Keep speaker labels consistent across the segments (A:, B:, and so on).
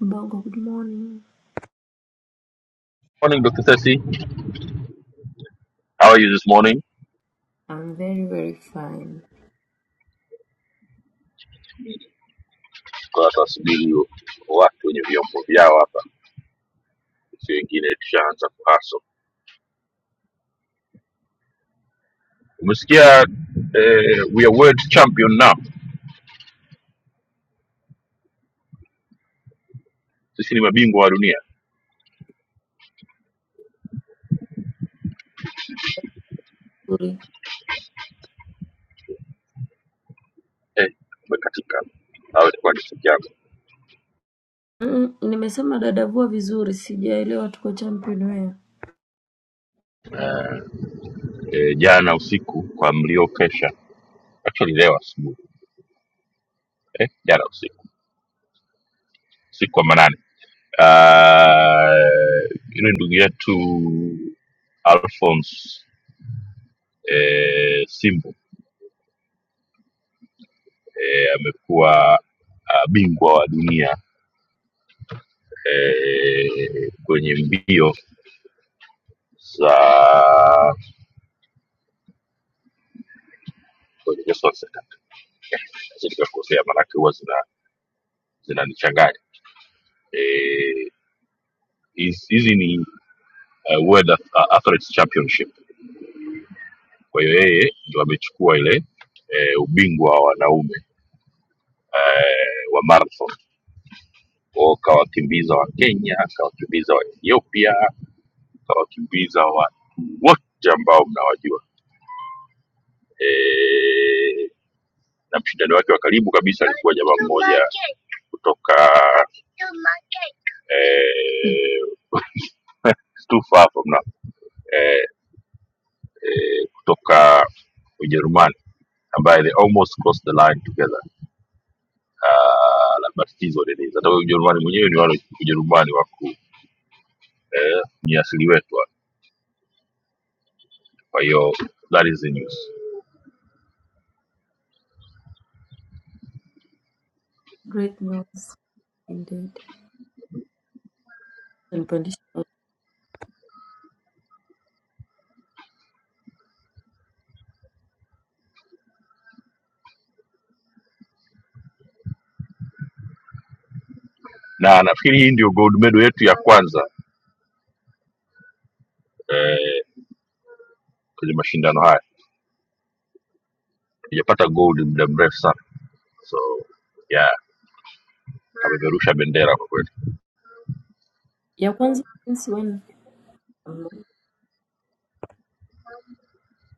A: Mbongo, good morning.
B: Morning Dr. Sesi. How are you this morning?
A: I'm very very fine.
B: Kwa tunasubiri watu wenye vyombo vyao hapa, si wengine tushaanza kuhaso. Umesikia eh, we are world champion now, sisi ni mabingwa wa dunia
A: Nzuri.
B: eh, umekatika au itakuwa ni siku yako
A: Mm, nimesema dadavua vizuri, sijaelewa tuko champion where.
B: eh, jana usiku kwa mliokesha, actually leo asubuhi eh, jana usiku usiku wa manane uh, yule ndugu yetu Alphonse eh, Simbu eh, amekuwa ah, bingwa wa dunia eh, kwenye mbio za kuelekea sorry, sasa nikakosea, maanake huwa zina zinanichanganya Eh, hizi hizi ni uh, World Ath- uh, Athletics Championship. Kwa hiyo yeye ndo amechukua ile eh, ubingwa wa wanaume eh, wa marathon, Kwa hiyo kawakimbiza wa Kenya, kawakimbiza wa Ethiopia, kawakimbiza watu wote ambao mnawajua eh, na mshindani wake wa karibu kabisa alikuwa jamaa mmoja kutoka eh, stufa hapo mna eh, eh, kutoka Ujerumani ambaye they almost crossed the line together Ah, la matatizo nini hata huyo Ujerumani mwenyewe ni wale Ujerumani wa ku eh, ni asili wetu wa. kwa hiyo that is the news
A: Great news indeed. Nipandisha.
B: na nafikiri hii ndio gold medal yetu ya kwanza eh, kwenye mashindano haya tujapata gold muda mrefu sana so yeah ameperusha bendera kwa kweli
A: Ya kwanza since when? Um,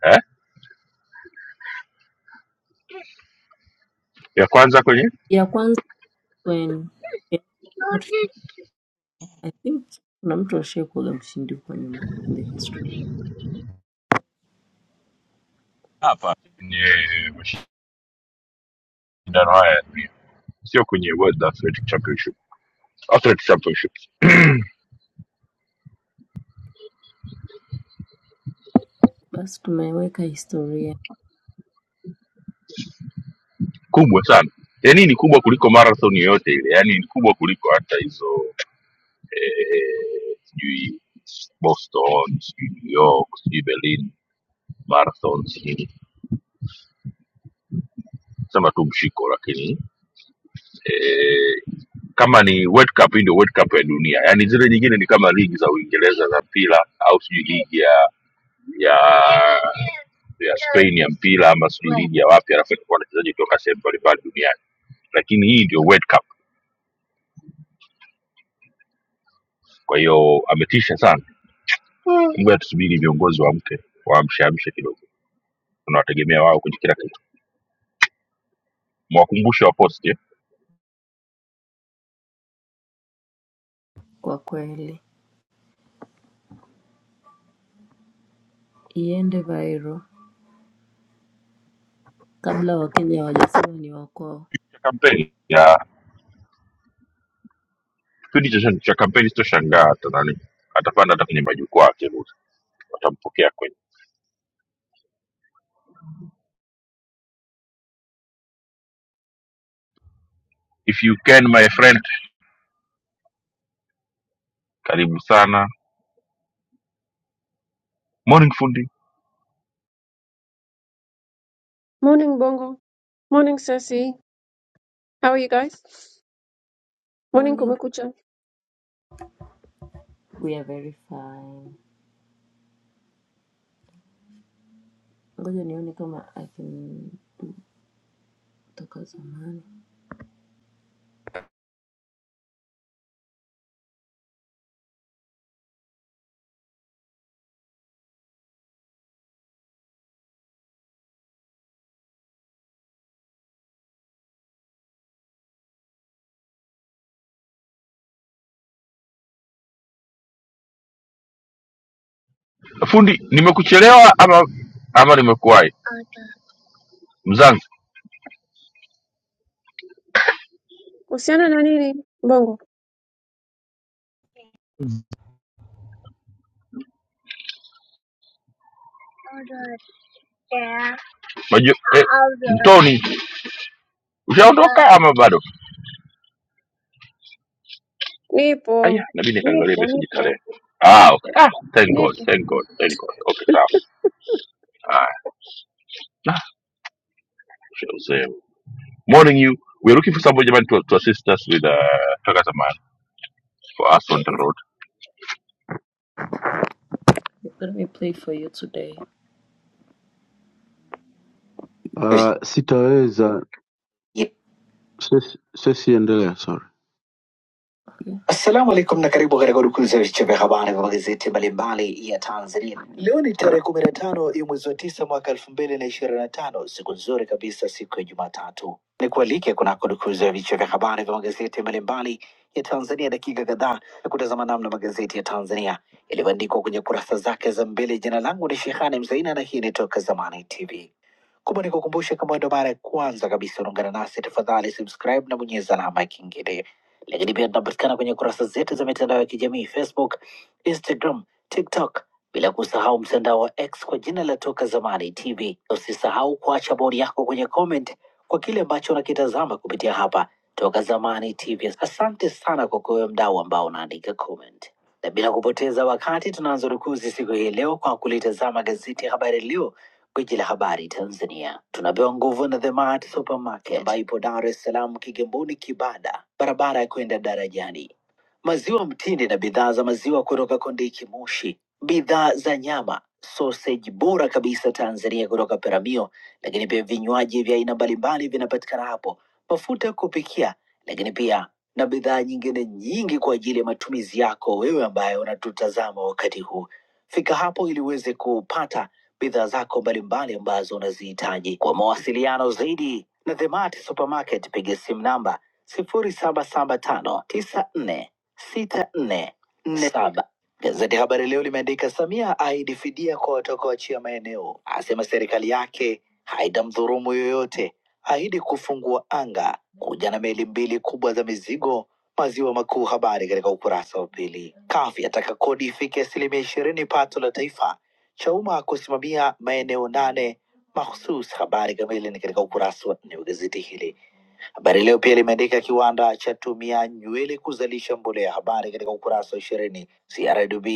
B: eh? ya kwanza kwenye
A: Ya kwanza when I think kuna mtu ashaikuwaga mshindi huko nyuma in the history.
B: hapa kwenye mashindano haya ya dunia sio kwenye world athletic championship athletic championship
A: Basi tumeweka historia
B: kubwa sana yaani ni kubwa kuliko marathon yoyote ile yaani ni kubwa kuliko hata hizo eh, sijui boston sijui new york sijui berlin marathon sijui sema tu mshiko lakini eh, kama ni World Cup, hii ndio World Cup ya dunia. Yaani zile nyingine ni kama ligi za Uingereza za mpira au sijui ligi ya ya ya Spain ya mpira ama sijui ligi ya wapi, alafu inakuwa na wachezaji kutoka sehemu mbalimbali duniani, lakini hii ndio World Cup. Kwa hiyo ametisha sana, ngoja tusubiri viongozi waamke, waamshaamshe kidogo, tunawategemea wao kwenye kila kitu. Mwakumbushe wa post eh,
A: kwa kweli, iende viral kabla Wakenya hawajasema ni wa kwao.
B: cha kampeni ya kipindi cha, cha kampeni, sitoshangaa hata nani atapanda hata kwenye majukwaa akiruhusu, watampokea kwenye if you can my friend Karibu sana. Morning fundi.
C: Morning Bongo. Morning Sasi. How are you guys? Morning
A: Morning.
C: Kumekucha.
A: We are very fine. Ngoja nione kama I can Toka zamani.
B: Fundi, nimekuchelewa ama ama nimekuwahi? Mzangu,
C: Kuhusiana na nini Bongo?
B: najua eh, mtoni ushaondoka ama bado? Aya,
C: Nipo.
B: nabidi nikaangalia
C: Nipo,
B: message
C: nipo.
B: tarehe. Ah, okay. Ah, thank God,
C: Nipo.
B: thank God, thank God. Okay, sawa. Haya. Ah, nah, ushauzee. Morning you. We are looking for somebody jamani to, to assist us with uh, Tagata man for us on
A: Okay,
B: the
A: it's,
B: road.
A: let me play for you today.
D: Uh, sitaweza
A: Yep.
D: sesi, sesi endelea, sorry.
A: Assalamu alaikum na karibu katika udukuzi ya vichwa vya habari vya magazeti mbalimbali ya Tanzania. Leo ni tarehe kumi na tano ya mwezi wa tisa mwaka elfu mbili na ishirini na tano siku nzuri kabisa, siku ya Jumatatu. Ni kualike kunako dukuzi ya vichwa vya habari vya magazeti mbalimbali ya Tanzania, dakika kadhaa ya kutazama namna magazeti ya Tanzania yalivyoandikwa kwenye kurasa zake za mbele. Jina langu ni Shehani Mzaina na hii ni Toka Zamani TV. Kumbe nikukumbushe, kama wewe ndo mara ya kwanza kabisa unaungana nasi, tafadhali subscribe na bonyeza alama ya kengele. Lakini pia tunapatikana kwenye kurasa zetu za mitandao ya kijamii Facebook, Instagram, TikTok, bila kusahau mtandao wa X kwa jina la Toka Zamani TV. Usisahau kuacha bodi yako kwenye comment kwa kile ambacho unakitazama kupitia hapa Toka Zamani TV. Asante sana kwa kuwe mdau ambao unaandika comment, na bila kupoteza wakati tunaanza rukuzi siku hii leo kwa kulitazama gazeti ya Habari Leo Gwiji la habari Tanzania tunapewa nguvu na The Mart Supermarket ambayo ipo Dar es Salaam, Kigamboni, Kibada, barabara ya kwenda darajani maziwa mtindi na bidhaa za maziwa kutoka Kondiki Moshi, bidhaa za nyama, sausage bora kabisa Tanzania kutoka Peramio, lakini pia vinywaji vya aina mbalimbali vinapatikana hapo, mafuta ya kupikia, lakini pia na bidhaa nyingine nyingi kwa ajili ya matumizi yako wewe ambaye unatutazama wakati huu. Fika hapo ili uweze kupata bidhaa zako mbalimbali ambazo unazihitaji. Kwa mawasiliano zaidi na The Mart Supermarket, piga simu namba 077594 sita nne nne saba. Gazeti Habari Leo limeandika Samia ahidi fidia kwa watakaoachia maeneo, asema serikali yake haitamdhulumu yoyote, ahidi kufungua anga, kuja na meli mbili kubwa za mizigo maziwa makuu. Habari katika ukurasa wa pili. CUF yataka kodi ifike asilimia ishirini pato la taifa, Chauma kusimamia maeneo nane mahusus. Habari kamili ni katika ukurasa wa nne wa gazeti hili Habari Leo pia limeandika kiwanda cha tumia nywele kuzalisha mbolea, habari katika ukurasa wa ishirini. CRDB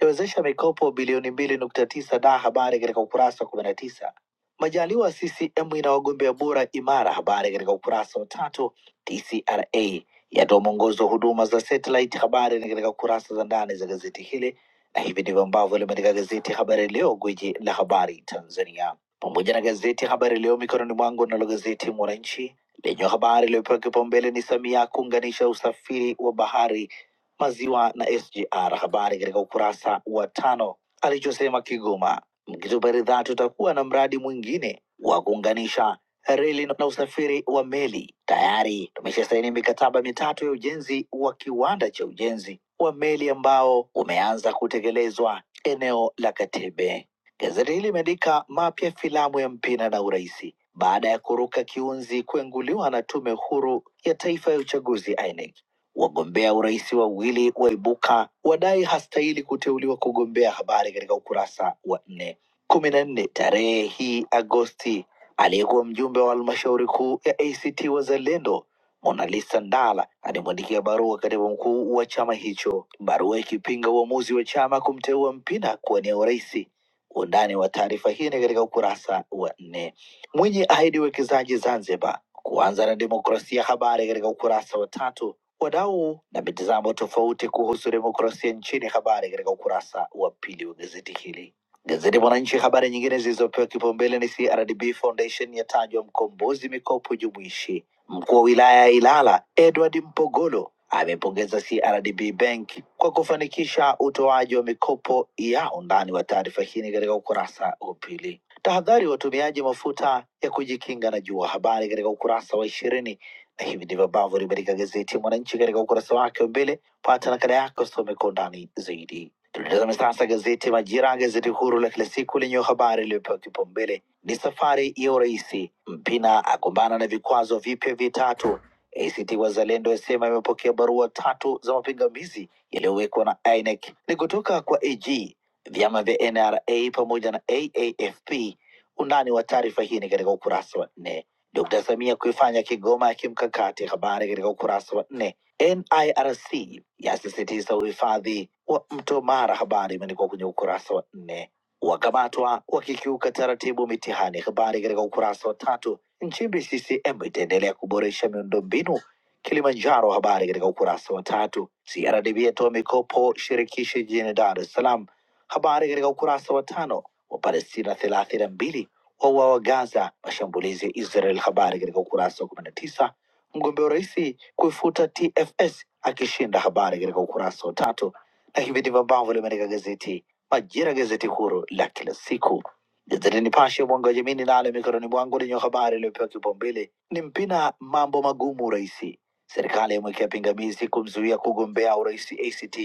A: yawezesha mikopo bilioni mbili nukta tisa da, habari katika ukurasa wa kumi na tisa. Majaliwa CCM ina wagombea bora imara, habari katika ukurasa wa tatu. TCRA yatoa mwongozo wa huduma za satellite, habari ni katika kurasa za ndani za gazeti hili, na hivi ndivyo ambavyo limeandika gazeti Habari Leo, gwiji la habari Tanzania, pamoja na gazeti Habari Leo mikononi mwangu, nalo gazeti Mwananchi lenye habari iliyopewa kipaumbele ni Samia kuunganisha usafiri wa bahari, maziwa na SGR. Habari katika ukurasa wa tano. Alichosema Kigoma, mkitupa ridhaa tutakuwa na mradi mwingine wa kuunganisha reli na usafiri wa meli. Tayari tumeshasaini mikataba mitatu ya ujenzi wa kiwanda cha ujenzi wa meli ambao umeanza kutekelezwa eneo la Katebe. Gazeti hili limeandika mapya filamu ya Mpina na Urais baada ya kuruka kiunzi kuenguliwa na Tume Huru ya Taifa ya Uchaguzi INEC. Wagombea urais wawili waibuka wadai hastahili kuteuliwa kugombea, habari katika ukurasa wa nne. kumi na nne tarehe hii Agosti, aliyekuwa mjumbe wa halmashauri kuu ya ACT Wazalendo Monalisa Ndala alimwandikia barua katibu mkuu wa chama hicho, barua ikipinga uamuzi wa chama kumteua Mpina kuwania urais. Undani wa taarifa hii ni katika ukurasa wa nne. Mwinyi ahidi uwekezaji Zanzibar, kuanza na demokrasia. Habari katika ukurasa wa tatu. Wadau na mitazamo tofauti kuhusu demokrasia nchini, habari katika ukurasa wa pili wa gazeti hili. Gazeti Mwananchi, habari nyingine zilizopewa kipaumbele ni CRDB Foundation yatajwa mkombozi mikopo jumuishi. Mkuu wa wilaya ya Ilala Edward Mpogolo amepongeza CRDB Bank kwa kufanikisha utoaji wa mikopo ya undani wa taarifa hii ni katika ukurasa wa pili. Tahadhari watumiaji mafuta ya kujikinga na jua, habari katika ukurasa wa ishirini. Na hivi ndivyo ambavyo limeandika gazeti ya Mwananchi katika ukurasa wake wa mbele. Pata nakala yako, some kwa undani zaidi. Tulitazame sasa gazeti Majira, gazeti huru la kila siku lenye habari iliyopewa kipaumbele ni safari ya urais. Mpina akumbana na vikwazo vipya vitatu. ACT Wazalendo yasema imepokea barua tatu za mapingamizi yaliyowekwa na INEC ni kutoka kwa AG. Vyama vya NRA pamoja na AAFP Undani wa taarifa hii ni katika ukurasa wa nne. Dkt. Samia kuifanya Kigoma ya kimkakati, habari katika ukurasa wa nne. NIRC yasisitiza uhifadhi wa mto Mara, habari imeandikwa kwenye ukurasa wa nne. Wakamatwa wakikiuka taratibu mitihani, habari katika ukurasa wa tatu. Nchimbi CCM itaendelea kuboresha miundombinu Kilimanjaro, habari katika ukurasa wa tatu. CRDB yatoa mikopo shirikishi jijini Dar es Salaam, habari katika ukurasa wa tano. Wapalestina thelathini na mbili wauawa wa Gaza, mashambulizi ya Israel. Habari katika ukurasa wa kumi na tisa. Mgombea wa urais kuifuta TFS akishinda, habari katika ukurasa wa tatu. Na hivi ndivyo ambavyo limeandika gazeti Majira, gazeti huru la kila siku. Gazeti Nipashe mwanga wa jamii ninalo mikononi mwangu lenye habari iliyopewa kipaumbele ni Mpina, mambo magumu urais, serikali yamwekea pingamizi kumzuia kugombea urais ACT,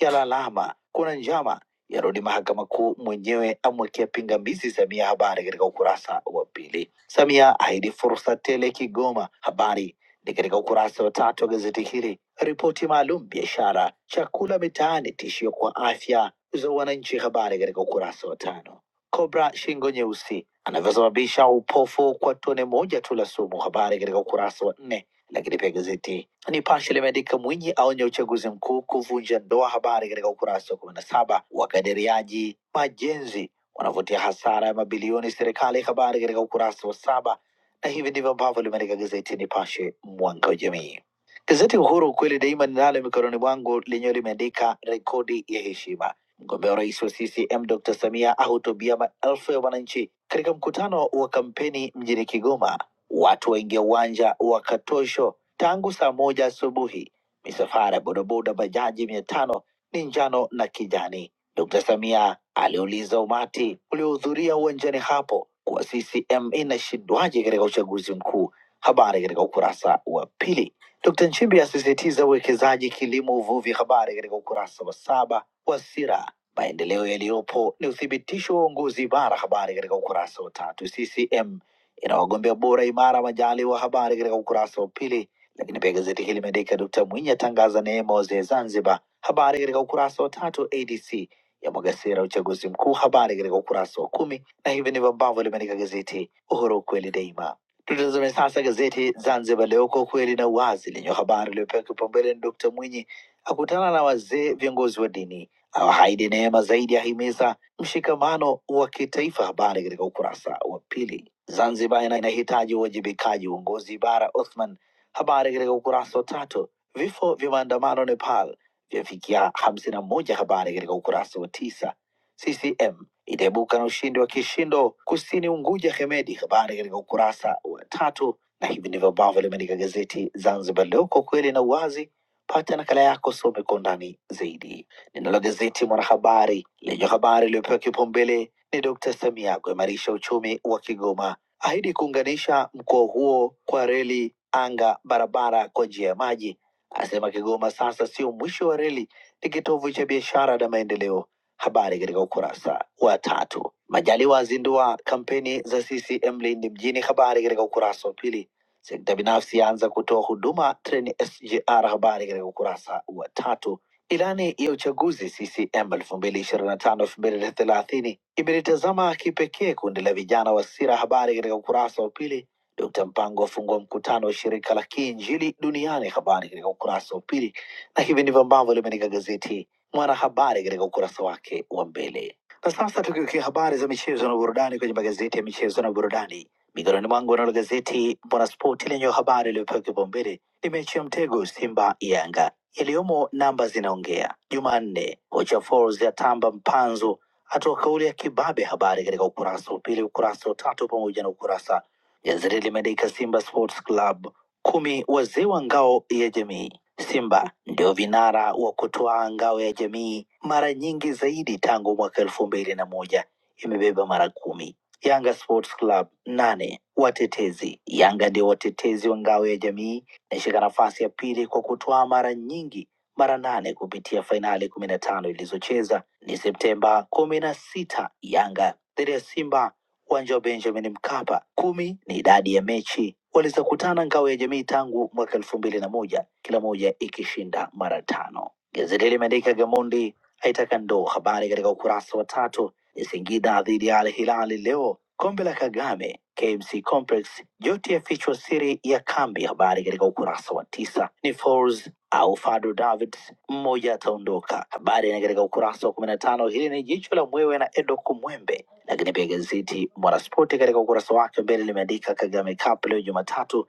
A: yalalama kuna njama yarudi mahakama kuu, mwenyewe amwekea pingamizi Samia. Habari katika ukurasa wa pili. Samia ahidi fursa tele Kigoma. Habari ni katika ukurasa wa tatu wa gazeti hili. Ripoti maalum biashara, chakula mitaani, tishio kwa afya za wananchi. Habari katika ukurasa wa tano. Kobra shingo nyeusi anavyosababisha upofu kwa tone moja tu la sumu. Habari katika ukurasa wa nne lakini pia gazeti Nipashe limeandika Mwinyi aonye uchaguzi mkuu kuvunja ndoa, habari katika ukurasa wa kumi na saba. Wakadiriaji majenzi wanavutia hasara ya mabilioni serikali, habari katika ukurasa wa saba, na hivi ndivyo ambavyo limeandika gazeti Nipashe, mwanga wa jamii. Gazeti Uhuru ukweli daima ninalo mikononi mwangu, lenyewe limeandika rekodi ya heshima. Mgombea wa rais wa CCM Dr. Samia ahutubia maelfu ya wananchi katika mkutano wa kampeni mjini Kigoma watu waingia uwanja wa Katosho tangu saa moja asubuhi. Misafara ya bodaboda, bajaji mia tano ni njano na kijani. Dkt. Samia aliuliza umati uliohudhuria uwanjani hapo kuwa CCM inashindwaje katika uchaguzi mkuu. Habari katika ukurasa wa pili. Dkt. Nchimbi asisitiza uwekezaji kilimo, uvuvi. Habari katika ukurasa wa saba wa Sira. Maendeleo yaliyopo ni uthibitisho wa uongozi bara. Habari katika ukurasa wa tatu. CCM ina wagombea bora imara. Majaliwa, habari katika ukurasa wa pili. Lakini pia gazeti hili limeandika Dkt Mwinyi atangaza neema wazee Zanzibar, habari katika ukurasa wa tatu. ADC yamwaga sera uchaguzi mkuu, habari katika ukurasa wa kumi, na hivi ndivyo ambavyo limeandika gazeti Uhuru, ukweli daima. Tutazame sasa gazeti Zanzibar Leo, kwa ukweli na uwazi, lenye habari iliyopewa kipaumbele ni Dkt Mwinyi akutana na wazee viongozi wa dini, awahaidi neema zaidi, ahimiza mshikamano wa kitaifa, habari katika ukurasa wa pili. Zanzibar ina- inahitaji uwajibikaji, uongozi bara. Othman, habari katika ukurasa wa tatu. Vifo vya maandamano Nepal vyafikia hamsini na moja, habari katika ukurasa wa tisa. CCM itaibuka na ushindi wa kishindo kusini Unguja Hemedi, habari katika ukurasa wa tatu. Na hivi ndivyo ambavyo limeandika gazeti Zanzibar Leo, kwa kweli na uwazi. Pata nakala yako, some kwa undani zaidi. Ninalo gazeti Mwanahabari lenye habari iliyopewa kipaumbele ni Dkt. Samia kuimarisha uchumi wa Kigoma ahidi kuunganisha mkoa huo kwa reli, anga, barabara kwa njia ya maji. Asema Kigoma sasa sio mwisho wa reli, ni kitovu cha biashara na maendeleo. Habari katika ukurasa wa tatu. Majaliwa azindua kampeni za CCM Lindi mjini. Habari katika ukurasa wa pili. Sekta binafsi yaanza kutoa huduma treni SGR. Habari katika ukurasa wa tatu. Ilani ya uchaguzi CCM 2025-2030 imelitazama kipekee kundi la vijana wa Sira. Habari katika ukurasa wa pili. Dkt. Mpango afungua mkutano wa shirika la Kiinjili duniani. Habari katika ukurasa wa pili, na hivi ndivyo ambavyo limeandika gazeti Mwanahabari katika ukurasa wake wa mbele. Na sasa tukiwekia habari za michezo na burudani kwenye magazeti ya michezo na burudani mikononi mwangu, nalo gazeti Mwanaspoti lenye habari iliyopewa kipaumbele ni mechi ya mtego Simba Yanga iliyomo namba zinaongea. Jumanne, kocha Folz yatamba mpanzo, atoa kauli ya kibabe. Habari katika ukurasa wa pili, ukurasa wa tatu pamoja na ukurasa. Gazeti limeandika Simba Sports Club kumi wazee wa ngao ya jamii. Simba ndio vinara wa kutoa ngao ya jamii mara nyingi zaidi tangu mwaka elfu mbili na moja imebeba mara kumi. Yanga Sports Club nane watetezi. Yanga ndio watetezi wa ngao ya jamii Inashika nafasi ya pili kwa kutwaa mara nyingi mara nane kupitia fainali kumi na tano ilizocheza ni Septemba kumi na sita Yanga dhidi ya Simba uwanja wa Benjamin Mkapa. Kumi ni idadi ya mechi walizokutana ngao ya jamii tangu mwaka elfu mbili na moja kila moja ikishinda mara tano. Gazeti limeandika Gamondi aitaka ndoo, habari katika ukurasa wa tatu ni Singida dhidi ya Al Hilali leo, kombe la Kagame KMC Complex. Yote yafichwa siri ya kambi, habari katika ukurasa wa tisa. Ni Folz au Fadu Davids, mmoja ataondoka, habari ni katika ukurasa wa kumi na tano. Hili ni jicho la mwewe na Edo Kumwembe. Lakini pia gazeti Mwanaspoti katika ukurasa wake mbele limeandika Kagame Cup leo Jumatatu,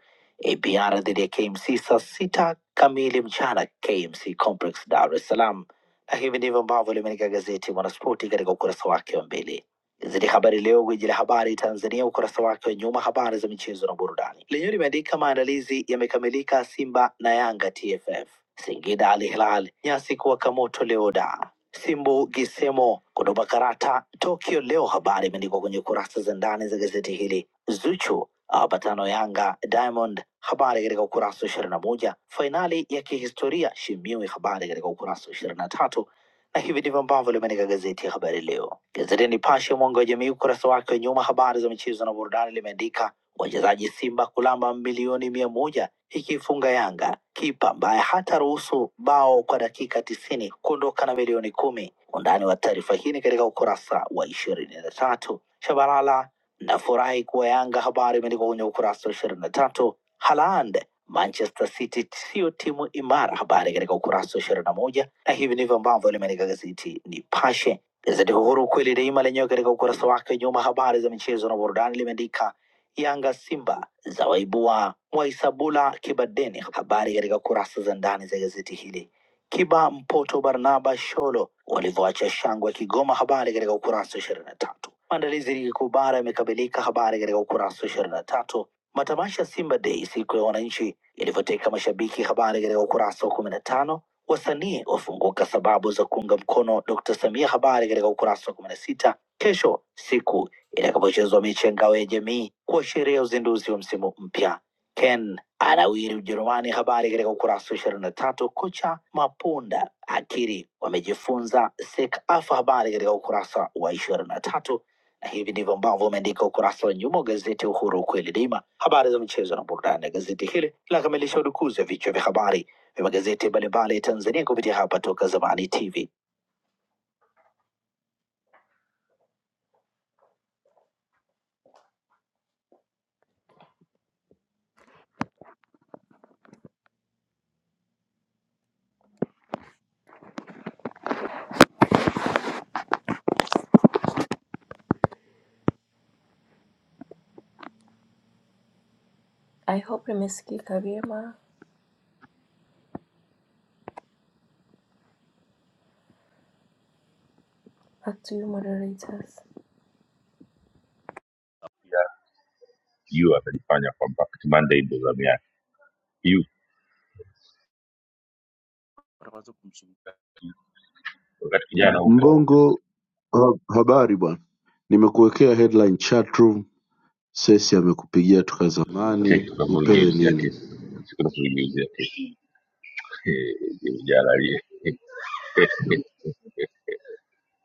A: APR dhidi ya KMC saa sita kamili mchana, KMC Complex, Dar es Salaam. Na hivi ndivyo ambavyo limeandika gazeti Mwanaspoti katika ukurasa wake wa mbele. Gazeti Habari Leo, gwiji la habari Tanzania, ukurasa wake wa nyuma, habari za michezo na burudani, lenyewe limeandika maandalizi yamekamilika, Simba na Yanga TFF, Singida Al Hilal, nyasi kuwaka moto leo, da Simbu Gisemo kutupa karata Tokyo leo. Habari imeandikwa kwenye kurasa za ndani za gazeti hili. Zuchu awapatano Yanga Diamond Habari katika ukurasa wa ishirini na moja fainali ya kihistoria Shimiwe, habari katika ukurasa wa ishirini na tatu na hivi ndivyo ambavyo limeandika gazeti ya Habari Leo. Gazeti ya Nipashe mwanga wa jamii, ukurasa wake wa nyuma, habari za michezo na burudani, limeandika wachezaji Simba kulamba milioni mia moja ikiifunga Yanga, kipa ambaye hata ruhusu bao kwa dakika tisini kuondoka na milioni kumi. Undani wa taarifa hii ni katika ukurasa wa ishirini na tatu. Shabalala nafurahi kuwa Yanga, habari imeandikwa kwenye ukurasa wa ishirini na tatu Haaland, Manchester City siyo timu imara, habari katika ukurasa wa ishirini na moja na hivi ndivyo ambavyo limeandika gazeti Nipashe. Gazeti Uhuru kweli daima lenyewe katika ukurasa wake wa nyuma, habari za michezo na burudani, limeandika Yanga Simba za waibua Mwaisabula Kibadeni, habari katika kurasa za ndani za gazeti hili. Kiba Mpoto Barnaba Sholo walivyoacha shangwe Kigoma, habari katika ukurasa wa ishirini na tatu. Maandalizi ligi kuu bara yamekamilika, habari katika ukurasa wa 23 Matamasha ya Simba Day siku ya wananchi yalivyoteka mashabiki, habari katika ukurasa wa kumi na tano. Wasanii wafunguka sababu za kuunga mkono Dr. Samia, habari katika ukurasa wa kumi na sita. Kesho siku itakapochezwa mechi ya ngao ya jamii kuashiria uzinduzi wa msimu mpya. Ken anawiri Ujerumani, habari katika ukurasa wa ishirini na tatu. Kocha Mapunda akiri wamejifunza SEKAFA, habari katika ukurasa wa ishirini na tatu na hivi ndivyo ambavyo umeandika ukurasa wa nyuma wa gazeti Uhuru ukweli daima. Habari za michezo na burudani ya gazeti hili linakamilisha udukuzi ya vichwa vya habari vya magazeti mbalimbali ya Tanzania kupitia hapa Toka Zamani TV. I hope nimesikika vyema. Back to you moderators.
B: You amejifanya kwamba Kati Monday ndio zamu yake. You wakati kijana huko
D: Mbongo ha, habari bwana, nimekuwekea headline chat room. Sesi amekupigia toka
B: Tek
D: zamani, upewe
B: tunamugiuzia
D: nini?
B: kesi siku tunamugiuzia kesi jana aliye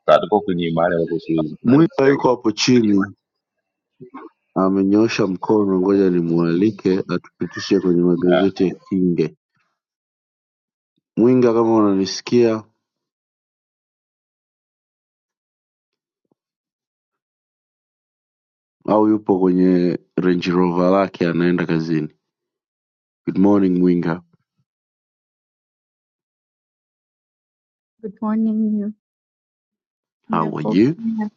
B: sasa tuko kwenye mahali ambapo siwezi kunanisi
D: Mwita
B: zaidi
D: yuko hapo chini amenyoosha mkono, ngoja nimwalike atupitishe kwenye
B: Ah,
D: magazeti ya Kinge. Mwinga, kama unanisikia au yupo kwenye Range Rover lake anaenda kazini. Good morning Mwinga,
E: Good morning.
D: how are you?
E: Nimepokea.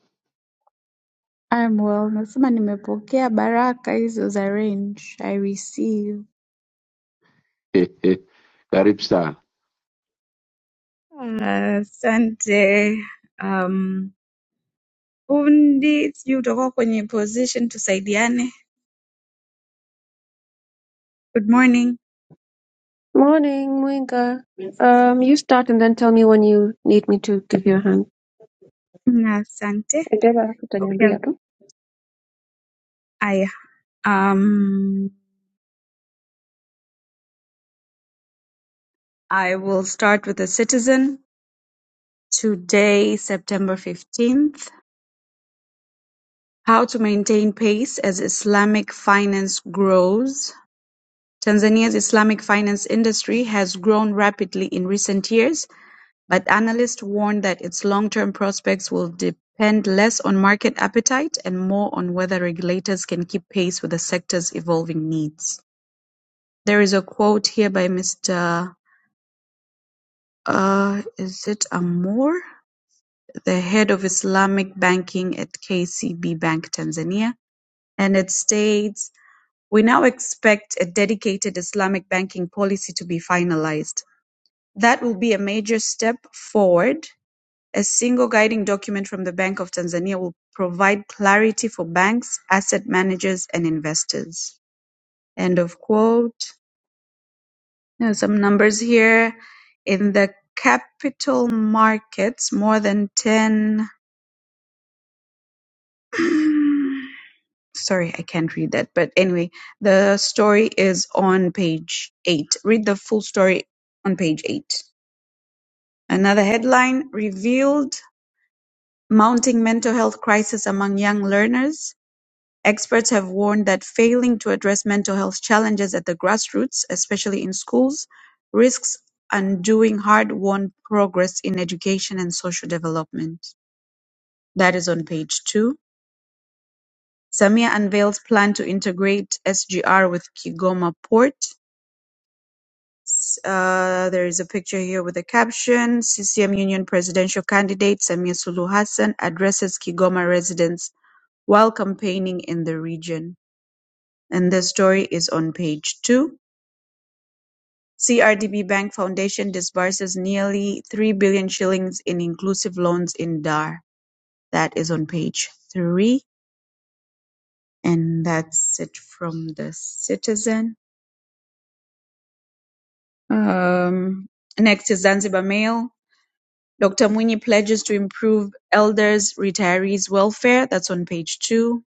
E: I'm well. Nasema nimepokea baraka hizo za range. I receive.
D: Karibu sana.
E: Ah, Asante. um, fundi, sijui utakuwa kwenye position tusaidiane. Good morning.
C: Morning Mwinga. Um, you start and then tell me when you need me to give you a hand.
E: Na Asante.
C: Endeavor
E: Okay.
C: utaniambia tu.
E: Aya. Um, I will start with the citizen. Today, September 15th. How to maintain pace as Islamic finance grows. Tanzania's Islamic finance industry has grown rapidly in recent years, but analysts warn that its long-term prospects will depend less on market appetite and more on whether regulators can keep pace with the sector's evolving needs. There is a quote here by Mr. Uh, is it Amour, the head of Islamic banking at KCB Bank Tanzania, and it states, "We now expect a dedicated Islamic banking policy to be finalized. That will be a major step forward. A single guiding document from the Bank of Tanzania will provide clarity for banks, asset managers, and investors. End of quote. There some numbers here. In the capital markets, more than 10. Sorry, I can't read that. But anyway, the story is on page 8. Read the full story on page 8. Another headline revealed Mounting mental health crisis among young learners, experts have warned that failing to address mental health challenges at the grassroots, especially in schools, risks undoing hard-won progress in education and social development. That is on page two. Samia unveils plan to integrate SGR with Kigoma Port. Uh, there is a picture here with a caption. CCM Union presidential candidate Samia Suluhu Hassan addresses Kigoma residents while campaigning in the region, and the story is on page two. CRDB Bank Foundation disburses nearly 3 billion shillings in inclusive loans in Dar. That is on page three, and that's it from the Citizen. Um, next is Zanzibar Mail. Dr. Mwinyi pledges to improve elders' retirees' welfare. That's on page two.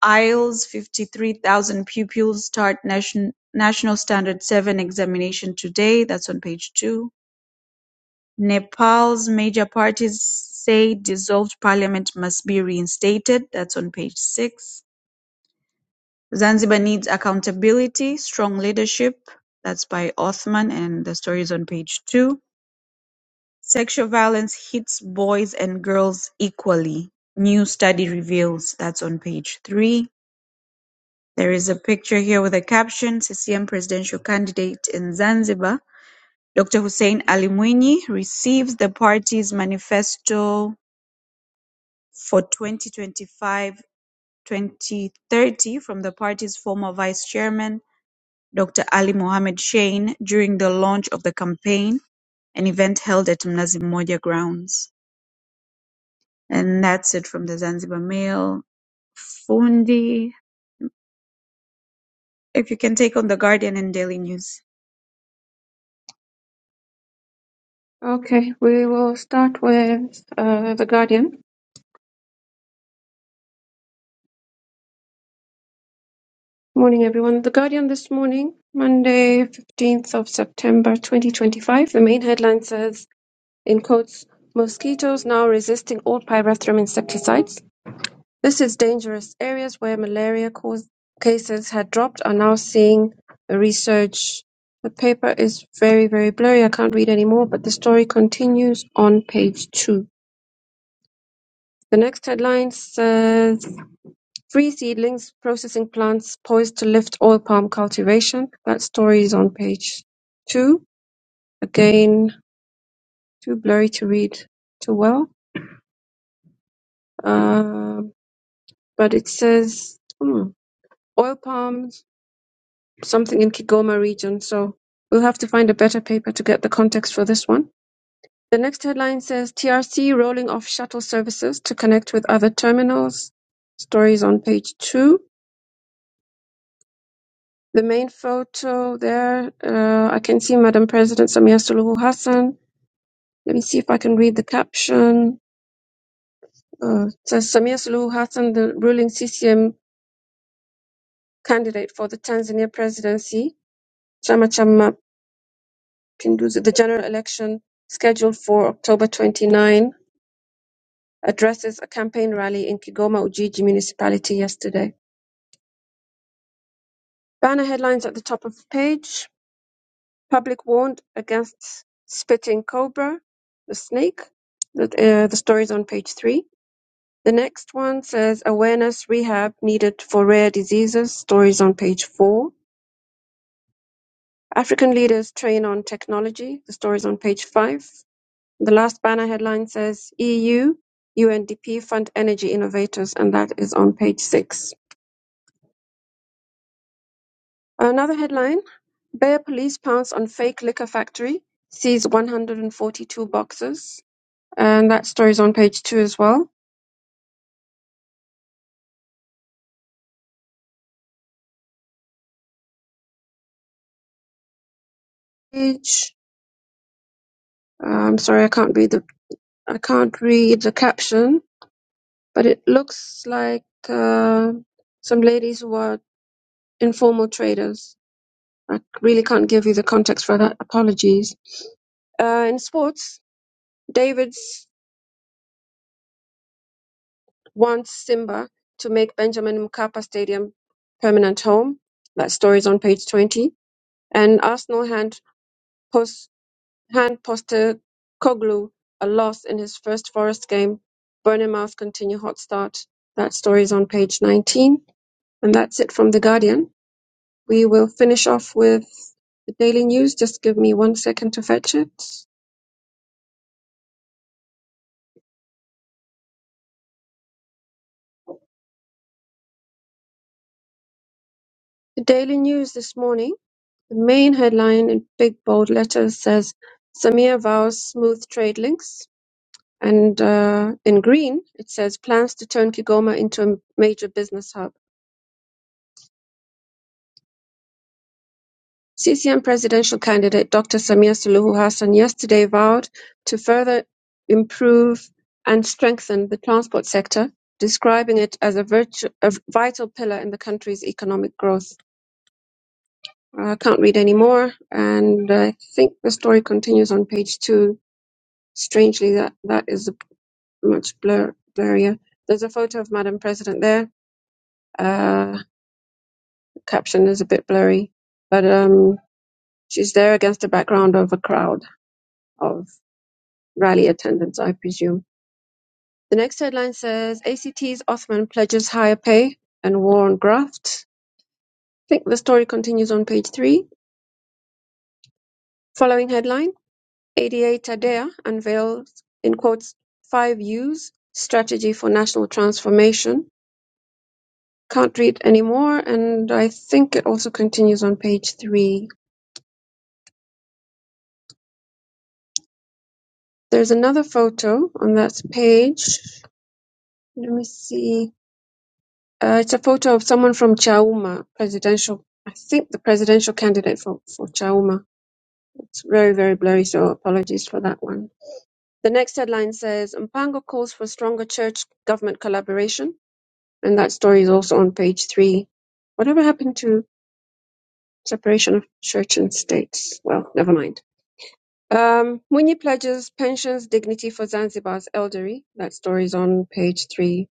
E: Iowa's fifty-three thousand pupils start nation, National Standard Seven examination today. That's on page two. Nepal's major parties say dissolved parliament must be reinstated. That's on page six. Zanzibar needs accountability, strong leadership. That's by Othman, and the story is on page two. Sexual violence hits boys and girls equally. New study reveals. That's on page three. There is a picture here with a caption, CCM presidential candidate in Zanzibar, Dr. Hussein Ali Mwinyi receives the party's manifesto for 2025-2030 from the party's former vice chairman, Dr. Ali Mohamed Shein, during the launch of the campaign, an event held at Mnazi Mmoja grounds. And that's it from the Zanzibar Mail. Fundi, if you can take on the Guardian and Daily News.
C: Okay, we will start with uh, The Guardian. Morning everyone. The Guardian this morning, Monday 15th of September 2025. The main headline says in quotes, mosquitoes now resisting all pyrethrum insecticides. This is dangerous. Areas where malaria cause cases had dropped are now seeing a resurge. The paper is very, very blurry. I can't read anymore, but the story continues on page two. The next headline says Free Seedlings Processing Plants Poised to Lift Oil Palm Cultivation. That story is on page two. Again, too blurry to read too well. Uh, but it says hmm, oil palm something in Kigoma region. So we'll have to find a better paper to get the context for this one. The next headline says TRC rolling off shuttle services to connect with other terminals. Stories on page two. The main photo there, uh, I can see Madam President Samia Suluhu Hassan. Let me see if I can read the caption. Uh, it says Samia Suluhu Hassan, the ruling CCM candidate for the Tanzania presidency, Chama cha Pinduzi, The general election, scheduled for October 29, addresses a campaign rally in Kigoma Ujiji municipality yesterday. Banner headlines at the top of the page. Public warned against spitting cobra, the snake. The, uh, the story is on page three. The next one says awareness rehab needed for rare diseases. Stories on page four. African leaders train on technology. The stories on page five. The last banner headline says EU UNDP fund energy innovators, and that is on page six. Another headline Bayer police pounce on fake liquor factory, sees 142 boxes, and that story is on page two as well. Page, uh, I'm sorry, I can't read the I can't read the caption, but it looks like uh, some ladies who are informal traders. I really can't give you the context for that. Apologies. Uh, in sports, David's wants Simba to make Benjamin Mkapa Stadium permanent home. That story is on page 20. And Arsenal hand, post, hand poster Koglu a loss in his first Forest game. Burnham Mouth continue hot start. That story is on page 19. And that's it from The Guardian. We will finish off with the Daily News. Just give me one second to fetch it. The Daily News this morning, the main headline in big bold letters says Samir vows smooth trade links. And uh, in green, it says plans to turn Kigoma into a major business hub. CCM presidential candidate Dr. Samia Suluhu Hassan yesterday vowed to further improve and strengthen the transport sector, describing it as a, virtu- a vital pillar in the country's economic growth. I can't read any more, and I think the story continues on page two. Strangely, that, that is much blur- blurrier. There's a photo of Madam President there. Uh, caption is a bit blurry, but um, she's there against the background of a crowd of rally attendants, I presume. The next headline says ACT's Othman pledges higher pay and war on graft. I think the story continues on page three. Following headline ADA Tadea unveils, in quotes, five U's strategy for national transformation. Can't read anymore, and I think it also continues on page three. There's another photo on that page Let me see. Uh, it's a photo of someone from Chauma presidential. I think the presidential candidate for, for Chauma. It's very, very blurry, so apologies for that one. The next headline says Mpango calls for stronger church government collaboration. And that story is also on page three. Whatever happened to separation of church and states? Well, never mind. Um, Mwinyi pledges pensions dignity for Zanzibar's elderly. That story is on page three.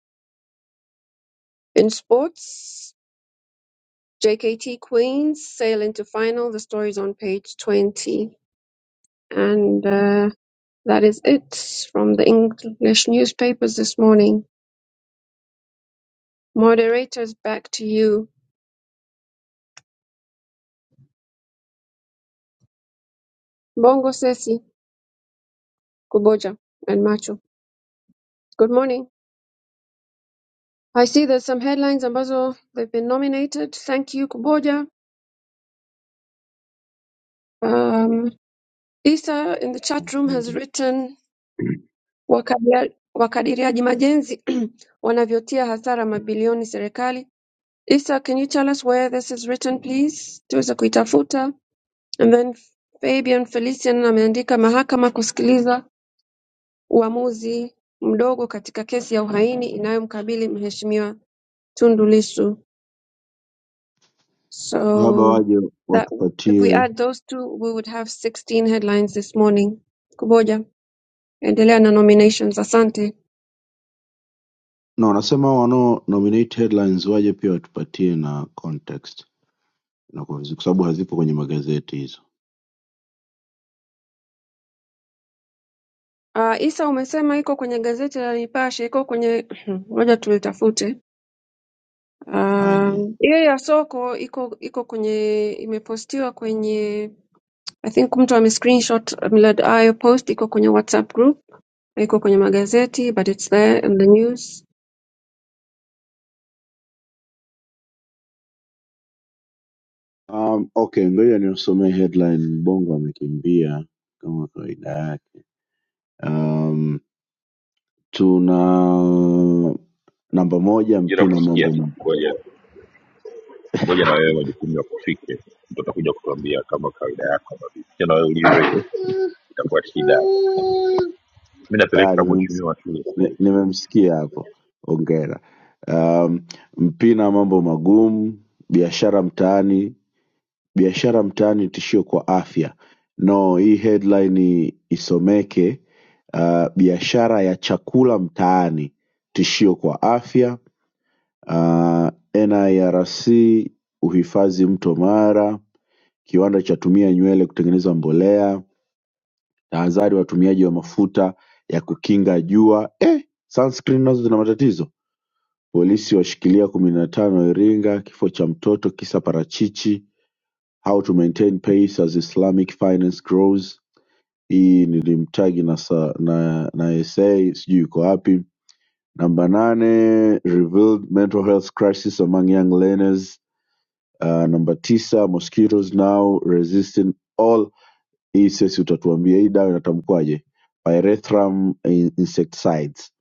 C: In sports, JKT Queens sail into final. The story is on page 20. And uh, that is it from the English newspapers this morning. Moderators, back to you. Bongo Sesi, Kuboja, and Macho. Good morning. I see there's some headlines ambazo they've been nominated. Thank you, Kuboja. Um, Isa in the chat room has written Wakadiria wakadiriaji majenzi wanavyotia hasara mabilioni serikali Isa, can you tell us where this is written please? Tuweza kuitafuta. And then Fabian Felician ameandika mahakama kusikiliza uamuzi mdogo katika kesi ya uhaini inayomkabili mheshimiwa Tundu Lissu.
D: labda
C: So
D: waje
C: that if we
D: watupatie
C: add those two we would have 16 headlines this morning. Kuboja, endelea na nominations. Asante.
D: na wanasema wanao nominate headlines waje pia watupatie na context na kwa vizu- kwa sababu hazipo kwenye magazeti hizo
C: Uh, Isa umesema iko kwenye gazeti la Nipashe, iko kwenye ngoja tulitafute.
D: aje
C: Um, hiyo ya soko iko iko kwenye imepostiwa kwenye I think mtu ame screenshot Millard ayo post iko kwenye WhatsApp group, iko kwenye magazeti but it's there in the news.
D: um, okay ngoja niosomee headline mbongo amekimbia kama kawaida yake um, tuna namba moja
B: jira
D: mpina
B: kusikia
D: mambo ma-
B: ngoja ngoja na wewe majukumu ya kufike mtu atakuja kutuambia kama kawaida yako ambavyo pia na wewe ulize itakuwa shida mi
D: Ah,
B: napeleka
D: nimemsi-
B: mheshimiwa shule sasa
D: ni-
B: hivi
D: nimemsikia hapo hongera um, mpina mambo magumu biashara mtaani Biashara mtaani tishio kwa afya no hii headline isomeke uh, biashara ya chakula mtaani tishio kwa afya uh, NIRC uhifadhi mto Mara kiwanda chatumia nywele kutengeneza mbolea tahadhari watumiaji wa mafuta ya kukinga jua eh, sunscreen nazo zina matatizo polisi washikilia kumi na tano Iringa kifo cha mtoto kisa parachichi how to maintain pace as Islamic finance grows. Hii nilimtagi na, sa- na, na essay sijui iko wapi. Namba nane revealed mental health crisis among young learners. Uh, namba tisa mosquitoes now resisting all. Hii sesi utatuambia hii dawa inatamkwaje? Pyrethrum in- insecticides.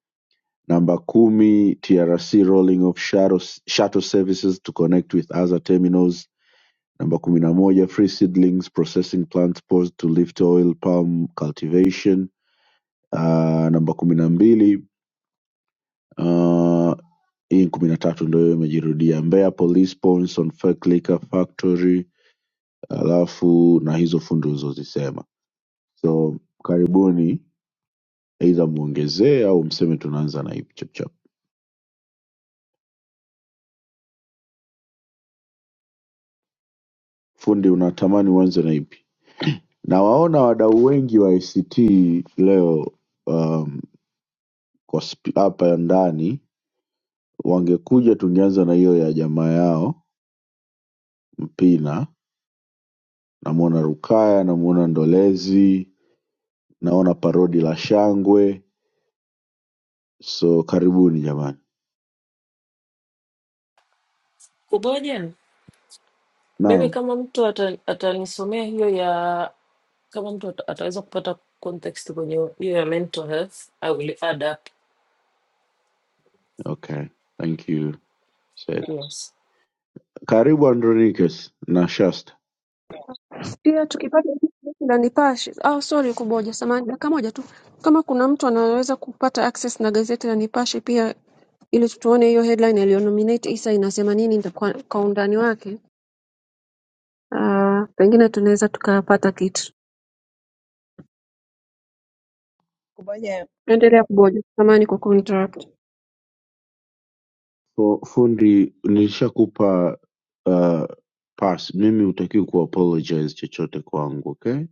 D: Namba kumi TRC rolling off shuttle, shuttle services to connect with other terminals Namba kumi na moja Free Seedlings Processing Plants Poised to Lift Oil Palm Cultivation. Uh, namba kumi na mbili uh, hii kumi na tatu ndo hiyo imejirudia. Mbeya Police Pawns on Fake Liquor Factory, alafu na hizo fundi ulizozisema. So karibuni, aidha muongezee au mseme tunaanza na ipi chapchap. Fundi, unatamani uanze na ipi? Nawaona wadau wengi wa ICT leo um, kwa sp- hapa ndani Wangekuja tungeanza na hiyo ya jamaa yao Mpina, namuona Rukaya, namuona Ndolezi, naona Parodi la Shangwe. So karibuni jamani.
A: Kuboja, mimi
D: Naam,
A: kama mtu ata- atanisomea hiyo ya kama mtu ata- ataweza kupata context kwenye hiyo ya mental health, I will add up.
D: okay, thank you. Said.
A: Yes.
D: Karibu Andronicus na Shasta.
C: Pia tukipata na Nipashe. Oh, sorry kuboja, samahani, dakika moja tu. Kama kuna mtu anaweza kupata access na gazeti la Nipashe pia ili tuone hiyo headline aliyonominate Isa inasema nini nda- kwa, kwa undani wake. Uh, pengine tunaweza tukapata kitu.
F: Kuboja
C: Endelea kuboja. Samahani kwa kunitarapu.
D: Fu- Fundi, nilishakupa uh, pass. Mimi hutakiwi kuapologize chochote kwangu, okay?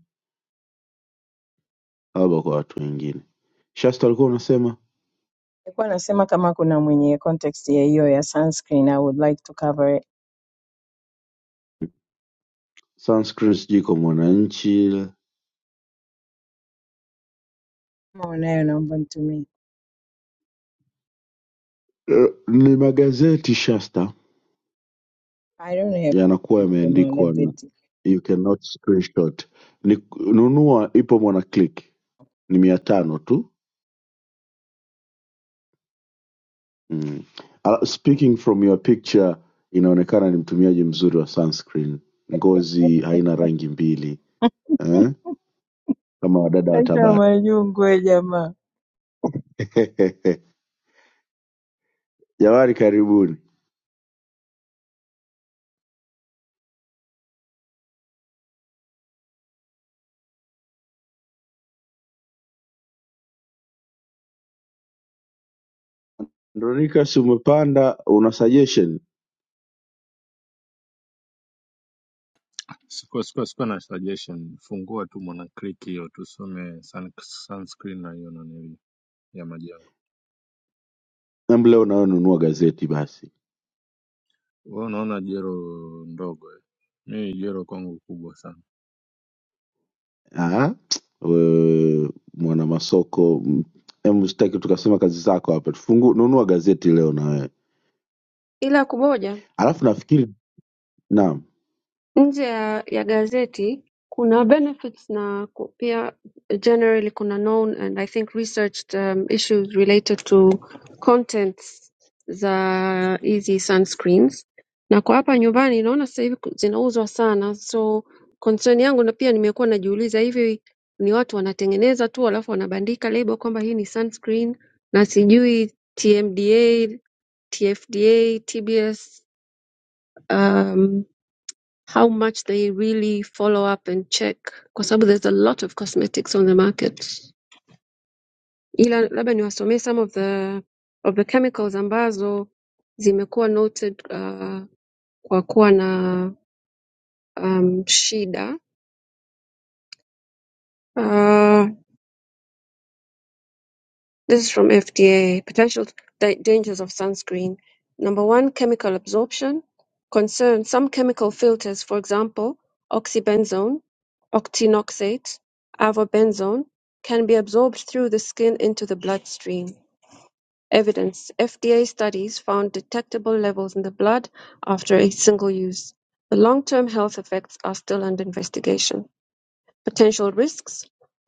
D: Labda kwa watu wengine. Shasta alikuwa unasema
F: alikuwa anasema kama kuna mwenye context ya hiyo ya sunscreen, I would like to cover it.
D: sunscreen sijui kwa mwananchi
F: Kama unayo naomba nitumie.
D: Eh, ni magazeti Shasta
F: I don't have
D: yanakuwa yameandikwa na
F: tumeelezeti.
D: you cannot screenshot. Ni nunua ipo mwana click ni mia tano tu mm. Uh, speaking from your picture, inaonekana ni mtumiaji mzuri wa sunscreen. Ngozi haina rangi mbili eh? kama wadada wa
F: Acha
D: Tabata.
F: majungwe jamaa.
D: Jamani, karibuni. Andronicus, umepanda una suggestion?
G: Sikuwa, sikuwa, sikuwa na suggestion. Fungua tu Mwanaklik hiyo tusome sun, sunscreen na hiyo nanili ya majengo.
D: Em, leo nawe nunua gazeti basi.
G: Wewe unaona jero ndogo eh? Mimi jero kwangu kubwa sana.
D: Ah, wewe mwana masoko, mm, em sitaki tukasema kazi zako hapa. Tufungu nunua gazeti leo na wewe.
C: ila kumoja
D: Alafu nafikiri naam.
C: nje ya, ya gazeti kuna benefits na ku- pia generally kuna known and I think researched um, issues related to contents za hizi sunscreens na kwa hapa nyumbani naona sasa hivi ku- zinauzwa sana so concern yangu na pia nimekuwa najiuliza hivi ni watu wanatengeneza tu alafu wanabandika label kwamba hii ni sunscreen na sijui TMDA, TFDA, TBS um, how much they really follow up and check kwa sababu there's a lot of cosmetics on the market ila labda niwasomee some of the of the chemicals ambazo zimekuwa noted uh, kwa kuwa na um, shida uh, This is from FDA. Potential da- dangers of sunscreen. Number one, chemical absorption. Concern some chemical filters, for example, oxybenzone, octinoxate, avobenzone, can be absorbed through the skin into the bloodstream. Evidence FDA studies found detectable levels in the blood after a single use. The long term health effects are still under investigation. Potential risks: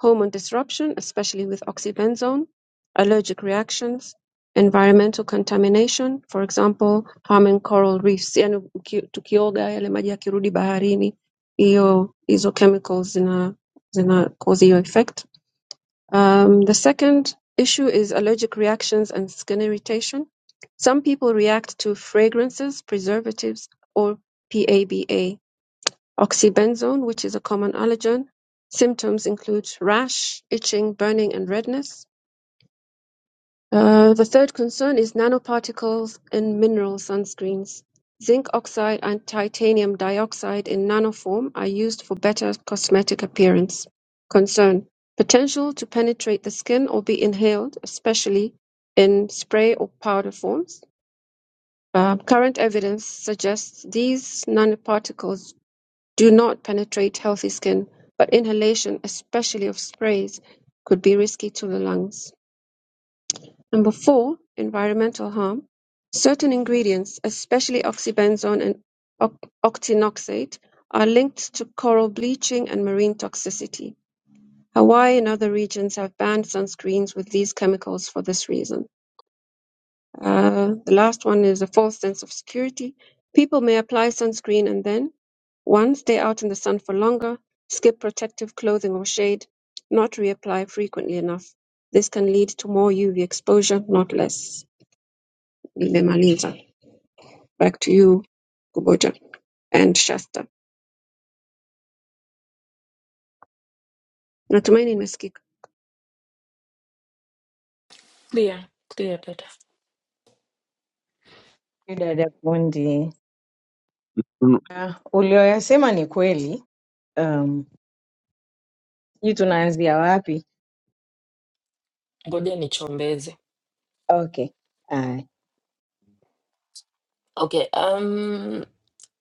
C: hormone disruption, especially with oxybenzone, allergic reactions, environmental contamination, for example harming coral reefs, yani uki- tukioga yale maji yakirudi baharini, hiyo hizo chemicals zina zina cause hiyo effect. Um, the second issue is allergic reactions and skin irritation. Some people react to fragrances, preservatives, or PABA Oxybenzone, which is a common allergen. Symptoms include rash, itching, burning, and redness. Uh, the third concern is nanoparticles in mineral sunscreens. Zinc oxide and titanium dioxide in nanoform are used for better cosmetic appearance. Concern potential to penetrate the skin or be inhaled, especially in spray or powder forms. Uh, current evidence suggests these nanoparticles do not penetrate healthy skin, but inhalation, especially of sprays, could be risky to the lungs. Number four, environmental harm. Certain ingredients, especially oxybenzone and oc- octinoxate, are linked to coral bleaching and marine toxicity. Hawaii and other regions have banned sunscreens with these chemicals for this reason. Uh, the last one is a false sense of security. People may apply sunscreen and then, one, stay out in the sun for longer, skip protective clothing or shade, not reapply frequently enough. This can lead to more UV exposure, not less. Nimemaliza. Back to you, Kuboja and Shasta. Natumaini nimesikika.
A: Clear, clear data.
F: Ni Dada fundi.
D: Nunu-
F: Ah, ulioyasema ni kweli. Um, hii tunaanzia wapi?
A: Ngoja nichombeze.
F: Okay. Aye.
A: Okay, um,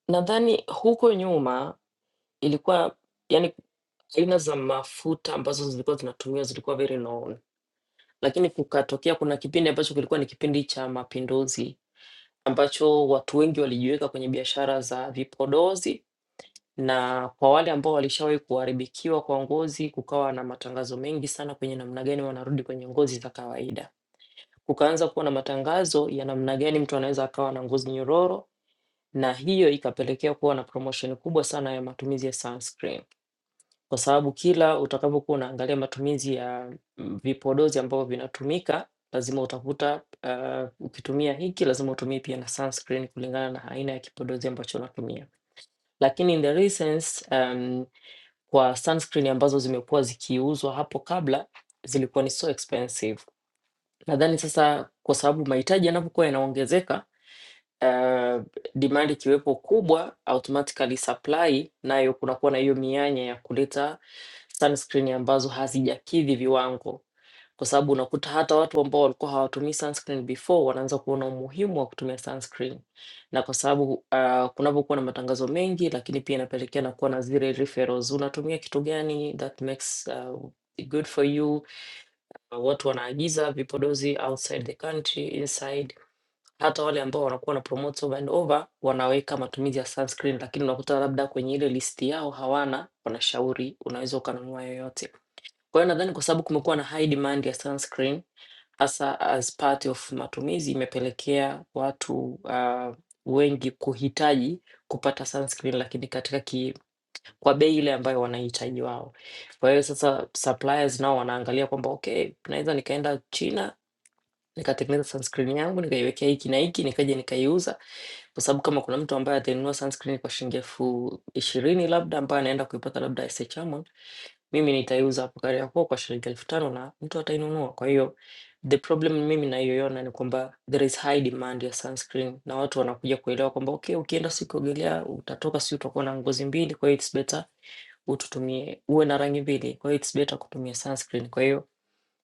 A: nadhani huko nyuma Ilikuwa yaani aina za mafuta ambazo zilikuwa zinatumiwa zilikuwa very known, lakini kukatokea kuna kipindi ambacho kilikuwa ni kipindi cha mapinduzi ambacho watu wengi walijiweka kwenye biashara za vipodozi, na kwa wale ambao walishawahi kuharibikiwa kwa ngozi, kukawa na matangazo mengi sana kwenye namna gani wanarudi kwenye ngozi za kawaida. Kukaanza kuwa na matangazo ya namna gani mtu anaweza akawa na ngozi nyororo, na hiyo ikapelekea kuwa na promotion kubwa sana ya matumizi ya sunscreen. Kwa sababu kila utakapokuwa unaangalia matumizi ya mm, vipodozi ambavyo vinatumika, lazima utakuta ah, ukitumia hiki lazima utumie pia na sunscreen kulingana na aina ya kipodozi ambacho unatumia. Lakini in the recent, um, kwa sunscreen ambazo zimekuwa zikiuzwa hapo kabla zilikuwa ni so expensive. Nadhani sasa kwa sababu mahitaji yanapokuwa yanaongezeka, ah, demand ikiwepo kubwa, automatically supply nayo kunakuwa na hiyo mianya ya kuleta sunscreen ambazo hazijakidhi viwango, kwa sababu unakuta hata watu ambao walikuwa hawatumii sunscreen before wanaanza kuona umuhimu wa kutumia sunscreen, na kwa sababu uh, kunapokuwa na matangazo mengi, lakini pia inapelekea na kuwa na zile referrals, unatumia kitu gani that makes uh, good for you. Watu wanaagiza vipodozi outside the country, inside. Hata wale ambao wanakuwa na promote over and over wanaweka matumizi ya sunscreen, lakini unakuta labda kwenye ile listi yao hawana, wanashauri unaweza ukanunua yoyote. Kwa hiyo nadhani kwa sababu kumekuwa na high demand ya sunscreen hasa as part of matumizi imepelekea watu uh, wengi kuhitaji kupata sunscreen lakini katika ki, kwa bei ile ambayo wanahitaji wao. Kwa hiyo sasa suppliers nao wanaangalia kwamba okay, naweza nikaenda China nikatengeneza sunscreen yangu nikaiwekea hiki na hiki nikaja nikaiuza, kwa sababu kama kuna mtu ambaye atanunua sunscreen kwa shilingi elfu ishirini labda ambaye anaenda kuipata labda SHM mimi nitaiuza hapo Kariakoo kwa shilingi elfu tano na mtu atainunua. Kwa hiyo the problem mimi naiyoiona ni kwamba there is high demand ya sunscreen, na watu wanakuja kuelewa kwamba okay, ukienda siku kuogelea utatoka, si utakuwa na ngozi mbili, kwa hiyo it's better ututumie uwe na rangi mbili, kwa hiyo it's better kutumia sunscreen. Kwa hiyo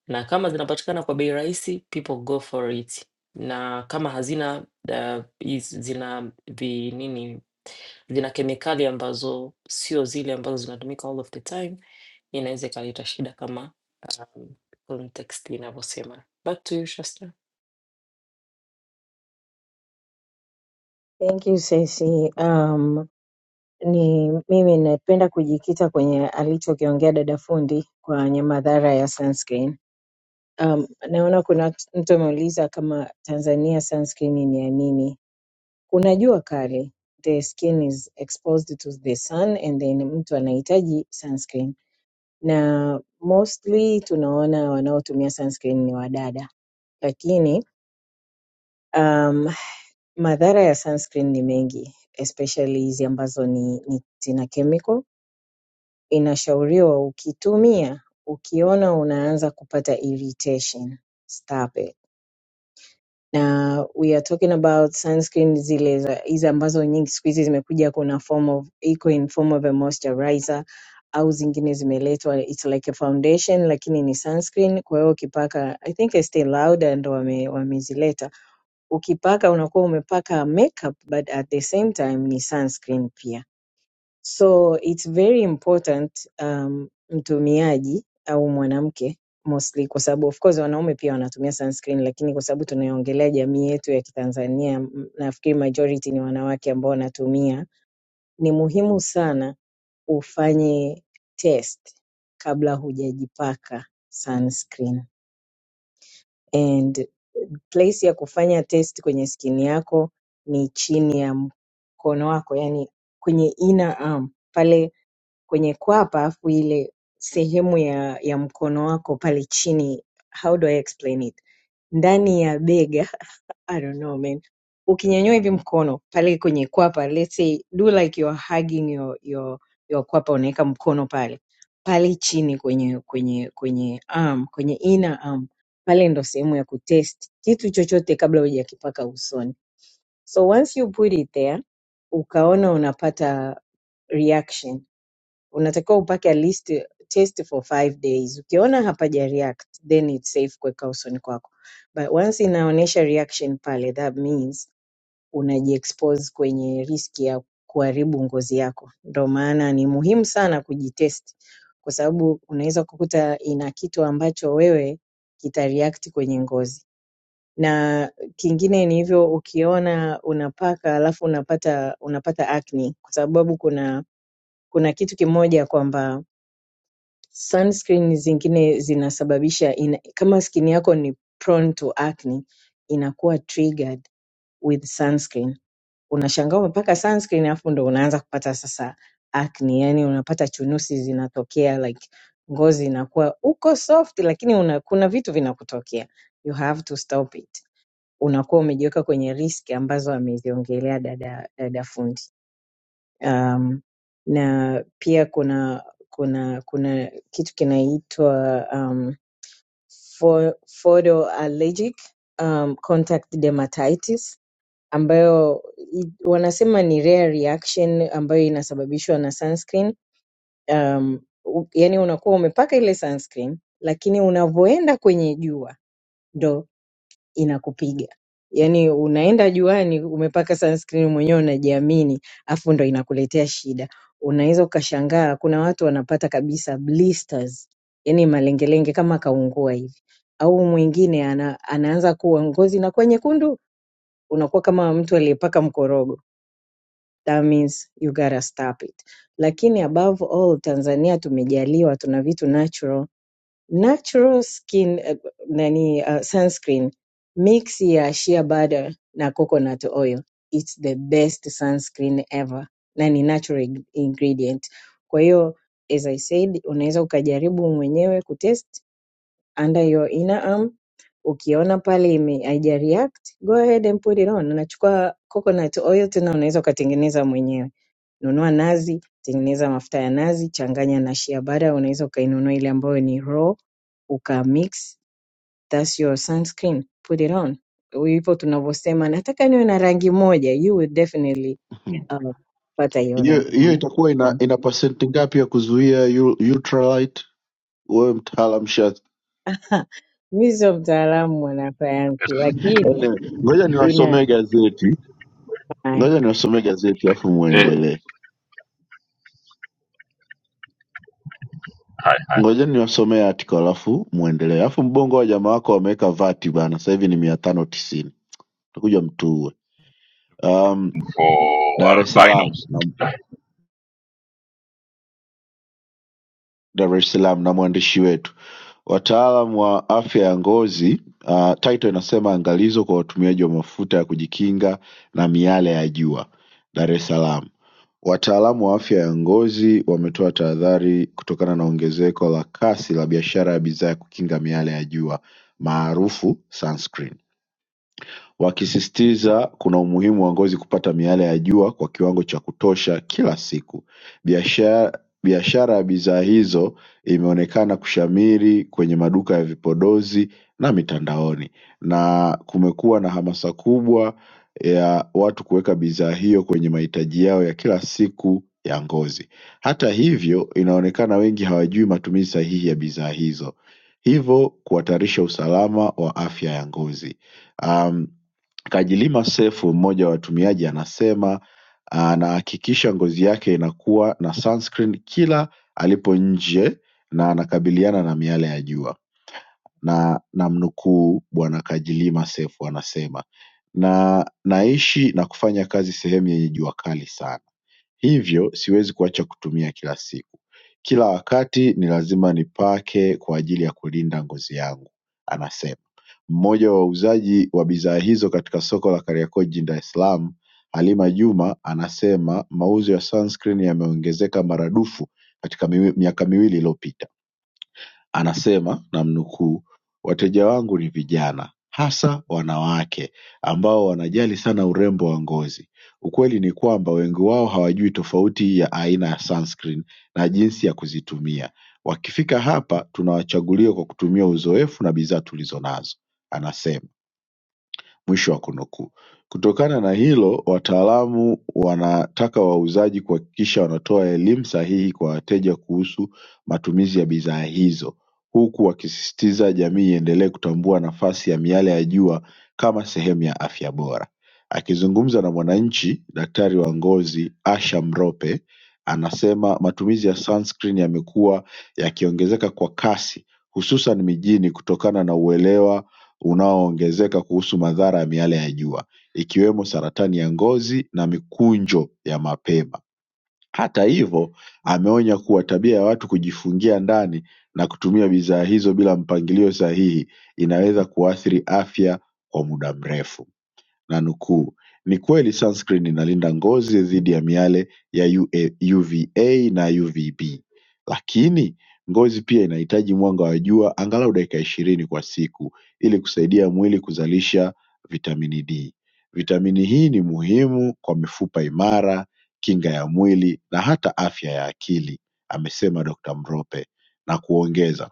A: na kama zinapatikana kwa bei rahisi, people go for it, na kama hazina uh, is- zina vi nini vina kemikali ambazo sio zile ambazo zinatumika all of the time, inaweza ikaleta shida kama um, context inavyosema. Back to you Shasta.
F: Thank you Ceci. Um, ni mimi napenda kujikita kwenye alichokiongea dada fundi kwenye madhara ya sunscreen Um, naona kuna mtu ameuliza kama Tanzania sunscreen ni ya nini. Kuna jua kali, the skin is exposed to the sun and then mtu anahitaji sunscreen, na mostly tunaona wanaotumia sunscreen ni wadada, lakini um, madhara ya sunscreen ni mengi especially hizi ambazo ni, ni zina chemical. Inashauriwa ukitumia ukiona unaanza kupata irritation, stop it na we are talking about sunscreen zile za- hizi ambazo nyingi siku hizi zimekuja kuna form of iko in form of a moisturizer au zingine zimeletwa it's like a foundation lakini ni sunscreen kwa hiyo ukipaka i think Estee Lauder ndo wame, wamezileta ukipaka unakuwa umepaka makeup but at the same time ni sunscreen pia So it's very important um, mtumiaji au mwanamke mostly, kwa sababu of course wanaume pia wanatumia sunscreen, lakini kwa sababu tunaiongelea jamii yetu ya Kitanzania, m- nafikiri majority ni wanawake ambao wanatumia. Ni muhimu sana ufanye test kabla hujajipaka sunscreen and place ya kufanya test kwenye skin yako ni chini ya mkono wako yani kwenye inner arm pale kwenye kwapa afu ile sehemu ya, ya mkono wako pale chini how do I explain it ndani ya bega I don't know man ukinyanyua hivi mkono pale kwenye kwapa let's say do like you're hugging your, your, your kwapa unaweka mkono pale pale chini kwenye kwenye kwenye arm kwenye inner arm pale ndo sehemu ya kutest kitu chochote kabla hujakipaka usoni. So once you put it there, ukaona unapata reaction, unatakiwa upake at least eh, test for five days. Ukiona hapaja react, then it's safe kuweka usoni kwako, but once inaonyesha reaction pale, that means unajiexpose kwenye riski ya kuharibu ngozi yako. Ndo maana ni muhimu sana kujitest, kwa sababu unaweza kukuta ina kitu ambacho wewe kita react kwenye ngozi na kingine ni hivyo ukiona unapaka alafu unapata unapata acne kwa sababu kuna kuna kitu kimoja kwamba sunscreen zingine zinasababisha ina, kama skin yako ni prone to acne inakuwa triggered with sunscreen unashangaa umepaka sunscreen alafu ndo unaanza kupata sasa acne yani unapata chunusi zinatokea like ngozi inakuwa uko soft lakini una, kuna vitu vinakutokea you have to stop it unakuwa umejiweka kwenye riski ambazo ameziongelea dada, dada fundi. Um, na pia kuna kuna kuna kitu kinaitwa um, pho- photoallergic um, contact dermatitis ambayo i- wanasema ni rare reaction ambayo inasababishwa na sunscreen um, u- yani unakuwa umepaka ile sunscreen lakini unavyoenda kwenye jua inakupiga. Yaani unaenda juani umepaka sunscreen mwenyewe unajiamini, afu ndo inakuletea shida. Unaweza ukashangaa kuna watu wanapata kabisa blisters, yaani malengelenge kama kaungua hivi. Au mwingine ana, anaanza kuwa ngozi inakuwa nyekundu, unakuwa kama mtu aliyepaka mkorogo. That means you gotta stop it. Lakini above all Tanzania tumejaliwa tuna vitu natural Natural skin eh, nani uh, sunscreen mix ya shea butter na coconut oil. It's the best sunscreen ever na ni natural ing- ingredient. Kwa hiyo as I said, unaweza ukajaribu mwenyewe kutest under your inner arm. Ukiona pale ime haija react, go ahead and put it on. Unachukua coconut oil tena unaweza ukatengeneza mwenyewe. Nunua nazi, tengeneza mafuta ya nazi, changanya na shea butter, unaweza ukainunua ile ambayo ni raw ukamix that's your sunscreen put it on hivyo tunavyosema nataka niwe na rangi moja you will definitely um, pata hiyo
D: hiyo
F: rangi
D: hiyo
F: moja
D: itakuwa ina ina pasenti ngapi ya kuzuia ul- ultralight? Wewe mtaalam shat.
F: Ha, mi sio mtaalamu wa wanasayansi lakini
D: Anyway, ngoja
F: ina
D: niwasomee gazeti,
F: haya.
D: ngoja niwasomee gazeti alafu
B: eh,
D: muendelee.
B: haya haya
D: Ngoja niwasomee article alafu muendelee. Alafu mbongo wa jamaa wako wameweka vati bana, sasa hivi ni mia tano tisini utakuja mtuue. Um,
B: for
D: Dar es
B: albinos
D: Salaam Dar es Salaam na mwandishi wetu. Wataalam wa afya ya ngozi uh, title inasema angalizo kwa watumiaji wa mafuta ya kujikinga na miale ya jua Dar es Salaam. Wataalamu wa afya ya ngozi wametoa tahadhari kutokana na ongezeko la kasi la biashara ya bidhaa ya kukinga miale ya jua maarufu sunscreen wakisisitiza kuna umuhimu wa ngozi kupata miale ya jua kwa kiwango cha kutosha kila siku. Biashara biashara ya bidhaa hizo imeonekana kushamiri kwenye maduka ya vipodozi na mitandaoni na kumekuwa na hamasa kubwa ya watu kuweka bidhaa hiyo kwenye mahitaji yao ya kila siku ya ngozi. Hata hivyo, inaonekana wengi hawajui matumizi sahihi ya bidhaa hizo, hivyo kuhatarisha usalama wa afya ya ngozi. Um, Kajilima Seif mmoja wa watumiaji anasema "Ah, anahakikisha ngozi yake inakuwa na sunscreen kila alipo nje na anakabiliana na miale ya jua na namnukuu bwana Kajilima Seif anasema na naishi na kufanya kazi sehemu yenye jua kali sana Hivyo siwezi kuacha kutumia kila siku. Kila wakati ni lazima nipake kwa ajili ya kulinda ngozi yangu, anasema. Mmoja wa wauzaji wa bidhaa hizo katika soko la Kariakoo jijini Dar es Salaam, Halima Juma anasema mauzo ya sunscreen yameongezeka maradufu katika miwi, miaka miwili iliyopita. Anasema namnukuu wateja wangu ni vijana hasa wanawake ambao wanajali sana urembo wa ngozi. Ukweli ni kwamba wengi wao hawajui tofauti ya aina ya sunscreen na jinsi ya kuzitumia. Wakifika hapa tunawachagulia kwa kutumia uzoefu na bidhaa tulizonazo, anasema. Mwisho wa kunukuu Kutokana na hilo wataalamu wanataka wauzaji kuhakikisha wanatoa elimu sahihi kwa wateja kuhusu matumizi ya bidhaa hizo huku wakisisitiza jamii iendelee kutambua nafasi ya miale ya jua kama sehemu ya afya bora. Akizungumza na mwananchi, daktari wa ngozi Asha Mrope anasema matumizi ya sunscreen yamekuwa yakiongezeka kwa kasi hususan mijini kutokana na uelewa unaoongezeka kuhusu madhara ya miale ya jua ikiwemo saratani ya ngozi na mikunjo ya mapema. Hata hivyo, ameonya kuwa tabia ya watu kujifungia ndani na kutumia bidhaa hizo bila mpangilio sahihi inaweza kuathiri afya kwa muda mrefu nanukuu ni kweli sunscreen inalinda ngozi dhidi ya miale ya UVA na UVB lakini ngozi pia inahitaji mwanga wa jua angalau dakika ishirini kwa siku ili kusaidia mwili kuzalisha vitamini D. Vitamini hii ni muhimu kwa mifupa imara, kinga ya mwili na hata afya ya akili, amesema Dr. Mrope na kuongeza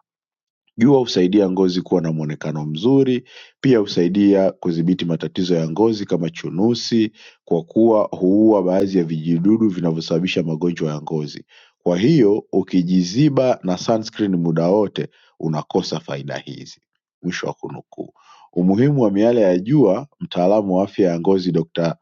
D: Jua husaidia ngozi kuwa na muonekano mzuri pia husaidia kudhibiti matatizo ya ngozi kama chunusi kwa kuwa huua baadhi ya vijidudu vinavyosababisha magonjwa ya ngozi. Kwa hiyo ukijiziba na sunscreen muda wote unakosa faida hizi. Mwisho wa kunukuu. Umuhimu wa miale ya jua mtaalamu wa afya ya ngozi Dr.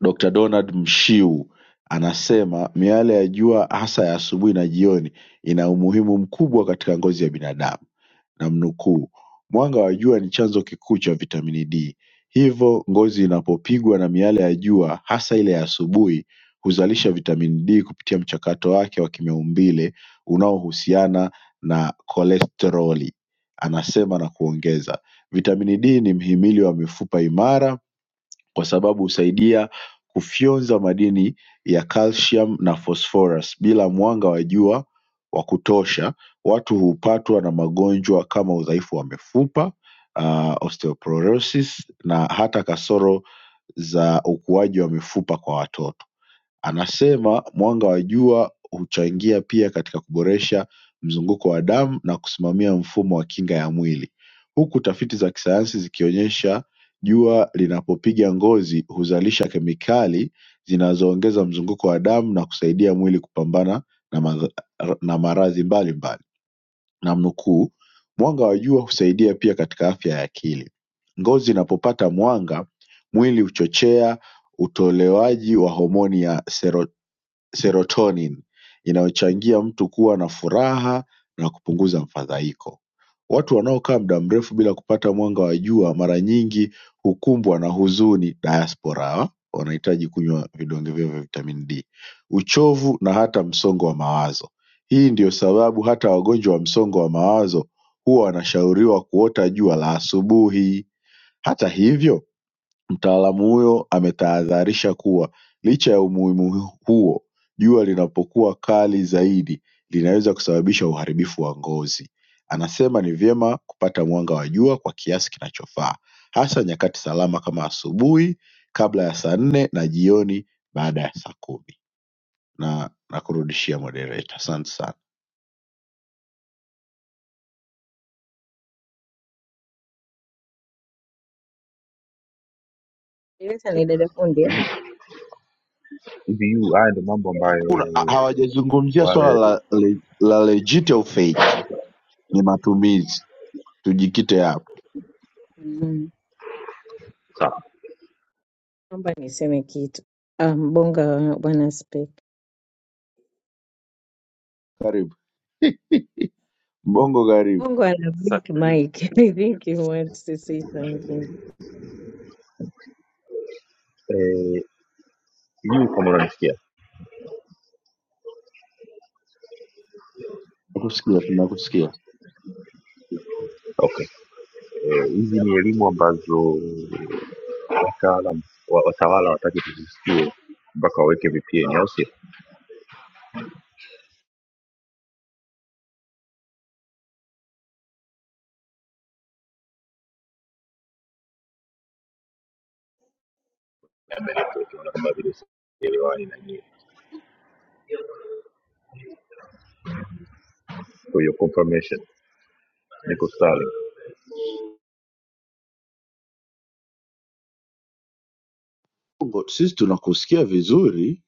D: Dr Donald Mshiu anasema miale ya jua hasa ya asubuhi na jioni ina umuhimu mkubwa katika ngozi ya binadamu namnukuu mwanga wa jua ni chanzo kikuu cha vitamini D hivyo ngozi inapopigwa na miale ya jua hasa ile ya asubuhi huzalisha vitamini D kupitia mchakato wake wa kimaumbile unaohusiana na kolesteroli anasema na kuongeza vitamini D ni mhimili wa mifupa imara kwa sababu husaidia kufyonza madini ya calcium na phosphorus bila mwanga wa jua wa kutosha watu hupatwa na magonjwa kama udhaifu wa mifupa, ah, osteoporosis na hata kasoro za ukuaji wa mifupa kwa watoto. Anasema mwanga wa jua huchangia pia katika kuboresha mzunguko wa damu na kusimamia mfumo wa kinga ya mwili, huku tafiti za kisayansi zikionyesha jua linapopiga ngozi huzalisha kemikali zinazoongeza mzunguko wa damu na kusaidia mwili kupambana na madha- na maradhi mbalimbali. Namnukuu, mwanga wa jua husaidia pia katika afya ya akili. Ngozi inapopata mwanga, mwili huchochea utolewaji wa homoni ya sero serotonin inayochangia mtu kuwa na furaha na kupunguza mfadhaiko. Watu wanaokaa muda mrefu bila kupata mwanga wa jua mara nyingi hukumbwa na huzuni diaspora hawa wanahitaji kunywa vidonge vyao vya vitamin D, uchovu na hata msongo wa mawazo. Hii ndio sababu hata wagonjwa wa msongo wa mawazo huwa wanashauriwa kuota jua la asubuhi. Hata hivyo Mtaalamu huyo ametahadharisha kuwa licha ya umuhimu huo jua linapokuwa kali zaidi linaweza kusababisha uharibifu wa ngozi. Anasema ni vyema kupata mwanga wa jua kwa kiasi kinachofaa hasa nyakati salama kama asubuhi kabla ya saa nne na jioni baada ya saa kumi na nakurudishia moderator. Asante sana.
F: ileta ni dada fundi
B: hivi yu haya ndo mambo ambayo
D: Hakuna, ha- hawajazungumzia swala
B: wale
D: la, le- la legit au fake, ni matumizi. Tujikite hapo.
F: Mm.
B: sawa
F: naomba niseme kitu um, bonga bwana spek
D: Karibu Mbongo, karibu.
F: bongo ana blink mic i think he wants to say something
B: sijui kama unanisikia
D: Nakusikia, tunakusikia.
B: okay Eh, hizi ni elimu ambazo wataalam wa- watawala wataki tuzisikie mpaka waweke vpn au sio Labda network, naona kama vile sielewani na nyie for your confirmation niko Starlink.
D: Bongo, Sisi tunakusikia vizuri.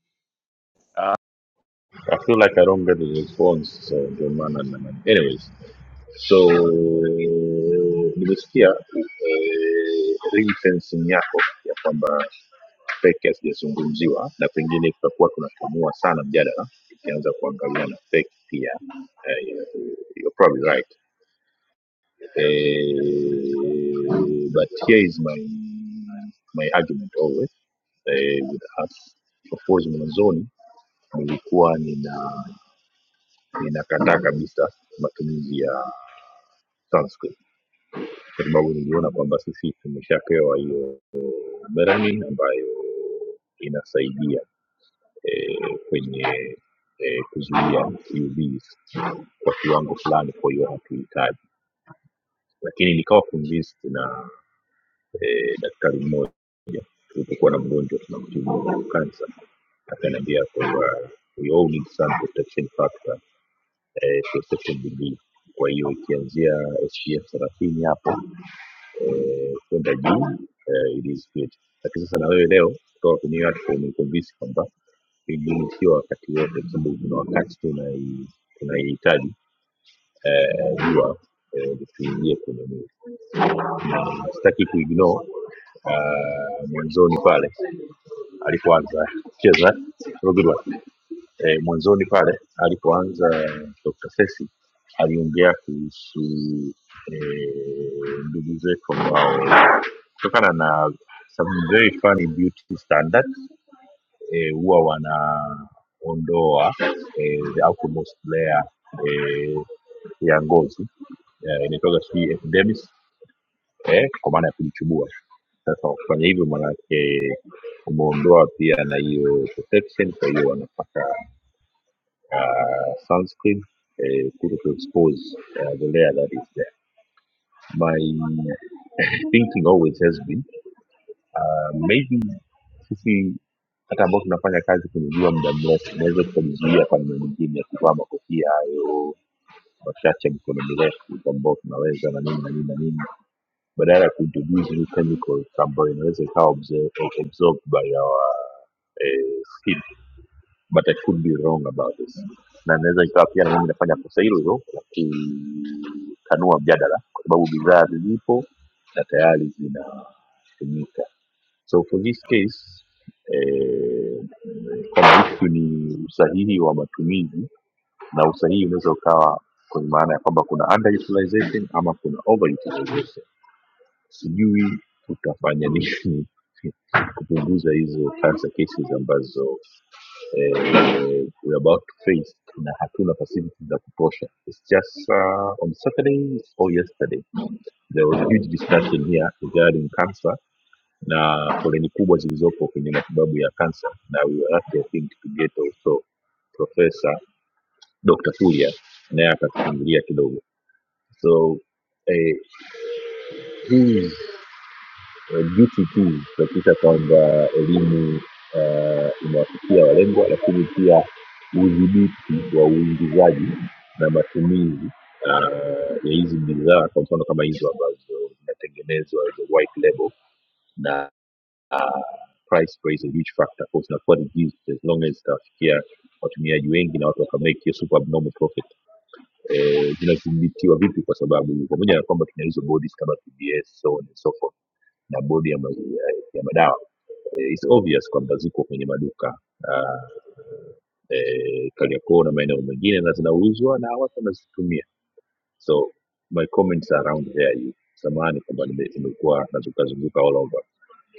B: i feel like i don't get a response so ndio maana na- anyways so nimesikia eh, ring-fencing yako ya kwamba feki hazijazungumziwa na pengine tutakuwa tunakamua sana mjadala ikianza kuangalia na feki pia Eh, you're probably right Eh, but here is my my argument always eh, with us of course mwanzoni nilikuwa nina ninakataa kabisa matumizi ya sunscreen kwa sababu niliona kwamba sisi tumeshapewa hiyo barani ambayo inasaidia eh, kwenye eh, kuzuia UVs kwa kiwango fulani, kwa hiyo hatuhitaji. Lakini nikawa convinced na eh, daktari mmoja tulipokuwa na mgonjwa tunamtibu kansa, akaniambia kwamba we all need sun protection factor eh, protection degree. Kwa hiyo ikianzia SPF thelathini hapo eh, kwenda juu eh, it is good lakini sasa na wewe leo kutoka kwenye hiyo article umeconvince kwamba ilisiwa wakati wote kwa sababu kuna wakati tunai- tunaihitaji eh, huwa eh, tuingie kwenye mwili na sitaki kuignore uh, mwanzoni pale alipoanza cheza have a good one. Eh, mwanzoni pale alipoanza Dr. Sesi aliongea kuhusu eh, ndugu zetu ambao kutokana na some very funny beauty standards eh, huwa wanaondoa eh, the outermost layer eh, ya ngozi eh, inaitwaga sijui epidermis eh, kwa maana ya kujichubua. Sasa kwa kufanya hivyo, maanake umeondoa pia na hiyo protection, kwa hiyo wanapaka uh, sunscreen eh, kuto to expose uh, the layer that is there. My thinking always has been Uh, maybe sisi hata ambao tunafanya kazi kwenye jua muda mrefu tunaweza tukajizuia kwa namna nyingine ya kuvaa makofia hayo machache ya mikono mirefu ambao tunaweza na nini na nini na nini badala ya kuintroduce new chemicals ambayo inaweza ikawa absor- absorbed by our eh, skin but I could be wrong about this, na inaweza ikawa pia na mimi nafanya kosa hilo hilo la kutanua mjadala, kwa sababu bidhaa zilipo na tayari zinatumika. So for this case eh, kama issue ni usahihi wa matumizi, na usahihi unaweza ukawa kwenye maana ya kwamba kuna underutilization ama kuna overutilization sijui tutafanya nini kupunguza hizo cancer cases ambazo eh, we're about to face na hatuna facilities za kutosha it's just uh, on saturday or yesterday there was a huge discussion here regarding cancer na foleni kubwa zilizopo kwenye matibabu ya cancer na we were lucky, I think to get also professor dr furia naye akatufungulia kidogo so eh, hii eh, duty tu kuhakikisha kwamba elimu uh, inawafikia walengwa, lakini pia udhibiti wa uingizaji na matumizi uh, ya hizi bidhaa, kwa mfano kama hizo ambazo zinatengenezwa as a white label na uh, price play is a huge factor, Of course, na kwa zinakuwa reduced as long as zitawafikia watumiaji wengi na watu wakamake hiyo super abnormal profit. Eh, zinadhibitiwa vipi? Kwa sababu pamoja na kwamba tuna hizo bodies kama TBS so on and so forth na bodi ya, ma- ya, ya madawa Eh, it's obvious kwamba ziko kwenye maduka uh, eh, Kariakoo na maeneo mengine na zinauzwa na watu wanazitumia so my comments are around there you samahani kwamba nime- nimekuwa nazungukazunguka all over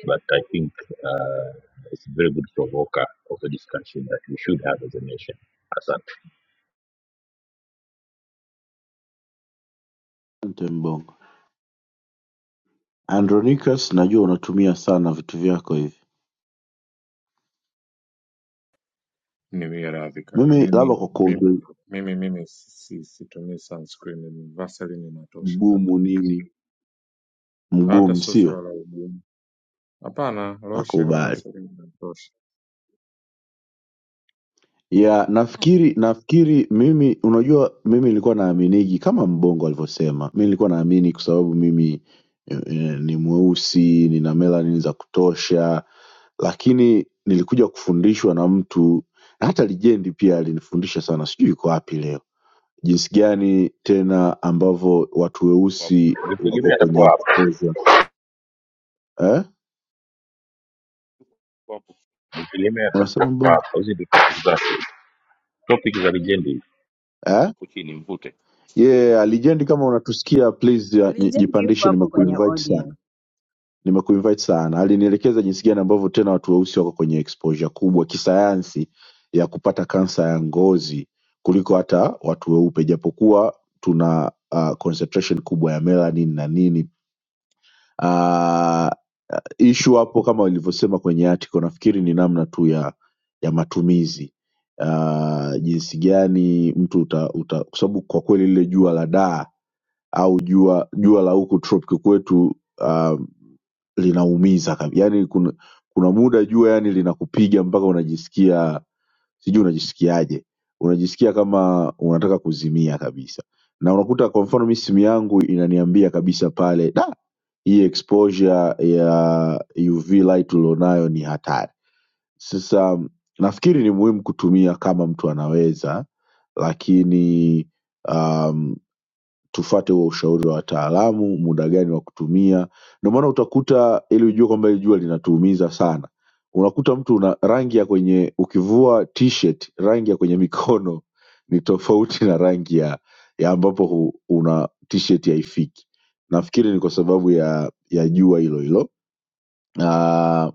B: but i think uh, it's a very good provoker of a discussion that we should have as a nation asante
D: Asante Mbongo. Andronicus, najua unatumia sana vitu vyako hivi.
G: Niwie radhi kaka,
D: Mimi
G: mimi
D: labda kwa
G: mimi
D: kuongeza
G: mimi, mimi si- si- situmii sunscreen, ni Vaseline inatosha kaka,
D: mgumu nini,
G: hata
D: mgumu
G: sio swala
D: sio?
G: la ugumu. Hapana, lotion
D: Nakubali.
G: Vaseline inatosha.
D: ya
F: Mm.
D: nafikiri nafikiri mimi unajua mimi nilikuwa naaminigi kama mbongo alivyosema mi nilikuwa naamini kwa sababu mimi eh, eh, ni mweusi nina melanin za kutosha lakini nilikuja kufundishwa na mtu na hata lijendi pia alinifundisha sana sijui iko wapi leo jinsi gani tena ambavyo watu weusi wako
B: nilitegemea
D: kwenye
B: atakuwa hapa
D: exposure eh?
B: nilitegemea atakuwa
D: unasema mbongo
B: hapa hizi ndio topic zake topic za legendi
D: eh? yeah, lijendi kama unatusikia please ya-
F: Legend yuko
D: jipandishe
F: hapo kwenye
D: nimekuinvite sana
F: audience
D: Nimekuinvite sana. Alinielekeza jinsi gani ambavyo tena watu weusi wako kwenye exposure kubwa kisayansi ya kupata kansa ya ngozi kuliko hata watu weupe, japokuwa tuna uh, concentration kubwa ya melanin na nini. Uh, issue hapo kama walivyosema kwenye article, nafikiri ni namna tu ya ya matumizi uh, jinsi gani mtu uta, uta kwa sababu kwa kweli lile jua la daa au jua jua la huku tropic kwetu uh, linaumiza kabi- yaani kuna kuna muda jua yani linakupiga mpaka unajisikia sijui unajisikiaje unajisikia kama unataka kuzimia kabisa na unakuta kwa mfano mi simu yangu inaniambia kabisa pale da hii exposure ya uv light ulionayo ni hatari sasa nafikiri ni muhimu kutumia kama mtu anaweza lakini um, tufuate huo ushauri wa wataalamu, muda gani wa kutumia. Ndio maana utakuta ili ujue kwamba hili jua linatuumiza sana, unakuta mtu una rangi ya kwenye ukivua t-shirt, rangi ya kwenye mikono ni tofauti na rangi ya, ya ambapo hu, una t-shirt haifiki. Nafikiri ni kwa sababu ya ya jua hilo hilo. Ah,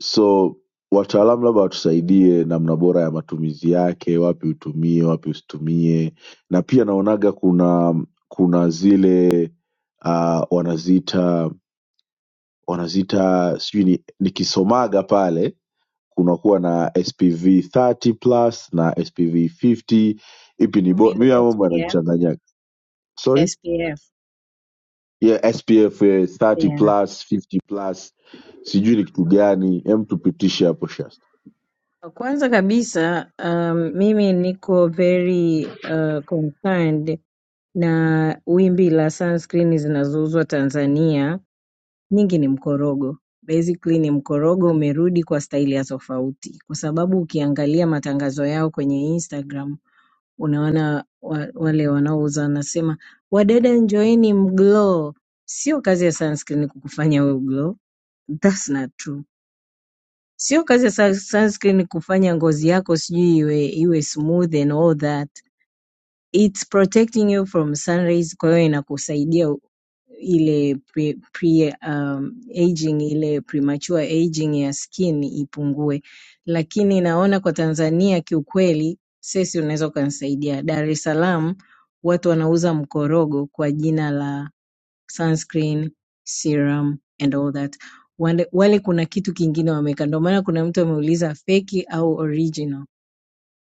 D: So wataalamu labda watusaidie namna bora ya matumizi yake, wapi utumie, wapi usitumie. Na pia naonaga kuna kuna zile uh, wanaziita wanaziita sijui ni, nikisomaga pale kunakuwa na SPV 30 plus na SPV 50 ipi ni
F: you
D: bora?
F: mean
D: Mimi haya mambo
F: SPF
D: yanachanganyaga. Sorry?
F: SPF
D: Yeah, SPF eh, 30 plus 50 plus sijui ni kitu gani, hem tupitishe hapo Shasta.
F: Kwanza kabisa, um, mimi niko very uh, concerned na wimbi la sunscreen zinazouzwa Tanzania, nyingi ni mkorogo. Basically ni mkorogo umerudi kwa staili ya tofauti, kwa sababu ukiangalia matangazo yao kwenye Instagram unaona wa, wale wanaouza wanasema wadada njoeni mglow. Sio kazi ya sunscreen kukufanya we uglow, that's not true. Sio kazi ya sunscreen kufanya ngozi yako sijui iwe iwe smooth and all that. It's protecting you from sun rays kwa hiyo inakusaidia ile pre, pre um, aging ile premature aging ya skin ipungue. Lakini naona kwa Tanzania kiukweli, sesi unaweza ukanisaidia. Dar es Salaam watu wanauza mkorogo kwa jina la sunscreen, serum and all that. Wale, wale kuna kitu kingine wameweka, ndio maana kuna mtu ameuliza feki au original.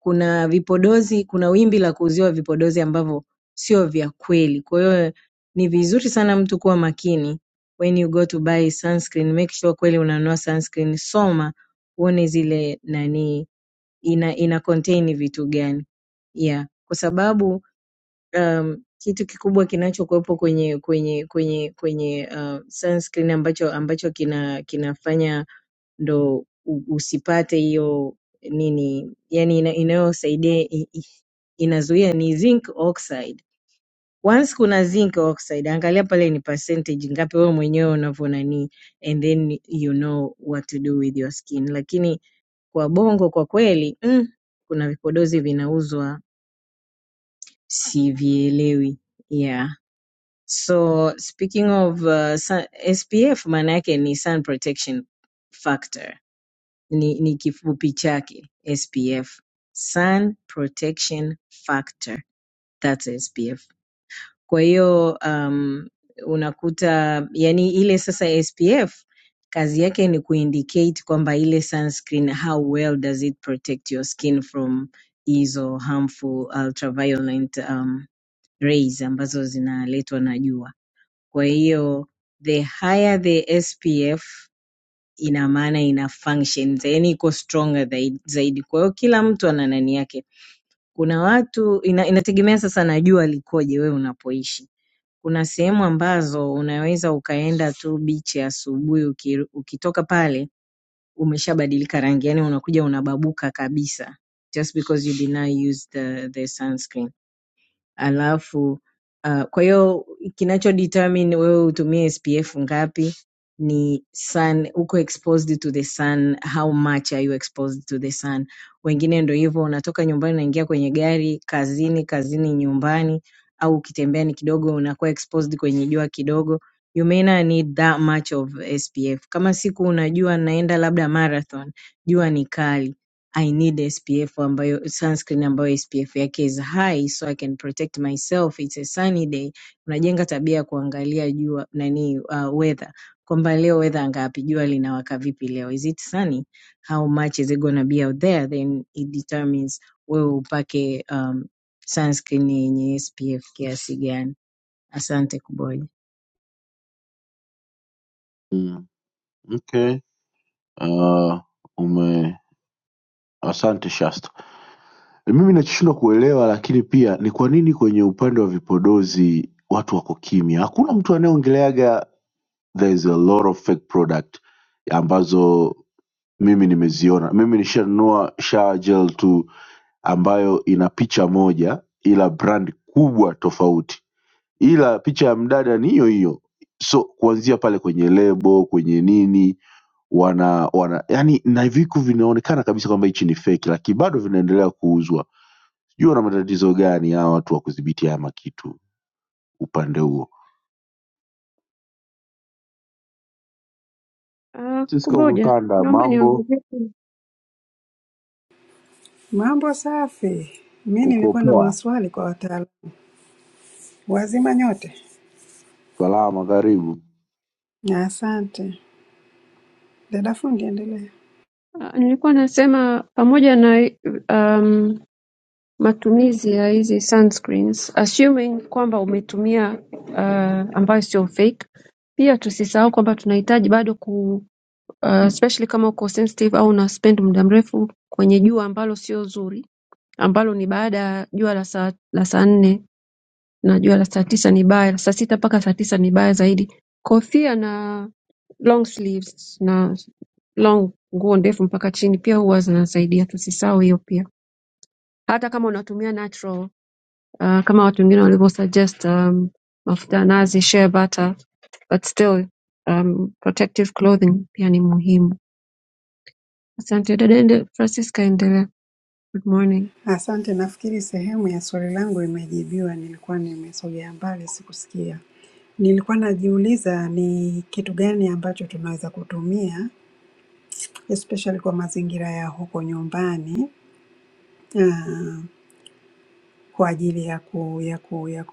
F: Kuna vipodozi, kuna wimbi la kuuziwa vipodozi ambavyo sio vya kweli. Kwa hiyo ni vizuri sana mtu kuwa makini when you go to buy sunscreen, make sure kweli unanunua sunscreen, soma uone zile nani ina, ina contain vitu gani yeah, kwa sababu um, kitu kikubwa kinachokuwepo kwenye kwenye kwenye kwenye uh, sunscreen ambacho ambacho kina kinafanya ndo u- usipate hiyo nini yani ina, inayosaidia i- i- inazuia ni zinc oxide. Once kuna zinc oxide, angalia pale ni percentage ngapi wewe mwenyewe unavyo nani, and then you know what to do with your skin. Lakini kwa bongo kwa kweli mm, kuna vipodozi vinauzwa sivielewi, yeah. So speaking of uh, sun- SPF maana yake ni sun protection factor, ni, ni kifupi chake SPF, sun protection factor, that's SPF. Kwa hiyo um, unakuta yani ile sasa SPF kazi yake ni kuindicate kwamba ile sunscreen how well does it protect your skin from hizo harmful ultraviolet um, rays ambazo zinaletwa na jua kwa hiyo the higher the SPF ina maana ina functions, yani iko stronger dhai- zaidi. Kwa hiyo kila mtu ana nani yake. Kuna watu ina, inategemea sasa na jua likoje wewe unapoishi. Kuna sehemu ambazo unaweza ukaenda tu beach asubuhi uki, ukitoka pale umeshabadilika rangi, yani unakuja unababuka kabisa just because you did not use the, the sunscreen alafu uh, kwa hiyo kinacho determine wewe utumie SPF ngapi ni sun, uko exposed to the sun, how much are you exposed to the sun. Wengine ndo hivyo, unatoka nyumbani unaingia kwenye gari, kazini, kazini nyumbani, au ukitembea ni kidogo, unakuwa exposed kwenye jua kidogo. You may not need that much of SPF. Kama siku unajua naenda labda marathon, jua ni kali I need SPF ambayo sunscreen ambayo SPF yake is high so I can protect myself it's a sunny day. Unajenga tabia ya kuangalia jua nani uh, weather kwamba leo weather ngapi, jua linawaka vipi leo, is it sunny, how much is it gonna be out there, then it determines wewe upake um, sunscreen yenye SPF kiasi gani. Asante Kuboja.
D: Mm, okay. uh, ume asante Shasta. E, Mimi nachishindwa kuelewa, lakini pia ni kwa nini kwenye upande wa vipodozi watu wako kimya? Hakuna mtu anayeongeleaga there is a lot of fake product ambazo mimi nimeziona. Mimi nishanunua shower gel tu ambayo ina picha moja, ila brand kubwa tofauti, ila picha ya mdada ni hiyo hiyo, so kuanzia pale kwenye lebo, kwenye nini wana wana yani na viku vinaonekana kabisa kwamba hichi ni feki lakini bado vinaendelea kuuzwa sijui wana matatizo gani hawa watu wa kudhibiti haya makitu upande huo
C: Uh,
D: Cisco
C: Kuboja,
D: Mkanda
C: naomba
D: mambo
C: niongezee.
H: Mambo safi. Mi
D: uko
H: nilikuwa na
D: poa
H: maswali kwa wataalamu wazima nyote.
D: salama karibu
H: Na Asante dada fundi, endelea.
C: Uh, nilikuwa nasema pamoja na um, matumizi ya hizi sunscreens assuming kwamba umetumia uh, ambayo sio fake pia tusisahau kwamba tunahitaji bado ku uh, especially kama uko sensitive au una spend muda mrefu kwenye jua ambalo sio zuri ambalo ni baada ya jua la saa la saa nne na jua la saa tisa ni baya la saa sita mpaka saa tisa ni baya zaidi kofia na long sleeves na long nguo ndefu mpaka chini pia huwa zinasaidia tusisahau hiyo pia hata kama unatumia natural uh, kama watu wengine walivyosuggest um, mafuta ya nazi shea butter but still um, protective clothing pia ni muhimu asante dada ende francisca endelea good morning
H: Asante, nafikiri sehemu ya swali langu imejibiwa. Nilikuwa nimesogea mbali, sikusikia. Nilikuwa najiuliza ni kitu gani ambacho tunaweza kutumia especially kwa mazingira ya huko nyumbani ah, kwa ajili ya ku, ya ku, ya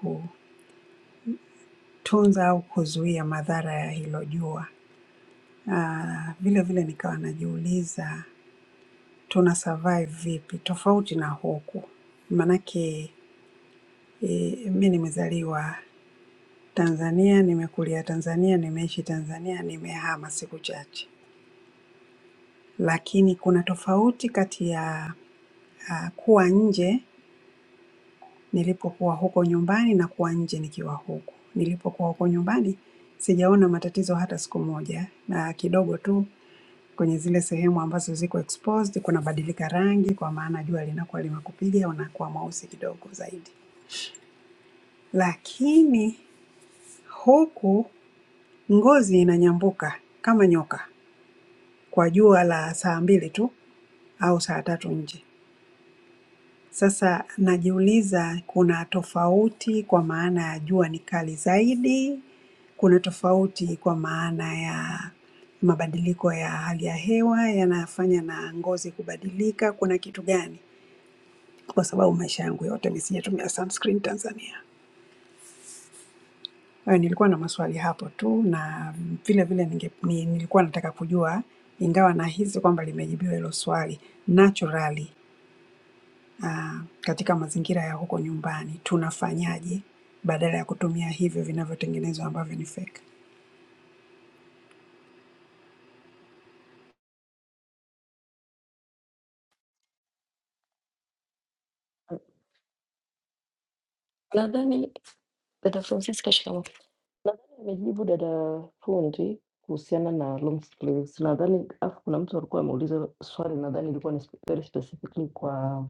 H: kutunza au kuzuia madhara ya hilo jua. Ah, Vile vile nikawa najiuliza tuna survive vipi tofauti na huku. Maanake e, mi nimezaliwa Tanzania, nimekulia Tanzania, nimeishi Tanzania, nimehama siku chache, lakini kuna tofauti kati ya ah, kuwa nje nilipokuwa huko nyumbani na kuwa nje nikiwa huku. Nilipokuwa huko nyumbani sijaona matatizo hata siku moja, na kidogo tu kwenye zile sehemu ambazo ziko exposed kunabadilika rangi, kwa maana jua linakuwa limekupiga, unakuwa mweusi kidogo zaidi Lakini huku ngozi inanyambuka kama nyoka kwa jua la saa mbili tu au saa tatu nje. Sasa najiuliza kuna tofauti kwa maana ya jua ni kali zaidi, kuna tofauti kwa maana ya mabadiliko ya hali ya hewa yanafanya na ngozi kubadilika, kuna kitu gani? Kwa sababu maisha yangu yote misijatumia sunscreen Tanzania. Eh, Nilikuwa na maswali hapo tu na vile vile ninge, ni, nilikuwa nataka kujua ingawa nahisi kwamba limejibiwa hilo swali naturally, ah, katika mazingira ya huko nyumbani tunafanyaje badala ya kutumia hivyo vinavyotengenezwa ambavyo ni fake.
A: Nadhani dada Francisca, shikamoo. Nadhani amejibu dada fundi kuhusiana na long sleeves. Nadhani afu kuna mtu alikuwa ameuliza swali, nadhani ilikuwa ni spe- very specifically kwa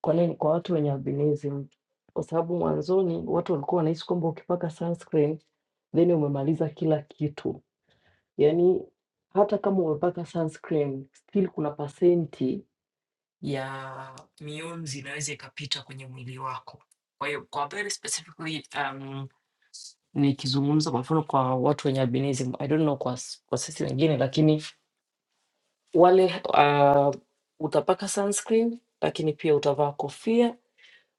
A: kwa nini kwa watu wenye albinism, kwa sababu mwanzoni watu walikuwa wanahisi kwamba ukipaka sunscreen then umemaliza kila kitu Yaani hata kama umepaka sunscreen still kuna pasenti ya mionzi inaweza ikapita kwenye mwili wako. Kwa hiyo kwa very specifically um, nikizungumza kwa mfano kwa watu wenye albinism, I don't know kwa, s- kwa sisi wengine, lakini wale uh, utapaka sunscreen, lakini pia utavaa kofia,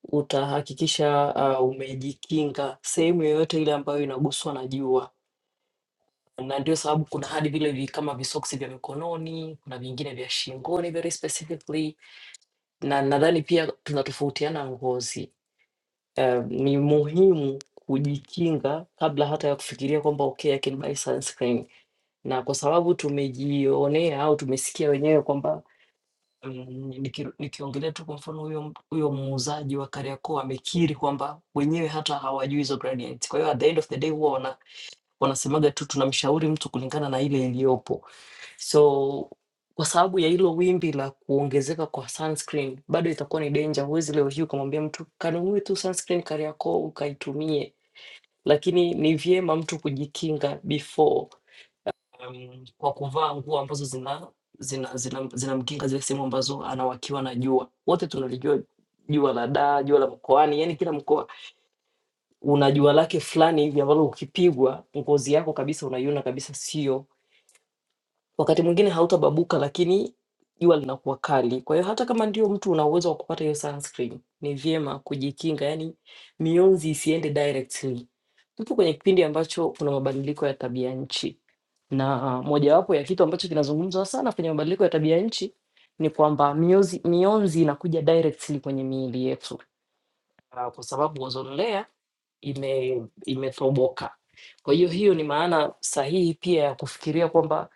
A: utahakikisha uh, umejikinga sehemu yoyote ile ambayo inaguswa na jua. na ndio sababu kuna hadi vile vi, kama visoksi vya mikononi, kuna vingine vya shingoni very specifically, na nadhani pia tunatofautiana ngozi. Uh, ni muhimu kujikinga kabla hata ya kufikiria kwamba okay, I can buy sunscreen, na kwa sababu tumejionea au tumesikia wenyewe kwamba mm, niki- nikiongelea tu kwa mfano huyo mtu- huyo muuzaji wa Kariakoo amekiri kwamba wenyewe hata hawajui hizo gradients. Kwa hiyo at the end of the day huwa wana wanasemaga tu tunamshauri mtu kulingana na ile iliyopo. So kwa sababu ya hilo wimbi la kuongezeka kwa sunscreen, bado itakuwa ni danger. Huwezi leo hii ukamwambia mtu kanunue tu sunscreen Kariakoo ukaitumie, lakini ni vyema mtu kujikinga before um, kwa kuvaa nguo ambazo zina zinamkinga zina, zina zinamkinga zile sehemu ambazo anawakiwa na jua. Wote tunalijua jua la daa, jua la mkoani, yani kila mkoa una jua lake fulani hivi ambalo ukipigwa ngozi yako kabisa unaiona kabisa, sio wakati mwingine hautababuka, lakini jua linakuwa kali. Kwa hiyo hata kama ndio mtu una uwezo wa kupata hiyo sunscreen, ni vyema kujikinga, yani mionzi isiende directly. Tupo kwenye kipindi ambacho kuna mabadiliko ya tabia nchi, na uh, mojawapo ya kitu ambacho kinazungumzwa sana kwenye mabadiliko ya tabia nchi ni kwamba mionzi, mionzi inakuja directly kwenye miili yetu ah, kwa sababu ozonlea ime imetoboka. Kwa hiyo hiyo ni maana sahihi pia ya kufikiria kwamba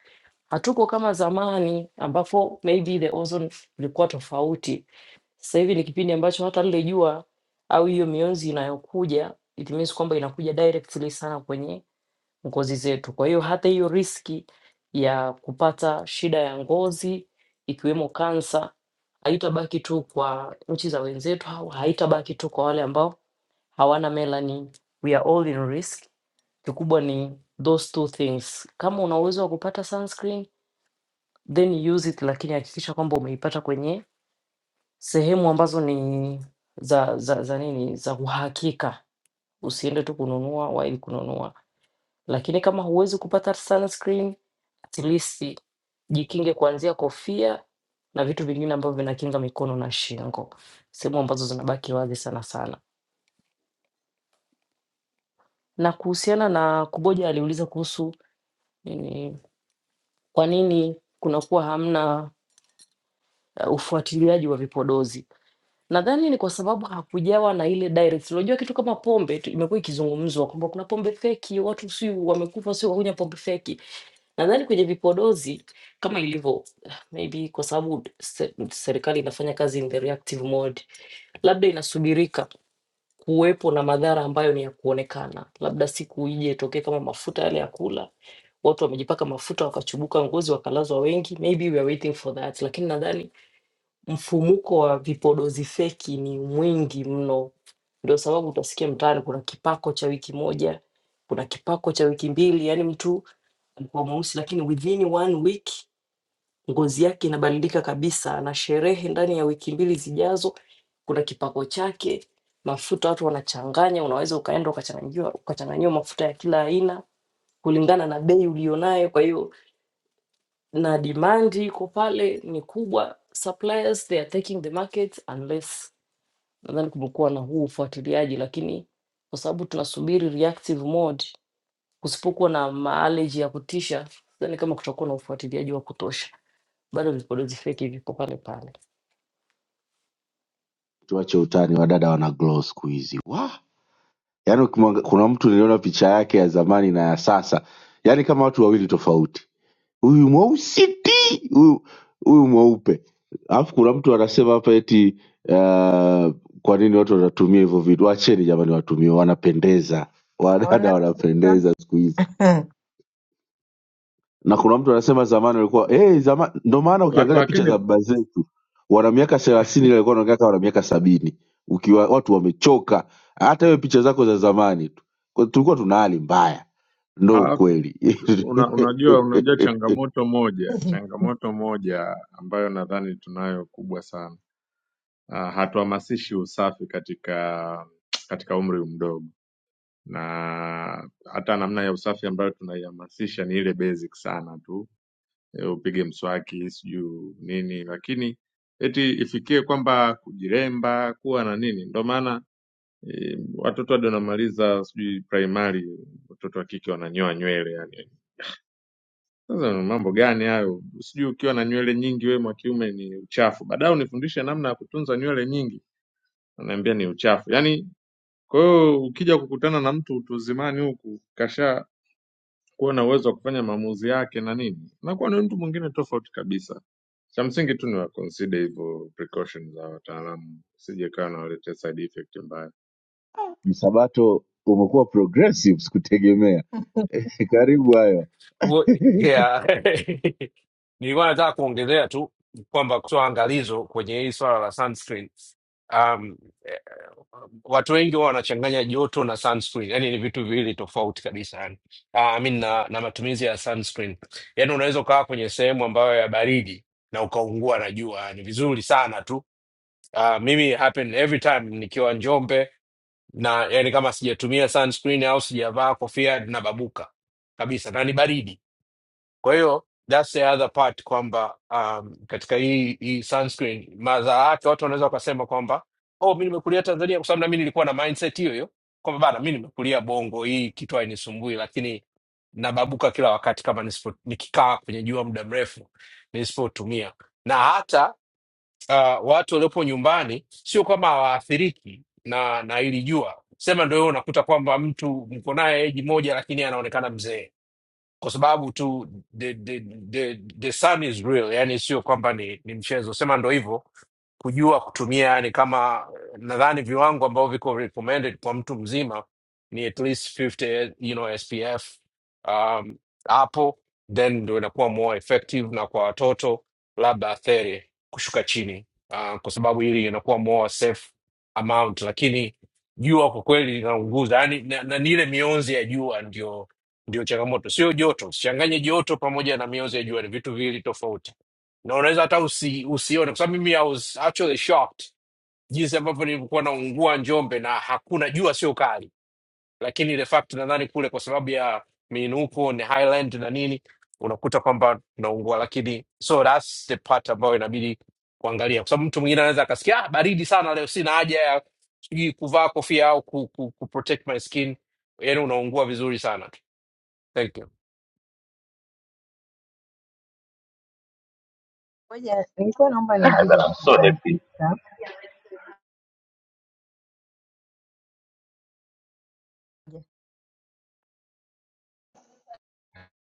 A: hatuko kama zamani ambapo maybe the ozone ilikuwa tofauti. Sasa hivi ni kipindi ambacho hata lile jua au hiyo mionzi inayokuja it means kwamba inakuja directly sana kwenye ngozi zetu. Kwa hiyo hata hiyo riski ya kupata shida ya ngozi ikiwemo kansa haitabaki tu kwa nchi za wenzetu au haitabaki tu kwa wale ambao hawana melanin. We are all in risk. Kikubwa ni those two things. Kama una uwezo wa kupata sunscreen, then use it, lakini hakikisha kwamba umeipata kwenye sehemu ambazo ni za za, za nini za uhakika. Usiende tu kununua while kununua lakini kama huwezi kupata sunscreen, at least jikinge kuanzia kofia na vitu vingine ambavyo vinakinga mikono na shingo, sehemu ambazo zinabaki wazi sana sana. Na kuhusiana na Kuboja aliuliza kuhusu nini, kwa nini kunakuwa hamna uh, ufuatiliaji wa vipodozi. Nadhani ni kwa sababu hakujawa na ile direct. Unajua kitu kama pombe tu imekuwa ikizungumzwa kwamba kuna pombe feki, watu si wamekufa, si wakunywa pombe feki. Nadhani kwenye vipodozi kama ilivyo maybe kwa sababu se- serikali inafanya kazi in the reactive mode, labda inasubirika kuwepo na madhara ambayo ni ya kuonekana, labda siku ije itokee kama mafuta yale ya kula, watu wamejipaka mafuta wakachubuka ngozi wakalazwa wengi, maybe we are waiting for that. Lakini nadhani mfumuko wa vipodozi feki ni mwingi mno, ndio sababu utasikia mtaani kuna kipako cha wiki moja, kuna kipako cha wiki mbili, yani mtu alikuwa mweusi, lakini within one week ngozi yake inabadilika kabisa. Na sherehe ndani ya wiki mbili zijazo, kuna kipako chake, mafuta watu wanachanganya, unaweza ukaenda ukachanganyiwa ukachanganyiwa mafuta ya kila aina kulingana na bei ulionayo. Kwa hiyo na demand iko pale ni kubwa, suppliers they are taking the market unless, nadhani kumekuwa na huu ufuatiliaji, lakini kwa sababu tunasubiri reactive mode Kusipokuwa na mileage ya kutisha, sidhani kama kutakuwa na ufuatiliaji wa kutosha. Bado vipodozi feki viko pale pale.
D: tuache utani wadada wana glow siku hizi Wah! yaani ukimwanga- kuna mtu niliona picha yake ya zamani na ya sasa yaani kama watu wawili tofauti huyu mweusi ti huyu huyu mweupe alafu kuna mtu anasema hapa eti uh, kwa nini watu wanatumia hivyo vitu wacheni jamani watumie wanapendeza wadada
F: Naona sana.
D: wanapendeza siku hizi na kuna mtu anasema zamani walikuwa hey, zama... ndo maana
G: La-
D: ukiangalia picha
G: Lakini
D: za baba zetu wana miaka thelathini walikuwa wanaongea kama wana miaka sabini ukiwa watu wamechoka hata hiyo picha zako za zamani tu Kwa- tulikuwa tuna hali mbaya ndo
G: alafu
D: ukweli
G: una, unajua unajua changamoto moja, changamoto moja ambayo nadhani tunayo kubwa sana uh, hatuhamasishi usafi katika katika umri mdogo, na hata namna ya usafi ambayo tunaihamasisha ni ile basic sana tu, e, upige mswaki sijui nini, lakini eti ifikie kwamba kujiremba kuwa na nini. Ndo maana e, watoto hadi wanamaliza sijui primary, watoto wa kike wananyoa nywele yani. Sasa ni mambo gani hayo? Sijui ukiwa na nywele nyingi wewe mwa kiume ni uchafu, baadaye unifundishe namna ya kutunza nywele nyingi, ananiambia ni uchafu yani Kwa hiyo ukija kukutana na mtu utu uzimani huku kasha kuwa na uwezo wa kufanya maamuzi yake na nini, nakuwa ni mtu mwingine tofauti kabisa. Cha msingi tu ni wa consider hivyo precaution za wataalamu, usije kawa nawaletea side effect mbaya.
D: msabato umekuwa progressive sikutegemea karibu hayo
I: Kuo- yeah. nilikuwa nataka kuongelea tu kwamba kutoa angalizo kwenye hii swala la sunscreen um, eh, watu wengi huwa wanachanganya joto na sunscreen yani ni vitu viwili tofauti kabisa yani. uh, I mean, na, na matumizi ya sunscreen yani unaweza ukawa kwenye sehemu ambayo ya baridi na ukaungua na jua ni vizuri sana tu uh, mimi happen every time nikiwa njombe na yani kama sijatumia sunscreen au sijavaa kofia nababuka kabisa na ni baridi kwa hiyo that's the other part kwamba um, katika hii hii sunscreen madhara yake watu wanaweza wakasema kwamba oh, mi nimekulia Tanzania kwa sababu nami nilikuwa na mindset hiyo hiyo kwamba bana, mi nimekulia Bongo, hii kitu hainisumbui, lakini nababuka kila wakati kama nisipo, nikikaa kwenye jua muda mrefu nisipotumia. Na hata uh, watu waliopo nyumbani sio kama hawaathiriki na na hili jua, sema ndio wewe unakuta kwamba mtu mko naye eji moja, lakini anaonekana mzee kwa sababu tu the, the, the, the sun is real yani sio kwamba ni, ni mchezo sema ndo hivyo kujua kutumia yani kama nadhani viwango ambavyo viko recommended kwa mtu mzima ni at least 50 you know, SPF um, hapo then ndo inakuwa more effective, na kwa watoto labda atheri kushuka chini uh, kwa sababu hili inakuwa more safe amount, lakini jua kwa kweli linaunguza yani, na, na ni ile mionzi ya jua ndio ndio changamoto, sio joto. Usichanganye joto pamoja na mionzi ya jua, ni vitu viwili tofauti na unaweza hata usi, usione kwa sababu mimi I was actually shocked jinsi ambavyo nilikuwa naungua Njombe na hakuna jua, sio kali, lakini ile fact nadhani kule kwa sababu ya miinuko ni highland na nini, unakuta kwamba tunaungua, lakini so that's the part ambayo inabidi kuangalia, kwa sababu mtu mwingine anaweza akasikia ah, baridi sana leo, sina haja ya sijui kuvaa kofia au ku, ku, ku protect my skin, yani unaungua vizuri sana. Thank you.
F: Ngoja, nilikuwa naomba nimjibu
B: God,
F: wa
B: I'm so happy.
F: Francisca.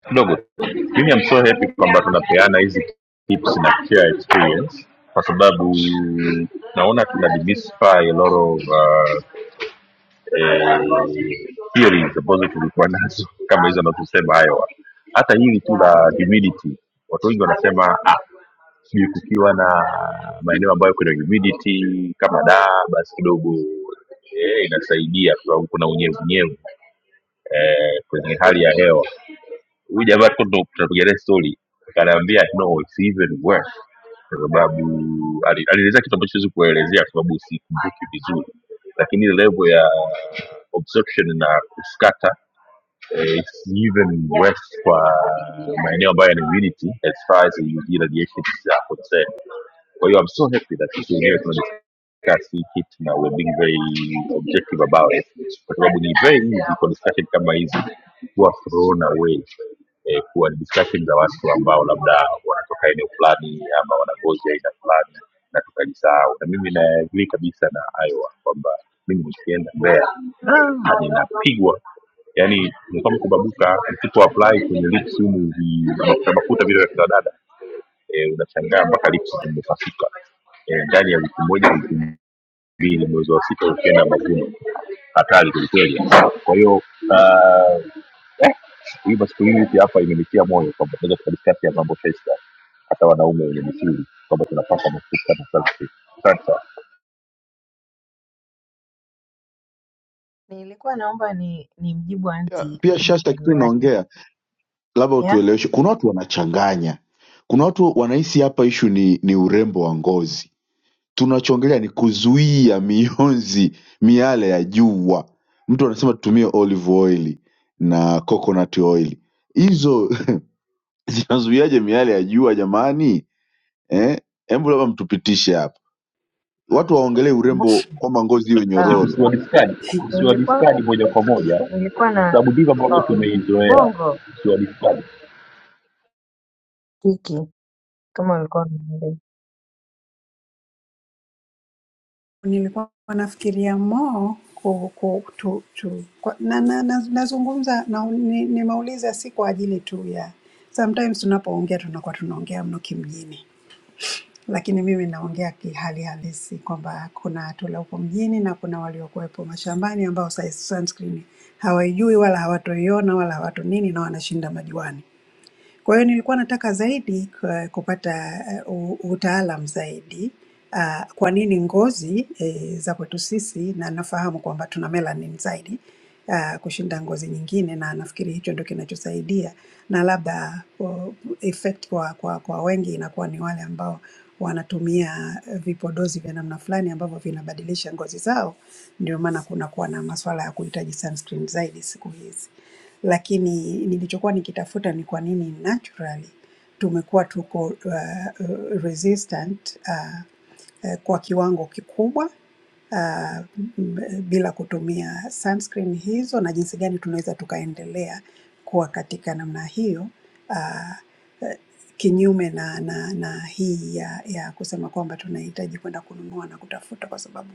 B: kidogo tu mimi am so happy kwamba tunapeana hizi tips na share experience kwa sababu naona tuna demystify a lot of uh, eh, theories ambazo tulikuwa nazo kama hizo anazosema hayo hata hili tu la humidity watu wengi wanasema ah, sijui kukiwa na maeneo ambayo kuna humidity kama daa basi kidogo eh, inasaidia kwa sababu kuna unyevunyevu eh, kwenye hali ya hewa huyu jamaa tuko ndo tunapigania stori akaniambia no it's even worse kwa sababu ali- alielezea kitu ambacho siwezi kuelezea kwa sababu sikumbuki vizuri lakini ile level ya obstruction na kuskata eh, it's even worse kwa maeneo ambayo yana immunity as far as the radiations are concerned kwa hiyo I'm so happy that sisi wenyewe tunadiscuss hii kitu na we're being very objective about it, kwa sababu ni very easy kwa discussion kama hizi kuwa thrown away eh, kuwa ni discussion za watu ambao labda wanatoka eneo fulani ama wana ngozi ya aina fulani na tukajisahau, na mimi naagrii kabisa na Iowa kwamba mimi nikienda Mbeya ah, ninapigwa yani ni kama kubabuka msipo apply kwenye lips humu vi- mafuta mafuta vile vya kina dada eh, unashangaa mpaka lips zimepasuka eh, ndani ya wiki moja wiki mbili mwezi wa sita ukienda mavuno hatari kwelikweli kwa hiyo ah, eh, hii masculinity hapa imenitia moyo kwamba tunaweza tukadiskasi ya mambo festa hata wanaume wenye misuli kwamba tunapaswa kusikana selfie sasa
F: Nilikuwa naomba ni nimjibu
D: pia,
F: anti
D: pia
F: hili
D: Shasta,
F: swali
D: kitu
F: lake.
D: unaongea labda
F: Yeah?
D: utueleweshe. Kuna watu wanachanganya, kuna watu wanahisi hapa ishu ni, ni urembo wa ngozi. Tunachoongelea ni kuzuia mionzi miale ya jua. Mtu anasema tutumie olive oil na coconut oil, hizo zinazuiaje miale ya jua jamani? Eh, hebu labda mtupitishe hapa, watu waongelee
F: Okay, kuboja.
D: urembo kwamba ngozi hiyo
B: si-
F: Um,
D: nyororo.
B: tusiwadiskadi
F: nilikuwa
B: tusiwadiskadi moja kwa moja kwa
F: nilikuwa na
B: sababu ndivyo
F: oh,
B: ambavyo
F: oh,
B: tumeizoea
F: mbongo
B: tusiwadiskadi
F: kiki kama ulikuwa unaelewa.
H: Nilikuwa nafikiria more ku, ku, tu, tu, kwa, na, nazungumza na, na, nazungumza na nimeuliza ni nimeuliza si kwa ajili tu ya sometimes tunapoongea tunakuwa tunaongea mno kimjini lakini mimi naongea kihali halisi kwamba kuna tula huko mjini na kuna waliokuwepo mashambani ambao sai- sunscreen hawaijui wala hawatoiona wala hawato nini na wanashinda majuani. Kwa hiyo nilikuwa nataka zaidi ku- kupata uh, utaalamu zaidi uh, kwa nini ngozi eh, za kwetu sisi, na nafahamu kwamba tuna melanin zaidi uh, kushinda ngozi nyingine, na nafikiri hicho ndio kinachosaidia, na labda uh, effect kwa, kwa, kwa wengi inakuwa ni wale ambao wanatumia eh, vipodozi vya namna fulani ambavyo vinabadilisha ngozi zao, ndio maana kunakuwa na masuala ya kuhitaji sunscreen zaidi siku hizi lakini nilichokuwa nikitafuta ni kwa nini naturally tumekuwa tuko uh, uh, resistant uh, eh, kwa kiwango kikubwa ah, m- bila kutumia sunscreen hizo na jinsi gani tunaweza tukaendelea kuwa katika namna hiyo ah, eh, kinyume na, na, na hii ya, ya kusema kwamba tunahitaji kwenda kununua na kutafuta, kwa sababu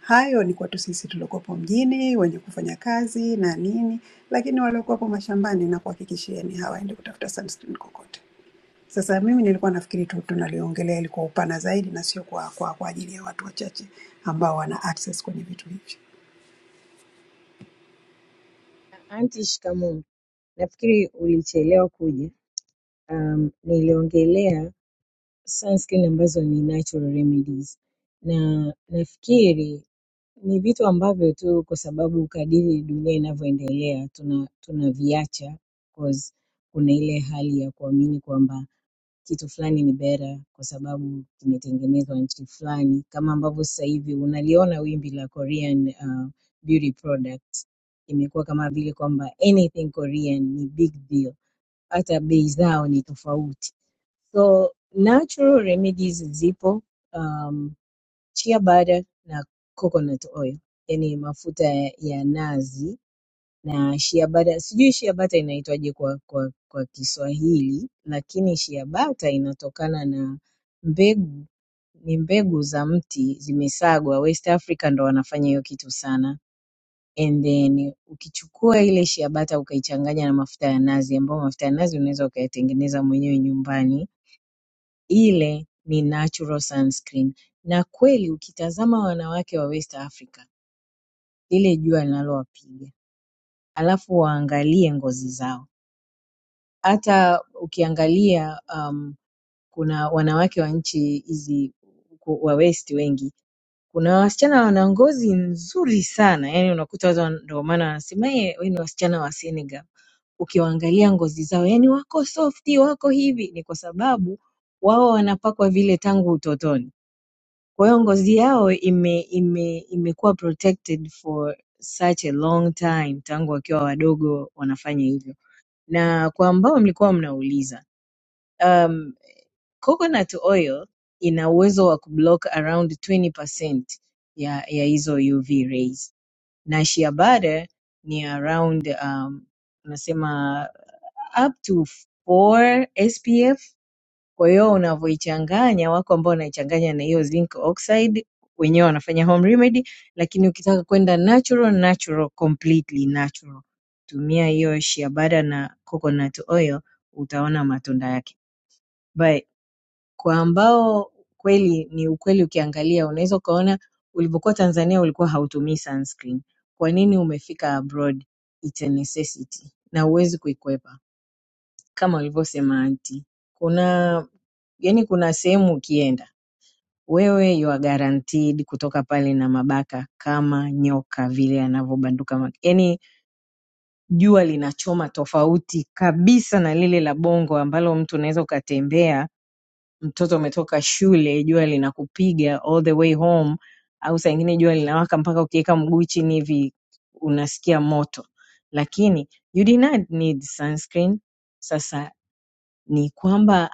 H: hayo ni kwetu sisi tuliokuwepo mjini wenye kufanya kazi na nini lakini waliokuwa hapo mashambani nakuhakikishieni hawaendi kutafuta sunscreen kokote. Sasa mimi nilikuwa nafikiri tu tunaliongelea ilikuwa upana zaidi na sio kwa, kwa, kwa ajili ya watu wachache ambao wana access kwenye vitu hivyo.
F: Anti, shikamoo. Nafikiri ulichelewa kuja. Um, niliongelea sunscreen ambazo ni natural remedies na nafikiri ni vitu ambavyo tu kwa sababu kadiri dunia inavyoendelea tuna tunaviacha cause kuna ile hali ya kuamini kwamba kitu fulani ni bora kwa sababu kimetengenezwa nchi fulani kama ambavyo sasa hivi unaliona wimbi la Korean uh, beauty products imekuwa kama vile kwamba anything Korean ni big deal hata bei zao ni tofauti So natural remedies zipo um, chia butter na coconut oil, yani mafuta ya, ya nazi na shea butter. Sijui shea butter inaitwaje kwa, kwa, kwa Kiswahili, lakini shea butter inatokana na mbegu, ni mbegu za mti zimesagwa. West Africa ndo wanafanya hiyo kitu sana. And then ukichukua ile shea butter ukaichanganya na mafuta ya nazi, ambayo mafuta ya nazi unaweza ukayatengeneza mwenyewe nyumbani ile ni natural sunscreen na kweli ukitazama wanawake wa West Africa lile jua linalowapiga alafu waangalie ngozi zao hata ukiangalia um, kuna wanawake wa nchi hizi ku- wa West wengi kuna wasichana wana ngozi nzuri sana yani unakuta watu wan- ndio maana wanasema "Eh, we ni wasichana wa Senegal ukiwaangalia ngozi zao yani wako softi wako hivi ni kwa sababu wao wanapakwa vile tangu utotoni Kwa hiyo ngozi yao ime, ime, imekuwa protected for such a long time, tangu wakiwa wadogo wanafanya hivyo. Na kwa ambao mlikuwa mnauliza, um, coconut oil ina uwezo wa kublock around 20% ya, ya hizo UV rays na shea butter ni around um, unasema up to 4 SPF kwa hiyo unavyoichanganya, wako ambao wanaichanganya na hiyo zinc oxide, wenyewe wanafanya home remedy, lakini ukitaka kwenda natural, natural, completely natural, tumia hiyo shea butter na coconut oil, utaona matunda yake. But kwa ambao kweli ni ukweli, ukiangalia unaweza ukaona ulivyokuwa Tanzania ulikuwa hautumii sunscreen. Kwa nini umefika abroad? It's a necessity na huwezi kuikwepa kama alivyosema anti, kuna yani, kuna sehemu ukienda wewe you are guaranteed kutoka pale na mabaka kama nyoka vile anavyobanduka. ma- Yani jua linachoma tofauti kabisa na lile la bongo ambalo mtu unaweza ukatembea, mtoto umetoka shule, jua linakupiga all the way home, au saa ingine jua linawaka mpaka ukiweka mguu chini hivi unasikia moto, lakini you did not need sunscreen. Sasa ni kwamba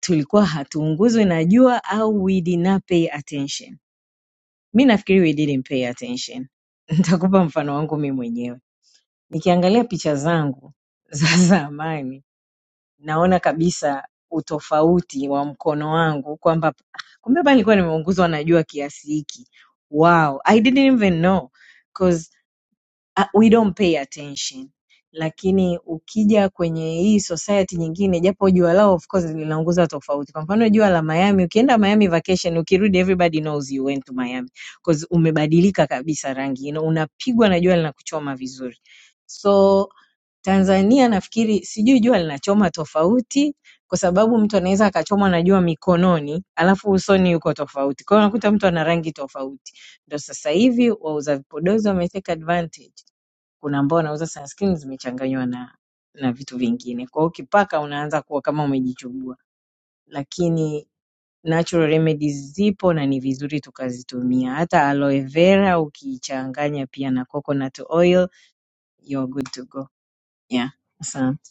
F: tulikuwa hatuunguzwi na jua au we did not pay attention. Mi nafikiri we didn't pay attention. Nitakupa mfano wangu mi mwenyewe. Nikiangalia picha zangu za zamani, naona kabisa utofauti wa mkono wangu kwamba "Ah, kumbe hapa nilikuwa nimeunguzwa na jua kiasi hiki. Wow, I didn't even know ah, we don't pay attention lakini ukija kwenye hii society nyingine japo jua lao of course linaongoza tofauti kwa mfano jua la miami ukienda miami vacation ukirudi everybody knows you went to miami because umebadilika kabisa rangi you know, unapigwa na jua linakuchoma vizuri so tanzania nafikiri sijui jua linachoma tofauti kwa sababu mtu anaweza akachomwa na jua mikononi alafu usoni yuko tofauti kwa hiyo unakuta mtu ana rangi tofauti ndo sasa hivi wauza vipodozi wameteka advantage kuna ambao wanauza sunscreen zimechanganywa na na vitu vingine. Kwa hiyo ukipaka unaanza kuwa kama umejichubua. Lakini natural remedies zipo na ni vizuri tukazitumia. Hata aloe vera ukiichanganya pia na coconut oil you're good to go. Yeah. Asante.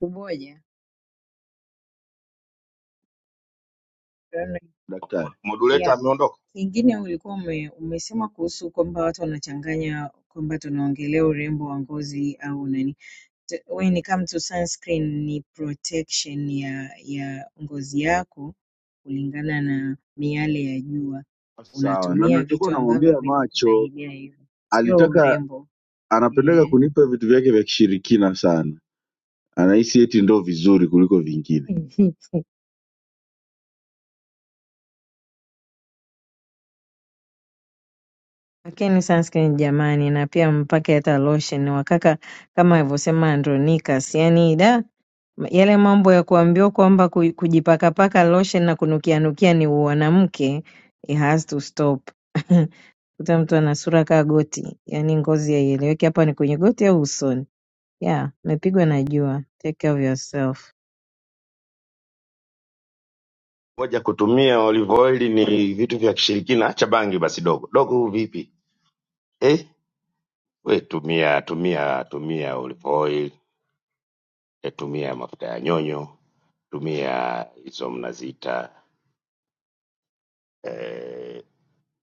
F: Kuboja. Rana,
D: Daktari.
F: Yeah.
J: moduleta ameondoka
F: Kingine ulikuwa ume, umesema kuhusu kwamba watu wanachanganya kwamba tunaongelea urembo wa ngozi au nani. when it comes to sunscreen ni protection ya ya ngozi yako kulingana na miale ya jua.
D: sawa na
F: Unatumia
D: nilichokuwa
F: vitu ambavyo
D: namwambia macho
F: vinakusaidia hivyo, sio
D: alitaka
F: urembo
D: anapendeka
F: eh.
D: kunipa vitu vyake vya kishirikina sana anahisi eti ndo vizuri kuliko vingine
F: Lakini sunscreen jamani, na pia mpake hata lotion wakaka, kama alivyosema Andronicus, yani da yale mambo ya kuambiwa kwamba ku- kujipakapaka lotion na kunukianukia ni uanamke, it has to stop. kuta mtu ana sura kaa goti, yaani ngozi haieleweki, hapa ni kwenye goti au usoni? Yeah, umepigwa na jua. Take care of yourself.
J: moja kutumia olive oil ni vitu vya kishirikina acha bangi basi dogo dogo vipi eh, we tumia tumia tumia olive oil eh, tumia mafuta ya nyonyo tumia hizo mnaziita eh,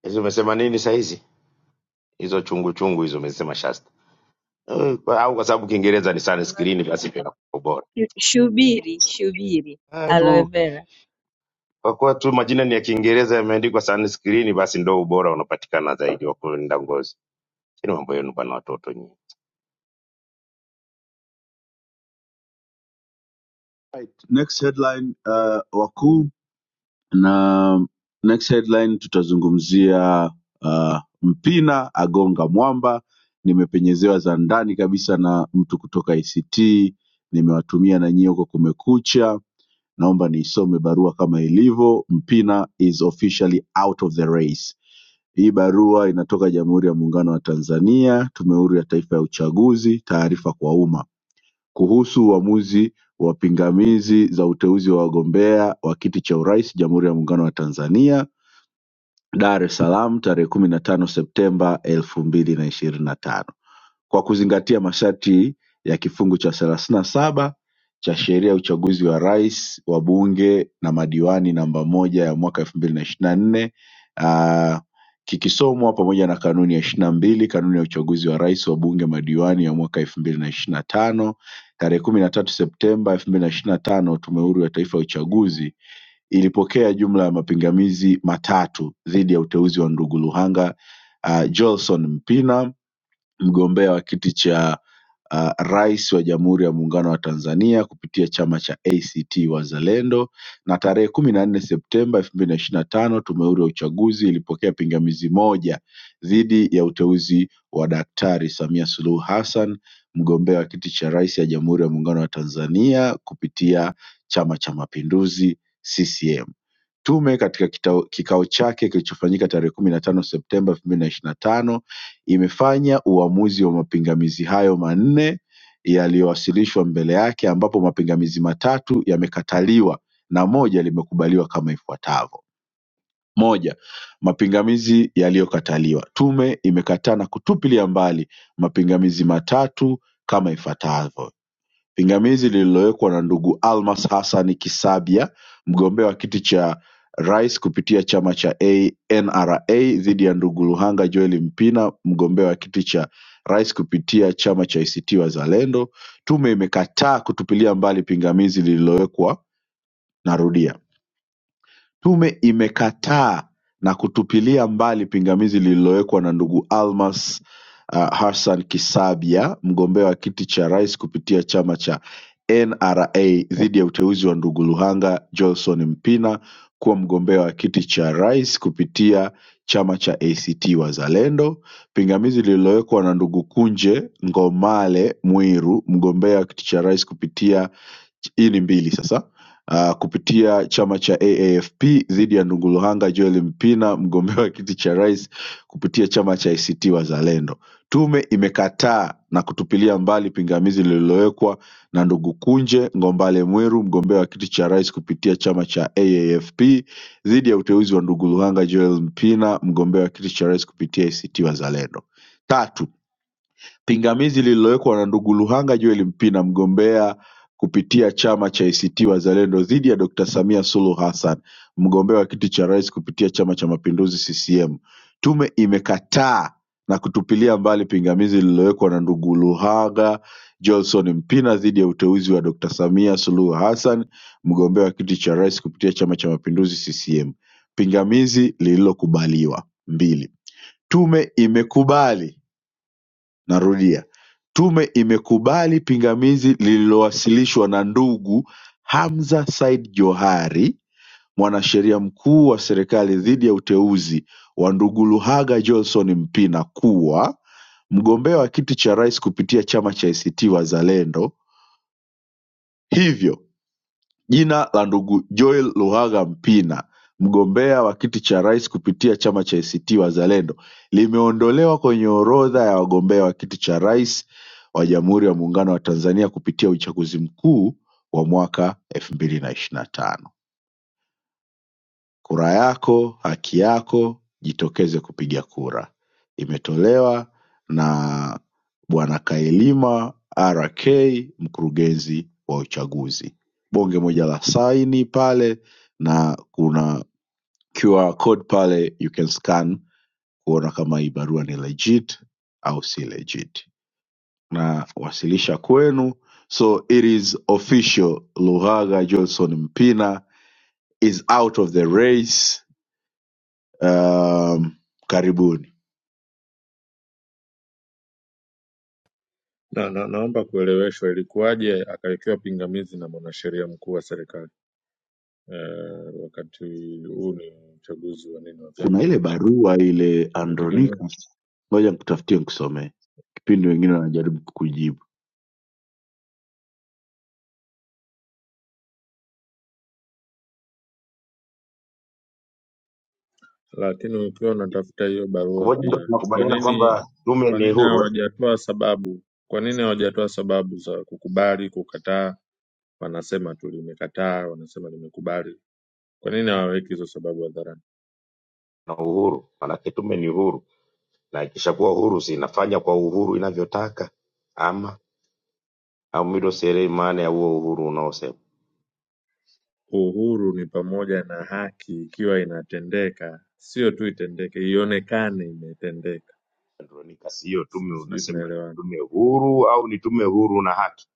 J: hizo umesema nini sahizi hizo chungu chungu hizo umesema shasta eh, kwa- au kwa sababu kiingereza ni
F: Aloe-
J: sunscreen basi ndio inakuwa ubora
F: Shubiri, shubiri.
J: eh,
F: Aloe
J: tu
F: vera.
J: kwa kuwa tu majina ni ya kiingereza yameandikwa sunscreen basi ndo ubora unapatikana zaidi wa kulinda ngozi chini mambo yenu bana watoto nyinyi.
D: right. next headline uh, wakuu na next headline tutazungumzia uh, mpina agonga mwamba nimepenyezewa za ndani kabisa na mtu kutoka ict nimewatumia na nyie huko kumekucha naomba niisome barua kama ilivyo mpina is officially out of the race Hii barua inatoka Jamhuri ya Muungano wa Tanzania Tume Huru ya Taifa ya Uchaguzi taarifa kwa umma kuhusu uamuzi wa pingamizi za uteuzi wa wagombea wa kiti cha urais Jamhuri ya Muungano wa Tanzania Dar es Salaam tarehe kumi na tano Septemba elfu mbili na ishirini na tano kwa kuzingatia masharti ya kifungu cha thelathini na saba cha Sheria ya Uchaguzi wa Rais, Wabunge na Madiwani namba moja ya mwaka elfu mbili na ishirini na nne ah, kikisomwa pamoja na kanuni ya ishirini na mbili kanuni ya uchaguzi wa rais, wabunge, madiwani ya mwaka elfu mbili na ishirini na tano tarehe kumi na tatu Septemba elfu mbili na ishirini na tano Tume Huru ya Taifa ya Uchaguzi ilipokea jumla ya mapingamizi matatu dhidi ya uteuzi wa ndugu Luhanga uh, Johnson Mpina mgombea wa kiti cha uh, rais wa Jamhuri ya Muungano wa Tanzania kupitia chama cha ACT Wazalendo, na tarehe kumi na nne Septemba elfu mbili na ishirini na tano Tume Huru ya Uchaguzi ilipokea pingamizi moja dhidi ya uteuzi wa Daktari Samia Suluhu Hassan mgombea wa kiti cha rais ya Jamhuri ya Muungano wa Tanzania kupitia Chama cha Mapinduzi CCM. Tume katika kitao- kikao chake kilichofanyika tarehe kumi na tano Septemba elfu mbili na ishirini na tano imefanya uamuzi wa mapingamizi hayo manne yaliyowasilishwa mbele yake ambapo mapingamizi matatu yamekataliwa na moja limekubaliwa kama ifuatavyo. Moja, mapingamizi yaliyokataliwa. Tume imekataa na kutupilia mbali mapingamizi matatu kama ifuatavyo. Pingamizi lililowekwa na ndugu Almas Hassan Kisabya mgombea wa kiti cha Rais kupitia chama cha NRA dhidi ya ndugu Luhanga Joel Mpina mgombea wa kiti cha Rais kupitia chama cha ACT Wazalendo Tume imekataa kutupilia mbali pingamizi lililowekwa narudia Tume imekataa na kutupilia mbali pingamizi lililowekwa na ndugu Almas uh, Hassan Kisabya mgombea wa kiti cha Rais kupitia chama cha NRA dhidi ya uteuzi wa ndugu Luhanga Johnson Mpina kuwa mgombea wa kiti cha Rais kupitia chama cha ACT Wazalendo, pingamizi lililowekwa na ndugu Kunje Ngomale Mwiru mgombea wa kiti cha Rais kupitia hii ni mbili sasa uh, kupitia chama cha AAFP dhidi ya Ndunguluhanga Joel Mpina, mgombea wa kiti cha rais kupitia chama cha ACT Wazalendo. Tume imekataa na kutupilia mbali pingamizi lililowekwa na ndugu Kunje Ngombale Mwiru, mgombea wa kiti cha rais kupitia chama cha AAFP dhidi ya uteuzi wa Ndunguluhanga Joel Mpina, mgombea wa kiti cha rais kupitia ACT Wazalendo. Tatu, Pingamizi lililowekwa na ndugu Luhanga Joel Mpina mgombea kupitia chama cha ACT Wazalendo dhidi ya Dkt Samia Suluhu Hassan mgombea wa kiti cha Rais kupitia Chama cha Mapinduzi CCM. Tume imekataa na kutupilia mbali pingamizi lililowekwa na ndugu Luhaga Joelson Mpina dhidi ya uteuzi wa Dkt Samia Suluhu Hassan mgombea wa kiti cha Rais kupitia Chama cha Mapinduzi CCM. Pingamizi lililokubaliwa. mbili. Tume imekubali Narudia Tume imekubali pingamizi lililowasilishwa na ndugu Hamza Said Johari Mwanasheria Mkuu wa Serikali dhidi ya uteuzi wa ndugu Luhaga Johnson Mpina kuwa mgombea wa kiti cha Rais kupitia Chama cha ACT Wazalendo hivyo Jina la ndugu Joel Luhaga Mpina mgombea wa kiti cha Rais kupitia chama cha ACT Wazalendo limeondolewa kwenye orodha ya wagombea wa kiti cha Rais wa Jamhuri ya Muungano wa Tanzania kupitia uchaguzi mkuu wa mwaka elfu mbili na ishirini na tano Kura yako haki yako jitokeze kupiga kura imetolewa na bwana Kailima RK mkurugenzi wa uchaguzi bonge moja la saini pale na kuna QR code pale you can scan kuona kama hii barua ni legit au si legit na wasilisha kwenu so it is official Luhaga Johnson Mpina is out of the race um, karibuni
G: Na, na, naomba kueleweshwa ilikuwaje akawekewa pingamizi na mwanasheria mkuu wa serikali eh, wakati huu ni uchaguzi wa nini wa vyama
D: kuna
G: na
D: ile
G: nini,
D: barua ile
G: sinategemea
D: andronicus ngoja nikutafutie nikusomee kipindi wengine wanajaribu kukujibu
G: lakini ukiwa unatafuta hiyo barua
J: Kumoja ndo
G: pia kwa
J: tunakubaliana
G: nini
J: kwamba tume
G: kwa
J: ni
G: nini
J: huru eh?
G: hawajatoa sababu kwa nini hawajatoa sababu za kukubali kukataa wanasema tu limekataa wanasema limekubali kwa nini hawaweki hizo sababu hadharani
J: na uhuru, manake tume ni huru, na ikishakuwa huru si inafanya kwa uhuru inavyotaka, ama au mimi ndo sielewi maana ya huo uhuru unaosema.
G: uhuru ni pamoja na haki ikiwa inatendeka sio tu itendeke ionekane imetendeka
J: Andronika, sio tume,
G: sijui
J: unasema ni
G: tunaelewana
J: tume huru au ni tume huru na haki?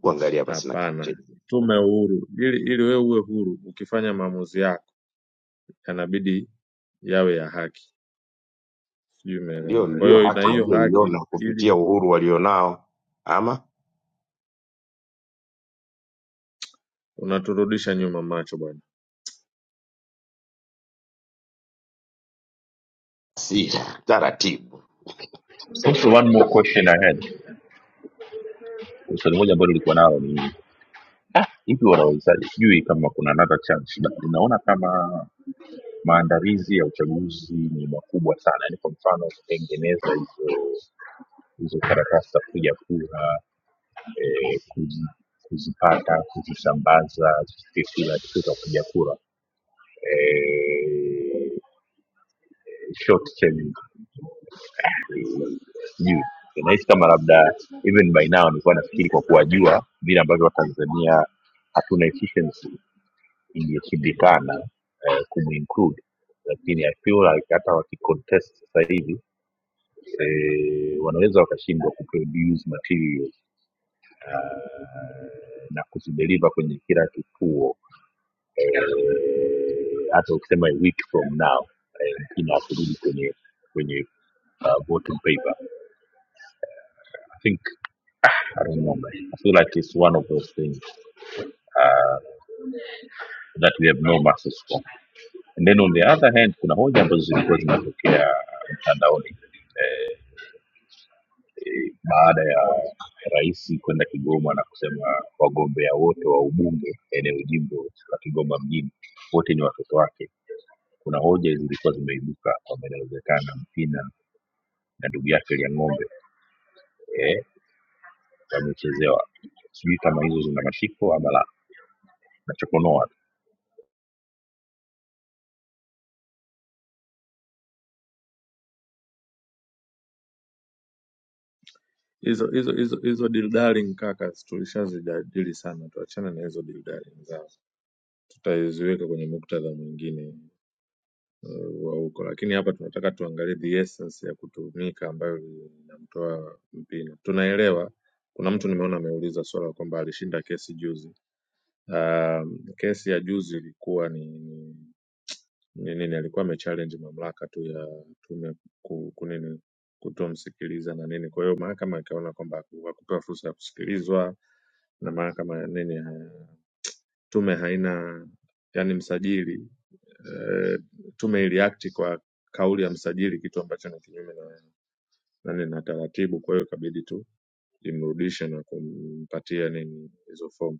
J: Kuangalia basi na kitu
G: hapana
J: chenye
G: tume uhuru ili ili wewe uwe huru ukifanya maamuzi yako yanabidi yawe ya haki sijui
J: ndio
G: umeelewa. Kwa
J: ndio
G: hiyo na
J: haki
G: hiyo haki
J: walioiona
G: ili
J: kupitia uhuru walionao, ama
G: unaturudisha nyuma macho bwana.
J: si taratibu.
B: also one more question i had swali moja ambalo nilikuwa nalo ni Ah, hivi wanaweza sijui kama kuna another chance but ninaona kama maandalizi ya uchaguzi ni makubwa sana yani kwa mfano kutengeneza hizo hizo karatasi za kupiga kura eh, kuzi, kuzipata kuzisambaza certificate za kitu za kupiga kura eh, short term sijui nahisi kama labda even by now nilikuwa nafikiri kwa kuwajua vile ambavyo watanzania hatuna efficiency imeshindikana eh, kumuinclude lakini I feel like hata wakicontest sasa hivi eh, wanaweza wakashindwa kuproduce materials eh, na kuzideliver kwenye kila kituo eh, hata ukisema a week from now eh, mkina akirudi kwenye kwenye uh, voting paper I think I don't know man. I feel like it's one of those things uh, that we have no masses for and then on the other hand kuna hoja ambazo zilikuwa zinatokea uh, mtandaoni eh, baada ya rais kwenda Kigoma na kusema wagombea wote wa ubunge eneo jimbo la Kigoma mjini wote ni watoto wake. Kuna hoja zilikuwa zimeibuka kwamba inawezekana Mpina na ndugu yake Liang'ombe eh, wamechezewa. Sijui kama hizo zina mashiko ama la, nachokonoa tu
G: Hizo hizo hizo hizo deal darling kaka, tulishazijadili sana, tuachane na hizo deal darling zao, tutaziweka kwenye muktadha mwingine eh, wa huko, lakini hapa tunataka tuangalie the essence ya kutumika ambayo inamtoa Mpina. Tunaelewa kuna mtu nimeona ameuliza swala kwamba alishinda kesi juzi. Um, kesi ya juzi ilikuwa ni ni nini alikuwa amechallenge mamlaka tu ya tume ku- kunini kutomsikiliza na nini kwa hiyo mahakama ikaona kwamba haku- hakupewa fursa ya kusikilizwa na mahakama nini ha- tume haina yani msajili eh, tume iliakti kwa kauli ya msajili kitu ambacho ni kinyume na nani na taratibu kwa hiyo ikabidi tu imrudishe na kumpatia nini hizo fomu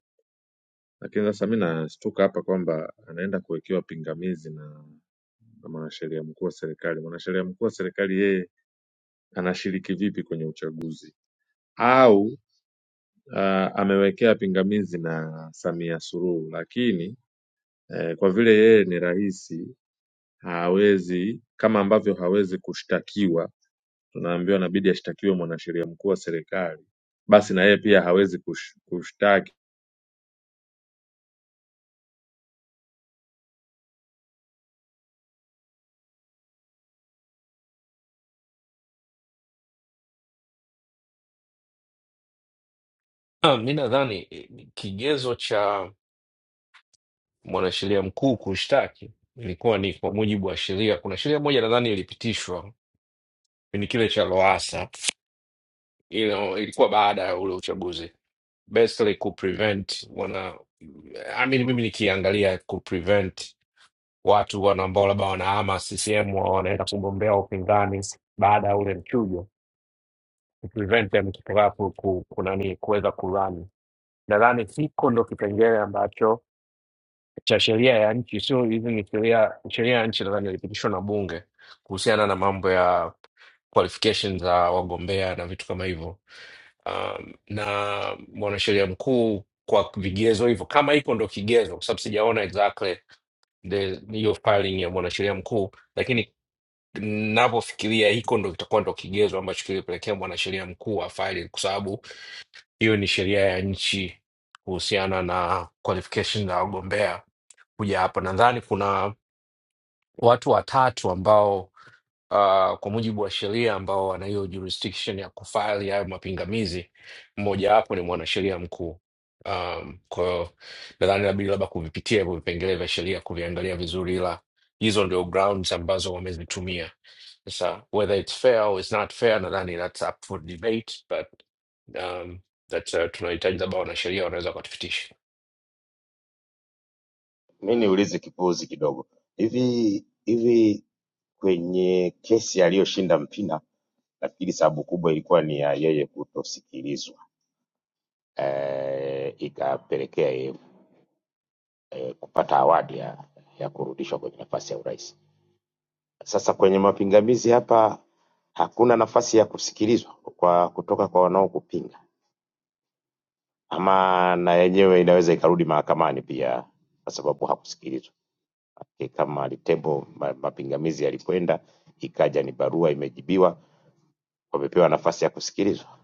G: lakini sasa mi nastuka hapa kwamba anaenda kuwekewa pingamizi na na mwanasheria mkuu wa serikali. Mwanasheria mkuu wa serikali yeye anashiriki vipi kwenye uchaguzi au ah, amewekea pingamizi na Samia Suluhu, lakini eh, kwa vile yeye ni rais hawezi, kama ambavyo hawezi kushtakiwa, tunaambiwa inabidi ashtakiwe mwanasheria mkuu wa serikali, basi na yeye pia hawezi kush, kushtaki.
I: Ah, mi nadhani eh, kigezo cha mwanasheria mkuu kushtaki ilikuwa ni kwa mujibu wa sheria. Kuna sheria moja nadhani ilipitishwa kipindi kile cha Loasa, you know, ilikuwa baada ya ule uchaguzi basically ku prevent wana I mean, mimi nikiangalia ku prevent watu wana ambao labda wanahama CCM wa- wanaenda kugombea upinzani baada ya ule mchujo ku prevent them kutoka ku, ku, ku nani kuweza kurani. Nadhani hiko ndo kipengele ambacho cha sheria ya nchi, sio hizi ni sheria sheria ya nchi, nadhani ilipitishwa na bunge kuhusiana na mambo ya qualification za wagombea na vitu kama hivyo. Um, na mwanasheria mkuu kwa vigezo hivyo, kama iko ndo kigezo, kwa sababu sijaona exactly the hiyo filing ya mwanasheria mkuu, lakini ninavyofikiria hiko ndo kitakuwa ndo kigezo ambacho kilipelekea mwanasheria mkuu wa faili, kwa sababu hiyo ni sheria ya nchi kuhusiana na qualification za wagombea kuja hapa. Nadhani kuna watu watatu ambao uh, kwa mujibu wa sheria ambao wana hiyo jurisdiction ya kufaili hayo mapingamizi, mmojawapo ni mwanasheria mkuu. Um, kwa hiyo nadhani labidi labda kuvipitia hivyo vipengele vya sheria kuviangalia vizuri, ila hizo ndio grounds ambazo wamezitumia. Sasa whether it's fair or it's not fair, nadhani that's up for debate but um, that uh, tunahitaji labda wanasheria wanaweza wakatupitisha.
J: Mi niulize kipuuzi kidogo hivi hivi, kwenye kesi aliyoshinda Mpina nafikiri sababu kubwa ilikuwa ni ya yeye kutosikilizwa eh, ikapelekea yeye eh, kupata awadi ya, ya kurudishwa kwenye nafasi ya urais. Sasa kwenye mapingamizi hapa hakuna nafasi ya kusikilizwa kwa kutoka kwa wanaokupinga, ama na yenyewe inaweza ikarudi mahakamani pia, kwa sababu hakusikilizwa. Ni Kama Litembo ma- mapingamizi yalikwenda, ikaja ni barua imejibiwa, wamepewa nafasi ya kusikilizwa.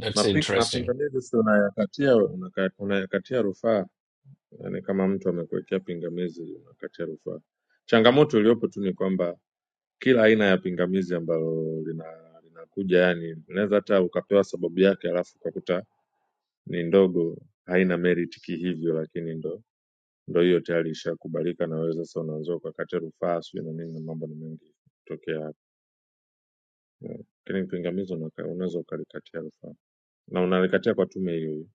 I: That's
G: Mapi-
I: interesting.
G: Mapingamizi si unayakatia unaka- unayakatia rufaa Yaani kama mtu amekuwekea pingamizi unakatia rufaa. Changamoto iliyopo tu ni kwamba kila aina ya pingamizi ambalo lina linakuja yani unaweza hata ukapewa sababu yake alafu ukakuta ni ndogo haina merit kihivyo, lakini ndo ndo hiyo tayari ishakubalika na wewe sasa unaanza ukakata rufaa sio na nini na mambo ni mengi kutokea hapo. Yeah. Lakini pingamizi unaka- unaweza ukalikatia rufaa na unalikatia kwa tume hiyo hiyo.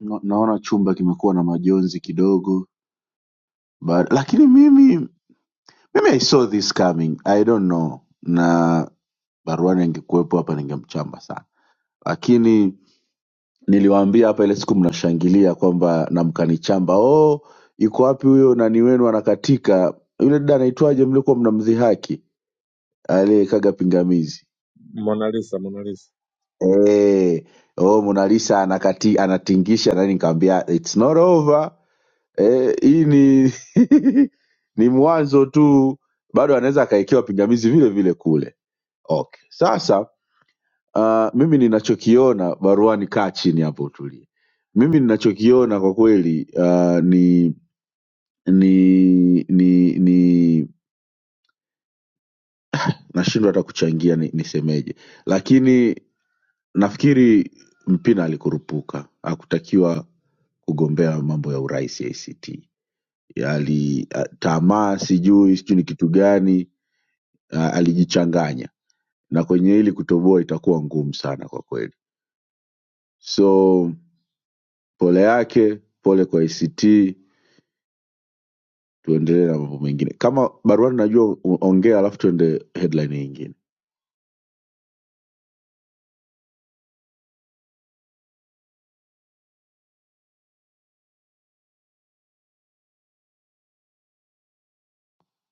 D: Na- naona chumba kimekuwa na majonzi kidogo ba- lakini mimi mimi i saw this coming i don't know na baruani angekuwepo hapa ningemchamba sana lakini niliwaambia hapa ile siku mnashangilia kwamba na mkanichamba oh yuko wapi huyo nani wenu anakatika yule dada anaitwaje mliokuwa mnamdhihaki aliyekaga pingamizi
G: Mona Lisa, Mona Lisa.
D: Eh, oh, Mona Lisa anakati, anatingisha nani, nikamwambia it's not over. Eh, hii ni ni mwanzo tu, bado anaweza akaekewa pingamizi vile vile kule. Okay, sasa uh, mimi ninachokiona baruani, kaa chini hapo utulie. Mimi ninachokiona kwa kweli uh, ni ni ni ni nashindwa hata kuchangia ni, nisemeje lakini nafikiri mpina alikurupuka hakutakiwa kugombea mambo ya urais act ali a- C T. Ali tamaa sijui sijui ni kitu gani a- alijichanganya na kwenye hili kutoboa itakuwa ngumu sana kwa kweli so pole yake pole kwa act tuendelee na mambo mengine kama baruani najua u- ongea alafu tuende headline nyingine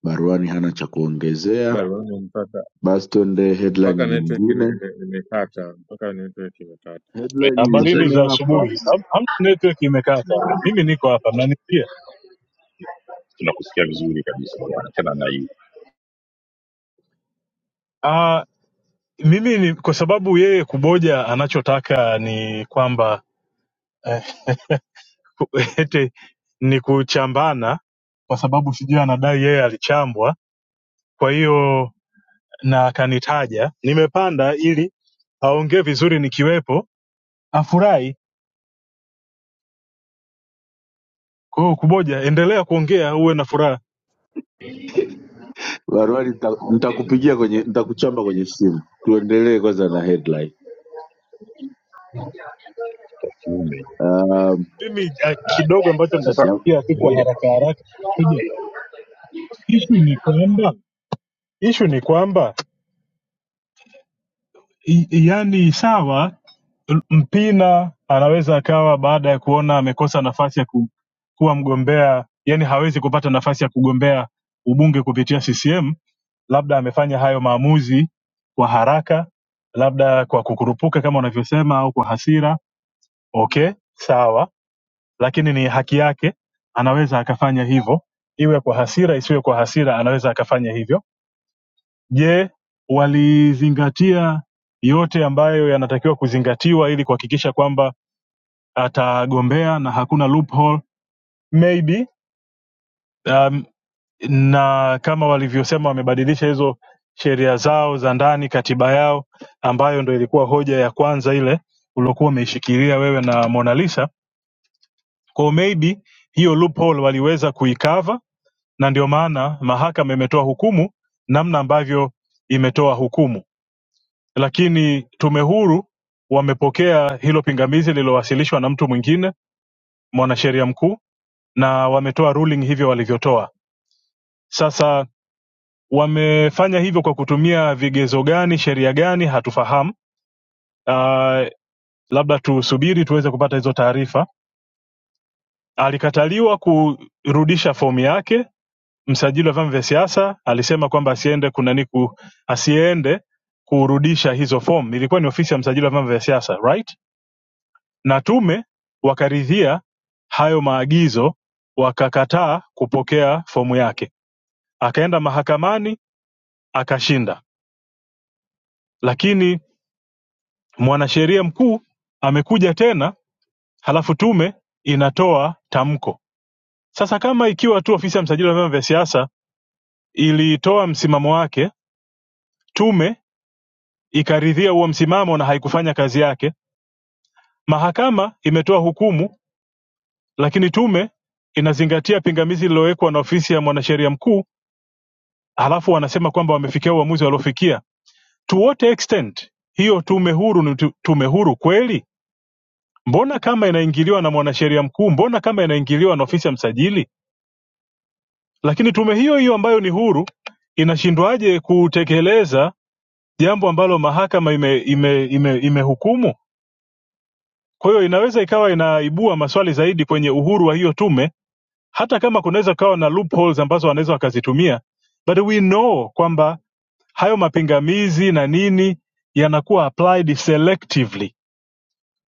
D: baruani hana cha kuongezea
G: Bali wewe
D: Baston de headline
G: mpaka network ime-
D: nyingine,
G: ime- imekata, mpaka network imekata.
B: Eh,
D: headline
B: kabisa.
K: Habarini za
D: nyingine
K: asubuhi.
D: hapa
K: Ham- Hamna network imekata. Mimi niko hapa, mnanisikia?
B: Tunakusikia vizuri kabisa bwana, tena na hii
K: Ah, mimi ni kwa sababu yeye kuboja anachotaka ni kwamba eh, ete ni kuchambana, kwa sababu sijui anadai yeye alichambwa, kwa hiyo na akanitaja, nimepanda ili aongee vizuri nikiwepo, afurahi. Kwa hiyo kuboja, endelea kuongea, uwe na furaha.
D: Barwani, nita- nitakupigia kwenye, nitakuchamba kwenye simu. Tuendelee kwanza na headline.
B: ya kiume
D: Um,
K: Mimi eh, kidogo ambacho
B: sasa.
D: yeah,
K: nitasikia kiko
B: Ngoja,
K: haraka haraka. Kuboja, issue ni kwamba Issue ni kwamba i- yani, sawa, l- Mpina anaweza akawa baada ya kuona amekosa nafasi ya ku, kuwa mgombea, yani hawezi kupata nafasi ya kugombea ubunge kupitia CCM, labda amefanya hayo maamuzi kwa haraka, labda kwa kukurupuka kama unavyosema, au kwa hasira. Okay, sawa, lakini ni haki yake, anaweza akafanya hivyo, iwe kwa hasira, isiwe kwa hasira, anaweza akafanya hivyo Je, walizingatia yote ambayo yanatakiwa kuzingatiwa ili kuhakikisha kwamba atagombea na hakuna loophole? Maybe um, na kama walivyosema wamebadilisha hizo sheria zao za ndani, katiba yao ambayo ndo ilikuwa hoja ya kwanza ile uliokuwa umeishikilia wewe na Mona Lisa. Kwa hiyo maybe hiyo loophole waliweza kuikava, na ndio maana mahakama imetoa hukumu namna ambavyo imetoa hukumu Lakini Tume Huru wamepokea hilo pingamizi lililowasilishwa na mtu mwingine, mwanasheria mkuu, na wametoa ruling hivyo walivyotoa. Sasa wamefanya hivyo kwa kutumia vigezo gani, sheria gani, hatufahamu. Uh, labda tusubiri tuweze kupata hizo taarifa. Alikataliwa kurudisha fomu yake. Msajili wa vyama vya siasa alisema kwamba asiende kunani ku, asiende kurudisha hizo fomu. Ilikuwa ni ofisi ya msajili wa vyama vya siasa, right? na Tume wakaridhia hayo maagizo wakakataa kupokea fomu yake. Akaenda mahakamani akashinda, lakini mwanasheria mkuu amekuja tena, halafu tume inatoa tamko. Sasa kama ikiwa tu ofisi ya msajili wa vyama vya siasa ilitoa msimamo wake, tume ikaridhia huo msimamo na haikufanya kazi yake, mahakama imetoa hukumu, lakini tume inazingatia pingamizi lililowekwa na ofisi ya mwanasheria mkuu halafu wanasema kwamba wamefikia uamuzi waliofikia to what extent hiyo tume huru ni tu- tume huru kweli mbona kama inaingiliwa na mwanasheria mkuu mbona kama inaingiliwa na ofisi ya msajili lakini tume hiyo hiyo ambayo ni huru inashindwaje kutekeleza jambo ambalo mahakama imehukumu ime, ime, ime imehukumu? kwa hiyo inaweza ikawa inaibua maswali zaidi kwenye uhuru wa hiyo tume hata kama kunaweza kukawa na loopholes ambazo wanaweza wakazitumia but we know kwamba hayo mapingamizi na nini yanakuwa applied selectively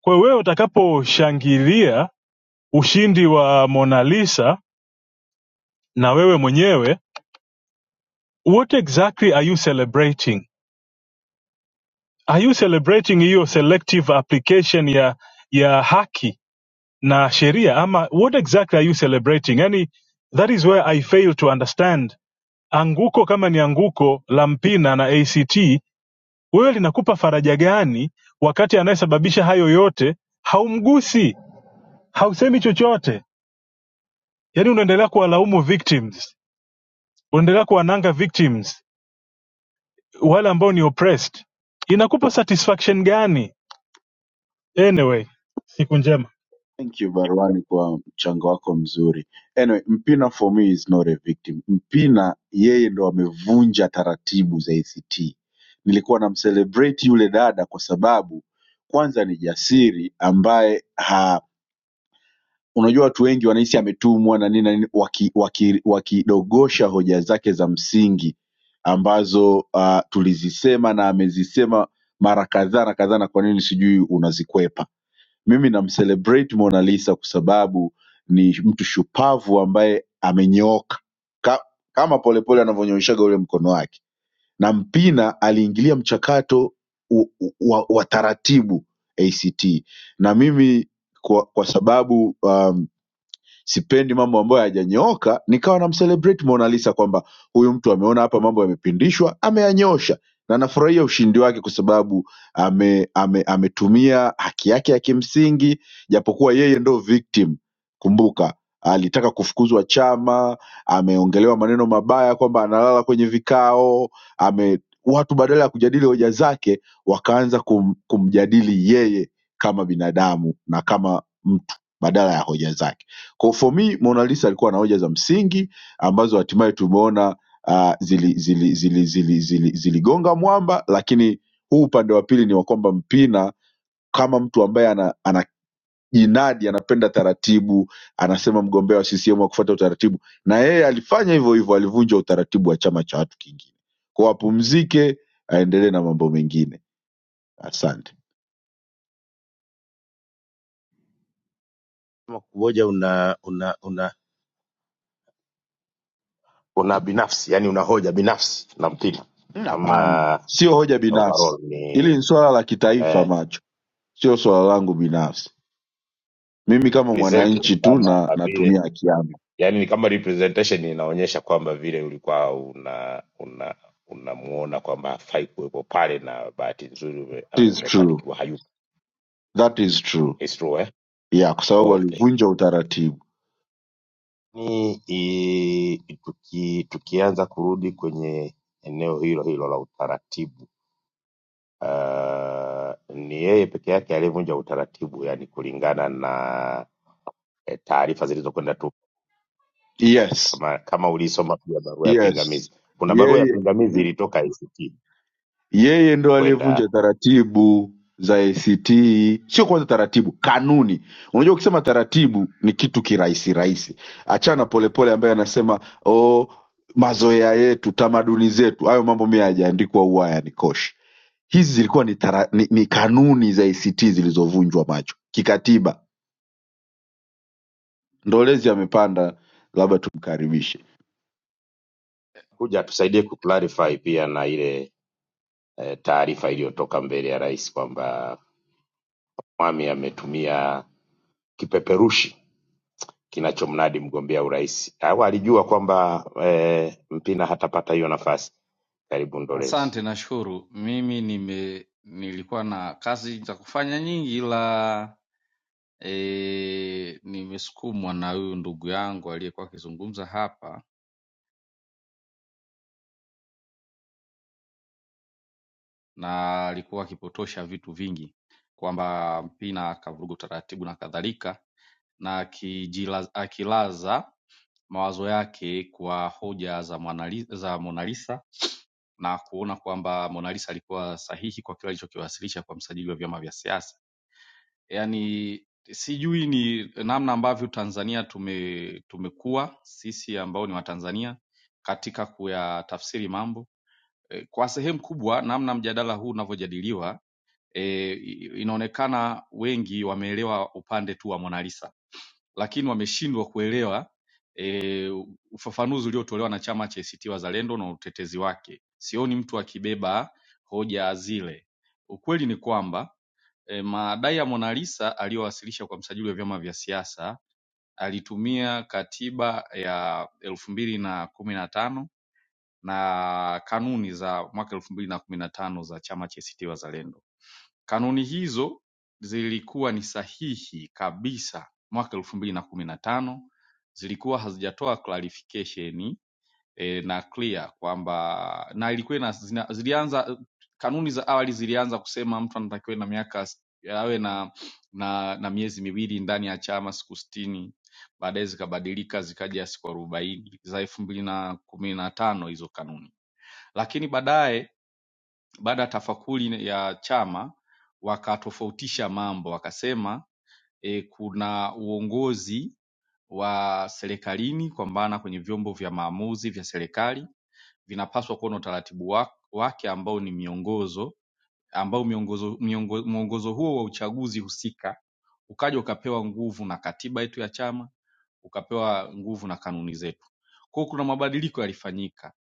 K: kwa hiyo wewe utakaposhangilia ushindi wa mona lisa na wewe mwenyewe what exactly are you celebrating are you celebrating hiyo selective application ya ya haki na sheria ama what exactly are you celebrating yani that is where i fail to understand anguko kama ni anguko la mpina na act wewe linakupa faraja gani wakati anayesababisha hayo yote haumgusi hausemi chochote yaani unaendelea kuwalaumu victims unaendelea kuwananga victims wale ambao ni oppressed inakupa satisfaction gani anyway siku njema
D: thank you Barwani kwa mchango wako mzuri. Anyway, Mpina for me is not a victim. Mpina yeye ndo amevunja taratibu za ACT. Nilikuwa namcelebrate yule dada kwa sababu kwanza ni jasiri ambaye unajua watu wengi wanahisi ametumwa na nini na nini wakidogosha waki, waki wakidogosha hoja zake za msingi ambazo uh, tulizisema na amezisema mara kadhaa na kadhaa na kwa nini sijui unazikwepa mimi namcelebrate Mona Lisa kwa sababu ni mtu shupavu ambaye amenyooka Ka, kama polepole anavyonyooshaga ule mkono wake na mpina aliingilia mchakato u- u- wa, wa taratibu act na mimi kwa, kwa sababu um, sipendi mambo ambayo hayajanyooka nikawa namcelebrate Mona Lisa kwamba huyu mtu ameona hapa mambo yamepindishwa ameyanyosha na nafurahia ushindi wake kwa sababu ame, ame, ametumia haki yake ya kimsingi japokuwa yeye ndo victim kumbuka alitaka kufukuzwa chama ameongelewa maneno mabaya kwamba analala kwenye vikao ame watu badala ya kujadili hoja zake wakaanza kum, kumjadili yeye kama binadamu na kama mtu badala ya hoja zake kwa for me Mona Lisa alikuwa na hoja za msingi ambazo hatimaye tumeona uh, zili zili zili zili zili ziligonga zili mwamba, lakini huu upande wa pili ni wa kwamba Mpina kama mtu ambaye ana, ana jinadi anapenda taratibu, anasema mgombea wa CCM hakufuata utaratibu, na yeye alifanya hivyo hivyo, alivunja utaratibu wa chama cha watu kingine. Kwa apumzike, aendelee na mambo mengine. Asante.
J: Kama kuboja una, una, una una binafsi yani una hoja binafsi na mpira
D: Mm, Hapana,
J: ama
D: sio hoja binafsi,
J: overall ni
D: hili ni swala la kitaifa,
J: eh,
D: macho sio swala langu binafsi. mimi kama
J: present ni
D: mwananchi tu
J: kama
D: na
J: vile
D: natumia haki yangu
J: yani ni kama representation inaonyesha kwamba vile ulikuwa una una unamuona kwamba hafai kuwepo pale na bahati nzuri ume,
D: that
J: ame-
D: is true
J: umefanikiwa hayupo
D: that is true
J: It's true, eh?
D: yeah kwa sababu
J: oh, thank you.
D: walivunja utaratibu
J: Ni, i, tuki, tukianza kurudi kwenye eneo hilo hilo la utaratibu uh, ni yeye peke yake aliyevunja utaratibu, yani kulingana na eh, taarifa zilizokwenda tu,
D: yes
J: kama kama ulisoma pia barua ya
D: yes
J: pingamizi. Kuna barua ya
D: yeye
J: pingamizi ilitoka ICT
D: Yeye ndo
J: kwenda
D: aliyevunja taratibu za ACT, sio kwanza taratibu, kanuni. Unajua, ukisema taratibu ni kitu kirahisi rahisi, achana polepole ambaye anasema oh, mazoea yetu, tamaduni zetu, hayo mambo mi hayajaandikwa huwa hayanikoshi. Hizi zilikuwa ni, tara, ni, ni kanuni za ACT zilizovunjwa macho kikatiba. Ndolezi amepanda, labda tumkaribishe.
J: kuja atusaidie kuclarify pia na ile eh, taarifa iliyotoka mbele ya rais kwamba Mwami ametumia kipeperushi kinachomnadi mgombea urais au alijua kwamba eh, Mpina hatapata hiyo nafasi. Karibu Ndolezi.
L: Asante, nashukuru. Mimi nime nilikuwa na kazi za kufanya nyingi, ila e, nimesukumwa na huyu ndugu yangu aliyekuwa akizungumza hapa, na alikuwa akipotosha vitu vingi kwamba Mpina akavuruga utaratibu na kadhalika, na akijila- akilaza mawazo yake kwa hoja za Mona Li- za Mona Lisa na kuona kwamba Mona Lisa alikuwa sahihi kwa kile alichokiwasilisha kwa msajili wa vyama vya siasa yani sijui ni namna ambavyo tanzania tume tumekuwa sisi ambao ni watanzania katika kuyatafsiri mambo e, kwa sehemu kubwa namna mjadala huu unavyojadiliwa e, inaonekana wengi wameelewa upande tu wa monalisa lakini wameshindwa kuelewa e, ufafanuzi uliotolewa na chama cha ACT Wazalendo na utetezi wake sioni mtu akibeba hoja zile ukweli ni kwamba E, madai ya Mona Lisa aliyowasilisha kwa msajili wa vyama vya siasa alitumia katiba ya elfu mbili na kumi na tano na kanuni za mwaka elfu mbili na kumi na tano za chama cha ACT Wazalendo. Kanuni hizo zilikuwa ni sahihi kabisa mwaka elfu mbili na kumi na tano, zilikuwa hazijatoa clarification e, na clear kwamba na ilikuwa ina, zina, zilianza kanuni za awali zilianza kusema mtu anatakiwa na miaka s- awe na, na na miezi miwili ndani ya chama siku sitini baadaye zikabadilika zikaja siku arobaini za elfu mbili na kumi na tano hizo kanuni lakini baadaye baada ya tafakuri ya chama wakatofautisha mambo wakasema e, kuna uongozi wa serikalini kwa maana kwenye vyombo vya maamuzi vya serikali vinapaswa kuwa na utaratibu wa- wake ambao ni miongozo ambao miongozo, miongo, mwongozo huo wa uchaguzi husika ukaja ukapewa nguvu na katiba yetu ya chama ukapewa nguvu na kanuni zetu. Kwa hiyo kuna mabadiliko yalifanyika.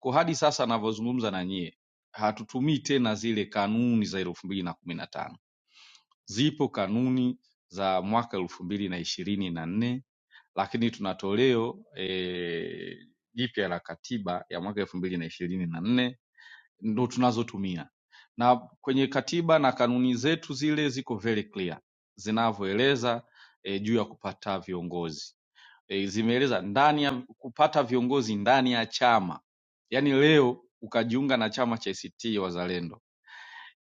L: Kwa hadi sasa navyozungumza na nyie, hatutumii tena zile kanuni za elfu mbili na kumi na tano. Zipo kanuni za mwaka elfu mbili na ishirini na nne lakini tuna toleo eh, jipya la katiba ya mwaka elfu mbili na ishirini na nne ndo tunazotumia na kwenye katiba na kanuni zetu zile ziko very clear zinavyoeleza e, juu ya kupata viongozi e, zimeeleza ndani ya kupata viongozi ndani ya chama yaani leo ukajiunga na chama cha ACT Wazalendo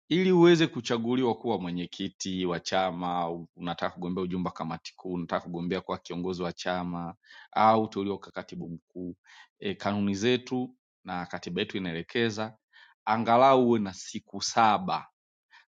L: ili uweze kuchaguliwa kuwa mwenyekiti wa chama, u- unataka kugombea ujumbe wa kamati kuu, unataka kugombea kuwa kiongozi wa chama au uteuliwa kuwa katibu mkuu. E, kanuni zetu na katiba yetu inaelekeza angalau uwe na siku saba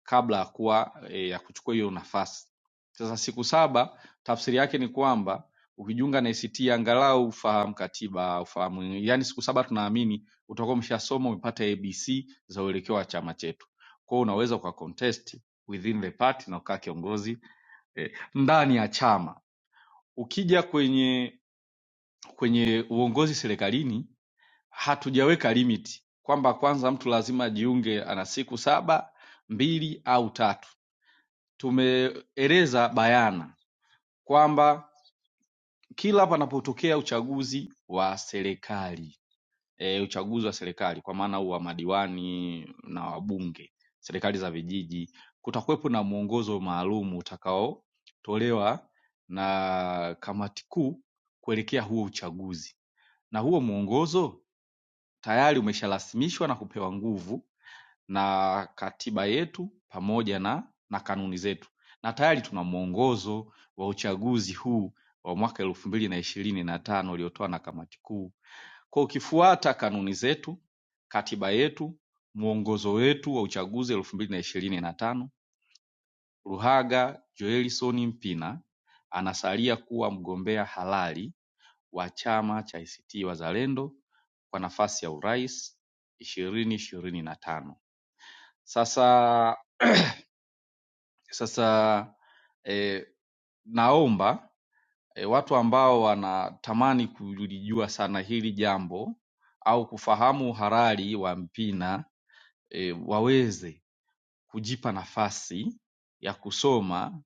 L: kabla ya kuwa e, ya kuchukua hiyo nafasi. Sasa siku saba tafsiri yake ni kwamba ukijiunga na ACT angalau ufahamu katiba, ufahamu yani, siku saba tunaamini utakuwa umeshasoma umepata ABC za uelekeo wa chama chetu. Kwa hiyo unaweza uka contest within the party na ukaa kiongozi eh, ndani ya chama. Ukija kwenye kwenye uongozi serikalini hatujaweka limit kwamba kwanza mtu lazima ajiunge ana siku saba mbili au tatu tumeeleza bayana kwamba kila panapotokea uchaguzi wa serikali e, uchaguzi wa serikali kwa maana wa madiwani na wabunge serikali za vijiji kutakuwepo na mwongozo maalum utakaotolewa na kamati kuu kuelekea huo uchaguzi na huo mwongozo tayari umesharasimishwa na kupewa nguvu na katiba yetu pamoja na, na kanuni zetu na tayari tuna mwongozo wa uchaguzi huu wa mwaka elfu mbili na ishirini na tano uliotoa na kamati kuu. Kwa ukifuata kanuni zetu, katiba yetu, mwongozo wetu wa uchaguzi elfu mbili na ishirini na tano, Luhaga Joelson Mpina anasalia kuwa mgombea halali wa chama cha ACT Wazalendo kwa nafasi ya urais ishirini ishirini na tano. Sasa Sasa e, naomba e, watu ambao wanatamani kulijua sana hili jambo au kufahamu uhalali wa Mpina e, waweze kujipa nafasi ya kusoma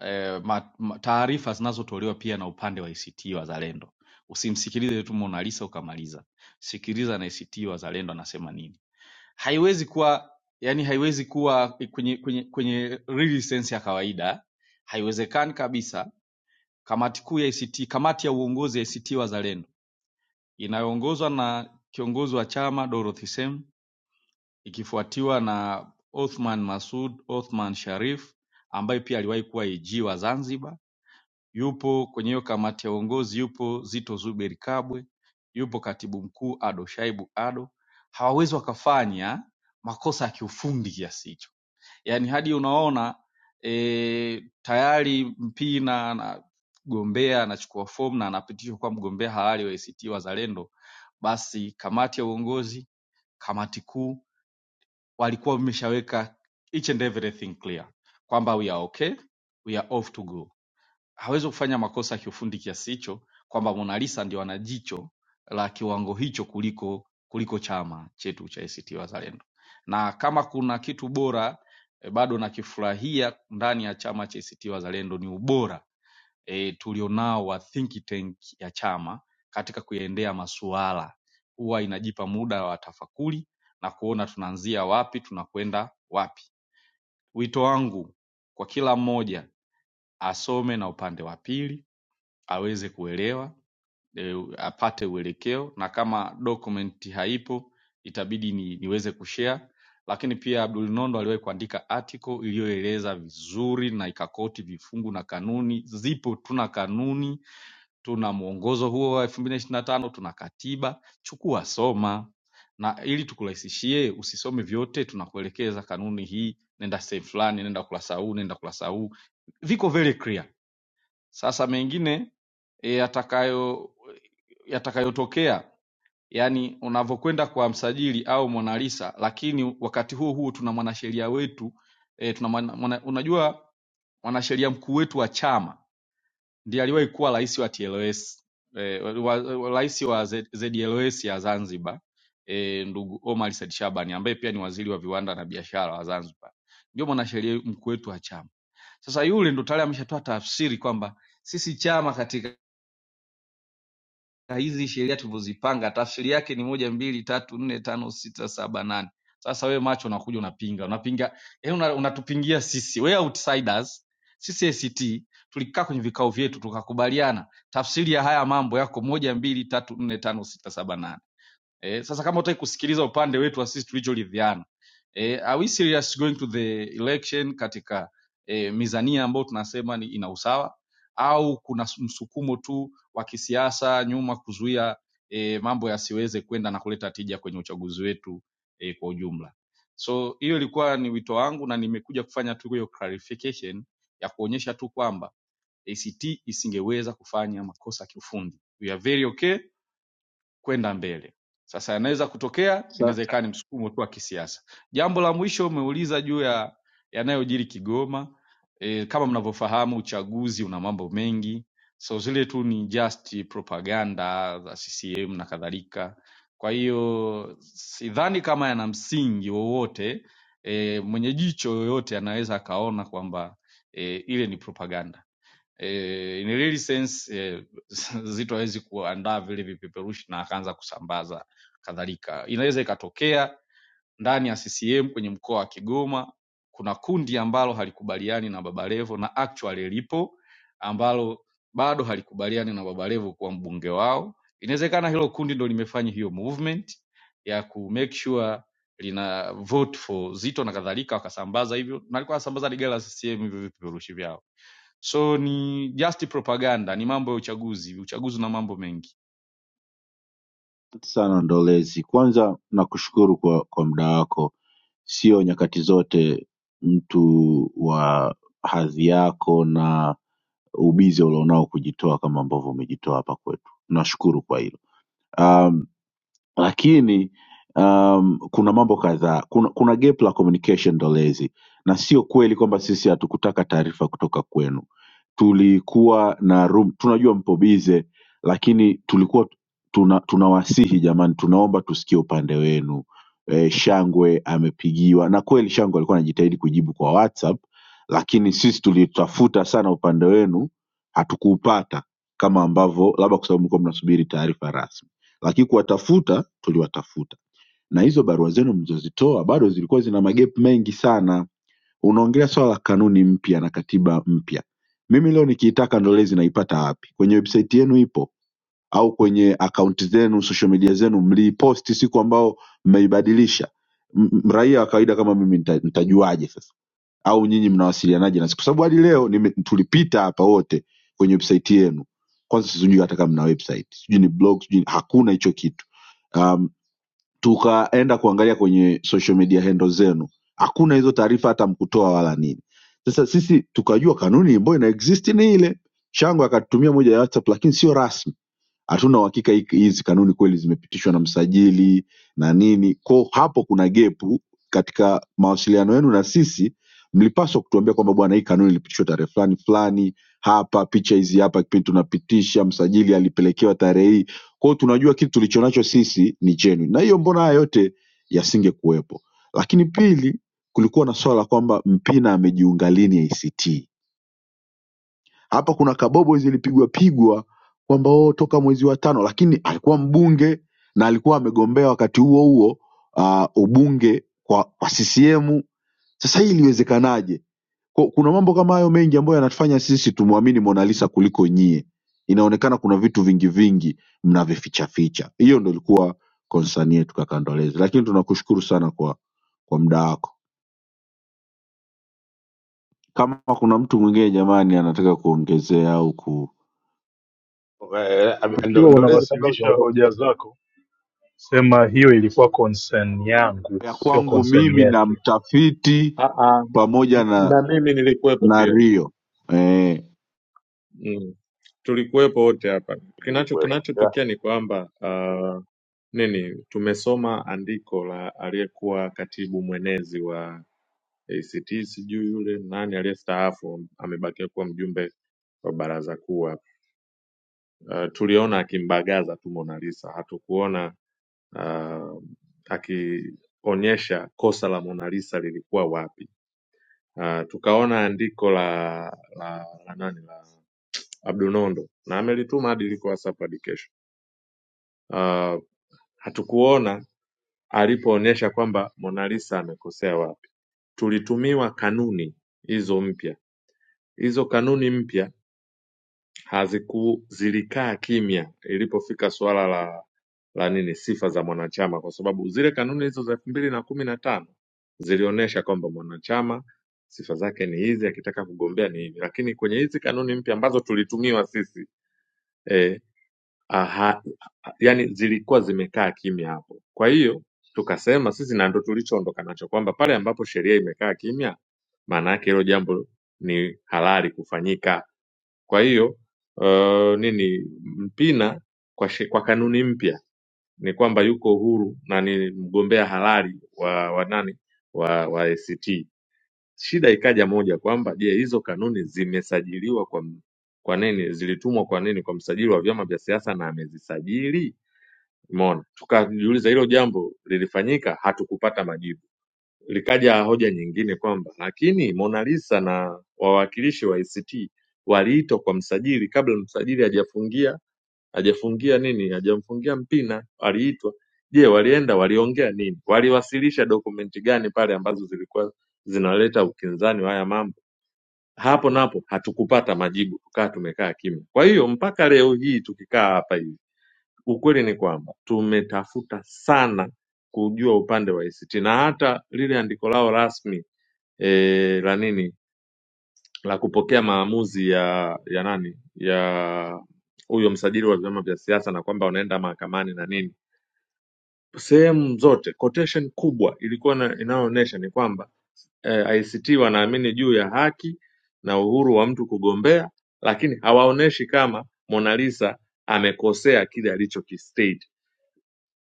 L: e, ma- ma- taarifa zinazotolewa pia na upande wa ACT Wazalendo. Usimsikilize tu Mona Lisa ukamaliza, sikiliza na ACT Wazalendo anasema nini haiwezi kuwa yani haiwezi kuwa kwenye kwenye kwenye real sense ya kawaida haiwezekani kabisa kamati kuu ya ACT kamati ya uongozi ya ACT Wazalendo inayoongozwa na kiongozi wa chama Dorothy Sem ikifuatiwa na Othman Masud Othman Sharif ambaye pia aliwahi kuwa AG wa Zanzibar yupo kwenye hiyo kamati ya uongozi yupo Zito Zuberi Kabwe yupo katibu mkuu Ado Shaibu Ado hawawezi wakafanya makosa ya kiufundi kiasi hicho yani hadi unaona e, tayari Mpina anagombea anachukua fomu na anapitishwa kuwa mgombea halali wa ACT Wazalendo, basi kamati ya uongozi, kamati kuu walikuwa wameshaweka each and everything clear kwamba we are okay, we are off to go hawezi kufanya makosa ya kiufundi kiasi hicho kwamba Mona Lisa ndio ana jicho la kiwango hicho kuliko kuliko chama chetu cha ACT Wazalendo, na kama kuna kitu bora e, bado nakifurahia ndani ya chama cha ACT Wazalendo ni ubora e, tulionao wa think tank ya chama katika kuyaendea masuala. Huwa inajipa muda wa tafakuri na kuona tunaanzia wapi tunakwenda wapi. Wito wangu kwa kila mmoja asome na upande wa pili aweze kuelewa eh, apate uelekeo na kama document haipo itabidi ni, niweze kushare lakini pia Abdul Nondo aliwahi kuandika article iliyoeleza vizuri na ikakoti vifungu na kanuni. Zipo, tuna kanuni, tuna mwongozo huo wa 2025, tuna katiba. Chukua, soma na ili tukurahisishie, usisome vyote, tunakuelekeza kanuni hii, nenda sehemu fulani, nenda ukurasa huu, nenda ukurasa huu, viko very clear sasa mengine e, yatakayo yatakayotokea yani unavyokwenda kwa msajili au mwanalisa, lakini wakati huo huo tuna mwanasheria wetu e, tuna mwana, mwana, unajua mwanasheria mkuu wetu wa chama ndiye aliwahi kuwa rais wa TLS e, wa, wa, rais wa Z, ZLS ya Zanzibar e, ndugu Omar Said Shabani ambaye pia ni waziri wa viwanda na biashara wa Zanzibar, ndio mwanasheria mkuu wetu wa chama. Sasa yule ndo tayari ameshatoa tafsiri kwamba sisi chama katika na hizi sheria tulivyozipanga tafsiri yake ni moja mbili tatu nne tano sita saba nane sasa wewe macho unakuja unapinga unapinga eh una, unatupingia sisi we outsiders sisi act tulikaa kwenye vikao vyetu tukakubaliana tafsiri ya haya mambo yako moja mbili tatu nne tano sita saba nane eh, sasa kama utaki kusikiliza upande wetu wa sisi tulichoridhiana eh, are we serious going to the election katika eh, mizania ambayo tunasema ni ina usawa au kuna s- msukumo tu wa kisiasa nyuma kuzuia eh, mambo yasiweze kwenda na kuleta tija kwenye uchaguzi wetu eh, kwa ujumla so hiyo ilikuwa ni wito wangu na nimekuja kufanya tu hiyo clarification ya kuonyesha tu kwamba act isingeweza kufanya makosa kiufundi we are very okay kwenda mbele. Sasa yanaweza kutokea, inaweza ikawa ni msukumo tu wa kisiasa. Jambo la mwisho umeuliza juu ya yanayojiri Kigoma. E, kama mnavyofahamu uchaguzi una mambo mengi, so zile tu ni just propaganda za CCM na kadhalika. Kwa hiyo sidhani kama yana msingi wowote. E, mwenye jicho yoyote anaweza akaona kwamba e, ile ni propaganda eh, in a really sense eh, Zito hawezi kuandaa vile vipeperushi na akaanza kusambaza kadhalika. Inaweza ikatokea ndani ya CCM kwenye mkoa wa Kigoma kuna kundi ambalo halikubaliani na Baba Levo na actually lipo ambalo bado halikubaliani na Baba Levo kuwa mbunge wao. Inawezekana hilo kundi ndo limefanya hiyo movement ya ku make sure lina vote for Zito na kadhalika, wakasambaza hivyo, na alikuwa anasambaza ligala CCM hivyo vipeperushi vyao so ni just propaganda ni mambo ya uchaguzi uchaguzi una mambo mengi
D: sana Ndolezi, kwanza nakushukuru kwa, kwa muda wako. Sio nyakati zote mtu wa hadhi yako na ubizi ulionao kujitoa kama ambavyo umejitoa hapa kwetu. Nashukuru kwa hilo. Um, lakini um, kuna mambo kadhaa kuna, kuna gap la communication dolezi na sio kweli kwamba sisi hatukutaka taarifa kutoka kwenu tulikuwa na room tunajua mpo bize lakini tulikuwa tuna tunawasihi jamani tunaomba tusikie upande wenu e, shangwe amepigiwa na kweli shangwe alikuwa anajitahidi kujibu kwa whatsapp lakini sisi tulitafuta sana upande wenu hatukuupata kama ambavyo labda kwa sababu mlikuwa mnasubiri taarifa rasmi lakini kuwatafuta tuliwatafuta na hizo barua zenu mlizozitoa bado zilikuwa zina magep mengi sana. Unaongelea swala la kanuni mpya na katiba mpya, mimi leo nikiitaka ndolezi naipata wapi? Kwenye website yenu ipo au kwenye akaunti zenu social media zenu mliiposti siku ambao mmeibadilisha? M- m- Raia wa kawaida kama mimi nita- nitajuaje sasa? au nyinyi mnawasilianaje nasi kwa sababu hadi leo nime, tulipita hapa wote kwenye website yenu kwanza sijui hata kama mna website sijui ni blog sijui hakuna hicho kitu um, tukaenda kuangalia kwenye social media handle zenu hakuna hizo taarifa hata mkutoa wala nini sasa sisi tukajua kanuni ambayo ina exist ni ile shango akatutumia moja ya whatsapp lakini sio rasmi hatuna uhakika hi- hizi kanuni kweli zimepitishwa na msajili na nini ko hapo kuna gepu katika mawasiliano yenu na sisi mlipaswa kutuambia kwamba bwana hii kanuni ilipitishwa tarehe fulani fulani hapa picha hizi hapa kipindi tunapitisha msajili alipelekewa tarehe hii kwao tunajua kitu tulichonacho sisi ni chenu na hiyo mbona haya yote yasingekuwepo lakini pili kulikuwa na swala la kwamba mpina amejiunga lini act hapa kuna kabobo zilipigwa pigwa kwamba oh, toka mwezi wa tano, lakini alikuwa mbunge na alikuwa amegombea wakati huo huo uh, ubunge kwa, kwa CCM. Sasa hii iliwezekanaje? Kwa- Kuna mambo kama hayo mengi ambayo yanatufanya sisi tumwamini Mona Lisa kuliko nyie. Inaonekana kuna vitu vingi vingi mnavificha ficha. Hiyo ndo ilikuwa concern yetu kaka Ndolezi, lakini tunakushukuru sana kwa kwa muda wako. Kama kuna mtu mwingine jamani anataka kuongezea au ku
J: Eh, ndo-
K: Ukiwa
J: ndolezi kabla
K: unawasilisha
J: hujaondoka
K: hoja zako, sema hiyo ilikuwa concern yangu,
D: ya
K: sio
D: kwangu
K: concern
D: mimi na
K: yetu.
D: mtafiti
G: Ah, ah,
D: pamoja na
G: na mimi nilikuwepo
D: na
G: pia
D: rio eh,
G: mm. Tulikuwepo wote hapa. Kinacho
J: nilikuwepo Ila,
G: kinachotokea ni kwamba ah, nini, tumesoma andiko la aliyekuwa katibu mwenezi wa ACT, sijui yule nani aliyestaafu, amebakia kuwa mjumbe wa baraza kuu hapa. Uh, tuliona akimbagaza tu Mona Lisa, hatukuona uh, akionyesha kosa la Mona Lisa lilikuwa wapi. Uh, tukaona andiko la la, la nani la Abdunondo na amelituma hadi liko WhatsApp hadi kesho. Uh, hatukuona alipoonyesha kwamba Mona Lisa amekosea wapi. Tulitumiwa kanuni hizo mpya, hizo kanuni mpya haziku zilikaa kimya ilipofika suala la la nini sifa za mwanachama kwa sababu zile kanuni hizo za elfu mbili na kumi na tano zilionyesha kwamba mwanachama sifa zake ni hizi akitaka kugombea ni hivi lakini kwenye hizi kanuni mpya ambazo tulitumiwa sisi eh, aha, yani zilikuwa zimekaa kimya hapo kwa hiyo tukasema sisi na ndo tulichoondoka nacho kwamba pale ambapo sheria imekaa kimya maana yake hilo jambo ni halali kufanyika kwa hiyo uh, nini Mpina kwa, she, kwa kanuni mpya ni kwamba yuko huru na ni mgombea halali wa, wa nani wa, wa ACT. Shida ikaja moja kwamba je, hizo kanuni zimesajiliwa kwa m- kwa nini? Zilitumwa kwa nini kwa msajili wa vyama vya siasa na amezisajili? Umeona, tukajiuliza hilo jambo lilifanyika, hatukupata majibu. Likaja hoja nyingine kwamba lakini Mona Lisa na wawakilishi wa ACT waliitwa kwa msajili kabla msajili hajafungia hajafungia nini hajamfungia mpina, waliitwa. Je, walienda waliongea nini? Waliwasilisha dokumenti gani pale ambazo zilikuwa zinaleta ukinzani wa haya mambo? Hapo napo hatukupata majibu, tukaa tumekaa kimya. Kwa hiyo mpaka leo hii tukikaa hapa hivi, ukweli ni kwamba tumetafuta sana kujua upande wa ACT na hata lile andiko lao rasmi eh, la nini la kupokea maamuzi ya ya nani ya huyo msajili wa vyama vya siasa na kwamba wanaenda mahakamani na nini. Sehemu zote quotation kubwa ilikuwa na- inayoonyesha ni kwamba eh, ICT wanaamini juu ya haki na uhuru wa mtu kugombea, lakini hawaoneshi kama Mona Lisa amekosea kile alichokistate.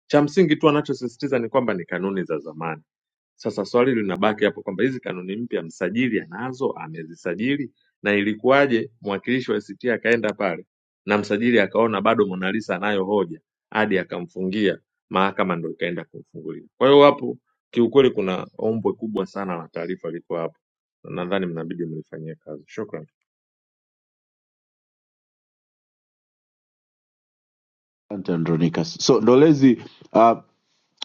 G: Cha msingi tu anachosisitiza ni kwamba ni kanuni za zamani Sasa swali linabaki hapo kwamba hizi kanuni mpya msajili anazo, amezisajili na ilikuwaje mwakilishi wa ACT akaenda pale na msajili akaona bado Mona Lisa anayo hoja hadi akamfungia mahakama, ndo ikaenda kumfungulia. Kwa hiyo hapo kiukweli kuna ombwe kubwa sana la taarifa liko hapo, nadhani mnabidi mlifanyie kazi. Shukran.
D: asante andronicus so ndolezi uh,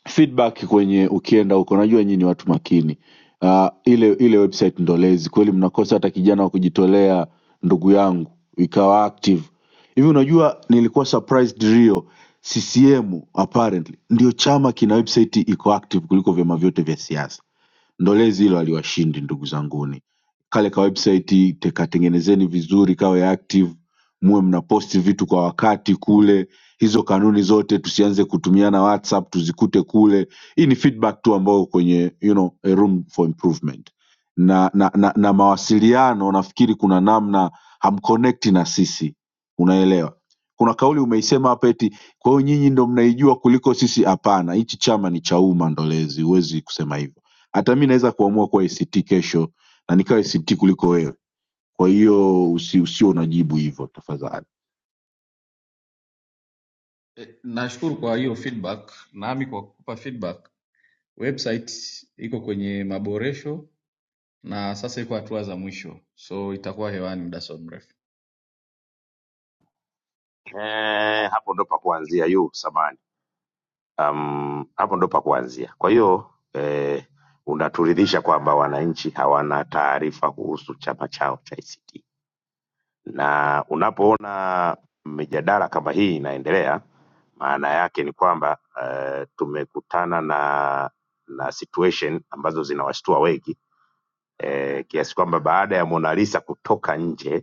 D: feedback kwenye ukienda huko najua nyinyi ni watu makini uh, ile ile website ndolezi kweli mnakosa hata kijana wa kujitolea ndugu yangu ikawa active hivi unajua nilikuwa surprised rio ccm apparently ndio chama kina website iko active kuliko vyama vyote vya siasa Ndo lezi hilo aliwashindi ndugu zanguni. Kale ka website tekatengenezeni vizuri, kawe active, muwe mnaposti vitu kwa wakati kule. Hizo kanuni zote tusianze kutumiana WhatsApp, tuzikute kule. Hii ni feedback tu ambayo kwenye you know, a room for improvement na, na, na, na mawasiliano nafikiri kuna namna hamconnecti na sisi, unaelewa. Kuna kauli umeisema hapa eti kwa hiyo nyinyi ndo mnaijua kuliko sisi. Hapana, hichi chama ni cha umma ndolezi, huwezi kusema hivyo hata mi naweza kuamua kuwa act kesho na nikawa act kuliko wewe kwa hiyo usi, usio unajibu hivyo tafadhali
L: E, nashukuru kwa hiyo feedback, nami kwa kukupa feedback. Website iko kwenye maboresho na sasa iko hatua za mwisho, so itakuwa hewani muda sio mrefu.
J: eh, hapo ndo pa kuanzia yu samani um, hapo ndo pa kuanzia kwa hiyo eh, unaturidhisha kwamba wananchi hawana taarifa kuhusu chama chao cha ACT na unapoona mijadala kama hii inaendelea maana yake ni kwamba eh, tumekutana na na situation ambazo zinawashtua wengi eh, kiasi kwamba baada ya Mona Lisa kutoka nje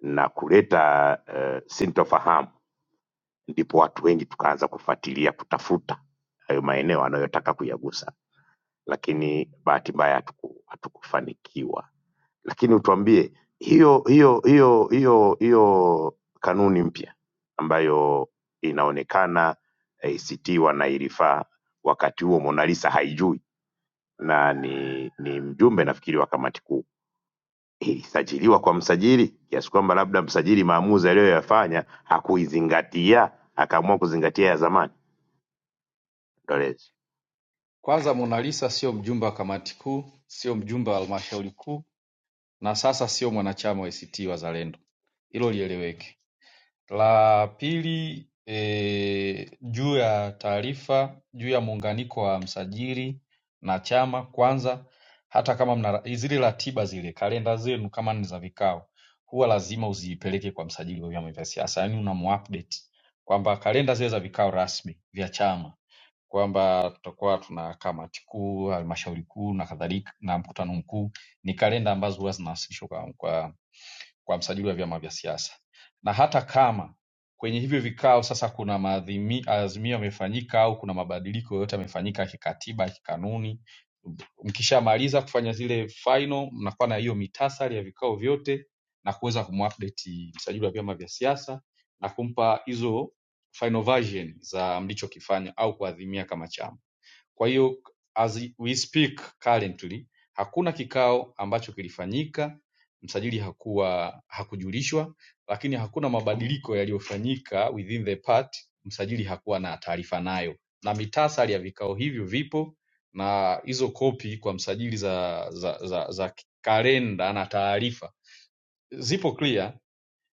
J: na kuleta eh, sintofahamu, ndipo watu wengi tukaanza kufuatilia kutafuta hayo maeneo anayotaka kuyagusa, lakini bahati mbaya hatuku- hatukufanikiwa. Lakini utuambie hiyo hiyo hiyo hiyo hiyo kanuni mpya ambayo inaonekana ACT wanairifaa wakati huo Mona Lisa haijui na ni, ni mjumbe nafikiri wa kamati kuu ilisajiliwa kwa msajili kiasi kwamba labda msajili maamuzi aliyoyafanya hakuizingatia akaamua kuzingatia ya zamani ndolezi
L: Kwanza, Mona Lisa sio mjumbe wa kamati kuu, sio mjumbe wa halmashauri kuu, na sasa sio mwanachama wa ACT Wazalendo. Hilo lieleweke. la pili eeh juu ya taarifa juu ya muunganiko wa msajili na chama kwanza hata kama mna zile ratiba zile kalenda zenu kama ni za vikao huwa lazima uziipeleke kwa msajili wa vyama vya siasa yaani unamuupdate kwamba kalenda zile za vikao rasmi vya chama kwamba tutakuwa tuna kamati kuu halmashauri kuu na kadhalika na mkutano mkuu ni kalenda ambazo huwa zinawasilishwa kwa, kwa kwa msajili wa vyama vya siasa. Na hata kama kwenye hivyo vikao sasa kuna maazimi- maazimio yamefanyika au kuna mabadiliko yoyote yamefanyika kikatiba, kikanuni, mkishamaliza kufanya zile final, mnakuwa na hiyo mitasari ya vikao vyote na kuweza kumupdate msajili wa vyama vya siasa na kumpa hizo final version za mlichokifanya au kuadhimia kama chama. Kwa hiyo as we speak currently hakuna kikao ambacho kilifanyika, msajili hakuwa hakujulishwa, lakini hakuna mabadiliko yaliyofanyika within the part, msajili hakuwa na taarifa nayo, na mitasari ya vikao hivyo vipo na hizo kopi kwa msajili za za, za, za kalenda na taarifa zipo clear,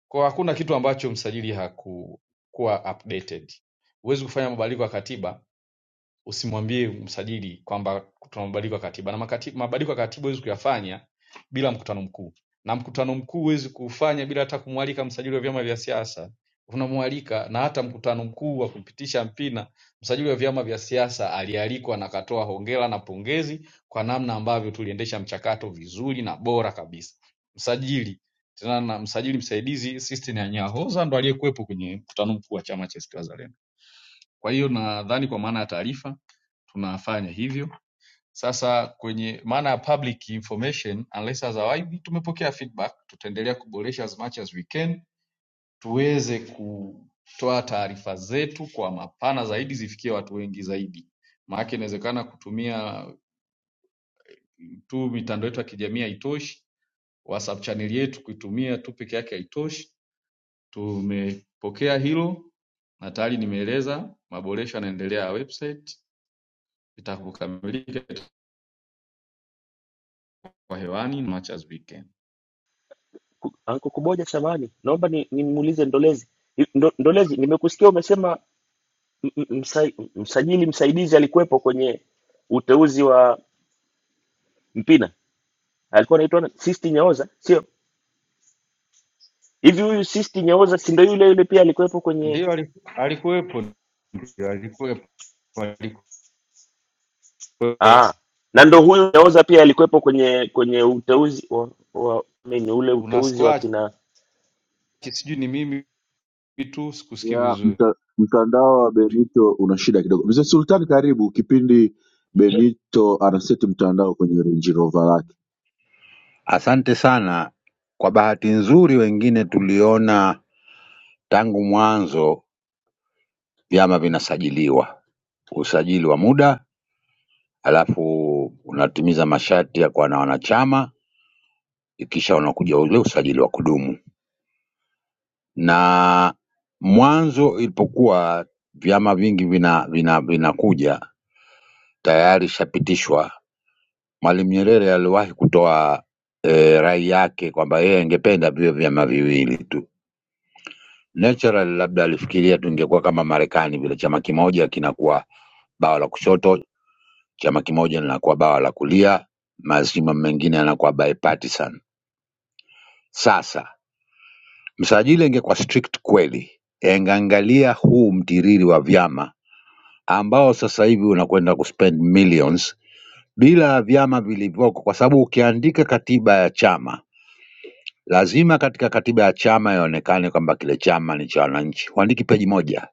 L: kwa hakuna kitu ambacho msajili hakukuwa updated. Huwezi kufanya mabadiliko ya katiba usimwambie msajili kwamba tuna mabadiliko ya katiba na makati- mabadiliko ya katiba huwezi kuyafanya bila mkutano mkuu na mkutano mkuu huwezi kuufanya bila hata kumwalika msajili wa vyama vya siasa unamwalika na hata mkutano mkuu wa kupitisha mpina msajili wa vyama vya siasa alialikwa na akatoa hongera na pongezi kwa namna ambavyo tuliendesha mchakato vizuri na bora kabisa msajili tena na msajili msaidizi Sistine Anyahoza ndo aliyekuwepo kwenye mkutano mkuu wa chama cha ACT Wazalendo kwa hiyo nadhani kwa maana ya taarifa tunafanya hivyo. Sasa kwenye maana ya public information unless otherwise, tumepokea feedback, tutaendelea kuboresha as much as we can tuweze kutoa taarifa zetu kwa mapana zaidi, zifikie watu wengi zaidi. Maana inawezekana kutumia tu mitandao yetu ya kijamii haitoshi, WhatsApp channel yetu kuitumia tu peke yake haitoshi. Tumepokea hilo na tayari nimeeleza maboresho yanaendelea ya website itakapokamilika kwa hewani much as we can.
M: Ku- Anko Kuboja, samahani, naomba ni- nimuulize Ndolezi. Ndo- Ndolezi, nimekusikia umesema m- m- msa, msajili msaidizi alikuwepo kwenye uteuzi wa Mpina, alikuwa anaitwa na- Sisti Nyaoza, sio hivi? Huyu Sisti Nyaoza si ndo yule yule pia alikuwepo kwenye
L: Ndio aliku- alikuwepo, ndio alikuwepo, alikuwepo.
M: ah, na ndo huyu Nyaoza pia alikuwepo kwenye kwenye uteuzi wa, wa nini ule
L: Kuna
M: uteuzi wa
L: scratch,
M: kina
L: sijui ni mimi tu sikusikii
D: ya
L: vizuri.
D: mta, mtandao wa benito una shida kidogo mzee sultani karibu kipindi benito anaseti mtandao kwenye Range Rover lake
N: asante sana kwa bahati nzuri wengine tuliona tangu mwanzo vyama vinasajiliwa usajili wa muda alafu unatimiza masharti ya kuwa na wanachama ikisha unakuja ule usajili wa kudumu na mwanzo ilipokuwa vyama vingi vina vina vinakuja tayari ishapitishwa mwalimu nyerere aliwahi kutoa eh, rai yake kwamba yeye angependa viwe vyama viwili tu Natural labda alifikiria tungekuwa kama Marekani vile, chama kimoja kinakuwa bawa la kushoto, chama kimoja linakuwa bawa la kulia, mazima mengine yanakuwa bipartisan. Sasa msajili ingekuwa strict kweli, angeangalia huu mtiriri wa vyama ambao sasa hivi unakwenda kuspend millions bila vyama vilivyoko, kwa sababu ukiandika katiba ya chama lazima katika katiba ya chama ionekane kwamba kile chama ni cha wananchi. Huandiki peji moja,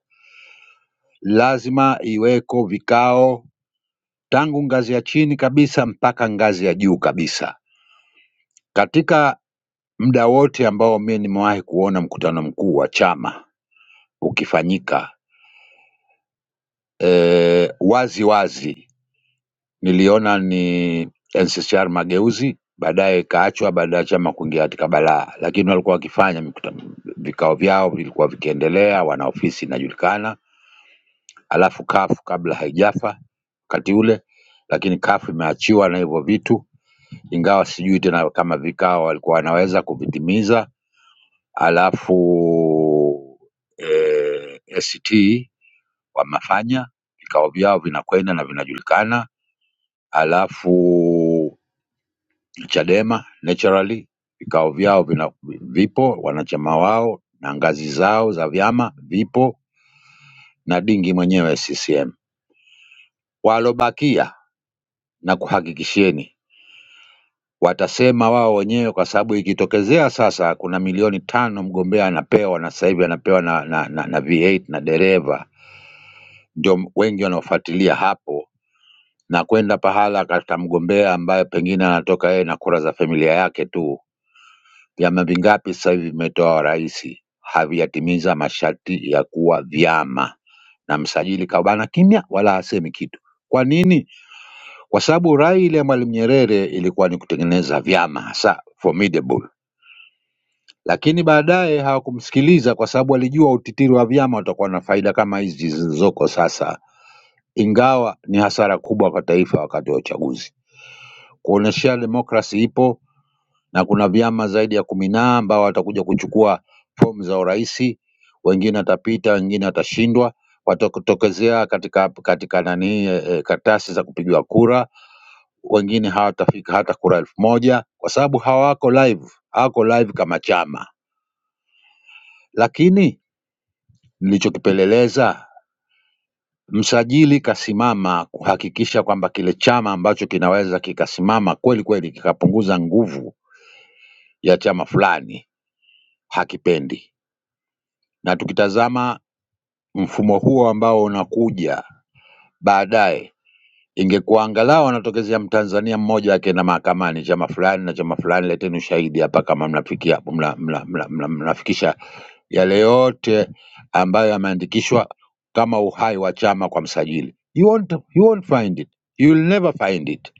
N: lazima iweko vikao tangu ngazi ya chini kabisa mpaka ngazi ya juu kabisa. Katika muda wote ambao mimi nimewahi kuona mkutano mkuu wa chama ukifanyika eh, wazi wazi niliona ni NCCR Mageuzi, baadaye ikaachwa baada ya chama kuingia katika balaa, lakini walikuwa wakifanya mikutano, vikao vyao vilikuwa vikiendelea, wana ofisi inajulikana, alafu kafu kabla haijafa wakati ule, lakini kafu imeachiwa na hivyo vitu ingawa sijui tena kama vikao walikuwa wanaweza kuvitimiza. Alafu eh, ACT wamefanya vikao vyao vinakwenda na vinajulikana, alafu Chadema naturally vikao vyao vina, vipo wanachama wao na ngazi zao za vyama vipo na dingi mwenyewe CCM. Walobakia na kuhakikishieni Watasema wao wenyewe kwa sababu ikitokezea sasa kuna milioni tano mgombea anapewa na sasa hivi anapewa na, na, na, na V8 na dereva, ndio wengi wanaofuatilia hapo na kwenda pahala kata mgombea ambaye pengine anatoka yeye na kura za familia yake tu. Vyama vingapi sasa hivi vimetoa rais havijatimiza masharti ya kuwa vyama, na msajili kabana kimya, wala hasemi kitu. Kwa nini? Kwa sababu rai ile ya Mwalimu Nyerere ilikuwa ni kutengeneza vyama hasa formidable Lakini baadaye hawakumsikiliza kwa sababu walijua utitiri wa vyama utakuwa na faida kama hizi zilizoko sasa, ingawa ni hasara kubwa kwa taifa wakati wa uchaguzi, kuonyesha demokrasi ipo na kuna vyama zaidi ya kumi na ambao watakuja kuchukua fomu za urais. Wengine watapita, wengine watashindwa, watakutokezea katika katika nani eh, eh, karatasi za kupigiwa kura, wengine hawatafika hata kura elfu moja kwa sababu hawako live, hawako live kama chama lakini nilichokipeleleza msajili kasimama kuhakikisha kwamba kile chama ambacho kinaweza kikasimama kweli kweli kikapunguza nguvu ya chama fulani hakipendi. Na tukitazama mfumo huo ambao unakuja baadaye, ingekuwa angalau anatokezea Mtanzania mmoja akienda mahakamani, chama fulani na chama fulani, leteni ushahidi hapa kama mnafikia mna, mna, mna, mna, mnafikisha yale yote ambayo yameandikishwa kama uhai wa chama kwa msajili. You won't, you won't find it. You will never find it.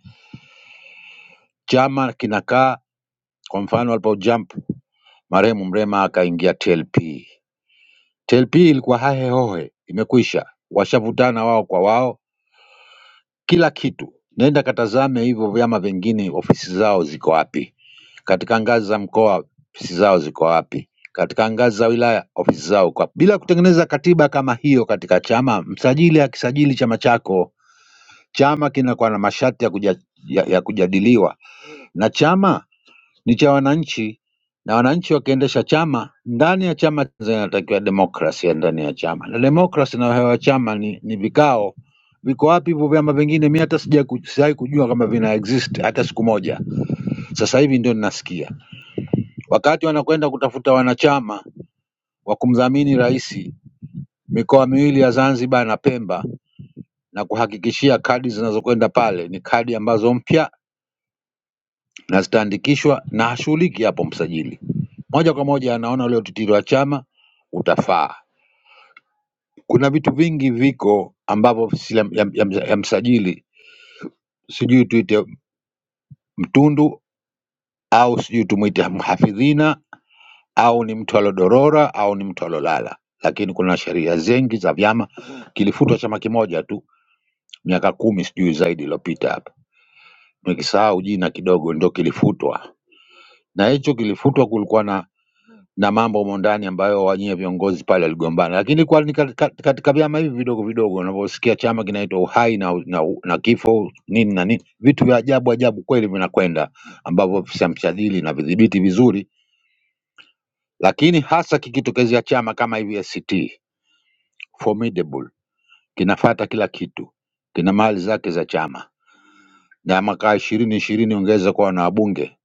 N: Chama kinakaa kwa mfano alipo jump marehemu Mrema akaingia TLP. TLP ilikuwa hahe hohe, imekwisha, washavutana wao kwa wao, kila kitu. Nenda katazame hivyo vyama vingine, ofisi zao ziko wapi? katika ngazi za mkoa ofisi zao ziko wapi, katika ngazi za wilaya ofisi zao kwa, bila kutengeneza katiba kama hiyo katika chama. Msajili akisajili chama chako, chama kinakuwa na masharti ya, kuja, ya, ya kujadiliwa, na chama ni cha wananchi, na wananchi wakiendesha chama, ndani ya chama zinatakiwa demokrasia ndani ya chama, na demokrasi na hewa ya chama ni, ni vikao viko wapi hivyo vyama vingine? Mi hata sija ku- sijawahi kujua kama vina exist hata siku moja. Sasa hivi ndio ninasikia. Wakati wanakwenda kutafuta wanachama wa kumdhamini Rais mikoa miwili ya Zanzibar na Pemba na kuhakikishia kadi zinazokwenda pale ni kadi ambazo mpya na zitaandikishwa na hashughuliki hapo msajili moja kwa moja anaona ule utitiri wa chama utafaa. Kuna vitu vingi viko ambavyo ofisi ya, ya, ya, ya msajili sijui tuite mtundu au sijui tumwite mhafidhina au ni mtu alodorora au ni mtu alolala, lakini kuna sheria zengi za vyama. Kilifutwa chama kimoja tu miaka kumi sijui zaidi iliyopita hapa, nimekisahau jina kidogo, ndio kilifutwa, na hicho kilifutwa kulikuwa na na mambo humo ndani ambayo wanyie viongozi pale waligombana, lakini kwa ni katika katika vyama hivi vidogo vidogo unavyosikia chama kinaitwa uhai na, na, na kifo nini na nini, vitu vya ajabu ajabu kweli vinakwenda ambavyo samshadili na vidhibiti vizuri, lakini hasa kikitokezea chama kama hivi ACT formidable kinafata kila kitu, kina mali zake za chama, na mwaka ishirini ishirini ungeweza kuwa na wabunge,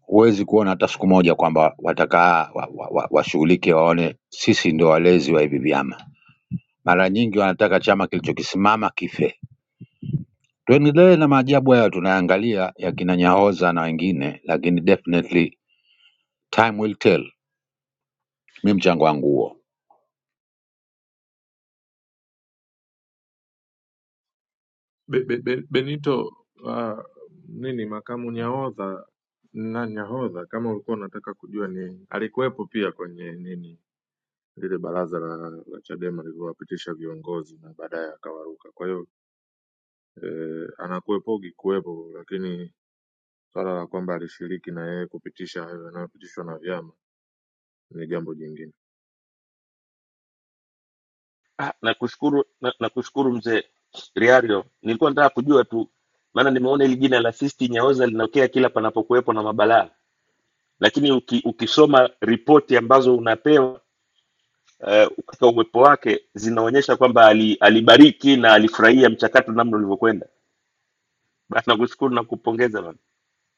N: huwezi kuona hata siku moja kwamba watakaa washughulike wa, wa, wa, washughulike waone sisi ndio walezi wa hivi vyama. Mara nyingi wanataka chama kilichokisimama kife. Tuendelee na maajabu hayo tunayangalia ya kina Nyahoza na wengine, lakini definitely time will tell. Mi mchango wangu huo.
G: Be, be, be, Benito uh, nini makamu nyahodha na nyahodha, kama ulikuwa unataka kujua ni alikuwepo pia kwenye nini lile baraza la, la Chadema lilivyowapitisha viongozi na baadaye akawaruka. Kwa hiyo eh, anakuwepogi kuwepo, lakini swala la kwamba alishiriki na yeye kupitisha hayo yanayopitishwa na vyama ni jambo jingine.
M: Ah, nakushukuru na, nakushukuru mzee Riario. Nilikuwa nataka kujua tu, maana nimeona hili jina la Sisti Nyaoza linatokea kila panapokuwepo na mabalaa, lakini uki, ukisoma ripoti ambazo unapewa eh, katika uwepo wake zinaonyesha kwamba ali, alibariki na alifurahia mchakato namna ulivyokwenda. Basi nakushukuru na kupongeza bana.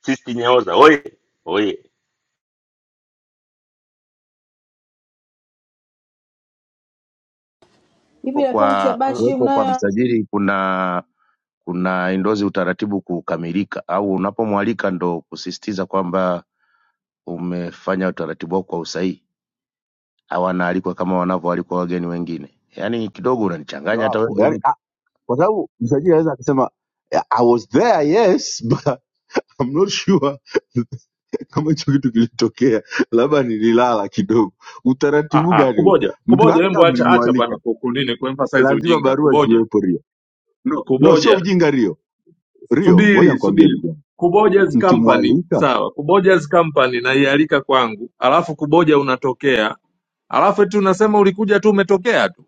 M: Sisti Nyaoza oye oye,
O: Vipi
J: Hapo
O: akaunti ya
J: kwa
O: Bashi
J: kuwepo kwa
O: mnayo?
J: msajili kuna kuna indozi utaratibu kukamilika au unapomwalika ndo kusisitiza kwamba umefanya utaratibu wako kwa usahihi hawanaalikwa kama wanavyoalikwa wageni wengine yaani kidogo
D: Ndio
J: unanichanganya hata wewe
D: hapo yani,
J: Benito.
D: ah, kwa sababu msajili anaweza akasema "Yeah, i was there yes but I'm not sure kama hicho kitu kilitokea labda nililala kidogo
G: Ah,
D: utaratibu
G: ah,
D: gani huo
G: kuboja
D: mtu
G: kuboja,
D: hata
G: hembo
D: kama
G: acha acha bwana
D: mlimwalika
G: ku- kunini kuemphasize
D: lazima
G: ujinga.
D: barua
G: Kuboja
D: ziwepo No, no, sio
G: kuboja,
D: ujinga Rio. Rio, ngoja
G: subiri
D: nikwambie
G: subiri,
D: ndugu yangu,
G: kuboja's company
D: mkimwalika
G: sawa, kuboja's company naialika kwangu, alafu kuboja unatokea, alafu eti unasema ulikuja tu umetokea tu.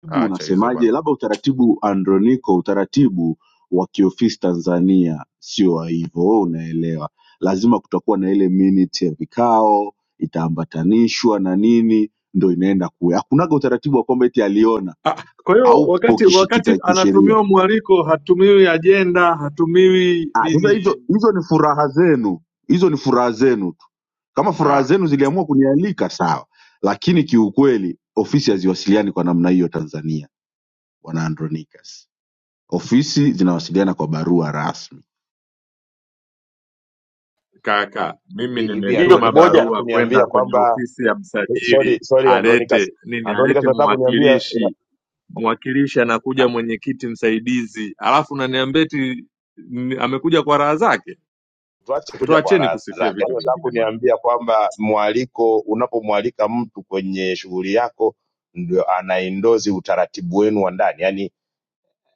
D: taratibu,
G: Acha hizo bwana.
D: unasemaje? Labda utaratibu Androniko, utaratibu wa kiofisi Tanzania sio wa hivyo, wewe unaelewa. Lazima kutakuwa na ile minute ya vikao, itaambatanishwa na nini, ndo inaenda kule. Hakunaga utaratibu wa kwamba eti aliona,
G: Ah, Kwa hiyo
D: haupo
G: wakati wakati
D: kishikita kisheria.
G: anatumiwa mwaliko, hatumiwi ajenda, hatumiwi
D: Ah, sasa
G: nini.
D: hizo hizo ni furaha zenu, hizo ni furaha zenu Kama furaha
G: Ah,
D: zenu ziliamua kunialika sawa, lakini kiukweli ofisi haziwasiliani kwa namna hiyo Tanzania, bwana Andronicus. Ofisi zinawasiliana kwa barua rasmi,
G: kaka, mimi
J: Hi- hivi
M: ndiyo
G: nimetuma
J: Andronicus
M: kuboja.
J: unataka
G: barua
J: kuniambia
G: kwenda kwenye
J: kwamba
G: ofisi ya
J: sorry
G: msajili
J: sorry Andronicus
G: alete nini,
J: Andronicus
G: alete
J: unataka kuniambia
G: mwakilishi. Mwakilishi anakuja mwenyekiti msaidizi, alafu unaniambia eti ni- amekuja kwa raha zake.
J: tuache kuja kwa
G: Tuacheni
J: raha
G: kusifia
J: zake.
G: vitu
J: Nataka
G: vingine bwana.
J: kuniambia kwamba mwaliko, unapomwalika mtu kwenye shughuli yako, ndio anaendozi utaratibu wenu wa ndani, yaani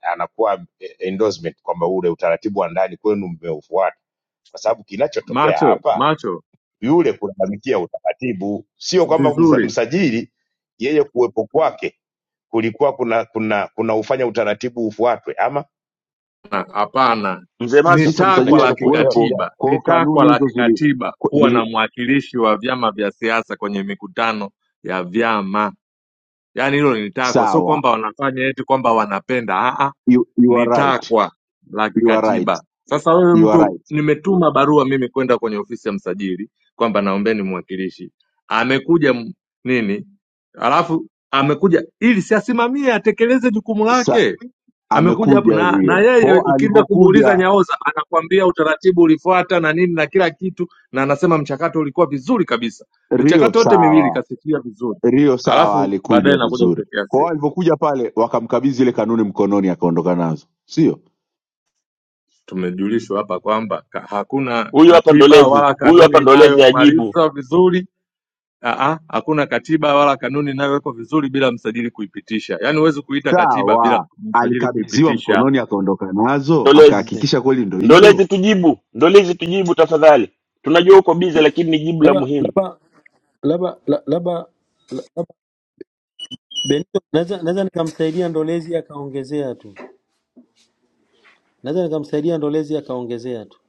J: anakuwa eh, endorsement kwamba ule utaratibu wa ndani kwenu mmeufuata, kwa sababu kinachotokea
G: Macho
J: hapa
G: macho
J: yule kulalamikia utaratibu, sio kwamba msa-
G: vizuri
J: msajili yeye kuwepo kwake kulikuwa kuna kuna kuna ufanya utaratibu ufuatwe, ama
G: Hapana,
M: Mzee
G: ni
M: Macho
J: si-
D: kisa
J: ndio
G: takwa
D: msajili
G: la
J: nachilo kuelewa
D: alikuwepo,
J: vijana
G: kikatiba,
D: kwa
G: ni
D: hiyo
G: takwa
D: kanuni
G: la
D: hizo zili,
G: kikatiba
D: kwa-
G: kuwa na
D: zili
G: mwakilishi wa vyama vya siasa kwenye mikutano ya vyama. Yaani hilo ni takwa, sio
D: sawa.
G: kwamba wanafanya eti kwamba wanapenda. Aa,
D: You, you
G: ni
D: are right,
G: takwa la
D: you are
G: kikatiba.
D: right,
G: Sasa wewe
D: you are
G: mtu,
D: right.
G: nimetuma barua mimi kwenda kwenye ofisi ya msajili kwamba naombeni mwakilishi, amekuja m- nini, alafu amekuja ili siasimamie atekeleze jukumu
D: Sa,
G: lake amekuja hapo
D: amekuja
G: na na
D: Rio, kwa
G: yeye
D: hiyo
G: ukienda kumuuliza
D: alivyokuja
G: Nyaoza anakwambia utaratibu ulifuata na nini na kila kitu, na anasema mchakato ulikuwa vizuri kabisa.
D: Rio
G: Michakato yote miwili
D: sawa,
G: kasifia vizuri,
D: Rio sawa,
G: alafu baadaye
D: alikuja
G: nakuja
D: vizuri.
G: kutetea
D: Kwa
G: sio.
D: hiyo alivyokuja pale wakamkabidhi ile kanuni mkononi, akaondoka nazo, sio?
G: Tumejulishwa hapa kwamba ka- hakuna
M: huyu hapa
G: katiba
M: ndolezi,
G: wala
M: huyu
G: kanuni
M: hapa ndolezi ajibu
G: inayomaliza vizuri Aa, hakuna katiba wala kanuni inayowekwa vizuri bila msajili kuipitisha. Yaani huwezi kuita katiba bila
D: sawa,
G: msajili
D: alikabidhiwa
G: kuipitisha.
D: mkononi akaondoka nazo,
M: ndolezi
D: akahakikisha kweli ndo
M: Ndolezi,
D: hiyo.
M: tujibu Ndolezi, tujibu tafadhali. Tunajua uko bize, lakini ni jibu la
O: labda
M: muhimu.
O: labda labda la- labda labda Benito, naweza naweza nikamsaidia Ndolezi akaongezea tu, naweza nikamsaidia Ndolezi akaongezea tu.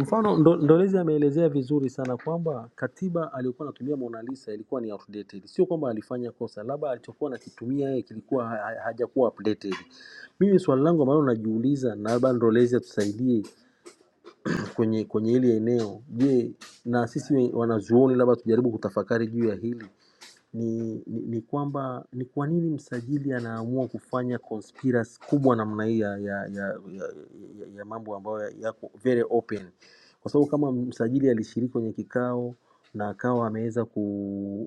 O: Mfano ndo, Ndolezi ameelezea vizuri sana kwamba katiba aliyokuwa anatumia Mona Lisa ilikuwa ni outdated. Sio kwamba alifanya kosa, labda alichokuwa anakitumia yeye kilikuwa ha- ha- hajakuwa updated. Mimi swali langu ambalo najiuliza, na labda Ndolezi atusaidie kwenye kwenye hili eneo, je, na sisi we- wanazuoni labda tujaribu kutafakari juu ya hili ni, ni, ni kwamba ni kwa nini msajili anaamua kufanya conspiracy kubwa namna hii ya, ya, ya, ya, ya, ya mambo ambayo yako very open, kwa sababu kama msajili alishiriki kwenye kikao na akawa ameweza ku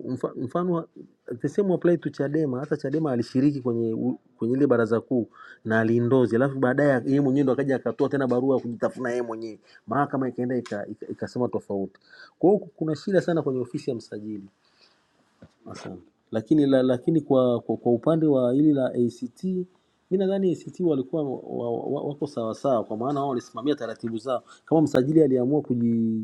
O: mfa- mfano the same apply to Chadema. Hata Chadema alishiriki kwenye u- kwenye ile baraza kuu na alindozi, alafu baadaye yeye mwenyewe ndo akaja akatoa tena barua ya kujitafuna yeye mwenyewe, mahakama ikaenda ika- ika- ikasema tofauti. Kwa hiyo kuna shida sana kwenye ofisi ya msajili. Asante. Lakini la, lakini kwa, kwa, kwa upande wa hili la ACT mi nadhani ACT walikuwa wa, wa, wa, wako sawasawa, kwa maana wao walisimamia taratibu zao. Kama msajili aliamua kuji,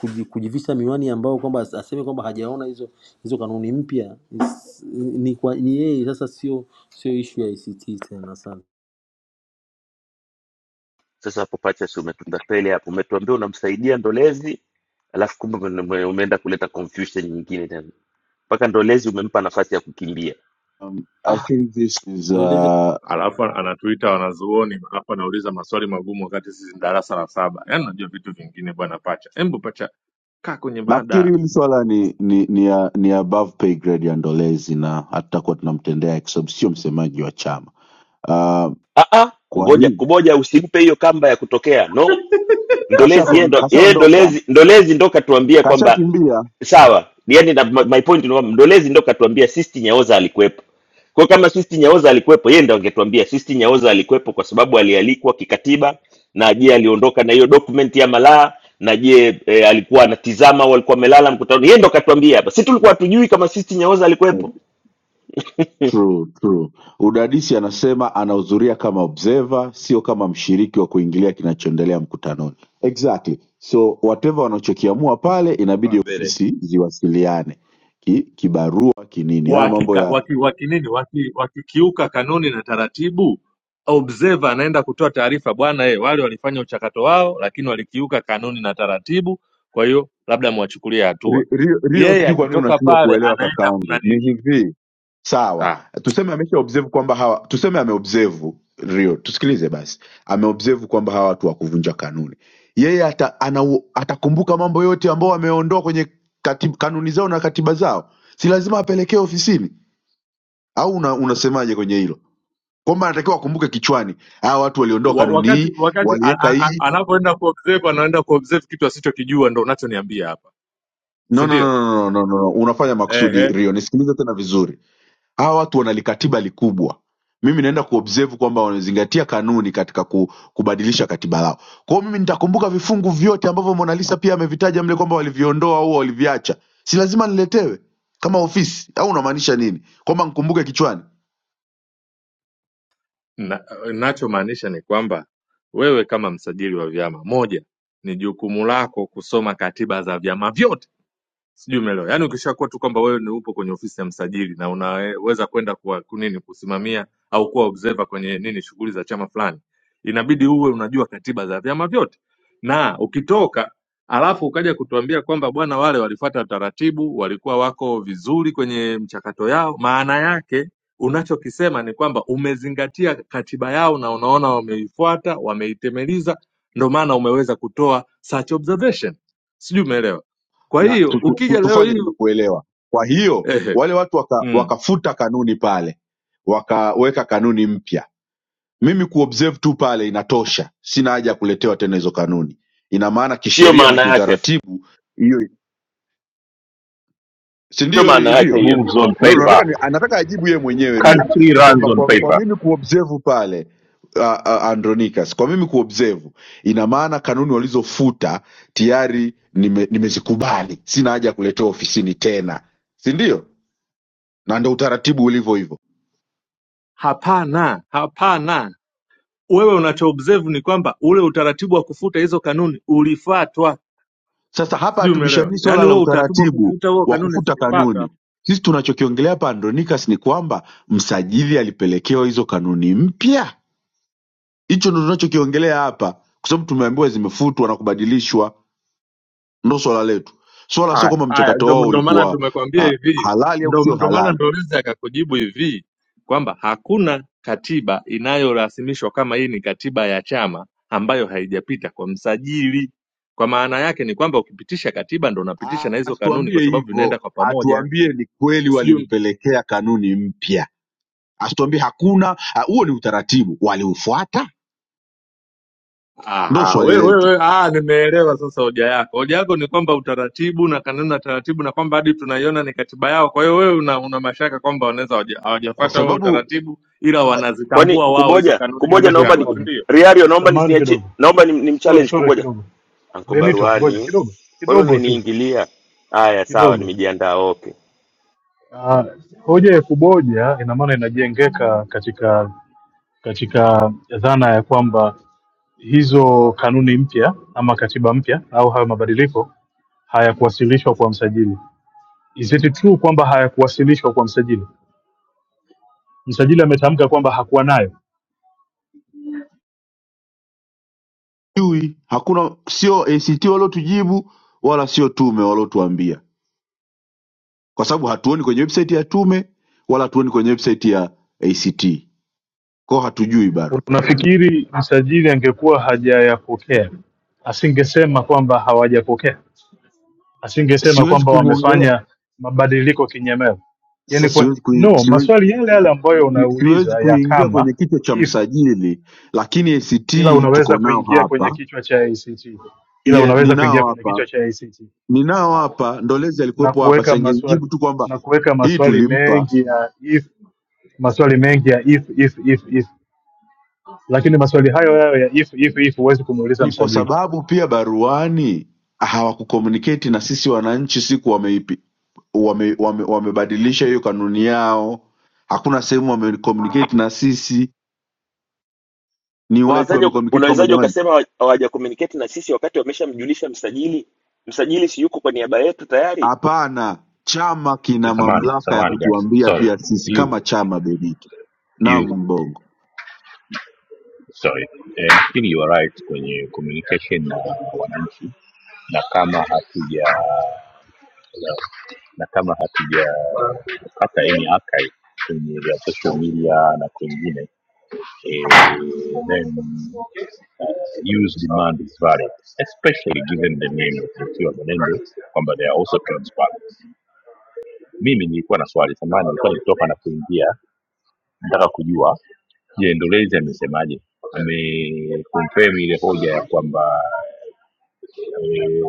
O: kuji, kujivisha miwani ambao kwamba as- aseme kwamba hajaona hizo hizo kanuni mpya is- ni kwa- ni yeye sasa, sio sio ishu ya ACT tena. Asante,
M: Sasa hapo pacha, si umetutapeli hapo, umetuambia unamsaidia Ndolezi, alafu kumbe ume- ume- umeenda kuleta confusion nyingine tena, mpaka Ndolezi umempa nafasi ya kukimbia.
D: Um, I
M: Ah,
D: think this is
O: ndio
D: uh,
G: alafu anatuita wanazuoni alafu anauliza maswali magumu wakati sisi ni darasa la saba yaani unajua vitu vingine bwana pacha embu pacha kaa kwenye
D: nafikiri
G: mada
D: hili swala ni ni ni, ya- ni above pay grade ya Ndolezi na hatutakuwa tunamtendea kwa sababu sio msemaji wa chama. Uh,
M: ah, ah,
D: kwa
M: ngoja
D: hiyo
M: kuboja, usimpe hiyo kamba ya kutokea. No, Ndolezi yeye ndo yeye
D: kashaondoka
M: Ndolezi Ndolezi ndo katuambia
D: kasha
M: kwamba
D: kashakimbia,
M: sawa, yani na my my point ni kwamba Ndolezi ndo katuambia Sisti Nyaoza alikuwepo. Kwa kama Sisti Nyaoza alikuwepo, yeye ndo angetuambia Sisti Nyaoza alikuwepo kwa sababu alialikwa kikatiba, na je aliondoka na hiyo document ya malaa, na je e, alikuwa anatizama au alikuwa amelala mkutano? Yeye ndo katuambia hapa. Si tulikuwa hatujui kama Sisti Nyaoza alikuwepo?
D: True, true. Udadisi anasema anahudhuria kama observer, sio kama mshiriki wa kuingilia kinachoendelea mkutanoni. Exactly. So whatever wanachokiamua pale
J: Wala
D: inabidi
J: mbele.
D: ofisi ziwasiliane ki, kibarua kinini. Haya mambo
G: wakinini
D: ya
G: waki, waki nini? waki, wakikiuka kanuni na taratibu observer anaenda kutoa taarifa bwana eh, wale walifanya uchakato wao lakini walikiuka kanuni na taratibu kwa hiyo labda mwachukulie hatua
D: Rio, Rio
G: yeye
D: sijui kwa nini
G: akitoka
D: unashindwa
G: pale
D: kuelewa
G: anaenda
D: kakaangu. Ni
G: kunanili
D: hivi sawa
G: ah,
D: tuseme amesha observe kwamba hawa tuseme ameobserve rio tusikilize basi ameobserve kwamba hawa watu wa kuvunja kanuni yeye ata, ana, atakumbuka mambo yote ambao wameondoa kwenye katib, kanuni zao na katiba zao si lazima apelekee ofisini au una, unasemaje kwenye hilo kwamba anatakiwa akumbuke kichwani hawa watu waliondoa
G: wa-
D: kanuni
G: wakati
D: hii
G: wakati an-
D: waliweka
G: an- an-
D: hii
G: anapoenda kuobserve anaenda kuobserve kitu asichokijua ndo unachoniambia hapa si
D: no, no,
G: ndio?
D: no, no, no, no, no. no. no, unafanya makusudi
G: Ehe,
D: rio nisikilize tena vizuri hawa watu wanalikatiba likubwa mimi naenda kuobserve kwamba wanazingatia kanuni katika ku, kubadilisha katiba lao kwao mimi nitakumbuka vifungu vyote ambavyo Mona Lisa pia amevitaja mle kwamba waliviondoa au waliviacha si lazima niletewe kama ofisi au unamaanisha nini kwamba nkumbuke kichwani
G: Na, nachomaanisha ni kwamba wewe kama msajili wa vyama, moja ni jukumu lako kusoma katiba za vyama vyote sijui umeelewa yaani ukishakuwa tu kwamba wewe ni upo kwenye ofisi ya msajili na unaweza kwenda kwa kunini kusimamia au kuwa observer kwenye nini shughuli za chama fulani inabidi uwe unajua katiba za vyama vyote na ukitoka alafu ukaja kutuambia kwamba bwana wale walifuata taratibu walikuwa wako vizuri kwenye mchakato yao maana yake unachokisema ni kwamba umezingatia katiba yao na unaona wameifuata wameitemeliza ndo maana umeweza kutoa such observation sijui umeelewa kwa
D: na
G: hiyo
D: tu, tu, tu,
G: ukija leo
D: tufanye
G: hii
D: nimekuelewa kwa hiyo
G: ehe,
D: wale watu waka,
G: mm,
D: wakafuta kanuni pale wakaweka kanuni mpya Mimi kuobserve tu pale inatosha sina haja ya kuletewa tena hizo kanuni ina maana
M: Sio
D: kisheria na
M: maana yake, sio
D: kiutaratibu hiyo si ndio
M: maana
D: Ri-
M: yake
D: Rio
M: hiyo.
B: moves on
D: no,
B: paper,
D: nataka ni- anataka ajibu yeye mwenyewe Rio
B: country runs
D: kwamba
B: on
D: kwa, kwa
B: paper.
D: mimi kuobserve pale uh, uh, Andronicus kwa mimi kuobserve ina maana kanuni walizofuta tayari nime, nimezikubali sina haja ya kuletewa ofisini tena si ndio na ndo utaratibu ulivyo hivyo
G: hapana, hapana. Wewe unacho observe ni kwamba ule utaratibu wa kufuta hizo kanuni ulifuatwa,
D: Sasa hapa
G: sijui umeelewa?
D: hatubishani swala
G: Yaani
D: la
G: huo utaratibu wa
D: utaratibu
G: kufuta huo
D: wa
G: kanuni
D: kufuta
G: zilifuatwa.
D: kanuni. Sisi tunachokiongelea hapa Andronicus ni kwamba msajili alipelekewa hizo kanuni mpya. Hicho ndo tunachokiongelea hapa, kwa sababu tumeambiwa zimefutwa na kubadilishwa. Ndo swala letu. Swala sio
G: Aya,
D: kwamba
G: aya,
D: mchakato
G: ndo
D: wao
G: ndo maana
D: ulikuwa
G: tumekwambia
D: uh,
G: hivi,
D: halali au
G: ndo
D: sio
G: ndo maana
D: halali.
G: ndo Liza akakujibu hivi kwamba hakuna katiba inayorasimishwa kama hii ni katiba ya chama ambayo haijapita kwa msajili. Kwa maana yake ni kwamba ukipitisha katiba ndo unapitisha
D: Ah,
G: na hizo kanuni, kwa
D: Asituambie
G: sababu vinaenda
D: hivyo,
G: kwa pamoja.
D: atuambie ni kweli
G: sijui
D: walimpelekea kanuni mpya, asituambie hakuna. ah, Huo ni utaratibu, waliufuata? Ndo
G: aha,
D: swali
G: we, we,
D: letu,
G: we, ah, nimeelewa sasa hoja yako. Hoja yako ni kwamba utaratibu na kanuni na taratibu na kwamba hadi tunaiona ni katiba yao. Kwa hiyo wewe una, una mashaka kwamba wanaweza hawaja-
D: kwa
G: hawajafuata huo
D: sababu
G: utaratibu, ila
M: Kwani
G: wanazitambua wao hizo
M: kuboja
G: kanuni
M: kuboja,
G: kama
K: Niulize
M: naomba ni
G: chama, si
K: swali,
G: ndio?
M: Riario, naomba
K: samani
M: nisiniachie,
K: kidogo,
M: naomba ni, ni
K: sore
M: mchallenge
K: sore
M: kuboja
K: kidogo,
M: Anko
K: Benito, ngoja
M: Baruani,
K: kidogo
M: kwa nini
K: kidogo tu
M: unaniingilia? Haya, sawa,
K: kidogo
M: nimejiandaa. Okay,
K: Uh, hoja ya kuboja ina maana inajengeka katika katika dhana ya kwamba hizo kanuni mpya ama katiba mpya au hayo mabadiliko hayakuwasilishwa kwa msajili. Is it true kwamba hayakuwasilishwa kwa msajili? Msajili ametamka kwamba hakuwa nayo.
D: hatujui hakuna sio act waliotujibu wala sio tume waliotuambia kwa sababu hatuoni kwenye website ya tume wala hatuoni kwenye website ya act kwao hatujui bado
K: Unafikiri msajili angekuwa hajayapokea asingesema kwamba hawajapokea? asingesema
D: siwezi
K: kwamba
D: kumwongelea
K: wamefanya mabadiliko kinyemela yani
D: sasa
K: kwa,
D: siwezi, kui,
K: no
D: siwezi,
K: maswali yale yale ambayo
D: si- siwezi
K: unauliza ya
D: kuingia
K: kama
D: kwenye kichwa cha
K: if
D: msajili lakini act
K: ila unaweza
D: tuko nao
K: kuingia kwenye
D: hapa
K: kichwa cha ACT ila
D: Ye,
K: unaweza kuingia
D: ninao
K: kwenye
D: hapa
K: kichwa cha ACT
D: ninao hapa ndolezi
K: na
D: alikuwepo hapa
K: kuweka maswali
D: siangenijibu tu kwamba
K: na kuweka
D: hii
K: maswali
D: tulimpa
K: mengi ya if maswali mengi ya if if if if lakini maswali hayo yayo ya if if if huwezi kumuuliza
D: ni kwa
K: msajili
D: sababu pia baruani hawakucommunicate na sisi wananchi siku wameipi wame, wame, wamebadilisha hiyo kanuni yao hakuna sehemu wamecommunicate na sisi ni wapi
M: unawezaje uka-
D: wamecommunicate kwamba
M: unawezaje
D: jamani
M: ukasema hawa- hawaja communicate na sisi wakati wameshamjulisha msajili? Msajili si yuko kwa niaba yetu tayari?
D: hapana chama kina
B: Samani,
D: mamlaka ya
B: samani guys,
D: kutuambia
B: sorry
D: pia sisi
B: you
D: kama chama bediki na
B: you
D: mbongo
B: sorry. Eh, nafikiri you are right kwenye communication na wananchi, na kama hatuja na kama hatujapata any archive kwenye vya social media na kwingine eh, then uh, use demand is varied especially given the name of Lukiwa Menendo kwamba they are also transparent. Mimi nilikuwa na swali samani, nilikuwa nikitoka na kuingia nataka kujua je ndolezi amesemaje amekonfirm ile hoja ya kwamba eh,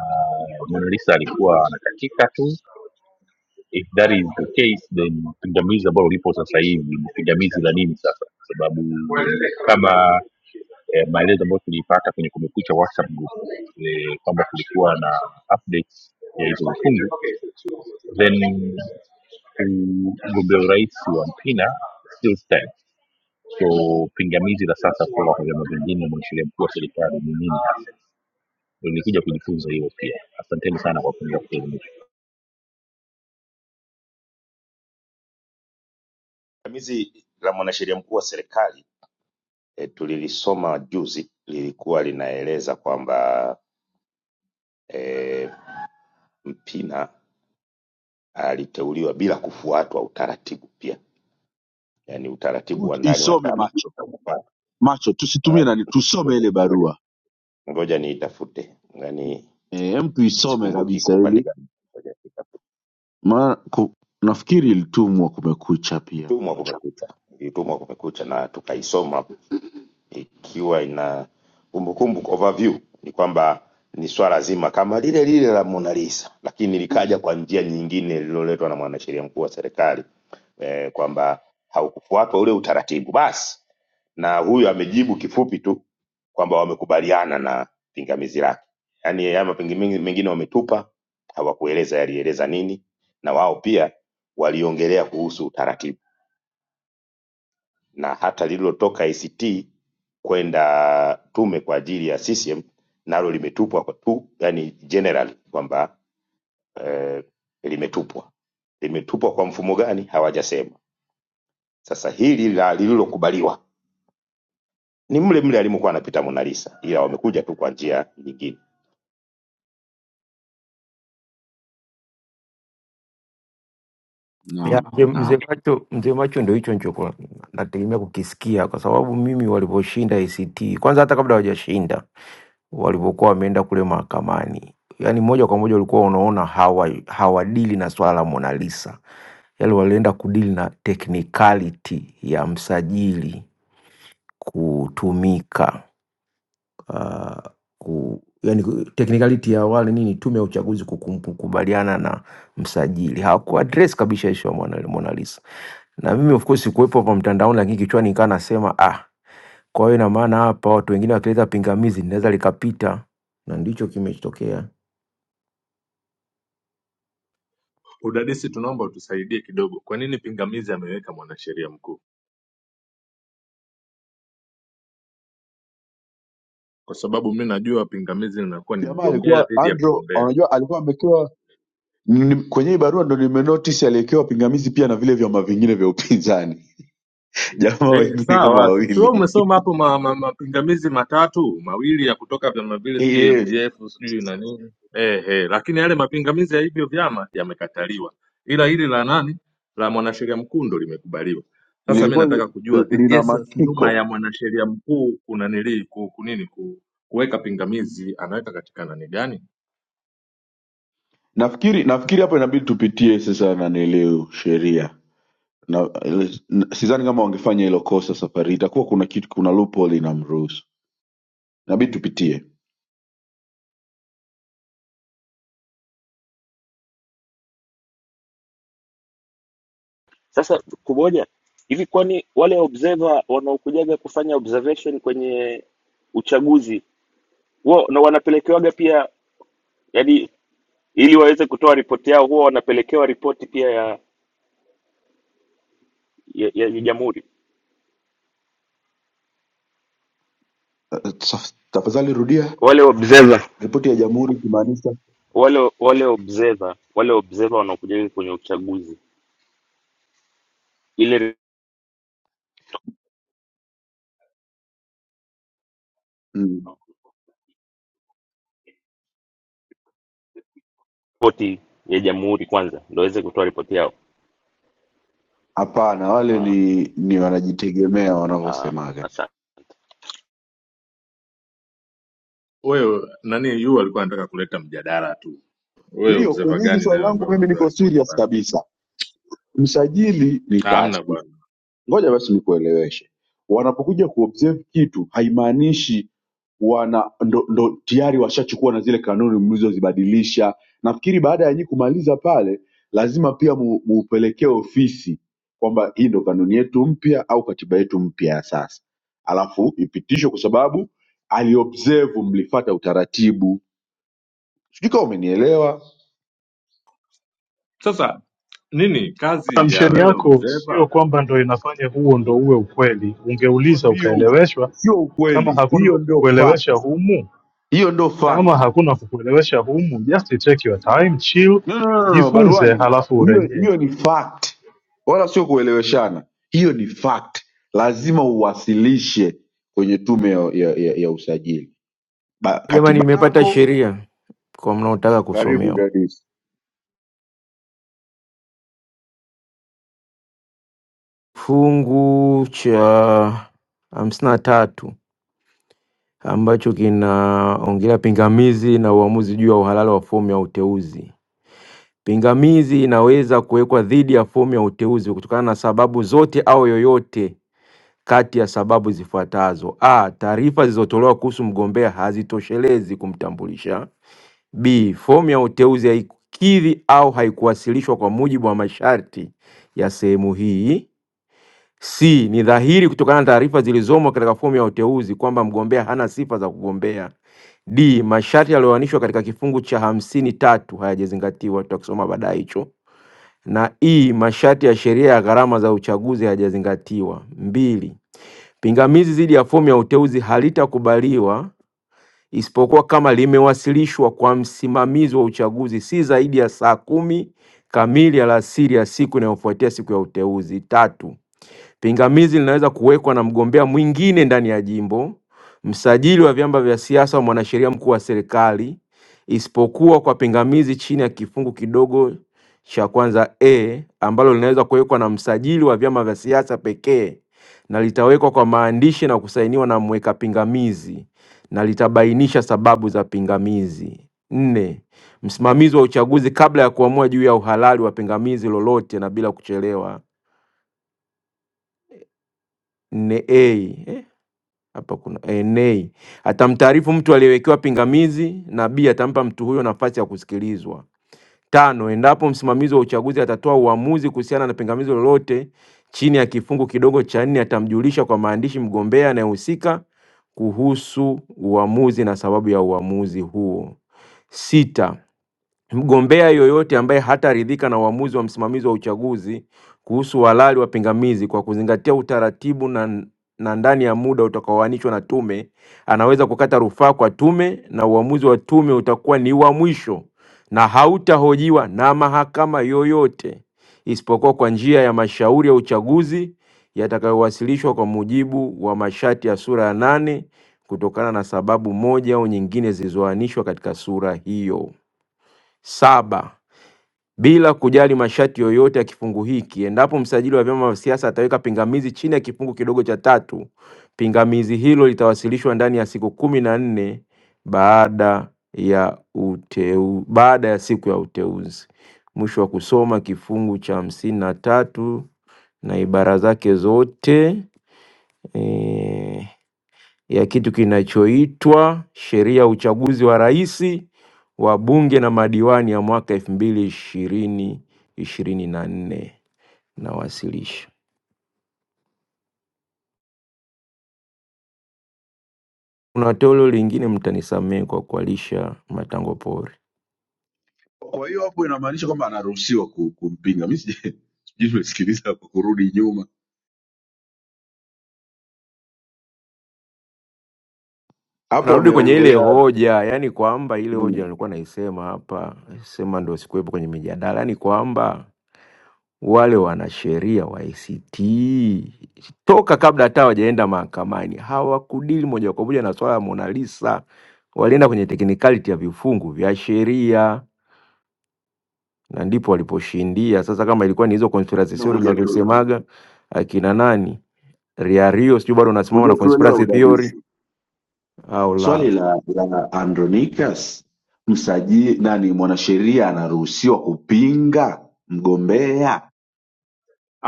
B: ah, Mona Lisa alikuwa anakatika tu if that is the case then pingamizi ambalo lipo sasa hivi ni pingamizi la nini sasa kwa sababu kama eh, maelezo ambayo tuliipata kwenye kumekucha whatsapp group eh, kwamba kulikuwa na updates ya hizo vifungu then mm, mgombea urais wa mpina still stands so pingamizi la sasa kutoka kwa vyama vingine na mwanasheria mkuu wa serikali ni nini hasa Ndio nilikuja kujifunza hiyo pia asanteni sana kwa kuja kuelimisha
J: Pingamizi la mwanasheria mkuu wa serikali e, tulilisoma juzi lilikuwa linaeleza kwamba e, Mpina aliteuliwa bila kufuatwa utaratibu pia, yaani utaratibu
D: Hebu
J: wa ndani wa
D: isome
J: chama.
D: macho macho
J: Ah,
D: tusitumie nani tusome
J: Ngoja
D: ile
J: ngoja
D: barua
J: ngoja niitafute, yaani
D: Eh, hem tuisome
J: sikumbuki
D: kabisa
J: iko upande
D: ili
J: gani. Ngoja niitafute.
D: maana ku- nafikiri ilitumwa kumekucha pia
J: Tumwa
D: kule
J: Kumekucha, ilitumwa Kumekucha na tukaisoma ikiwa ina kumbukumbu overview ni kwamba ni swala zima kama lile lile la Mona Lisa, lakini likaja kwa njia nyingine lililoletwa na mwanasheria mkuu wa serikali eh, kwamba haukufuatwa ule utaratibu basi, na huyu amejibu kifupi tu kwamba wamekubaliana na pingamizi lake, yaani haya mapingamizi mengine wametupa, hawakueleza yalieleza nini, na wao pia waliongelea kuhusu utaratibu na hata lililotoka ACT kwenda tume kwa ajili ya CCM nalo limetupwa kwa tu, yani generally kwamba eh, limetupwa. Limetupwa kwa mfumo gani hawajasema. Sasa hili la lililokubaliwa ni mle mle alimokuwa anapita Mona Lisa, ila wamekuja tu kwa njia nyingine.
P: Ya,
D: Naam,
P: mzee
D: naam.
P: mzee macho, mzee macho ndio hicho nicho kwa- nategemea kukisikia, kwa sababu mimi walivyoshinda ACT kwanza, hata kabla hawajashinda walivyokuwa wameenda kule mahakamani, yaani moja kwa moja ulikuwa unaona hawa hawadili na swala la Mona Lisa, yaani walienda kudili na technicality ya msajili kutumika uh, ku, yani technicality ya wale nini, tume ya uchaguzi kukum- kukubaliana na msajili, hawakuaddress kabisa issue ya Mona Lisa na mimi of course sikuwepo hapa mtandaoni, lakini kichwani nikaa nasema ah, kwa hiyo ina maana hapa watu wengine wakileta pingamizi linaweza likapita, na ndicho kimetokea.
G: Udadisi, tunaomba utusaidie kidogo. Kwa nini pingamizi ameweka mwanasheria mkuu? Kwa sababu mi najua pingamizi linakuwa ni
D: Jamaa
G: mgombea
D: alikuwa
G: dhidi ya
D: Andro,
G: mgombea.
D: unajua alikuwa amewekewa ni- kwenye hii barua ndo nimenotice aliwekewa pingamizi pia na vile vyama vingine vya upinzani jamaa
G: Eh,
D: wengine kama
G: sawa. Si wewe
D: wawili
G: umesoma hapo ma, ma, mapingamizi matatu mawili ya kutoka vyama vile sijui
D: yes.
G: ADF sijui na nini eh, eh, lakini yale mapingamizi ya hivyo vyama yamekataliwa, ila hili la nani la mwanasheria mkuu ndo limekubaliwa. Sasa mi
D: lilikuwa li,
G: nataka kujua the
D: lina
G: essence nyuma ya
D: masiko
G: mwanasheria mkuu kuna nili ku, kunini ku, kuweka pingamizi anaweka katika nani gani?
D: nafikiri nafikiri hapo inabidi tupitie sasa nanileu sheria na, na sidhani kama wangefanya hilo kosa safari itakuwa kuna kitu kuna loophole inamruhusu inabidi tupitie
M: Sasa kumoja hivi, kwani wale observer wanaokujaga kufanya observation kwenye uchaguzi wao na wanapelekewaga pia, yani ili waweze kutoa ripoti yao, huwa wanapelekewa ripoti pia ya ya, ya, ya jamhuri
D: Eh, taf- tafadhali rudia
M: wale observer
D: ripoti ya jamhuri ikimaanisha
M: wale wale observer wale observer wanaokuja kwenye uchaguzi, ile
D: Mm.
M: ripoti ya jamhuri kwanza ndio waweze kutoa ripoti yao.
D: Hapana, wale
M: Ah,
D: ni ni wanajitegemea
M: ah,
D: wanavyosemaga.
M: Asante.
G: Wewe nani yu alikuwa anataka kuleta mjadala tu. Wewe
D: Hiyo
G: observer
D: kwenye hili
G: gani
D: swali
G: nayo
D: langu
G: ambayo
D: mimi
G: unapewa
D: niko
G: ripoti
D: serious
G: bana?
D: kabisa. Msajili ni
G: Hamna
D: taasisi
G: bwana.
D: ngoja basi nikueleweshe wanapokuja kuobserve kitu haimaanishi wana ndo, ndo tayari washachukua na zile kanuni mlizozibadilisha nafikiri baada ya nyinyi kumaliza pale lazima pia mu, muupelekee ofisi kwamba hii ndo kanuni yetu mpya au katiba yetu mpya ya sasa alafu ipitishwe kwa sababu aliobserve mlifata utaratibu sijui kama umenielewa
G: Sasa nini kazi ya
K: assumption
G: wewe
K: yako
G: mzeba?
K: sio kwamba ndo inafanya huo ndo uwe ukweli
D: Huo
K: ungeuliza
D: ndio
K: ukaeleweshwa
D: sio
K: Kama
D: ukweli
K: hakuna
D: hiyo
K: wa
D: ndio fact
K: kukuelewesha humu,
D: hiyo ndio fact
K: kama hakuna wa kukuelewesha humu, just take your time, chill,
D: No, no, no, no, no,
K: jifunze
D: baruani,
K: halafu
D: hiyo
K: urejee.
D: hiyo ni fact, wala sio kueleweshana. Hiyo ni fact, lazima uwasilishe kwenye tume ya, ya, ya, ya usajili ba,
P: Jamani,
D: katiba
P: nimepata
D: yako.
P: sheria kwa mnaotaka
D: Karibu
P: kusomewa,
D: dadisi.
P: fungu cha hamsini na tatu ambacho kinaongelea pingamizi na uamuzi juu ya uhalali wa fomu ya uteuzi. Pingamizi inaweza kuwekwa dhidi ya fomu ya uteuzi kutokana na sababu zote au yoyote kati ya sababu zifuatazo: A, taarifa zilizotolewa kuhusu mgombea hazitoshelezi kumtambulisha; B, fomu ya uteuzi haikukidhi au haikuwasilishwa kwa mujibu wa masharti ya sehemu hii; C. Ni dhahiri kutokana na taarifa zilizomo katika fomu ya uteuzi kwamba mgombea hana sifa za kugombea. D. Masharti yaliyoainishwa katika kifungu cha hamsini tatu hayajazingatiwa, tutakisoma baadaye hicho. Na E. Masharti ya sheria ya gharama za uchaguzi hayajazingatiwa. mbili. Pingamizi dhidi ya fomu ya uteuzi halitakubaliwa isipokuwa kama limewasilishwa kwa msimamizi wa uchaguzi si zaidi ya saa kumi kamili alasiri ya siku inayofuatia siku ya uteuzi. Tatu, Pingamizi linaweza kuwekwa na mgombea mwingine ndani ya jimbo, msajili wa vyama vya siasa au mwanasheria mkuu wa serikali, isipokuwa kwa pingamizi chini ya kifungu kidogo cha kwanza a ambalo linaweza kuwekwa na msajili wa vyama vya siasa pekee na litawekwa kwa maandishi na kusainiwa na mweka pingamizi na litabainisha sababu za pingamizi. Nne, msimamizi wa uchaguzi kabla ya kuamua juu ya uhalali wa pingamizi lolote na bila kuchelewa. Nne a Hapa kuna eh, Nay atamtaarifu mtu aliyewekewa pingamizi na B atampa mtu huyo nafasi ya kusikilizwa. Tano, endapo msimamizi wa uchaguzi atatoa uamuzi kuhusiana na pingamizi lolote chini ya kifungu kidogo cha nne, atamjulisha kwa maandishi mgombea anayehusika kuhusu uamuzi na sababu ya uamuzi huo. Sita, Mgombea yoyote ambaye hataridhika na uamuzi wa msimamizi wa uchaguzi kuhusu uhalali wa pingamizi kwa kuzingatia utaratibu na, na ndani ya muda utakaoainishwa na tume, anaweza kukata rufaa kwa tume na uamuzi wa tume utakuwa ni wa mwisho na hautahojiwa na mahakama yoyote isipokuwa kwa njia ya mashauri ya uchaguzi yatakayowasilishwa kwa mujibu wa masharti ya sura ya nane kutokana na sababu moja au nyingine zilizoainishwa katika sura hiyo. Saba, bila kujali masharti yoyote ya kifungu hiki, endapo msajili wa vyama vya siasa ataweka pingamizi chini ya kifungu kidogo cha tatu, pingamizi hilo litawasilishwa ndani ya siku kumi na nne baada ya uteu, baada ya siku ya uteuzi. Mwisho wa kusoma kifungu cha hamsini na tatu na ibara zake zote eh, ya kitu kinachoitwa sheria ya uchaguzi wa rais wa bunge na madiwani ya mwaka elfu mbili ishirini ishirini na nne nawasilisha. Kuna toleo lingine, mtanisamehe kwa kualisha matango pori.
D: Kwa hiyo hapo inamaanisha kwamba anaruhusiwa ku- kumpinga. Mimi sija- sijui nimesikiliza kwa kurudi nyuma hapo,
P: Narudi kwenye ile
D: wameongelea
P: hoja, yani kwamba ile hoja
D: nini?
P: nilikuwa naisema hapa, sema ndo sikuwepo kwenye mijadala, yani kwamba wale wanasheria wa ACT toka kabla hata hawajaenda mahakamani hawakudili moja kwa moja na swala la Mona Lisa, walienda kwenye technicality ya vifungu vya sheria na ndipo waliposhindia. Sasa kama ilikuwa ni hizo conspiracy
D: no,
P: theory
D: hujatu-
P: mnazosemaga akina nani Riario, sijui bado unasimama na
D: hujatuelewa
P: conspiracy
D: udadisi.
P: theory au la?
D: Swali la, la Andronicus, msajili nani, mwanasheria anaruhusiwa kupinga mgombea?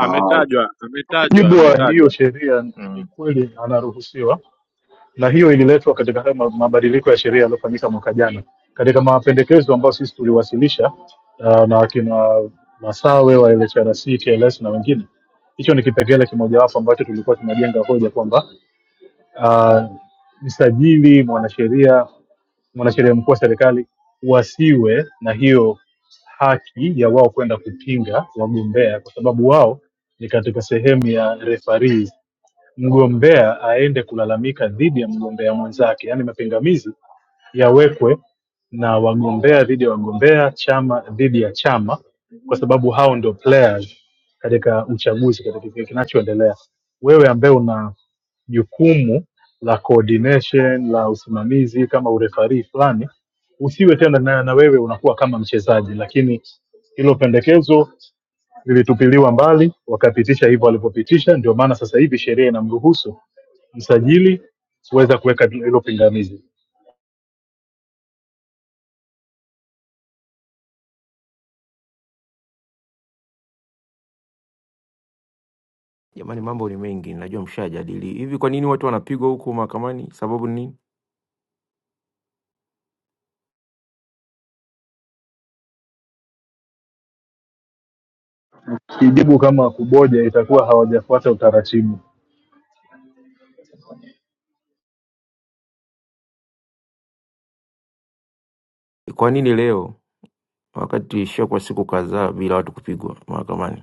D: Ah,
G: ametajwa,
K: Mujibu wa
D: okay.
K: hiyo
G: ametajwa
K: sheria, ni
G: mm.
K: kweli anaruhusiwa, na hiyo ililetwa katika haya ma- mabadiliko ya sheria yaliyofanyika mwaka jana katika mapendekezo ambayo sisi tuliwasilisha uh, na akina Masawe wa LHRC, TLS na wengine. Hicho ni kipengele kimojawapo ambacho tulikuwa tunajenga hoja kwamba uh, msajili, mwanasheria mwanasheria mkuu wa serikali wasiwe na hiyo haki ya wao kwenda kupinga wagombea kwa sababu wao ni katika sehemu ya referees mgombea aende kulalamika dhidi ya mgombea mwenzake yaani mapingamizi yawekwe na wagombea dhidi ya wagombea chama dhidi ya chama kwa sababu hao ndio players katika uchaguzi katika kile kinachoendelea wewe ambaye una jukumu la coordination la usimamizi kama urefarii fulani usiwe tena na, na wewe unakuwa kama mchezaji lakini hilo pendekezo lilitupiliwa mbali, wakapitisha hivyo walivyopitisha. Ndio maana sasa hivi sheria inamruhusu msajili kuweza kuweka hilo pingamizi.
P: Jamani, mambo ni mengi, najua mshajadili hivi. Kwa nini watu wanapigwa huko mahakamani? Sababu ni nini?
K: Kijibu kama Kuboja itakuwa hawajafuata utaratibu.
P: Kwa nini leo wakati ishakuwa siku kadhaa bila watu kupigwa mahakamani?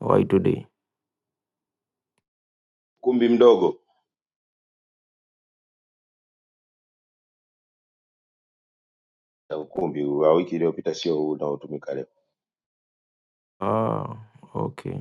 P: Why today?
J: Ukumbi mdogo na ukumbi wa wiki iliyopita sio huu unaotumika leo.
P: Ah, okay.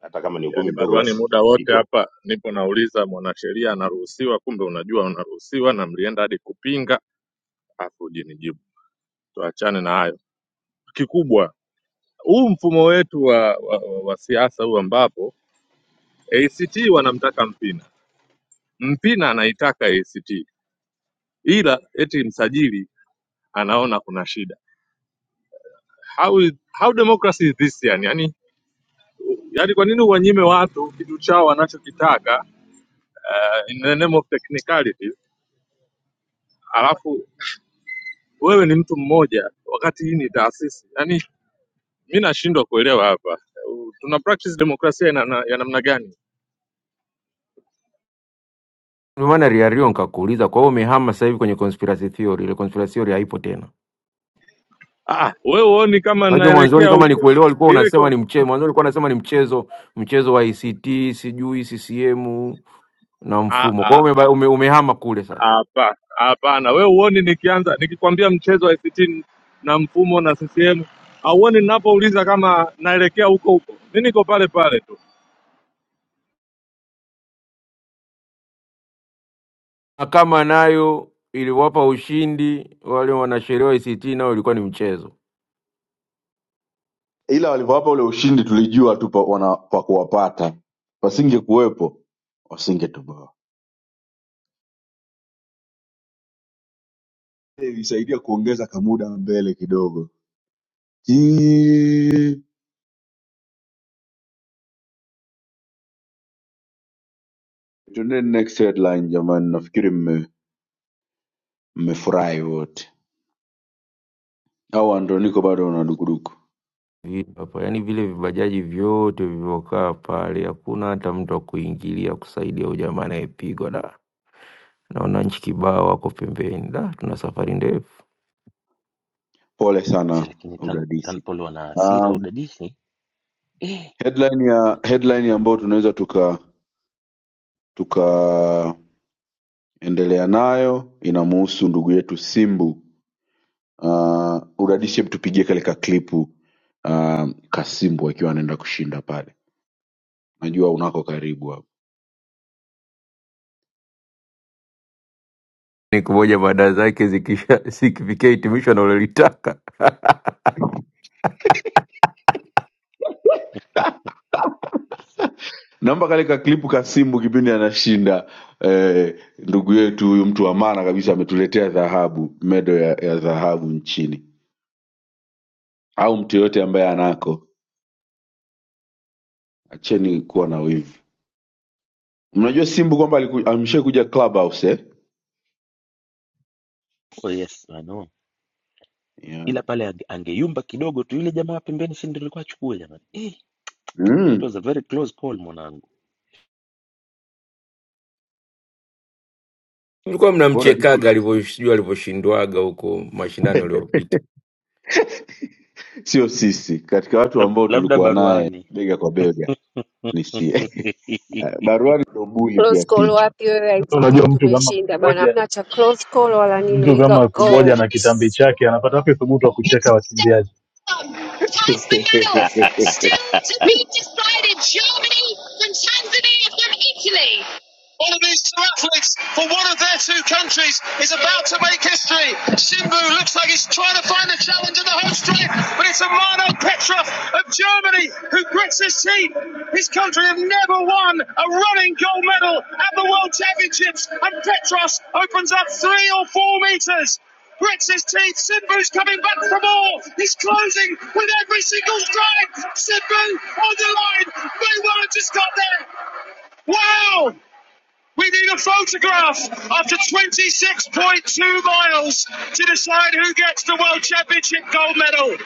J: Hata kama ni
G: Yaani
J: ukumbi mdogo,
G: baruani
J: basi ndio
G: muda wote
J: kupigwa
G: hapa nipo nauliza mwanasheria anaruhusiwa, kumbe unajua unaruhusiwa na mlienda hadi kupinga, afu ujinijibu. Tuachane na hayo. Kikubwa huu mfumo wetu wa, wa, wa, wa siasa huu ambapo ACT wanamtaka Mpina, Mpina anaitaka ACT, ila eti msajili anaona kuna shida. How, is- how democracy is this yani? yani Yaani kwa nini uwanyime watu kitu chao wanachokitaka uh, in the name of technicalities, alafu wewe ni mtu mmoja wakati hii ni taasisi? Yaani mi nashindwa kuelewa hapa U- tuna practice demokrasia ina- na- ya namna gani?
P: Ndio maana Riario nikakuuliza, kwa hiyo umehama sasa hivi kwenye conspiracy theory? Ile conspiracy theory haipo tena.
G: Ah, ah, wewe huoni kama
P: Unajua
G: naelekea
P: mwanzoni kama
G: huko
P: nikuelewa ulikuwa
G: ile
P: unasema
G: ko-
P: ni mchezo, mwanzoni ulikuwa unasema ni mchezo, mchezo wa ICT, sijui CCM na
G: Ah,
P: mfumo. Kwa
G: ah,
P: hiyo umeba- ume, umehama kule sasa.
G: hapa hapana. Wewe huoni nikianza nikikwambia mchezo wa ICT na mfumo na CCM, hauoni ninapouliza kama naelekea huko huko? Mi niko pale pale tu.
P: Mahakama nayo iliwapa ushindi wale wanasheria wa ICT, nao ilikuwa ni mchezo.
D: Ila walivyowapa ule ushindi tulijua tu pa wana- pa kuwapata, wasingekuwepo wasingetoboa. Ilisaidia kuongeza kamuda mbele kidogo. Eee, Tuende next headline jamani, nafikiri mme- mmefurahi wote, au Androniko bado una dukuduku?
P: Vi- Hapa yani vile vibajaji vyote vilivyokaa pale, hakuna hata mtu wa kuingilia kusaidia huyu jamaa anayepigwa da Naona nchi kibao wako pembeni. Da, tuna safari ndefu.
D: Pole
M: Si,
D: sana
M: lakini Tan-
D: udadisi.
M: Tanpol wana
D: Ah,
M: hasira udadisi.
D: Headline ya headline ambayo tunaweza tuka tukaendelea nayo inamuhusu ndugu yetu Simbu. Uh, udadisi, hebu tupigie kale ka klipu uh, Kasimbu akiwa anaenda kushinda pale, najua unako karibu hapo.
P: Siku moja baada zake zikisha zikifikia hitimisho analolitaka.
D: Naomba kale ka klipu Kasimbu kipindi anashinda eh, ndugu yetu huyu mtu wa maana kabisa ametuletea dhahabu, medo ya, ya dhahabu nchini, au mtu yoyote ambaye anako, acheni kuwa na wivu. Mnajua Simbu kwamba ameshakuja Clubhouse eh?
M: Oh yes, I know.
D: Yeah.
M: Ila pale ange- angeyumba kidogo tu yule jamaa pembeni, si ndio alikuwa achukue jamani. Eh, that was a
D: Mm.
M: very close call mwanangu.
P: Mlikuwa
D: Kwa hiyo udadisi
P: mnamchekaga alivyosijua alivyoshindwaga huko mashindano yaliyopita.
D: sio sisi, katika watu
M: Lab,
D: ambao
M: labda
D: tulikuwa naye
M: baruani.
D: bega kwa bega ni sie. Baruani ndo buli
C: Close
D: kiasi
C: call
D: hicho.
C: wapi wewe
K: Sasa Unajua,
C: IGP
K: mtu kama
C: tumeshinda bana.
K: Kuboja,
C: Hamna cha close call wala nini.
K: mtu
C: We got
K: kama Kuboja na
C: gold.
K: kitambi chake anapata wapi thubutu wa kucheka
J: Interstate
K: wakimbiaji?
J: has the medals still to be decided. Germany from Tanzania from Italy. One of these two athletes for one of their two countries is about to make history. Simbu looks like he's trying to find a challenge in the home straight, but it's Amano Petrov of Germany who grits his teeth. His country have never won a running gold medal at the World Championships, and Petros opens up three or four meters. Grits his teeth. Simbu's coming back for more. He's closing with every single stride. Simbu on the line. They weren't just got there. Wow! We need a photograph after 26.2 miles to decide who gets the World Championship gold medal.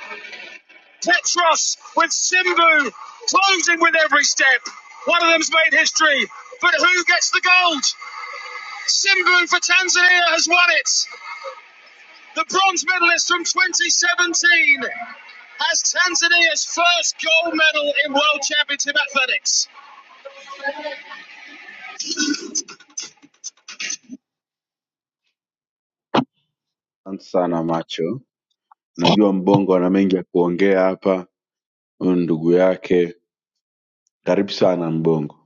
J: Petros with Simbu closing with every step. One of them's made history, but who gets the gold? Simbu for Tanzania has won it. The bronze medalist from 2017 has Tanzania's first gold medal in World Championship athletics.
D: Asante sana macho, najua mbongo ana mengi ya kuongea hapa. Huyu ni ndugu yake, karibu sana mbongo.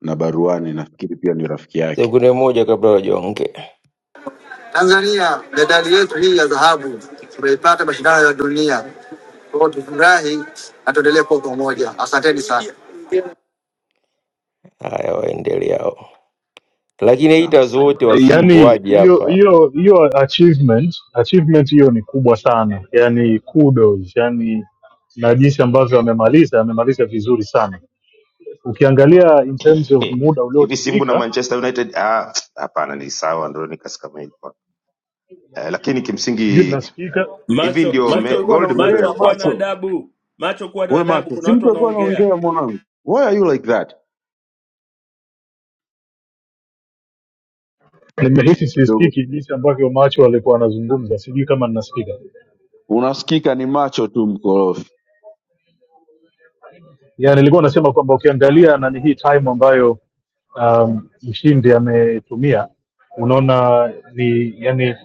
D: Na baruani nafikiri pia ni rafiki yake.
P: Sekunde moja kabla wajonge. Tanzania, medali yetu hii ya dhahabu tumeipata mashindano ya dunia. Kwa hiyo tufurahi na tuendelee kuwa pamoja. Asanteni sana. Haya, waendeleao. Lakini
D: Asante
P: haters
D: sana.
P: wote wa Simba
K: Yaani
P: waje
K: hiyo
P: hapa.
K: hiyo hiyo achievement achievement hiyo ni kubwa sana, yaani kudos, yaani na jinsi ambavyo amemaliza amemaliza vizuri sana. Ukiangalia in terms of muda
J: hivi simbu na
K: uliotumika
J: manchester united ah, hapana ni sawa ndio nikasi kama hivyo eh, lakini
K: sijui
J: kimsingi
K: ninasikika
J: hivi ndio
D: Si mtu
J: me,
D: alikuwa
J: gold medal ya
D: anaongea
J: kwanza.
D: macho, we macho, si mtu alikuwa anaongea mwanangu. Why are you like that?
K: nimehisi
D: Yaani, kidogo
K: sisikiki jinsi ambavyo macho alikuwa anazungumza sijui kama ninasikika
D: unasikika ni macho tu mkorofi.
K: ya nilikuwa nasema kwamba ukiangalia nani hii time ambayo um, mshindi ametumia unaona ni yani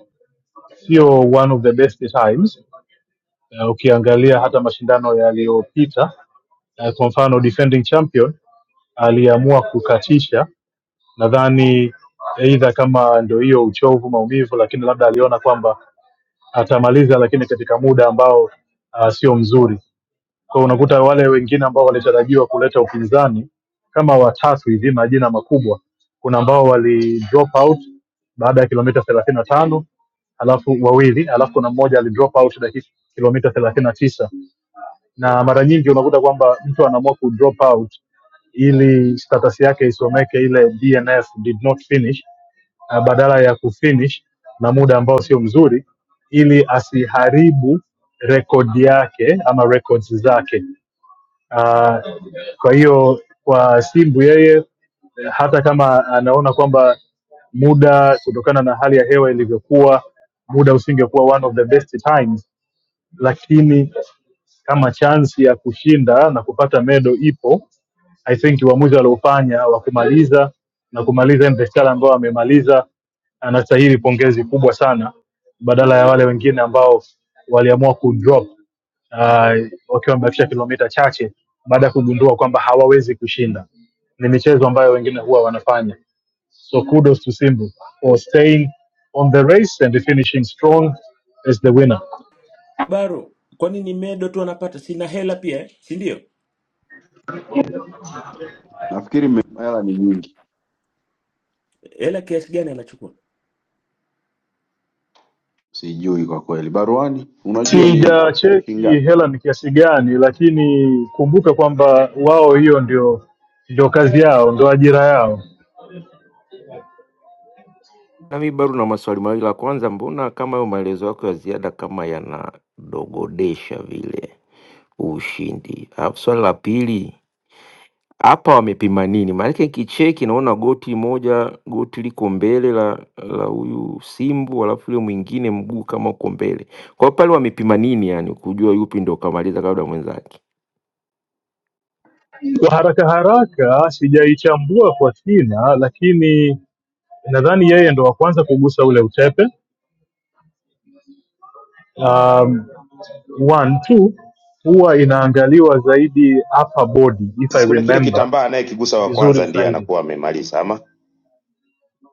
K: sio one of the best times uh, ukiangalia hata mashindano yaliyopita uh, kwa mfano defending champion aliamua kukatisha nadhani eidha kama ndo hiyo uchovu maumivu lakini labda aliona kwamba atamaliza lakini katika muda ambao uh, sio mzuri kwa unakuta wale wengine ambao walitarajiwa kuleta upinzani kama watatu hivi majina makubwa kuna ambao wali drop out baada ya kilomita thelathini na tano alafu wawili alafu kuna mmoja ali drop out dakika kilomita thelathini na tisa na mara nyingi unakuta kwamba mtu anaamua ku drop out ili status yake isomeke ile DNF did not finish ah, badala ya kufinish na muda ambao sio mzuri ili asiharibu rekodi yake ama records zake uh, kwa hiyo kwa simbu yeye hata kama anaona kwamba muda kutokana na hali ya hewa ilivyokuwa muda usingekuwa one of the best times lakini kama chansi ya kushinda na kupata medo ipo i think uamuzi waliofanya wa kumaliza na kumaliza mvestala ambao amemaliza anastahili pongezi kubwa sana badala ya wale wengine ambao waliamua kudrop uh, wakiwa wamebakisha kilomita chache baada ya kugundua kwamba hawawezi kushinda ni michezo ambayo wengine huwa wanafanya so kudos to Simbu for staying on the race and finishing strong as the winner
M: Baro, kwani ni medo tu anapata? Sina hela pia eh? si ndio?
D: Nafikiri mmela ni nyingi.
M: Hela kiasi gani anachukua?
D: Sijui kwa kweli. Baruani, unajua ni
K: Sijacheki
D: shingapi?
K: hela ni kiasi gani, lakini kumbuka kwamba wao hiyo ndio ndio kazi yao, ndio ajira yao.
P: Na mi bado na maswali mawili. La kwanza, mbona kama hayo maelezo yako ya ziada kama yanadogodesha vile ushindi? Alafu swali la pili, hapa wamepima nini? Maanake kicheki naona goti moja, goti liko mbele la la huyu Simbu, alafu yule mwingine mguu kama uko mbele. Kwa hiyo pale wamepima nini, yani kujua yupi ndo kamaliza kabla ya mwenzake?
K: Kwa haraka haraka sijaichambua kwa kina, lakini nadhani yeye ndo wa kwanza kugusa ule utepe. Um, one two, huwa inaangaliwa zaidi upper body if I
J: Sisi kuna kile
K: remember
J: kitambaa anayekigusa wa
K: vizuri
J: kwanza ndiye
K: zaidi
J: anakuwa amemaliza ama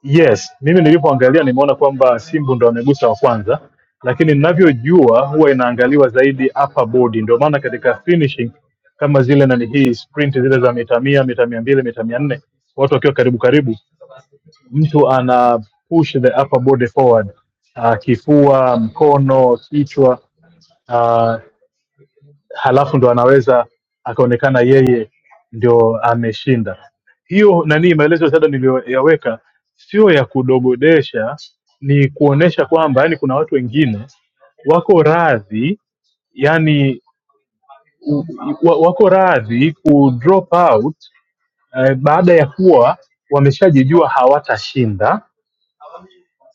K: Yes, mimi nilipoangalia nimeona kwamba Simbu ndo amegusa wa kwanza, lakini ninavyojua huwa inaangaliwa zaidi upper body, ndio maana katika finishing kama zile nani hii sprint zile za mita mia, mita mia mbili, mita mia nne, watu wakiwa karibu karibu, mtu ana push the upper body forward, uh, kifua, mkono, kichwa ah, halafu ndo anaweza akaonekana yeye ndio ameshinda hiyo nani maelezo ya ziada niliyoyaweka sio ya kudogodesha ni kuonesha kwamba yani kuna watu wengine wako radhi yani u- wa- wako radhi ku drop out eh, baada ya kuwa wameshajijua hawatashinda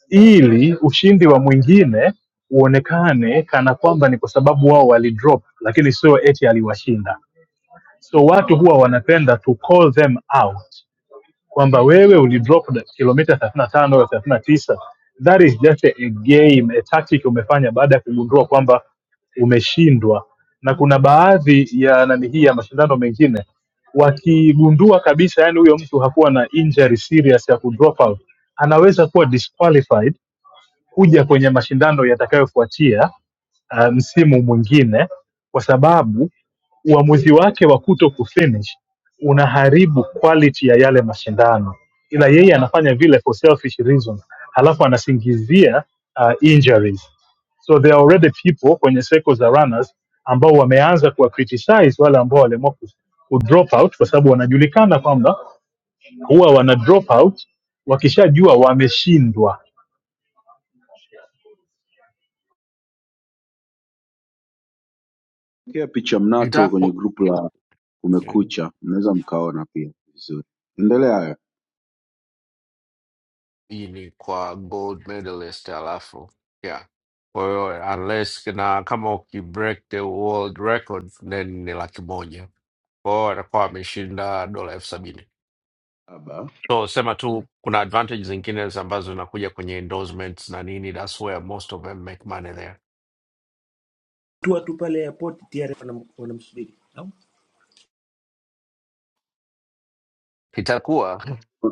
K: ili ushindi wa mwingine uonekane kana kwamba ni kwa sababu wao walidrop lakini sio eti aliwashinda so watu huwa wanapenda to call them out kwamba wewe ulidrop da- kilomita thelathini na tano au thelathini na tisa that is just a a game a tactic umefanya baada ya kugundua kwamba umeshindwa na kuna baadhi ya nani hii ya mashindano mengine wakigundua kabisa yani huyo mtu hakuwa na injury serious ya kudrop out anaweza kuwa disqualified kuja kwenye mashindano yatakayofuatia uh, msimu mwingine kwa sababu uamuzi wake wa kuto kufinish unaharibu quality ya yale mashindano, ila yeye anafanya vile for selfish reasons, halafu anasingizia uh, injuries. So there are already people kwenye circle za runners ambao wameanza kuwa criticize wale ambao waliamua ku, ku drop out kwa sababu wanajulikana kwamba huwa wana drop out wakishajua wameshindwa
D: Kia picha mnato
I: Nitaka
D: kwenye
I: ku-
D: grupu la
I: Mm.
D: Kumekucha, mnaweza mkaona pia vizuri. Endelea hayo.
I: hii ni kwa gold medalist alafu yeah kwa hiyo unless na kama ukibreak the world record then ni laki moja kwa hiyo atakuwa ameshinda dola elfu sabini
D: aba.
I: so sema tu kuna advantage zingine ambazo zinakuja kwenye endorsements na nini that's where most of them make money there
M: tua tu watu pale airport tayari wanam- wanamsubiri Au?
I: itakuwa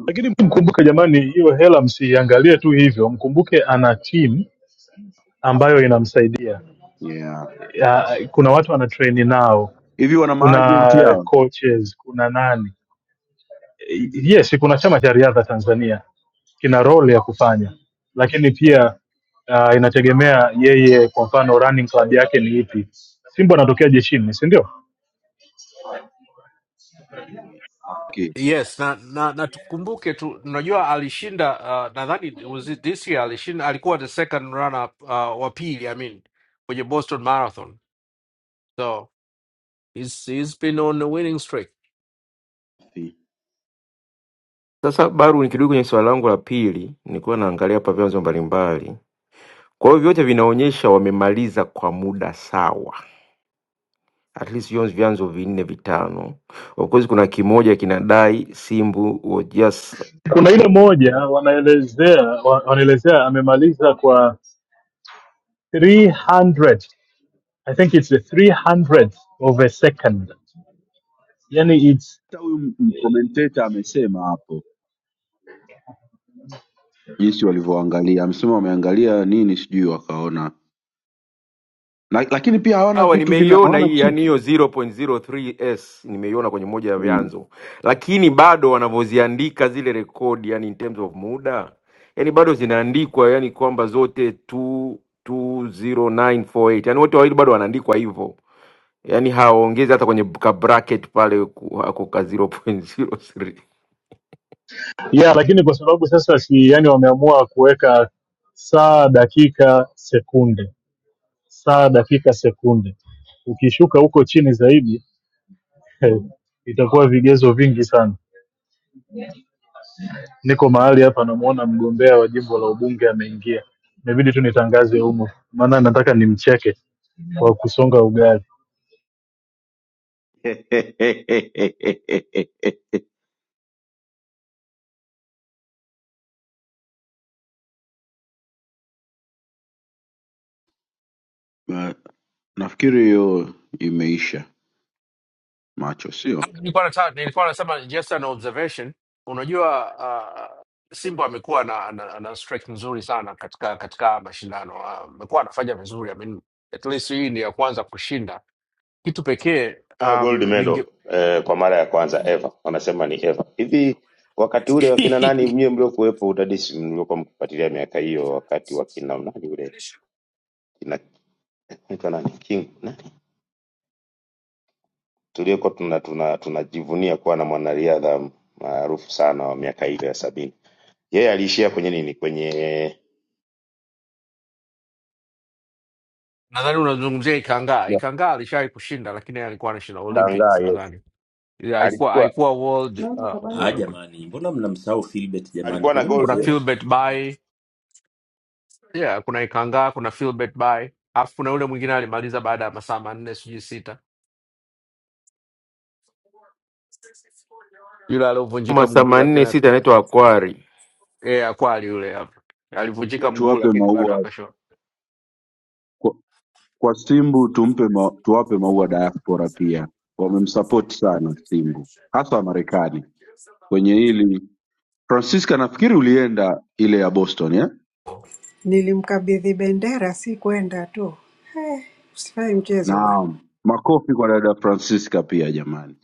K: Lakini mkumbuke jamani, hiyo hela msiiangalie tu hivyo, mkumbuke ana timu ambayo inamsaidia.
D: Yeah.
K: Ya, Kuna watu ana train nao,
D: Hivi wana
K: kuna
D: maagenti yao?
K: coaches, kuna nani. Yes, kuna chama cha riadha Tanzania kina role ya kufanya, lakini pia uh, inategemea yeye, kwa mfano running club yake ni ipi. Simba anatokea jeshini, si ndio?
D: Mimi nafikiri.
I: yes na na, na tukumbuke tu unajua alishinda uh, nadhani was it this year alishinda alikuwa the second runner up uh, wa pili i mean kwenye boston marathon so He's, he's been on a winning streak.
P: Sasa Baru, nikirudi kwenye swali langu la pili, nilikuwa naangalia hapa vyanzo mbalimbali. Kwa hiyo vyote vinaonyesha wamemaliza kwa muda sawa at least hiyo vyanzo vinne vitano. Of course kuna kimoja kinadai Simbu was just
K: Kuna ile moja wanaelezea wa- wanaelezea amemaliza kwa 300 I think it's the 300th of a second. Yani it's
D: Hata huyu mkomenteta amesema hapo jinsi walivyoangalia, amesema wameangalia nini sijui wakaona na, lakini pia hawana
P: sawa,
D: vitu vina
P: nimeiona
D: hawana
P: hii
D: chip
P: yani hiyo 0.03s nimeiona kwenye moja ya
D: Mm.
P: vyanzo, lakini bado wanavyoziandika zile rekodi, yani in terms of muda, yani bado zinaandikwa yani kwamba zote 2 20948 yani wote wawili bado wanaandikwa hivyo, yani hawaongezi hata kwenye ka bracket pale ku- hako ka 0.03
K: yeah, lakini kwa sababu sasa si yani wameamua kuweka saa dakika sekunde, saa dakika sekunde. Ukishuka huko chini zaidi itakuwa vigezo vingi sana. Niko mahali hapa, namuona mgombea wa jimbo la ubunge ameingia, imebidi tu nitangaze humo, maana nataka nimcheke kwa kusonga ugali.
D: Na- nafikiri hiyo imeisha. macho, sio?
I: Nilikuwa nataka nilikuwa nasema just an observation. Unajua uh, Simba amekuwa na, na, na streak nzuri sana katika katika mashindano Ah, amekuwa anafanya vizuri. I mean, at least hii ni ya kwanza kushinda. Kitu pekee
J: nayo gold
I: um,
J: medal
I: ninge
J: eh, kwa mara ya kwanza ever, wanasema ni ever. Hivi wakati ule wakina nani, mie mliokuwepo udadisi, mliokuwa mkifuatilia miaka hiyo, wakati wakina nani ule kina anaitwa nani King nani tuliokuwa tuna tuna tunajivunia kuwa na mwanariadha maarufu sana wa miaka ile ya sabini, yeye aliishia kwenye nini? Kwenye
I: nadhani unazungumzia Ikangaa.
J: ya
I: Ikangaa alishawahi kushinda, lakini yeye alikuwa anashinda
J: kudangaa,
I: Olympics
J: yes,
I: nadhani, Yeah, haikuwa
J: alichukua
I: haikuwa world uh,
M: ah,
I: world record.
M: jamani mbona mnamsahau Philbert jamani
J: alikuwa
M: kwa
J: na
M: nini
J: gold
I: kuna
M: mnafanya hivi
I: Philbert by yeah, kuna Ikangaa, kuna Philbert by alafu kuna yule mwingine alimaliza baada ya masaa manne sijui sita, yule
P: kama
I: aliovunjika mguu lakini
P: 86
I: ak-
P: anaitwa Akwari
I: eh, akwali yule hapa alivunjika
D: pia
I: mguu
D: tuwape
I: lakini bado
D: maua
I: akashona.
D: kwa, kwa Simbu tumpe ma, tuwape maua diaspora pia. Wamemsupport sana Simbu, hasa Marekani kwenye hili. Francisca, nafikiri ulienda ile ya Boston eh?
H: Nilimkabidhi bendera, si kwenda tu, usifanye mchezo bwana.
D: Naam, makofi kwa dada Francisca pia jamani.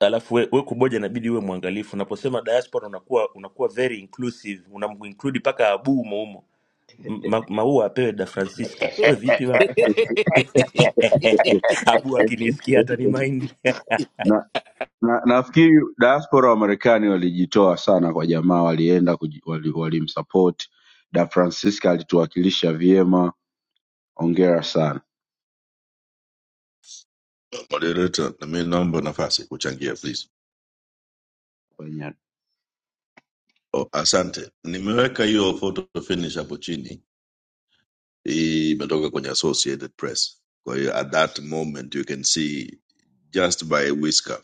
M: alafu we, we kuboja inabidi uwe mwangalifu unaposema diaspora unakuwa unakuwa very inclusive unaminkludi mpaka abu umoumo ma, maua apewe da francisca we vipi bana abu akinisikia hata ni mind
D: na, na nafikiri diaspora wa Marekani walijitoa sana kwa jamaa, walienda kuji- wali- walimsupport da Francisca alituwakilisha vyema. Hongera sana
Q: Moderator, na mimi naomba nafasi kuchangia please. Oh, asante. Nimeweka hiyo photo finish hapo chini. Hii Imetoka kwenye Associated Press. Kwa hiyo at that moment you can see just by a whisker.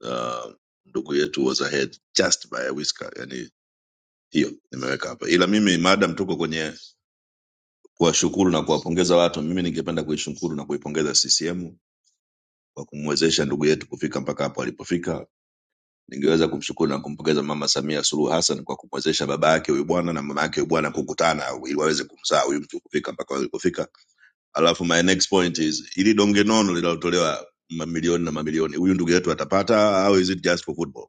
Q: Uh, ndugu yetu was ahead just by a whisker. Yani hiyo nimeweka hapa. Ila mimi madam tuko kwenye kuwashukuru na kuwapongeza watu, mimi ningependa kuishukuru na kuipongeza CCM kwa kumwezesha ndugu yetu kufika mpaka hapo alipofika Ningeweza kumshukuru na kumpongeza Mama Samia Suluhu Hassan kwa kumwezesha baba yake huyu bwana na mama yake huyu bwana kukutana ili waweze kumzaa huyu mtu kufika mpaka walikofika. Alafu my next point is ili donge nono linalotolewa mamilioni na mamilioni, huyu ndugu yetu atapata au is it just for football?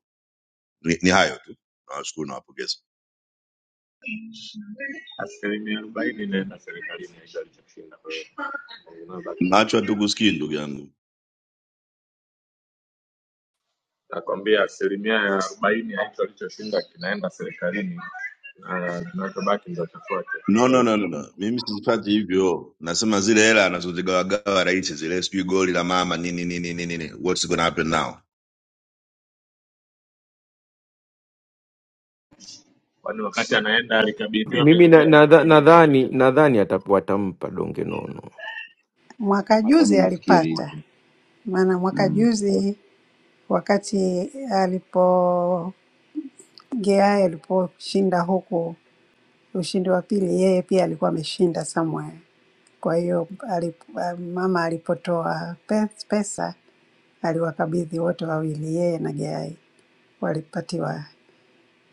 Q: Ni, ni hayo tu, nawashukuru na wapongeza.
G: asilimia arobaini naenda serikalini hicho alichoshinda. Kwa hiyo unabaki
Q: Nacho
G: na-
Q: hatukusikii ndugu yangu.
G: nakwambia asilimia ya arobaini ya hicho alichoshinda kinaenda serikalini na kinachobaki ndo chafuake.
Q: No, no, no, no, no. Mimi sisipati hivyo. Nasema zile hela anazozigawagawa rais zile, sijui goli la mama nini nini nini, nini. what's gonna happen now?
G: Kwani wakati anaenda alikabidhiwa
P: Mimi nadhani
G: bendera?
P: na, nadha- nadhani nadhani atapu- watampa donge nono,
H: Mwaka
D: Hata mi
H: juzi
D: nafikiri
H: alipata,
D: hivyo.
H: maana mwaka
D: Mm.
H: juzi wakati alipo GI aliposhinda huku Ushindi wa pili yeye pia alikuwa ameshinda somewhere. Kwa hiyo alip- ah, mama alipotoa pe- pesa aliwakabidhi wote wawili, yeye na Gai walipatiwa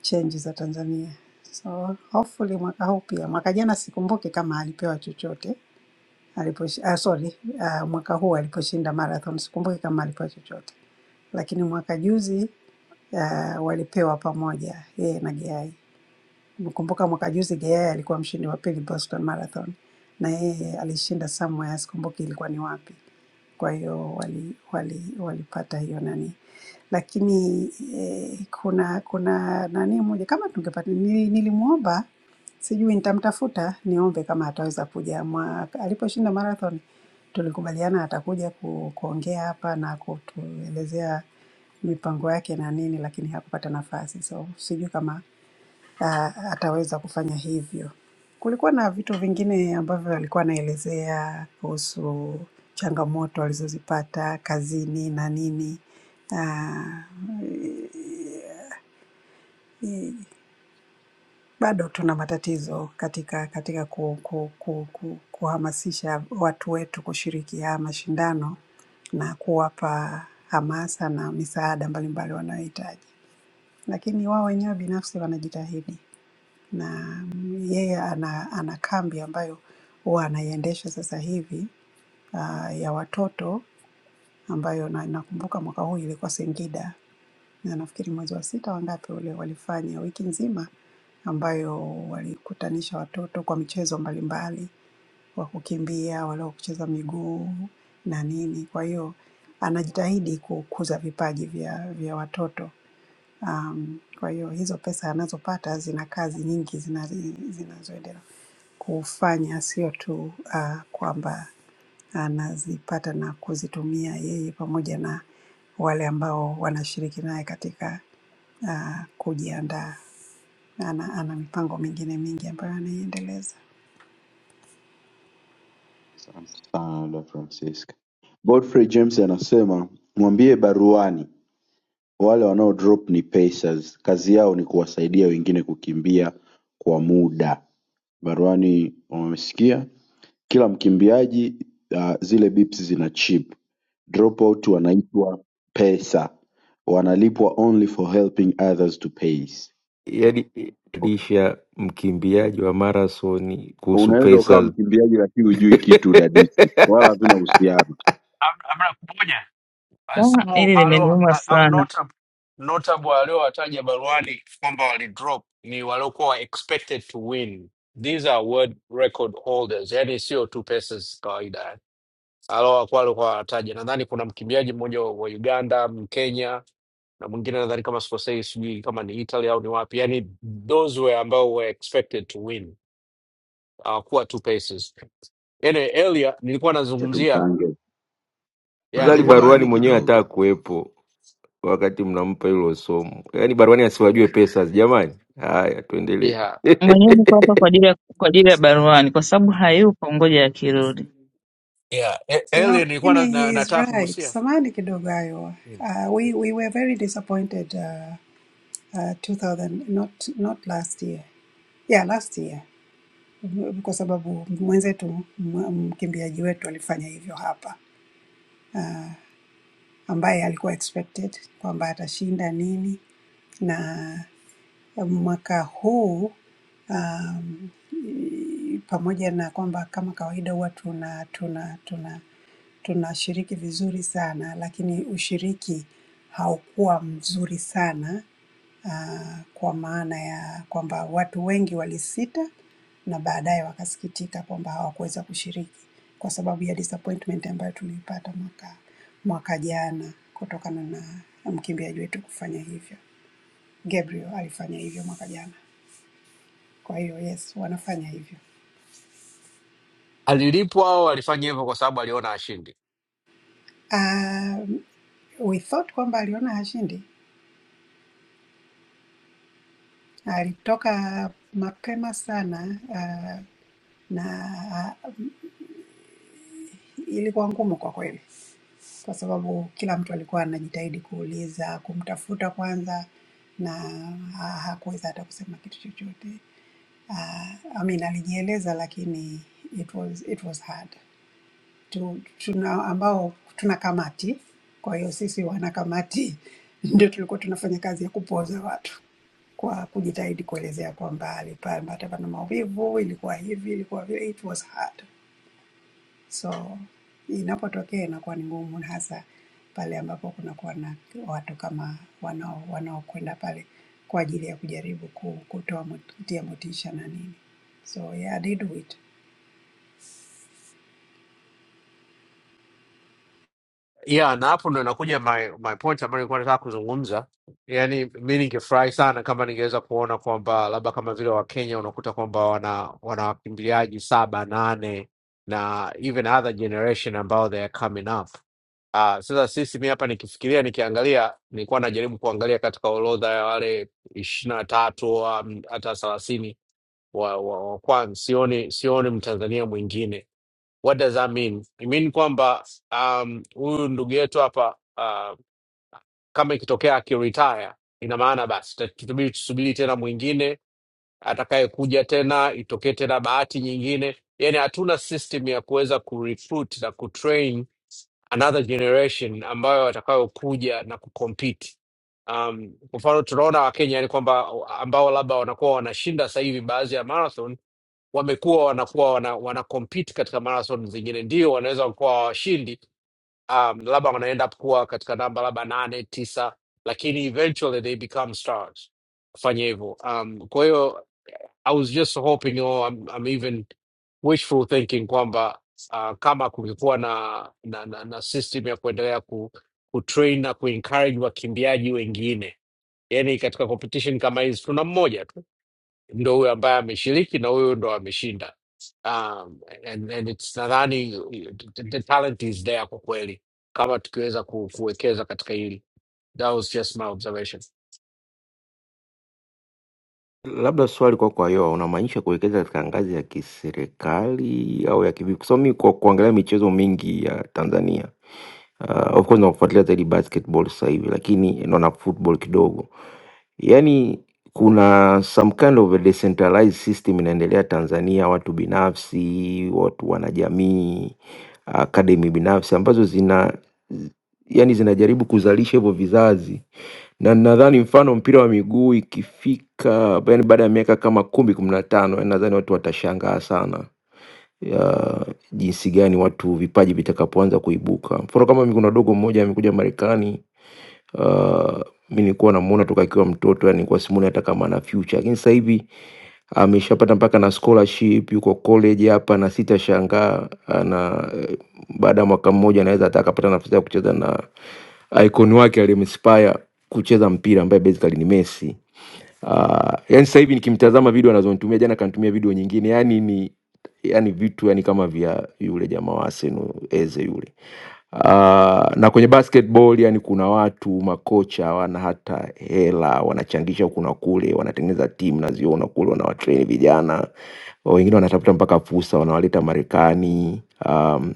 H: chenji za Tanzania. So hopefully mwaka huu pia,
D: Yeah.
H: mwaka jana sikumbuki kama alipewa chochote aliposh, ah, sorry ah, mwaka huu aliposhinda marathon sikumbuki kama alipewa chochote, lakini mwaka juzi ah, walipewa pamoja yeye na Gai. Kumbuka mwaka juzi Geyai alikuwa mshindi wa pili Boston Marathon na yeye alishinda somewhere, sikumbuki ilikuwa ni wapi. Kwa hiyo wali, wali, walipata hiyo nani, lakini eh, kuna kuna nani moja kama tungepata nili, nilimwomba sijui nitamtafuta niombe kama ataweza kuja mwaka aliposhinda marathon tulikubaliana atakuja ku, kuongea hapa na kutuelezea mipango yake na nini, lakini hakupata nafasi, so sijui kama ah, ataweza kufanya hivyo. Kulikuwa na vitu vingine ambavyo alikuwa anaelezea kuhusu changamoto alizozipata kazini na nini. Ah, bado tuna matatizo katika katika ku, ku, ku, ku, kuhamasisha watu wetu kushiriki haya mashindano na kuwapa hamasa na misaada mbalimbali wanayohitaji, lakini wao wenyewe binafsi wanajitahidi. na yeye ana, ana kambi ambayo huwa anaiendesha sasa hivi uh, ya watoto ambayo na, nakumbuka mwaka huu ilikuwa Singida na nafikiri mwezi wa sita wangapi ule walifanya wiki nzima ambayo walikutanisha watoto kwa michezo mbalimbali, wa kukimbia, wale wa kucheza miguu na nini. Kwa hiyo anajitahidi kukuza vipaji vya, vya watoto Um, kwa hiyo hizo pesa anazopata zina kazi nyingi zinazi- zinazoendelea kufanya, sio tu uh, kwamba anazipata na kuzitumia yeye pamoja na wale ambao wanashiriki naye katika uh, kujiandaa. Ana, ana mipango mingine mingi ambayo anaiendeleza.
D: Asante sana dada Francisca. Godfrey James anasema mwambie baruani wale wanao drop ni pacers, kazi yao ni kuwasaidia wengine kukimbia kwa muda. Baruani wamesikia kila mkimbiaji uh, zile bips zina chip. Dropout wanaitwa pesa, wanalipwa only for helping others to pace.
P: yaani lisha mkimbiaji wa marathoni kuhusu
D: Unaweza ukawa
P: pesa
D: mkimbiaji lakini hujui kitu udadisi, wala havina uhusiano.
I: Am- Amna kumoja Uh,
R: Daa,
I: some
R: hili
I: alio
R: limeniuma
I: uh, uh,
R: sana.
I: notable notable aliowataja baruani kwamba walidrop ni waliokuwa expected to win. These are world record holders, yani sio tu pesa za kawaida. alokuwa alikuwa anataja, nadhani kuna mkimbiaji mmoja wa wa Uganda, Mkenya na mwingine nadhani kama sikosei, sijui kama ni Italy au ni wapi, yani those were ambao were expected to win hawakuwa two paces. Anyway, earlier nilikuwa
D: Acha
I: nazungumzia
D: tumkaange
I: yeah,
P: Zali
I: nilikuwa na,
P: baruani
D: baruani
P: mwenyewe
D: kidogo,
P: hataka kuwepo wakati mnampa hilo somo, yaani baruani asiwajue pesa jamani. Haya, tuendelee.
I: yeah,
R: Mwenyewe niko hapa kwa ajili ya kwa ajili ya baruani, kwa sababu hayupo, ngoja akirudi.
I: yeah. E-
H: No,
I: earlier nilikuwa na,
H: lakini he
I: na,
H: is
I: nataka
H: right.
I: kugusia
H: Samahani kidogo hayo.
I: yeah.
H: Uh, we,
I: yeah.
H: we were very disappointed uh, uh, 2000, not, not last year. Yeah, last year. kwa sababu mwenzetu mwa- mkimbiaji wetu alifanya hivyo hapa, ambaye alikuwa expected kwamba atashinda nini na mwaka huu um, pamoja na kwamba kama kawaida huwa tuna tuna tuna tunashiriki vizuri sana, lakini ushiriki haukuwa mzuri sana ah, kwa maana ya kwamba watu wengi walisita na baadaye wakasikitika kwamba hawakuweza kushiriki kwa sababu ya disappointment ambayo tuliipata mwaka mwaka jana kutokana na mkimbiaji wetu kufanya hivyo. Gabriel alifanya hivyo mwaka jana. Kwa hiyo yes, wanafanya hivyo.
I: alilipwa au alifanya hivyo kwa sababu aliona ashindi.
H: Um, we thought kwamba aliona hashindi, alitoka mapema sana uh, na uh, ilikuwa ngumu kwa kweli, kwa sababu kila mtu alikuwa anajitahidi kuuliza, kumtafuta kwanza na ha- hakuweza hata kusema kitu chochote. Uh, I mean, alijieleza lakini it was, it was hard. tu, tuna ambao tuna kamati. Kwa hiyo sisi wanakamati ndio tulikuwa tunafanya kazi ya kupoza watu kwa kujitahidi kuelezea kwamba alipata pana maumivu, ilikuwa hivi, ilikuwa vile, it was hard. So inapotokea inakuwa ni ngumu, na hasa pale ambapo kunakuwa na watu kama wanao wanaokwenda pale kwa ajili ya kujaribu ku- kutoa mot- kutia motisha na nini. So yeah, I did do it.
I: yeah na hapo ndo inakuja my, my point ambayo nilikuwa nataka kuzungumza yaani mi ningefurahi sana kama ningeweza kuona kwamba labda kama vile wakenya unakuta kwamba wana wana wakimbiliaji saba nane na even other generation ambao they are coming up Uh, sasa sisi mi hapa nikifikiria nikiangalia nilikuwa najaribu kuangalia katika orodha ya wale ishirini na tatu um, hata thelathini wa, wa, wa kwanza sioni, sioni mtanzania mwingine What does that mean? I mean kwamba um, huyu ndugu yetu hapa uh, kama ikitokea akiretire, ina maana basi ta- tutabidi tusubiri tena mwingine atakayekuja tena, itokee tena bahati nyingine. Yani hatuna system ya kuweza kurecruit na kutrain another generation ambayo watakayokuja na kucompete. Um, kwa mfano tunaona Wakenya ni kwamba ambao labda wanakuwa wanashinda sasa hivi baadhi ya marathon wamekuwa wanakuwa wana, wana compete katika marathon zingine, ndio wanaweza kuwa washindi um, labda wanaenda kuwa katika namba labda nane tisa, lakini eventually they become stars kufanya hivyo. Um, kwa hiyo I was just hoping or I'm, I'm even wishful thinking kwamba uh, kama kungekuwa na, na, na, na system ya kuendelea ku, kutrain na kuencourage wakimbiaji wengine, yani katika competition kama hizi tuna mmoja tu ndo huyo ambaye ameshiriki na huyo ndo ameshinda. Um, and, and it's nadhani the, the talent is there kwa kweli kama tukiweza ku, kuwekeza katika hili. That was just my observation.
P: Labda swali kwako kwa Ayoa, unamaanisha kuwekeza katika ngazi ya kiserikali au ya kivipi? Kwa sababu mi kwa kuangalia michezo mingi ya Tanzania uh, of course nakufuatilia zaidi basketball sasa hivi, lakini naona football kidogo. Yaani kuna some kind of a decentralized system inaendelea Tanzania, watu binafsi, watu wanajamii, academy binafsi ambazo zina yani zinajaribu kuzalisha hivyo vizazi na nadhani mfano mpira wa miguu ikifika yaani baada ya miaka kama kumi, kumi na tano yaani nadhani watu watashangaa sana ya jinsi gani watu vipaji vitakapoanza kuibuka. Mfano kama mimi kuna dogo mmoja amekuja Marekani, uh, mi nilikuwa namuona toka akiwa mtoto yaani nilikuwa simuoni hata kama ana future, lakini sasa hivi ameshapata mpaka na scholarship, yuko college hapa na sitashangaa ana eh, baada ya mwaka mmoja anaweza hata akapata nafasi ya kucheza na icon wake aliyemspire kucheza mpira ambaye basically ni Messi. Uh, yani sasa hivi nikimtazama video anazonitumia, jana kanitumia video nyingine, yani ni yani vitu yani kama vya yule jamaa wa Arsenal Eze yule. Uh, na kwenye basketball yani kuna watu makocha hawana hata hela, wanachangisha huku na kule, wanatengeneza timu naziona kule, wanawatrain vijana wengine, wanatafuta mpaka fursa, wanawaleta Marekani um,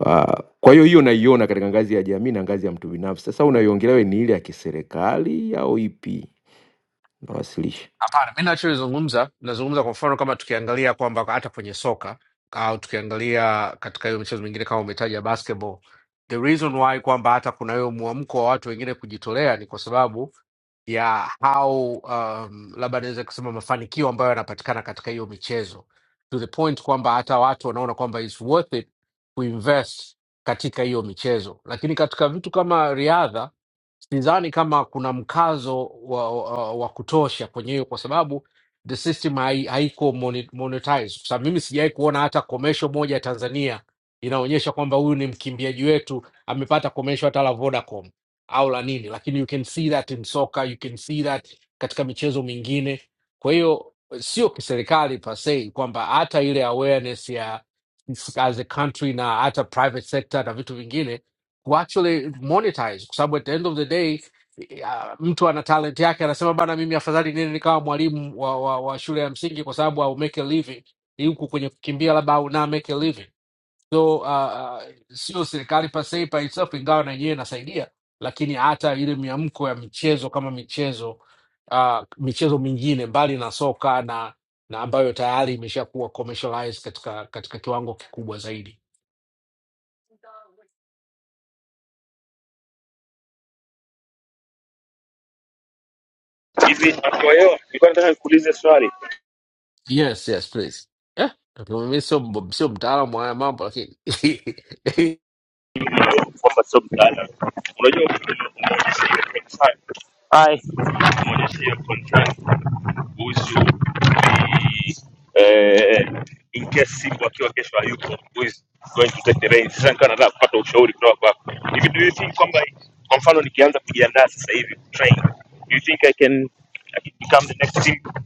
P: Uh, kwa hiyo hiyo naiona katika ngazi ya jamii na ngazi ya mtu binafsi. Sasa unaiongelea wewe ni ile ya kiserikali au ipi? Nawasilisha.
I: Hapana, mi nachozungumza nazungumza kwa mfano kama tukiangalia kwamba hata kwenye soka au tukiangalia katika hiyo michezo mingine kama umetaja basketball, the reason why kwamba hata kuna hiyo mwamko wa watu wengine kujitolea ni kwa sababu ya how um, labda naweza kusema mafanikio ambayo yanapatikana katika hiyo michezo to the point kwamba hata watu wanaona kwamba it's worth it kuinvest katika hiyo michezo lakini katika vitu kama riadha sidhani kama kuna mkazo wa, wa, wa kutosha kwenye hiyo kwa sababu the system hai, haiko moni- monetized. Sasa mimi sijawai kuona hata commercial moja ya Tanzania inaonyesha kwamba huyu ni mkimbiaji wetu amepata commercial hata la Vodacom au la nini, lakini you can see that in soccer, you can see that katika michezo mingine. Kwa hiyo sio kiserikali per se kwamba hata ile awareness ya as a country na hata private sector na vitu vingine ku actually monetize kwa sababu at the end of the day ya, mtu ana talent yake anasema bana mimi afadhali nini nikawa mwalimu wa, wa, wa shule ya msingi kwa sababu au make a living Ni huku kwenye kukimbia labda au na make a living so uh, uh, sio serikali per se by itself ingawa na yenyewe inasaidia lakini hata ile miamko ya michezo kama michezo uh, michezo mingine mbali na soka na na ambayo tayari imeshakuwa commercialized katika katika kiwango kikubwa zaidi
M: Hivi kwa hiyo nilikuwa nataka nikuulize swali.
I: Yes, yes, please. Yeah. Okay, we made some some down my mouth, but okay.
M: kwamba sio mtaalamu. Unajua umeonyesha hiyo contract, Hi. umeonyesha hiyo contract kuhusu ni, eh, eh, in case Simba akiwa kesho hayupo who is going to take the reins. Sasa nikawa nataka kupata ushauri kutoka kwako. Hivi do you think kwamba kwa mfano nikianza kujiandaa sasa hivi kutrain, do you think I can, I can become the next Simba?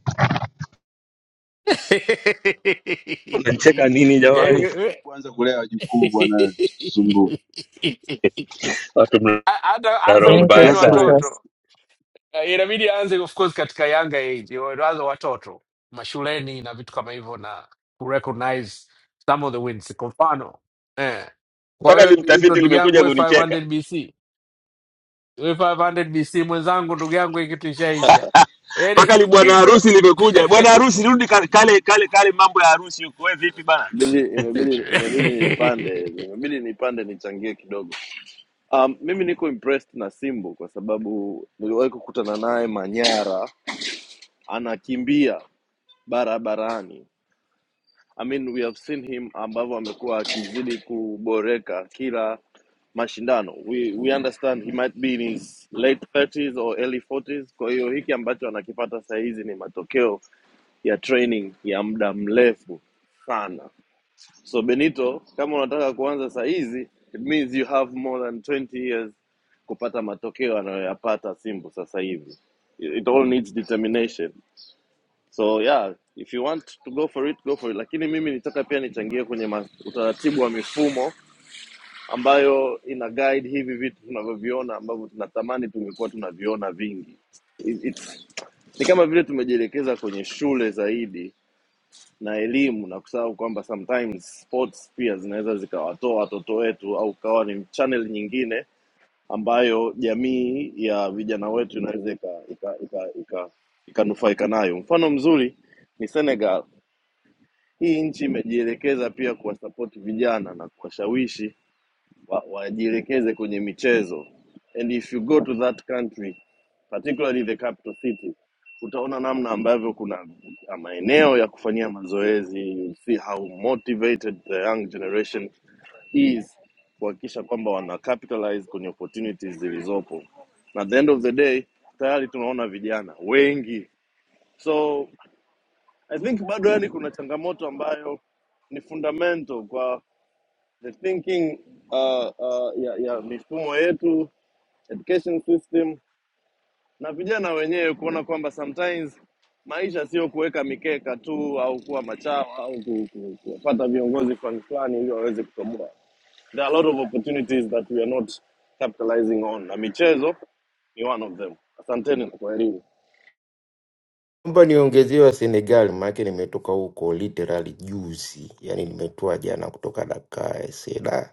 M: Unanicheka nini jamani?
D: kwanza kulea wajukuu bwana, tusumbue
M: Watu mna
I: Hata anza
M: roho
R: Benito
M: mbaya
I: kutrain
M: sana.
D: Godfrey,
R: sasa.
I: watoto Eh, inabidi aanze of course katika younger age, waanze watoto mashuleni na vitu kama hivyo, na kurecognize some of the wins. Kwa mfano eh, kwa
M: Mpaka
I: hiyo Benito,
M: limtafiti
I: ndugu yangu
M: limekuja
I: we
M: kunicheka.
I: 500 BC We 500 BC mwenzangu, ndugu yangu, hii kitu ishaisha. Yaani
M: mpaka li bwana
I: iko-
M: harusi limekuja. Bwana harusi, rudi kale kale kale kale mambo ya harusi huko. Wewe vipi bana?
S: imebidi imebidi imebidi nipande imebidi nipande nichangie kidogo um, mimi niko impressed na simbu kwa sababu niliwahi kukutana naye manyara anakimbia barabarani I mean, we have seen him ambavyo amekuwa akizidi kuboreka kila mashindano we, we understand he might be in his late 30s or early 40s kwa hiyo hiki ambacho anakipata saa hizi ni matokeo ya training ya muda mrefu sana So Benito, kama unataka kuanza saa hizi, it means you have more than 20 years kupata matokeo anayoyapata Simbu sasa hivi. It it all needs determination. So yeah, if you want to go for it, go for it. Lakini mimi nitaka pia nichangie kwenye ma- utaratibu wa mifumo ambayo ina guide hivi vitu tunavyoviona ambavyo tunatamani tungekuwa tunaviona vingi. It, it's, ni kama vile tumejielekeza kwenye shule zaidi na elimu na kusahau kwamba sometimes sports pia zinaweza zikawatoa watoto wetu au kawa ni channel nyingine ambayo jamii ya vijana wetu inaweza ikanufaika ika, ika, ika, ika ikanufaika nayo. Mfano mzuri ni Senegal. Hii nchi imejielekeza pia kuwasapoti vijana na kuwashawishi wa, wajielekeze kwenye michezo and if you go to that country particularly the capital city utaona namna ambavyo kuna maeneo ya kufanyia mazoezi you see how motivated the young generation is kuhakikisha kwamba wana capitalize kwenye opportunities zilizopo na at the end of the day tayari tunaona vijana wengi so i think bado yani kuna changamoto ambayo ni fundamental kwa the thinking uh, uh, ya, ya mifumo yetu education system na vijana wenyewe kuona kwamba sometimes maisha sio kuweka mikeka tu au kuwa machawa au ku- ku- kuwapata viongozi fulani fulani ili waweze kutoboa. There are a lot of opportunities that we are not capitalizing on, na michezo ni one of them. Asanteni na kwaherini.
P: Naomba niongezewe Senegal maana nimetoka huko literally juzi. Yaani nimetoa jana kutoka Dakar Seda.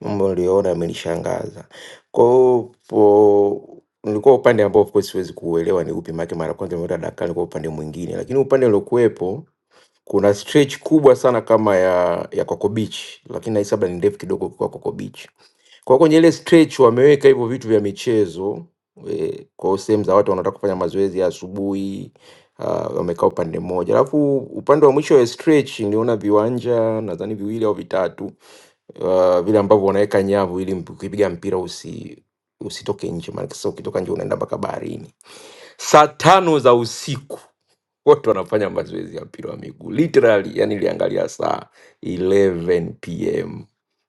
P: Mambo niliyoona yamenishangaza. Kwa hiyo po- nilikuwa upande ambao of course siwezi kuuelewa ni upi maana yake mara ya kwanza nimeenda Dakar nilikuwa upande mwingine. Lakini upande uliokuwepo kuna stretch kubwa sana kama ya ya Coco Beach, lakini nahisi labda ni ndefu kidogo kwa Coco Beach. Kwa kwenye ile stretch wameweka hivyo vitu vya michezo eh, kwa hiyo sehemu za watu wanataka kufanya mazoezi ya asubuhi ah, wamekaa upande mmoja, alafu upande wa mwisho wa stretch niliona viwanja nadhani viwili au vitatu uh, vile ambavyo wanaweka nyavu ili mp- ukipiga mpira usi usitoke nje, maana sasa ukitoka nje unaenda mpaka baharini. Saa tano za usiku watu wanafanya mazoezi ya mpira wa miguu literally, yani niliangalia saa 11 pm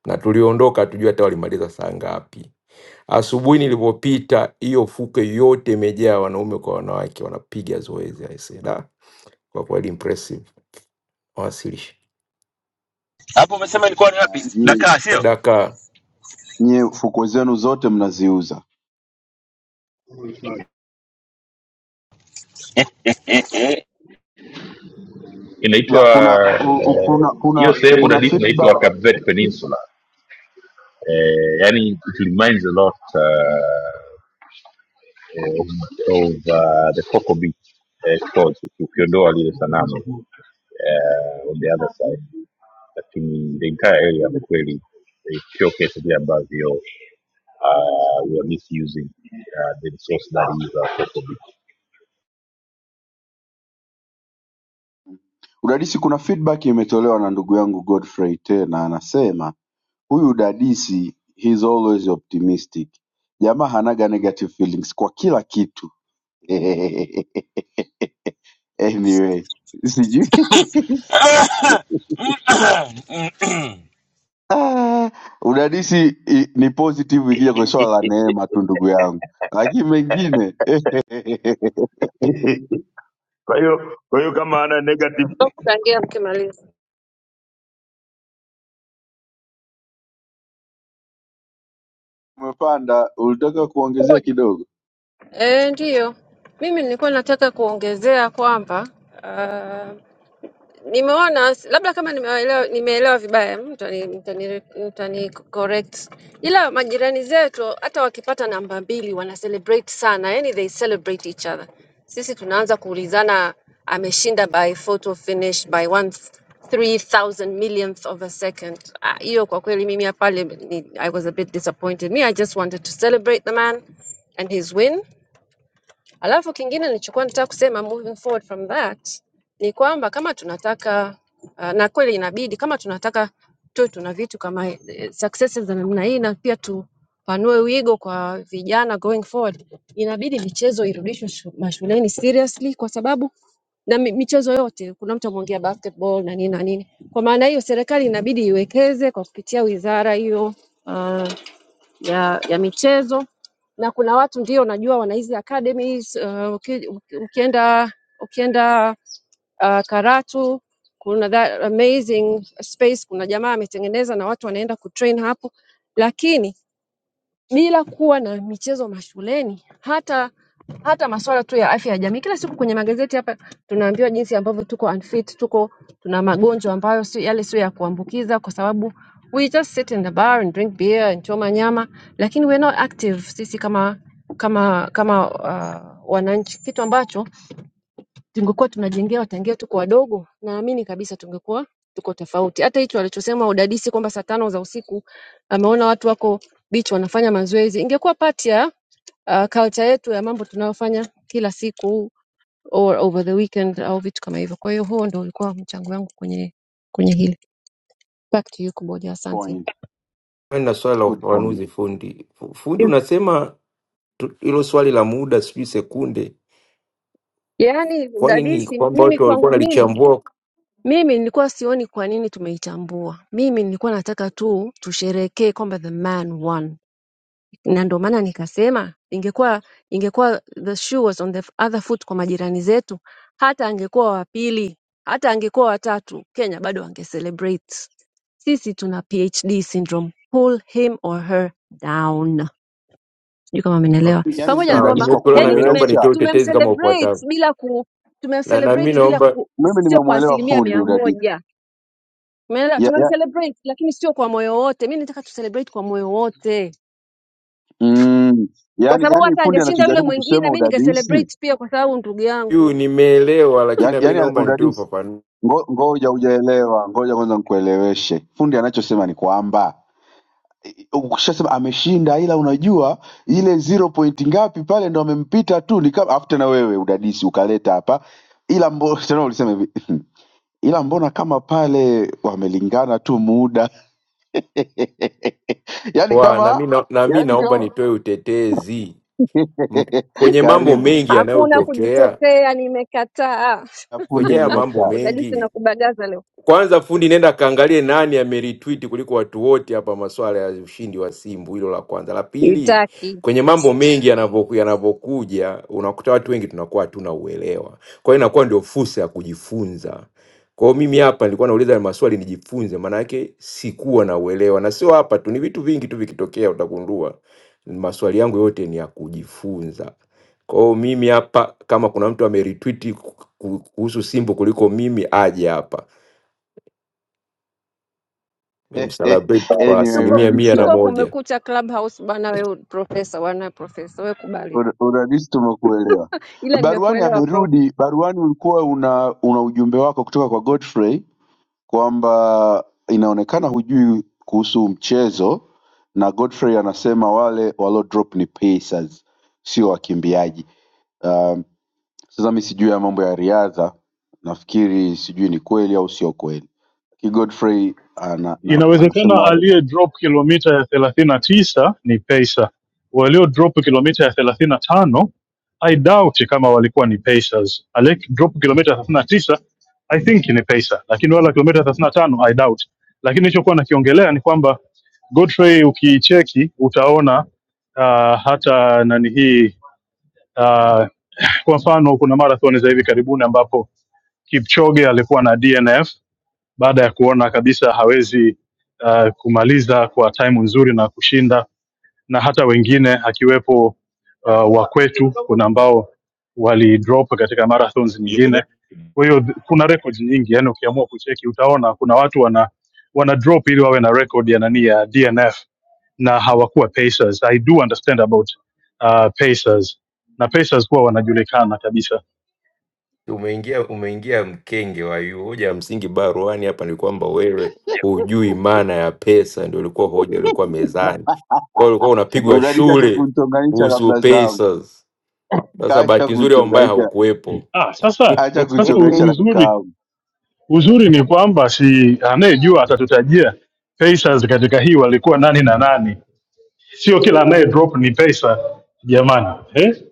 P: na tuliondoka hatujui hata walimaliza saa ngapi. Asubuhi nilipopita, hiyo fukwe yote imejaa wanaume kwa wanawake wanapiga zoezi. Aisee, da, kwa kweli impressive wawasilishi.
M: Hapo umesema ilikuwa ni wapi?
D: nyie.
M: Dakar sio?
P: Daka,
D: nyie fukwe zenu zote mnaziuza. Ya,
B: inaitwa
D: kuna u, u,
B: eh,
D: kuna
B: hiyo eh,
D: kuna
B: sehemu
D: kuna
B: dadisi
D: feedback
B: inaitwa Kapvet peninsula eh, yani it reminds a lot uh, eh, of, of uh, the Coco Beach eh, Shores, uki- ukiondoa lile sanamu eh, on the other side lakini the entire area kwa kweli eh, sio kesi vile ambavyo uh, we are misusing uh, the resource that is our people.
D: udadisi, kuna feedback imetolewa na ndugu yangu Godfrey tena, anasema huyu udadisi he's always optimistic. Jamaa hanaga negative feelings kwa kila kitu. anyway, sijui Ah, Udadisi i- ni positive ikija kwenye swala la neema tu ndugu yangu, lakini mengine
J: eh. kwa hiyo kwa hiyo kama ana negative
C: Kutangia mkimaliza.
D: umepanda, ulitaka kuongezea kidogo
C: Eh, ndiyo. Mimi nilikuwa nataka kuongezea kwamba nimeona labda kama nimeelewa nimeelewa vibaya mtani, mtani, mtani correct ila majirani zetu hata wakipata namba mbili wana celebrate sana yani they celebrate each other sisi tunaanza kuulizana ameshinda by photo finish by one 3000 millionth of a second Ah, hiyo kwa kweli mimi ya pale ni, i was a bit disappointed me i just wanted to celebrate the man and his win Alafu kingine nilichokuwa nataka kusema moving forward from that ni kwamba kama tunataka uh, na kweli inabidi kama tunataka tuwe tuna vitu kama eh, successes za namna hii na pia tupanue wigo kwa vijana going forward, inabidi michezo irudishwe shu- mashuleni seriously, kwa sababu na mi- michezo yote, kuna mtu ameongea basketball na nini na nini. Kwa maana hiyo, serikali inabidi iwekeze kwa kupitia wizara hiyo uh, ya, ya michezo na kuna watu ndio najua wana hizi academies uh, uki, ukienda ukienda uh, Karatu kuna that amazing space, kuna jamaa ametengeneza na watu wanaenda kutrain hapo, lakini bila kuwa na michezo mashuleni hata hata masuala tu ya afya ya jamii. Kila siku kwenye magazeti hapa tunaambiwa jinsi ambavyo tuko unfit, tuko tuna magonjwa ambayo sio yale sio ya kuambukiza, kwa sababu we just sit in the bar and drink beer and choma nyama, lakini we're not active sisi kama kama kama uh, wananchi, kitu ambacho tungekuwa tunajengewa tangia tuko wadogo, naamini kabisa tungekuwa tuko tofauti. Hata hicho alichosema udadisi kwamba saa tano za usiku ameona watu wako beach wanafanya mazoezi, ingekuwa part ya uh, culture yetu ya mambo tunayofanya kila siku or over the weekend au vitu kama hivyo. Kwa hiyo huo ndio ulikuwa mchango wangu kwenye kwenye hili. Back to you Kuboja, asante.
D: point.
P: na swali la
D: Good point.
P: ufafanuzi fundi. Fu- Fundi,
C: Yeah.
P: unasema tu- hilo swali la muda sijui sekunde,
C: Yaani
P: kwani ni
C: udadisi
P: kwamba
C: mimi
P: watu walikuwa
C: kwangu mimi
P: wanalichambua?
C: mimi nilikuwa sioni kwa nini tumeitambua. Mimi nilikuwa nataka tu tusherekee kwamba the man won na ndio maana nikasema ingekuwa ingekuwa the shoe was on the other foot kwa majirani zetu, hata angekuwa wa pili, hata angekuwa watatu, Kenya bado ange celebrate. Sisi tuna PhD syndrome, pull him or her down. Sijui kama amenielewa.
D: Yani
C: Pamoja na
P: Sawa,
D: udadisi
C: kwamba
D: kwa
P: nimekuelewa na
C: yani
P: mimi naomba
C: tume
D: kuelewesha,
P: nitoe utetezi kama ufuatavyo,
C: tumemcelebrate bila ku
P: na na mimi
C: tumemcelebrate bila
P: naomba
C: ku,
D: mimi
C: sio kwa
D: nimemwelewa
C: asilimia
D: fundi
C: mia
D: udadisi
C: moja. Umeelewa?
D: ya, ya,
C: Tumemcelebrate lakini sio kwa moyo wote. Mimi nataka tucelebrate kwa moyo wote
D: mm,
C: kwa
D: yani,
C: sababu
D: yani
C: hata
D: fundi
C: angeshinda yule
D: anachojaribu
C: mwingine,
D: kusema
C: mi
D: udadisi
C: ningecelebrate pia, kwa sababu ndugu
P: yu
C: yangu,
P: nimeelewa, lakini
D: yani,
P: nami
D: yani
P: naomba nitoe
D: udadisi
P: ufafanuzi
D: ngo, ngoja hujaelewa, ngoja kwanza nikueleweshe. Fundi anachosema ni kwamba ukishasema ameshinda, ila unajua ile zero point ngapi pale ndo amempita tu, ni kama afu tena wewe udadisi ukaleta hapa, ila mbona tena ulisema hivi ila mbona kama pale wamelingana tu muda yani
P: Wa, na
D: kama
P: mi na, na mi
D: yani
P: naomba
D: kama
P: nitoe utetezi M- kwenye mambo
D: karibu
P: mengi
C: hakuna
P: yanayotokea
C: kujitetea, nimekataa.
D: Na fundi
P: kwenye haya mambo
D: amekataa.
C: Udadisi
P: mengi.
C: na kubagaza leo
P: Kwanza fundi, nenda kaangalie nani ameritweet kuliko watu wote hapa, masuala ya ushindi wa Simbu. Hilo la kwanza. La pili,
C: itaki.
P: kwenye mambo mengi yanavyoku- yanavyokuja, unakuta watu wengi tunakuwa hatuna uelewa, kwa hiyo inakuwa ndio fursa ya kujifunza. Kwa hiyo mimi hapa nilikuwa nauliza maswali nijifunze, maana yake sikuwa na uelewa, na sio hapa tu, ni vitu vingi tu vikitokea utagundua maswali yangu yote ni ya kujifunza. Kwa hiyo mimi hapa, kama kuna mtu ameritweet ku- ku- kuhusu Simbu kuliko mimi, aje hapa Nimemcelebrate kwa
D: anyway,
C: Tuko
P: asilimia mia
D: udadisi
P: na
D: ya-
C: tuko
P: moja.
C: kumekucha Clubhouse bana, wewe profesa, wana profesa, wewe kubali,
D: una- udadisi tumekuelewa.
C: ila
D: Baruani
C: nimekuelewa prof.
D: amerudi. Baruani, ulikuwa una una ujumbe wako kutoka kwa Godfrey kwamba inaonekana hujui kuhusu mchezo na Godfrey anasema wale walio drop ni pacers sio wakimbiaji. Um, sasa mi sijui ya mambo ya riadha, nafikiri sijui ni kweli au sio kweli. Ki Godfrey ana, na, anasema
K: Inawezekana
D: wale
K: aliye drop kilomita ya thelathini na tisa ni Pacer, walio drop kilomita ya thelathini na tano I doubt kama walikuwa ni Pacers. Alec drop kilomita 39 I think ni Pacer, lakini wala kilomita 35 I doubt. Lakini nilichokuwa nakiongelea ni kwamba Godfrey ukiicheki utaona uh, hata nani hii uh, kwa mfano kuna marathon za hivi karibuni ambapo Kipchoge alikuwa na DNF baada ya kuona kabisa hawezi uh, kumaliza kwa time nzuri na kushinda, na hata wengine akiwepo uh, wa kwetu, kuna ambao walidrop katika marathons nyingine. Kwa hiyo th- kuna records nyingi, yani ukiamua kucheki utaona kuna watu wana wana drop ili wawe na record ya nani ya DNF na hawakuwa pacers. I do understand about uh, pacers na pacers kuwa wanajulikana kabisa.
P: Umeingia umeingia mkenge wa yu. Hoja ya msingi baruani hapa ni kwamba wewe hujui maana ya pesa, ndio ilikuwa hoja ilikuwa mezani. Kwa hiyo ulikuwa unapigwa
D: unaniacha acha
P: shule
D: kunichonganisha na
P: kuhusu
D: Blazamu,
P: pesa. Sasa
D: acha
P: bahati nzuri au mbaya
D: kunichonganisha,
P: haukuwepo.
K: Ah, sasa
D: acha
K: sasa u-
D: kunichonganisha na
K: uzuri
D: kakaangu
K: Uzuri ni kwamba si anayejua atatutajia Pacers katika hii walikuwa nani na nani, sio kila anaye drop ni pesa jamani eh?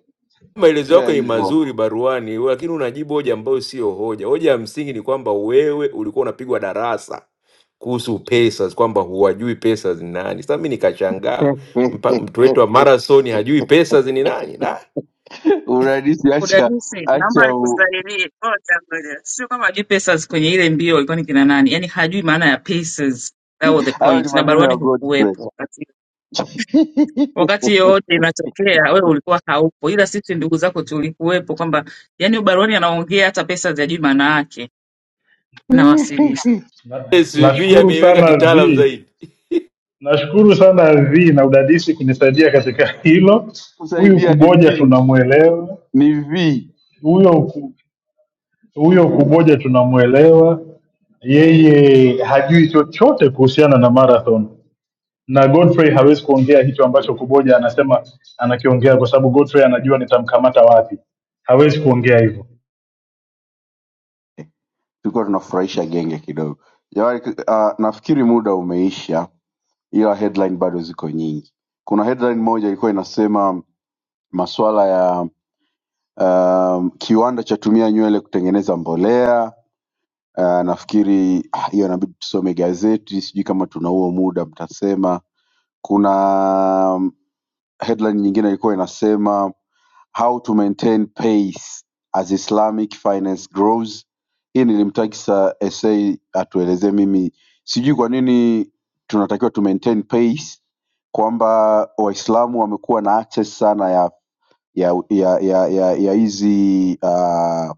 P: maelezo
D: tena
P: yako ni
D: hivyo
P: mazuri baruani, lakini unajibu hoja ambayo sio hoja. Hoja ya msingi ni kwamba wewe ulikuwa unapigwa darasa kuhusu pesa, kwamba huwajui pesa ni nani. Sasa mimi nikashangaa, mpa- mtu wetu wa marathon hajui pesa ni nani? Da,
D: unadisi, acha
R: Udadisi, naomba
D: acha
R: nikusaidie moja moja, sio kama hajui pesos kwenye ile mbio ilikuwa ni kina nani, yani hajui maana ya pesos. That was the
D: hayo ni
R: point, na
D: maneno
R: baruani
D: ya Godfrey.
R: hukuwepo wakati wakati yoyote inatokea, wewe ulikuwa haupo, ila sisi ndugu zako tulikuwepo, kwamba yani baruani anaongea hata pesos hajui maana yake. Nawasilisha.
K: Na-
P: SUV
K: Nashukuru
P: ameiweka
K: sana
P: kitaalam
K: V,
P: zaidi.
K: nashukuru sana V na udadisi kunisaidia katika hilo. Huyu
D: kusaidia ni
K: Kuboja
D: v
K: tunamwelewa,
D: ni v
K: huyo ku- huyo Kuboja tunamwelewa, yeye hajui chochote kuhusiana na marathon na Godfrey hawezi kuongea hicho ambacho Kuboja anasema anakiongea, kwa sababu Godfrey anajua nitamkamata wapi. Hawezi kuongea hivyo,
D: tulikuwa tunafurahisha genge kidogo jamani uh, nafikiri muda umeisha ila headline bado ziko nyingi kuna headline moja ilikuwa inasema maswala ya um, kiwanda chatumia nywele kutengeneza mbolea uh, nafikiri ah, hiyo inabidi tusome gazeti sijui kama tuna huo muda mtasema kuna um, headline nyingine ilikuwa inasema How to Maintain Pace as Islamic Finance Grows. Hii nilimtakisa SA atuelezee. Mimi sijui kwa nini tunatakiwa tu maintain pace, kwamba Waislamu wamekuwa na access sana ya ya ya ya ya ya hizi uh,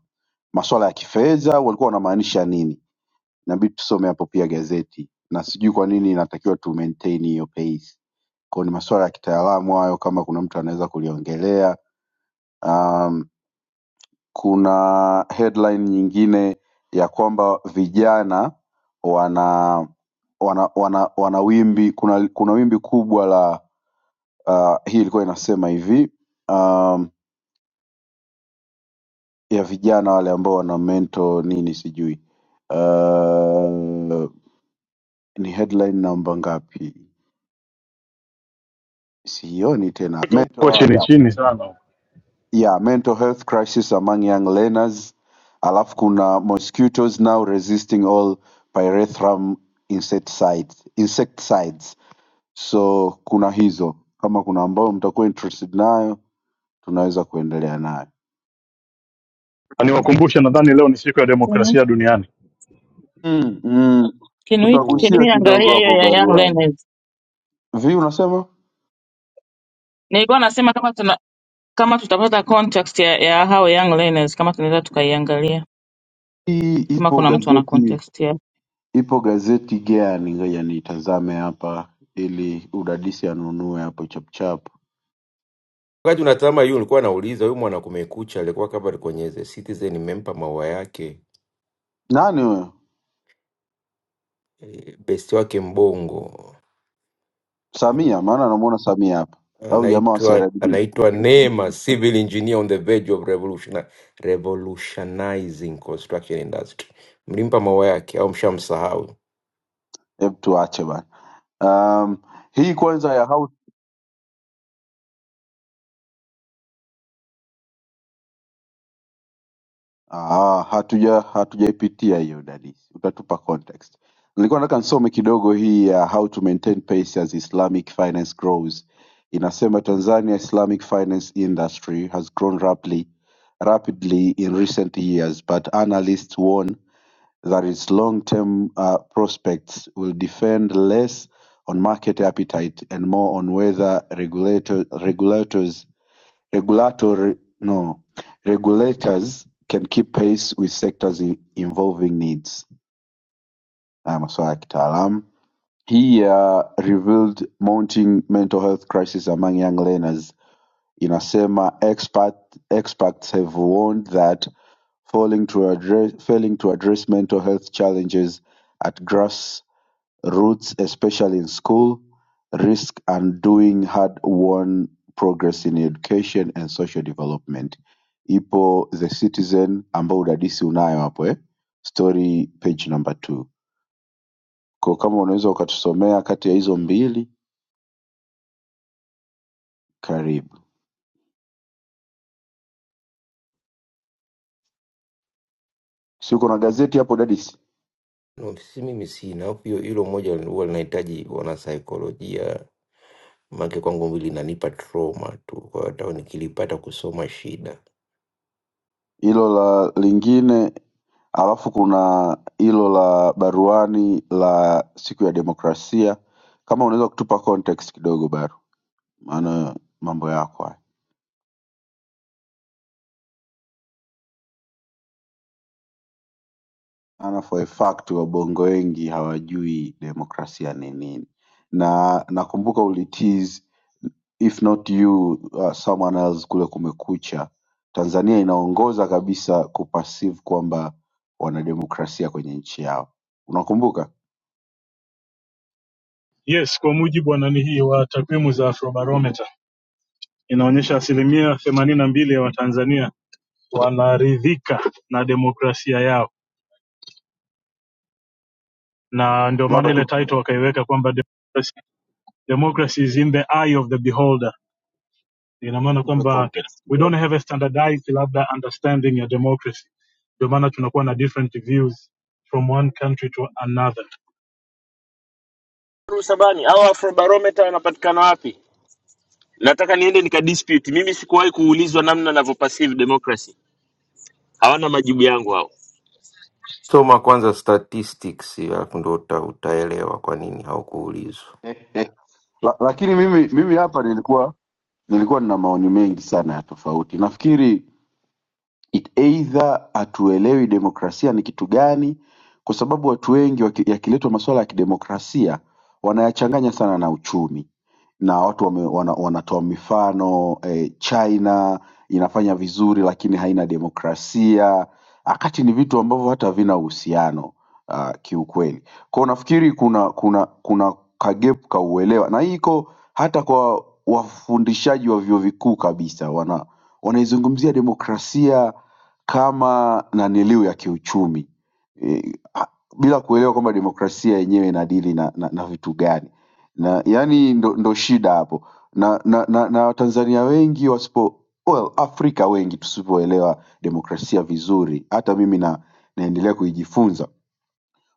D: masuala ya kifedha, walikuwa wanamaanisha nini? Inabidi tusome hapo pia gazeti, na sijui kwa nini inatakiwa tu maintain hiyo pace. Kwa hiyo ni masuala ya kitaalamu hayo, kama kuna mtu anaweza kuliongelea. Um, kuna headline nyingine ya kwamba vijana wana wana, wana, wana wimbi kuna, kuna wimbi kubwa la uh, hii ilikuwa inasema hivi um, ya vijana wale ambao wana mento nini sijui uh, ni headline namba ngapi sioni tena mental,
K: uko
D: oh,
K: chini
D: yeah.
K: chini sana.
D: ya mental health crisis among young learners alafu kuna mosquitoes now resisting all pyrethrum insecticides, insecticides so kuna hizo kama kuna ambayo mtakuwa interested nayo tunaweza kuendelea nayo
K: Na Niwakumbushe, nadhani leo ni siku ya demokrasia duniani.
D: mm, mm.
R: Can we,
P: Jibu
R: can
D: tutagusia
R: we
D: kidogo
R: angalia hiyo
D: hapo
R: ya Young
D: baruani
R: Leonard?
D: vi unasema
R: Nilikuwa nasema kama tuna kama tutapata contact ya, ya hao young learners kama tunaweza tukaiangalia
D: hii
R: kama
D: ipo
R: kuna mtu ana
D: gazeti
R: contact yao.
D: ipo gazeti gani ngoja niitazame hapa ili udadisi anunue hapo chapchap
P: wakati unatazama hiyo, ulikuwa nauliza huyu mwana kumekucha, alikuwa kama kwenye The Citizen, nimempa maua yake
D: nani huyo
P: eh, besti wake Mbongo
D: Samia, maana namuona Samia hapa au jamaa wa
P: anaitwa
D: CRDB.
P: anaitwa Neema, civil engineer on the verge of revolution, revolutionizing construction industry. Mlimpa maua yake au mshamsahau?
D: Hebu tuache bana. Um, hii kwanza ya house ah, hatuja hatujaipitia hiyo dadisi, utatupa context. Nilikuwa nataka nisome kidogo hii ya how to maintain pace as Islamic finance grows. Inasema Tanzania Islamic finance industry has grown rapidly rapidly in recent years but analysts warn that its long-term uh, prospects will depend less on market appetite and more on whether regulator- regulators regulatory no regulators can keep pace with sectors in- involving needs. Ah, Masuala ya kitaalamu. He uh, revealed mounting mental health crisis among young learners inasema expert, experts have warned that failing to address, failing to address mental health challenges at grassroots, especially in school, risk undoing hard-won progress in education and social development. Ipo The Citizen ambao udadisi unayo hapo eh? Story page number two. Kwa kama unaweza ukatusomea kati ya hizo mbili, karibu. Si uko na gazeti hapo dadisi?
P: No, si mimi sina hofu hiyo, hilo moja huwa linahitaji wanasaikolojia, maanake kwangu mimi linanipa trauma tu, kwa hiyo hata nikilipata kusoma shida.
D: hilo la lingine alafu kuna hilo la baruani la siku ya demokrasia kama unaweza kutupa context kidogo baru maana mambo yako haya maana for a fact wabongo wengi hawajui demokrasia ni nini na nakumbuka ulitis if not you uh, someone else kule kumekucha tanzania inaongoza kabisa kupasive kwamba wana demokrasia kwenye nchi yao unakumbuka
K: Yes, kwa mujibu wa nani hii wa takwimu za Afrobarometer inaonyesha asilimia themanini na mbili ya Watanzania wanaridhika na demokrasia yao, na ndio maana
D: labda
K: ile
D: tu
K: title wakaiweka kwamba democracy, democracy is in the eye of the beholder. ina maana
D: tupe
K: kwamba
D: context
K: we
D: kidogo
K: don't have a standardized labda understanding ya democracy ndio maana tunakuwa na different views from one country to another
M: Rusabani au Afrobarometer wanapatikana wapi? Nataka niende nikadispute. Mimi sikuwahi kuulizwa namna navyo perceive democracy. Hawana majibu yangu hao.
P: Soma kwanza statistics, alafu ndo uta, utaelewa kwa nini haukuulizwa.
D: La, lakini mimi mimi hapa nilikuwa nilikuwa nina maoni mengi sana ya tofauti. Nafikiri it either hatuelewi demokrasia ni kitu gani, kwa sababu watu wengi waki- yakiletwa masuala ya kidemokrasia wanayachanganya sana na uchumi. na watu wame, wana, wanatoa mifano eh, China inafanya vizuri lakini haina demokrasia, wakati ni vitu ambavyo hata havina uhusiano uh, kiukweli. Kwa hiyo nafikiri kuna kuna kuna kagep kauelewa, na hii iko hata kwa wafundishaji wa vyuo vikuu kabisa, wana wanaizungumzia demokrasia kama naniliu ya kiuchumi e, bila kuelewa kwamba demokrasia yenyewe inadili na, na, na vitu gani na yani ndo, ndo shida hapo na na, na, na watanzania wengi wasipo well, afrika wengi tusipoelewa demokrasia vizuri hata mimi na, naendelea kuijifunza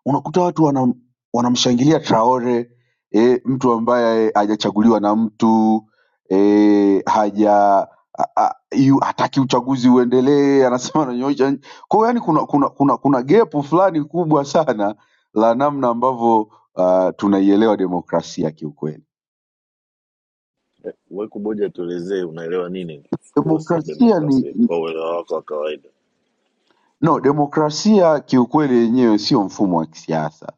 D: unakuta watu wanam, wanamshangilia traore e, mtu ambaye hajachaguliwa na mtu e, haja a- a- yu- hataki uchaguzi uendelee anasema ananyoosha nchi. kwa hiyo yani kuna kuna kuna, kuna gepu fulani kubwa sana la namna ambavyo uh, tunaielewa demokrasia kiukweli
S: We kuboja, tuelezee unaelewa nini kuhusu
D: Demokrasia ni
S: demokrasia kwa uelewa wako wa kawaida.
D: no, demokrasia kiukweli yenyewe sio mfumo wa kisiasa.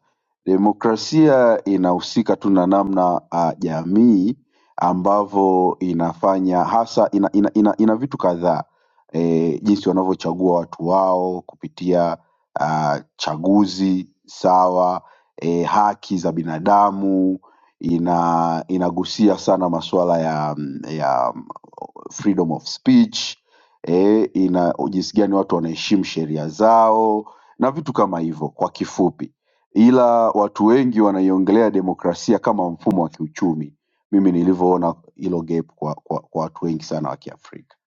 D: Demokrasia inahusika tu na namna uh, jamii ambavyo inafanya hasa ina, ina, ina, ina vitu kadhaa e, jinsi wanavyochagua watu wao kupitia uh, chaguzi sawa e, haki za binadamu ina inagusia sana masuala ya, ya freedom of speech eh, ina jinsi gani watu wanaheshimu sheria zao na vitu kama hivyo kwa kifupi, ila watu wengi wanaiongelea demokrasia kama mfumo wa kiuchumi. Mimi nilivyoona hilo gap kwa, kwa, kwa watu wengi sana wa Kiafrika,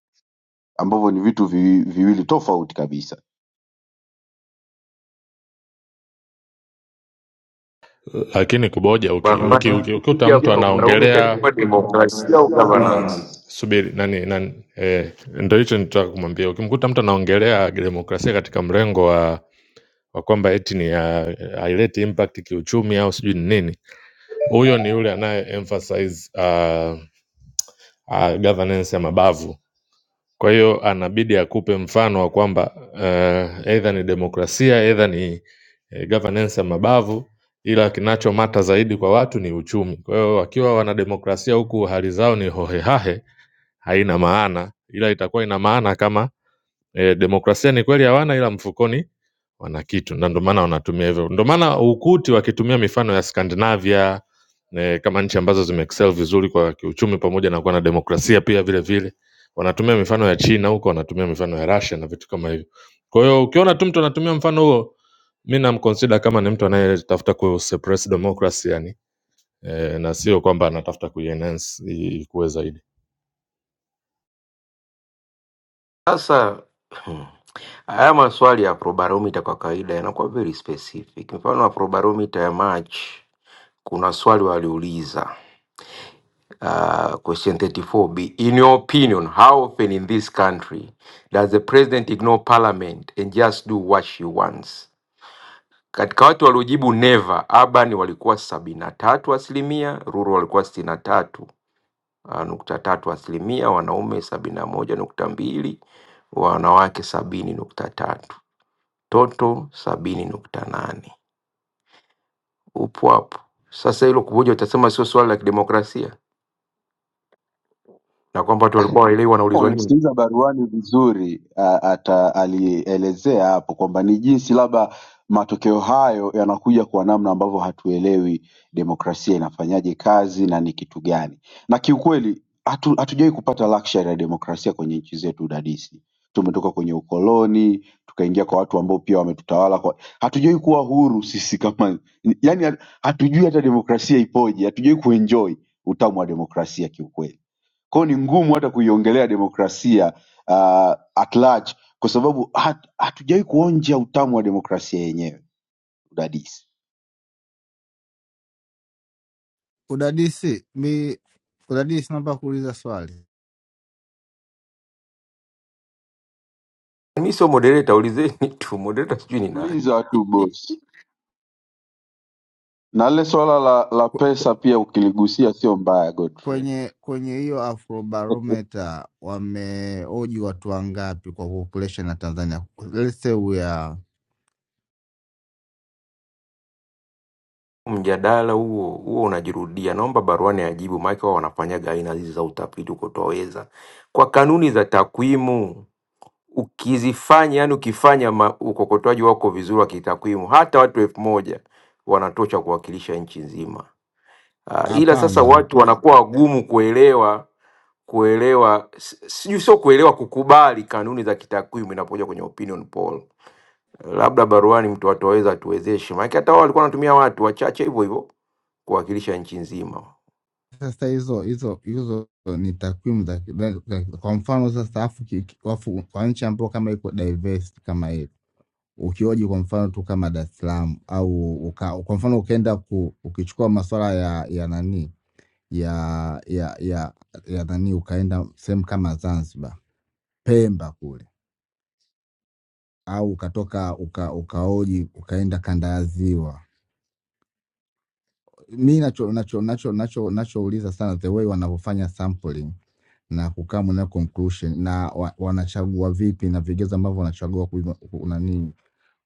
D: ambavyo ni vitu vi, viwili tofauti kabisa.
G: lakini kuboja uki,
P: Barabara
G: uki, uki, ukikuta
P: ya
G: mtu
P: programu
G: anaongelea
P: ilikuwa demokrasia au governance?
G: subiri nani, nani eh, ndo hicho nitaka kumwambia ukimkuta mtu anaongelea demokrasia katika mrengo wa wa kwamba eti ni ya- haileti impact kiuchumi au sijui ni nini Huyo ni yule anaye emphasize uh, uh, governance ya mabavu. Kwa hiyo anabidi akupe mfano wa kwamba uh, either ni demokrasia either ni eh, governance ya mabavu, ila kinachomata zaidi kwa watu ni uchumi. Kwa hiyo wakiwa wanademokrasia huku hali zao ni hohehahe, haina maana, ila itakuwa ina maana kama Eh, demokrasia ni kweli hawana ila mfukoni wana kitu na ndio maana wanatumia hivyo. Ndio maana ukuti wakitumia mifano ya Skandinavia eh, kama nchi ambazo zimeexcel vizuri kwa kiuchumi pamoja na kuwa na demokrasia pia vile vile, wanatumia mifano ya China huko, wanatumia mifano ya Russia na vitu kama hivyo. Kwa hiyo ukiona tu mtu anatumia mfano huo, mi namconsider kama ni mtu anayetafuta ku suppress democracy yani, eh, na sio kwamba anatafuta kuienhance i- ikue zaidi.
P: Sasa hmm, haya maswali ya Afrobarometer kwa kawaida yanakuwa very specific. Mfano Afrobarometer ya March kuna swali waliuliza uh, question 34b in your opinion how often in this country does the president ignore parliament and just do what she wants katika watu waliojibu never urban walikuwa sabini na tatu asilimia rural walikuwa sitini na tatu ah, nukta tatu asilimia wanaume sabini na moja nukta mbili wanawake sabini nukta tatu toto sabini nukta nane upo hapo. Sasa hilo kuvuja, utasema sio swala la kidemokrasia na kwamba watu walikuwa waelewi
D: Kama
P: wanaulizwa nini.
D: ulimsikiliza baruani vizuri a- ata alielezea hapo kwamba ni jinsi labda matokeo hayo yanakuja kwa namna ambavyo hatuelewi demokrasia inafanyaje kazi na ni kitu gani na kiukweli hatu, hatujawahi kupata luxury ya demokrasia kwenye nchi zetu dadisi tumetoka kwenye ukoloni tukaingia kwa watu ambao pia wametutawala kwa hatujawahi kuwa huru sisi kama yani hatujui hata demokrasia ipoje hatujawahi kuenjoy utamu wa demokrasia kiukweli kwa hiyo ni ngumu hata kuiongelea demokrasia uh, at large kwa sababu hat- hatujawahi kuonja utamu wa demokrasia yenyewe udadisi.
T: Udadisi, mi udadisi, naomba kuuliza swali
P: Mi sio moderator, ulizeni tu moderator, sijui ni nani
D: Uliza tu bosi, na lile swala la, la
T: Kw- kw-
D: pesa pia ukiligusia sio mbaya Godfrey.
T: kwenye kwenye hiyo Afrobarometer wameoji watu wangapi kwa population ya Tanzania? Let's say we are
P: mjadala huo huo unajirudia. Naomba baruani ajibu, maana wao wanafanyaga aina hizi za utafiti huko twaweza, kwa kanuni za takwimu ukizifanya, yani ukifanya ma- ukokotoaji wako vizuri wa kitakwimu, hata watu elfu moja wanatosha kuwakilisha nchi nzima. Uh, ila sasa
T: hapana.
P: watu
T: hizo-
P: wanakuwa wagumu kuelewa kuelewa si- sijui, sio kuelewa, kukubali kanuni za kitakwimu inapokuja kwenye opinion poll. Labda baruani mtu watu waweza atuwezeshe, maana hata wao walikuwa wanatumia watu wachache hivyo hivyo kuwakilisha nchi nzima.
T: Sasa hizo hizo hizo ni takwimu za za- kwa mfano sasa, afu ki- ki- afu kwa nchi ambayo kama iko diverse kama hiyo ukioji kwa mfano tu kama Dar es Salaam au uka, kwa mfano ukaenda ku, ukichukua masuala ya ya nani ya ya ya ya nani ukaenda sehemu kama Zanzibar, Pemba kule au ukatoka uka, ukaoji ukaenda kanda ya ziwa. Mi nacho nacho nacho nacho nachouliza sana the way wanavyofanya sampling na kukaa mwenyewe conclusion na wa, wanachagua vipi na vigezo ambavyo wanachagua ku nani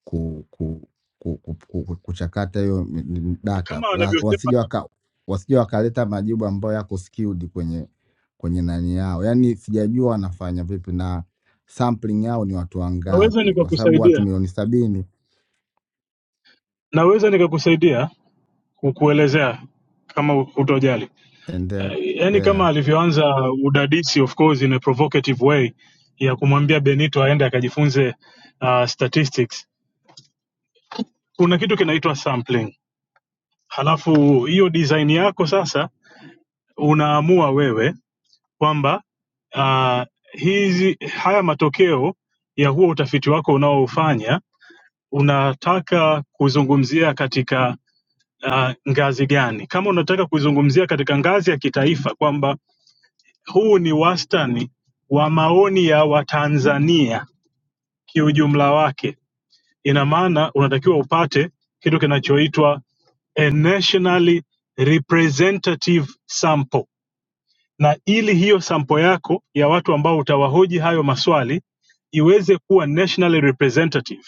T: ku, ku, ku, ku, ku, ku- kuchakata hiyo mi- mi- data
K: kama
T: La-
K: wanavyosema
T: wasije waka wasije wakaleta majibu ambayo yako skewed kwenye kwenye nani yao, yaani sijajua wanafanya vipi na sampling yao ni watu
K: naweza
T: wangapi, kwa sababu watu
K: nikakusaidia
T: milioni sabini.
K: naweza nikakusaidia kukuelezea kama utojali yaani uh, kama
T: Endelea,
K: alivyoanza udadisi of course in a provocative way ya kumwambia benito aende akajifunze uh, statistics kuna kitu kinaitwa sampling halafu hiyo design yako sasa unaamua wewe kwamba ah, hizi haya matokeo ya huo utafiti wako unaofanya unataka kuzungumzia katika uh, ngazi gani? Kama unataka kuzungumzia katika ngazi ya kitaifa kwamba huu ni wastani wa maoni ya Watanzania kiujumla wake, ina maana unatakiwa upate kitu kinachoitwa a nationally representative sample na ili hiyo sampo yako ya watu ambao utawahoji hayo maswali iweze kuwa nationally representative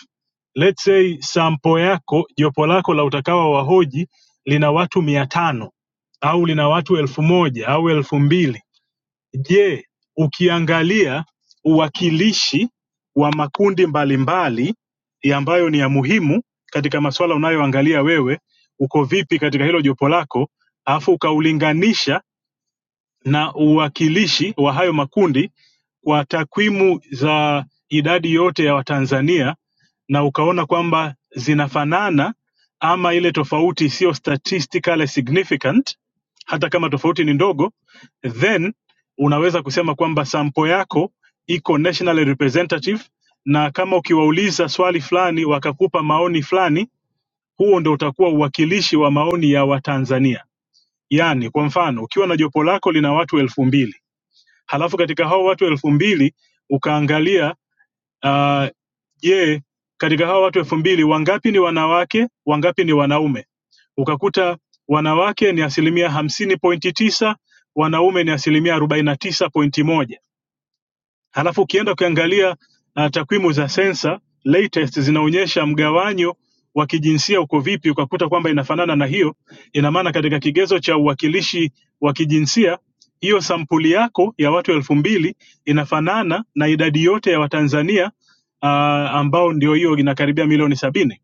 K: let's say sampo yako jopo lako la utakawa wahoji lina watu mia tano au lina watu elfu moja au elfu mbili je ukiangalia uwakilishi wa makundi mbalimbali ya ambayo ni ya muhimu katika maswala unayoangalia wewe uko vipi katika hilo jopo lako alafu ukaulinganisha na uwakilishi wa hayo makundi kwa takwimu za idadi yote ya Watanzania na ukaona kwamba zinafanana ama ile tofauti sio statistically significant, hata kama tofauti ni ndogo, then unaweza kusema kwamba sampo yako iko nationally representative, na kama ukiwauliza swali fulani wakakupa maoni fulani, huo ndo utakuwa uwakilishi wa maoni ya Watanzania. Yaani, kwa mfano ukiwa na jopo lako lina watu elfu mbili halafu katika hao watu elfu mbili ukaangalia ah, je, katika hao watu elfu mbili wangapi ni wanawake, wangapi ni wanaume? Ukakuta wanawake ni asilimia hamsini pointi tisa, wanaume ni asilimia arobaini na tisa pointi moja Halafu ukienda ukiangalia uh, takwimu za sensa latest zinaonyesha mgawanyo wa kijinsia uko vipi, ukakuta kwamba inafanana na hiyo. Ina maana katika kigezo cha uwakilishi wa kijinsia, hiyo sampuli yako ya watu elfu mbili inafanana na idadi yote ya Watanzania uh, ambao ndio hiyo inakaribia milioni sabini.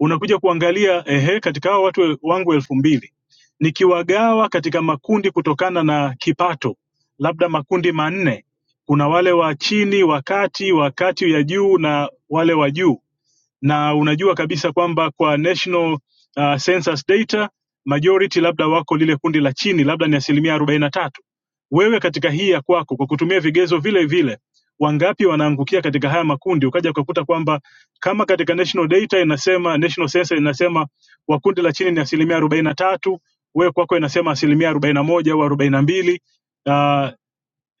K: Unakuja kuangalia ehe, katika hao watu wangu elfu mbili nikiwagawa katika makundi kutokana na kipato, labda makundi manne kuna wale wa chini wa kati wa kati ya juu na wale wa juu na unajua kabisa kwamba kwa national uh, census data majority labda wako lile kundi la chini labda ni asilimia arobaini na tatu wewe katika hii ya kwako kwa kutumia vigezo vile vile wangapi wanaangukia katika haya makundi ukaja ukakuta kwamba kama katika national data inasema national census inasema wa kundi la chini ni asilimia arobaini na tatu wewe kwako inasema asilimia arobaini na moja au arobaini na mbili Uh,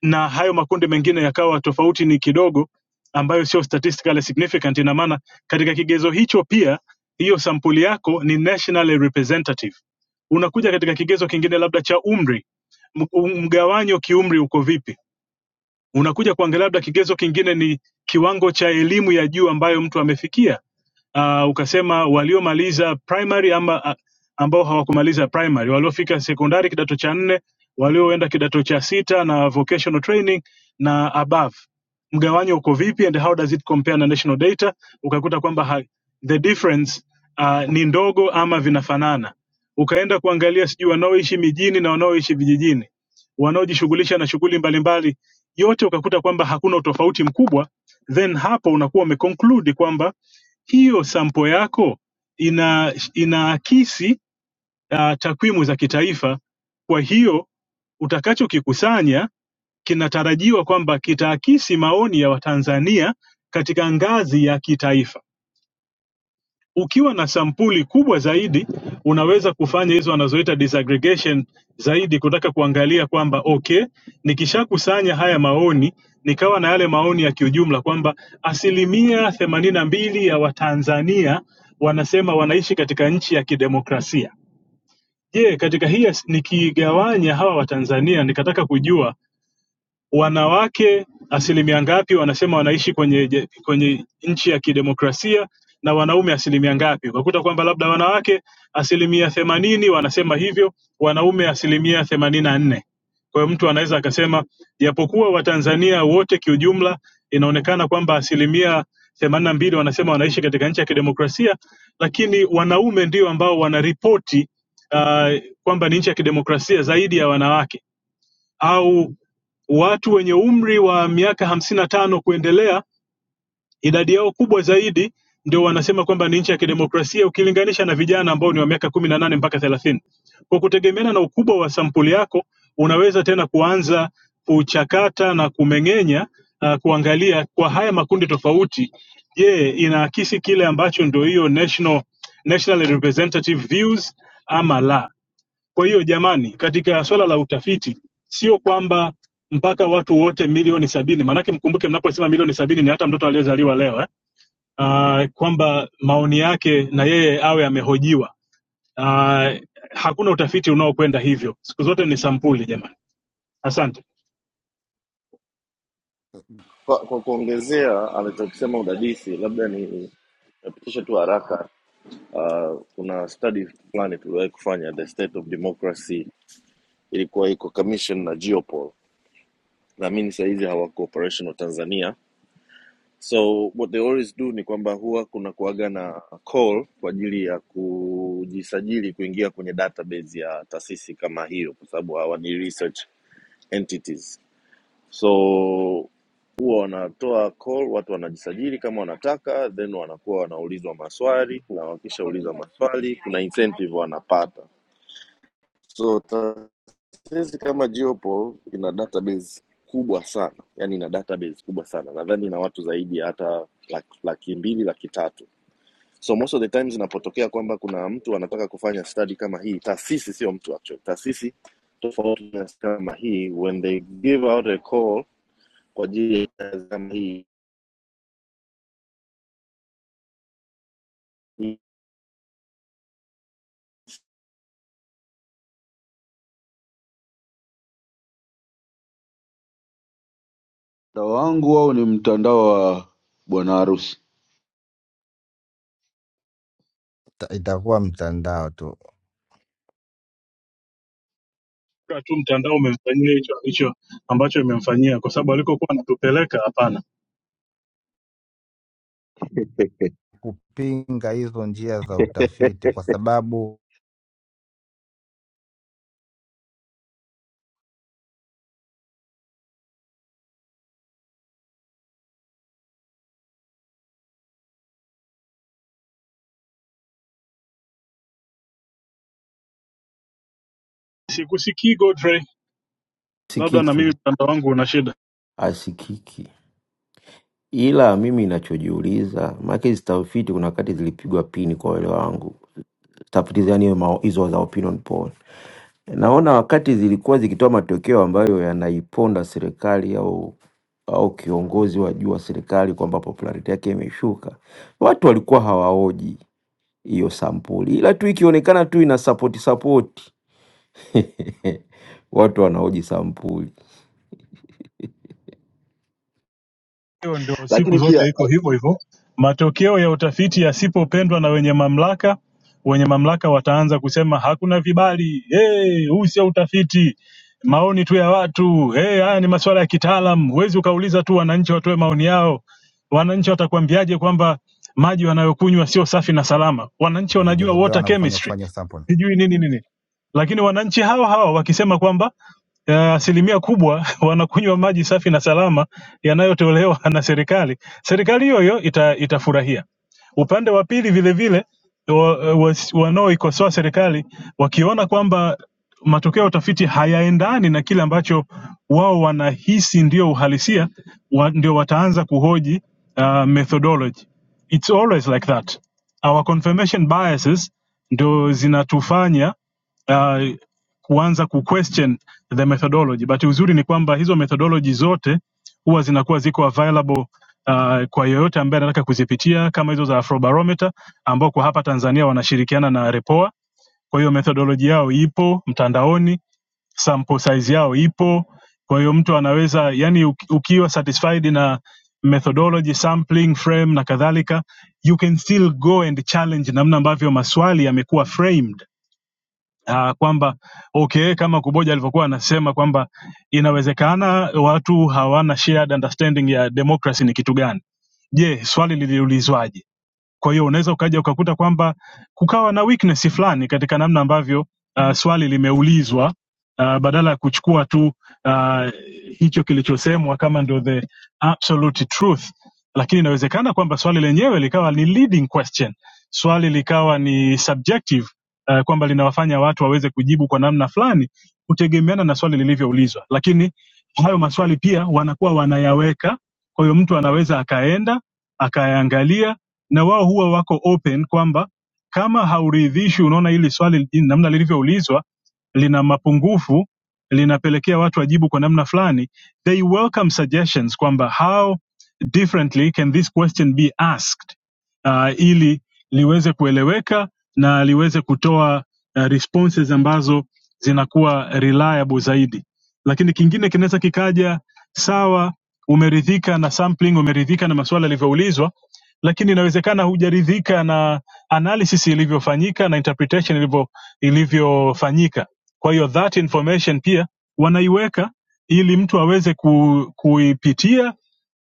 K: na hayo makundi mengine yakawa tofauti ni kidogo, ambayo sio statistically significant. Ina maana katika kigezo hicho pia hiyo sampuli yako ni nationally representative. Unakuja katika kigezo kingine labda cha umri, m- u- mgawanyo kiumri uko vipi? Unakuja kuangalia labda kigezo kingine ni kiwango cha elimu ya juu ambayo mtu amefikia uh, ukasema waliomaliza primary ama ah, ambao hawakumaliza primary, waliofika sekondari kidato cha nne, walioenda kidato cha sita na vocational training na above, mgawanyo uko vipi and how does it compare na national data? Ukakuta kwamba ha- the difference uh, ni ndogo ama vinafanana. Ukaenda kuangalia sijui wanaoishi mijini na wanaoishi vijijini, wanaojishughulisha na shughuli mbalimbali, yote ukakuta kwamba hakuna utofauti mkubwa, then hapo unakuwa umeconclude kwamba hiyo sampo yako ina inaakisi uh, takwimu za kitaifa. Kwa hiyo utakachokikusanya kinatarajiwa kwamba kitaakisi maoni ya Watanzania katika ngazi ya kitaifa. Ukiwa na sampuli kubwa zaidi unaweza kufanya hizo wanazoita disaggregation zaidi kutaka kuangalia kwamba okay, nikishakusanya haya maoni nikawa na yale maoni ya kiujumla kwamba asilimia themanini na mbili ya Watanzania wanasema wanaishi katika nchi ya kidemokrasia. Je, katika hii as- nikigawanya hawa Watanzania nikataka kujua wanawake asilimia ngapi wanasema wanaishi kwenye, je- kwenye nchi ya kidemokrasia na wanaume asilimia ngapi. Ukakuta kwamba labda wanawake asilimia themanini wanasema hivyo, wanaume asilimia themanini na nne. Kwa hiyo mtu anaweza akasema japokuwa Watanzania wote kiujumla inaonekana kwamba asilimia themanini na mbili wanasema wanaishi katika nchi ya kidemokrasia, lakini wanaume ndio ambao wanaripoti uh, kwamba ni nchi ya kidemokrasia zaidi ya wanawake au watu wenye umri wa miaka hamsini na tano kuendelea, idadi yao kubwa zaidi ndio wanasema kwamba ni nchi ya kidemokrasia ukilinganisha na vijana ambao ni wa miaka kumi na nane mpaka thelathini. Kwa kutegemeana na ukubwa wa sampuli yako, unaweza tena kuanza kuchakata na kumeng'enya uh, kuangalia kwa haya makundi tofauti, je, inaakisi kile ambacho ndio hiyo national, national representative views ama la. Kwa hiyo jamani, katika swala la utafiti sio kwamba mpaka watu wote milioni sabini, maanake mkumbuke mnaposema milioni sabini ni hata mtoto aliyezaliwa leo eh? Uh, kwamba maoni yake na yeye awe amehojiwa. Uh, hakuna utafiti unaokwenda hivyo, siku zote ni sampuli jamani. Asante
S: Kwa, kwa kuongezea alichokisema udadisi, labda ni napitisha tu haraka uh, kuna study fulani tuliwahi kufanya the state of democracy ilikuwa iko commission na geopol naamini sahizi hawako operational tanzania so what they always do ni kwamba huwa kuna kuaga na call kwa ajili ya kujisajili kuingia kwenye database ya taasisi kama hiyo kwa sababu hawa ni research entities so Unatoa call, watu wanajisajili kama wanataka, then wanakuwa wanaulizwa maswali, na wakishauliza maswali kuna incentive wanapata. So taasisi kama Geopoll ina database kubwa sana, yani ina database kubwa sana, nadhani ina watu zaidi ya hata laki, laki mbili laki tatu So most of the times inapotokea kwamba kuna mtu anataka kufanya study kama hii, taasisi sio mtu actually, taasisi tofauti na kama hii, when they give out a call kwa ajili ya kama hii
D: Mtandao wangu wao ni mtandao wa bwana harusi,
T: Ita- itakuwa mtandao tu
K: Kwa tu mtandao umemfanyia hicho hicho ambacho imemfanyia, kwa sababu alikokuwa anatupeleka hapana.
T: kupinga hizo njia za utafiti, kwa sababu
K: Sikusikii Godfrey, labda na
P: sikiki
K: mimi mtandao wangu una shida.
P: asikiki, ila mimi nachojiuliza, maana hizi tafiti kuna wakati zilipigwa pini kwa uelewa wangu tafiti yani mao- hizo za opinion poll. Naona wakati zilikuwa zikitoa matokeo ambayo yanaiponda serikali au au kiongozi wa juu wa serikali kwamba popularity yake imeshuka, watu walikuwa hawaoji hiyo sampuli, ila tu ikionekana tu ina support support watu wanaoji sampuli.
K: Hiyo ndio siku
D: lakini
K: zote
D: pia
K: iko hivyo hivyo. Matokeo ya utafiti yasipopendwa na wenye mamlaka, wenye mamlaka wataanza kusema hakuna vibali, hey, huu sio utafiti, maoni tu ya watu hey, haya ni masuala ya kitaalam. Huwezi ukauliza tu wananchi watoe maoni yao. Wananchi watakwambiaje kwamba maji wanayokunywa sio safi na salama? Wananchi wanajua
T: vigezo gani
K: water
T: wanavyofanya
K: chemistry
T: kufanya sample.
K: sijui nini nini, lakini wananchi hawa hawa wakisema kwamba eh, asilimia kubwa wanakunywa maji safi na salama yanayotolewa na serikali, serikali hiyo hiyo ita, itafurahia. Upande wa pili vile vile wa, wa, wanaoikosoa serikali wakiona kwamba matokeo ya utafiti hayaendani na kile ambacho wao wanahisi ndio uhalisia wa, ndio wataanza kuhoji uh, methodology. It's always like that our confirmation biases ndo zinatufanya uh, kuanza kuquestion the methodology but uzuri ni kwamba hizo methodology zote huwa zinakuwa ziko available uh, kwa yoyote ambaye anataka kuzipitia kama hizo za afrobarometer ambao kwa hapa tanzania wanashirikiana na repoa kwa hiyo methodology yao ipo mtandaoni sample size yao ipo kwa hiyo mtu anaweza yani uki- ukiwa satisfied na methodology sampling frame na kadhalika you can still go and challenge namna ambavyo maswali yamekuwa framed uh, kwamba okay kama kuboja alivyokuwa anasema kwamba inawezekana watu hawana shared understanding ya democracy ni kitu gani je swali liliulizwaje kwa hiyo unaweza ukaja ukakuta kwamba kukawa na weakness fulani katika namna ambavyo uh, swali limeulizwa uh, badala ya kuchukua tu uh, hicho kilichosemwa kama ndio the absolute truth, lakini inawezekana kwamba swali lenyewe likawa ni leading question, swali likawa ni subjective uh, kwamba linawafanya watu waweze kujibu kwa namna fulani kutegemeana na swali lilivyoulizwa, lakini hayo maswali pia wanakuwa wanayaweka. Kwa hiyo mtu anaweza akaenda akayaangalia na wao huwa wako open kwamba kama hauridhishwi, unaona hili swali namna lilivyoulizwa lina mapungufu, linapelekea watu wajibu kwa namna fulani, they welcome suggestions kwamba how differently can this question be asked uh, ili liweze kueleweka na liweze kutoa uh, responses ambazo zinakuwa reliable zaidi. Lakini kingine kinaweza kikaja, sawa, umeridhika na sampling, umeridhika na maswala yalivyoulizwa lakini inawezekana hujaridhika na analysis ilivyofanyika na interpretation ilivyo ilivyofanyika kwa hiyo that information pia wanaiweka ili mtu aweze ku, kuipitia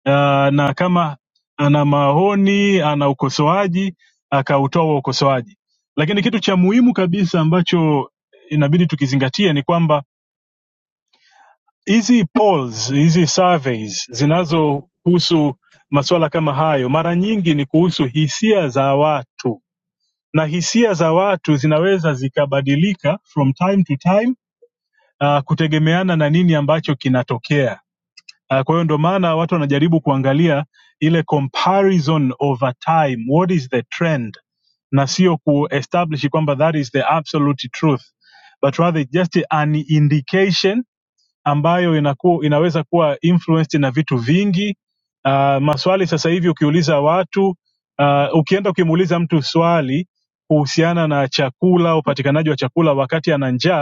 K: uh, na kama ana maoni ana ukosoaji akautoa huo ukosoaji lakini kitu cha muhimu kabisa ambacho inabidi tukizingatie ni kwamba hizi polls hizi surveys zinazohusu masuala kama hayo mara nyingi ni kuhusu hisia za watu na hisia za watu zinaweza zikabadilika from time to time uh, kutegemeana na nini ambacho kinatokea uh, kwa hiyo ndo maana watu wanajaribu kuangalia ile comparison over time what is the trend na sio kuestablish kwamba that is the absolute truth but rather just an indication ambayo inaku, inaweza kuwa influenced na vitu vingi uh, maswali sasa hivi ukiuliza watu uh, ukienda ukimuuliza mtu swali kuhusiana na chakula upatikanaji wa chakula wakati ana njaa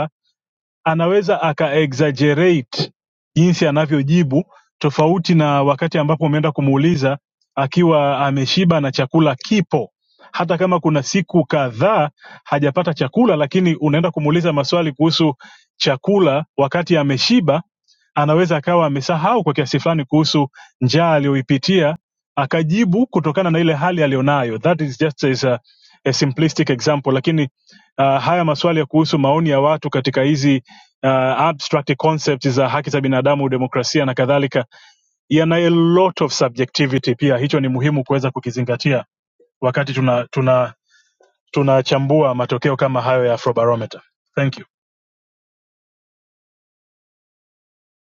K: anaweza aka exaggerate jinsi anavyojibu tofauti na wakati ambapo umeenda kumuuliza akiwa ameshiba na chakula kipo hata kama kuna siku kadhaa hajapata chakula lakini unaenda kumuuliza maswali kuhusu chakula wakati ameshiba anaweza akawa amesahau kwa kiasi fulani kuhusu njaa aliyoipitia akajibu kutokana na ile hali aliyonayo that is just as a, a simplistic example lakini uh, haya maswali ya kuhusu maoni ya watu katika hizi uh, abstract concepts za haki za binadamu, demokrasia na kadhalika, yana a lot of subjectivity pia. Hicho ni muhimu kuweza kukizingatia wakati tuna tuna tunachambua matokeo kama hayo ya Afrobarometer. Thank you.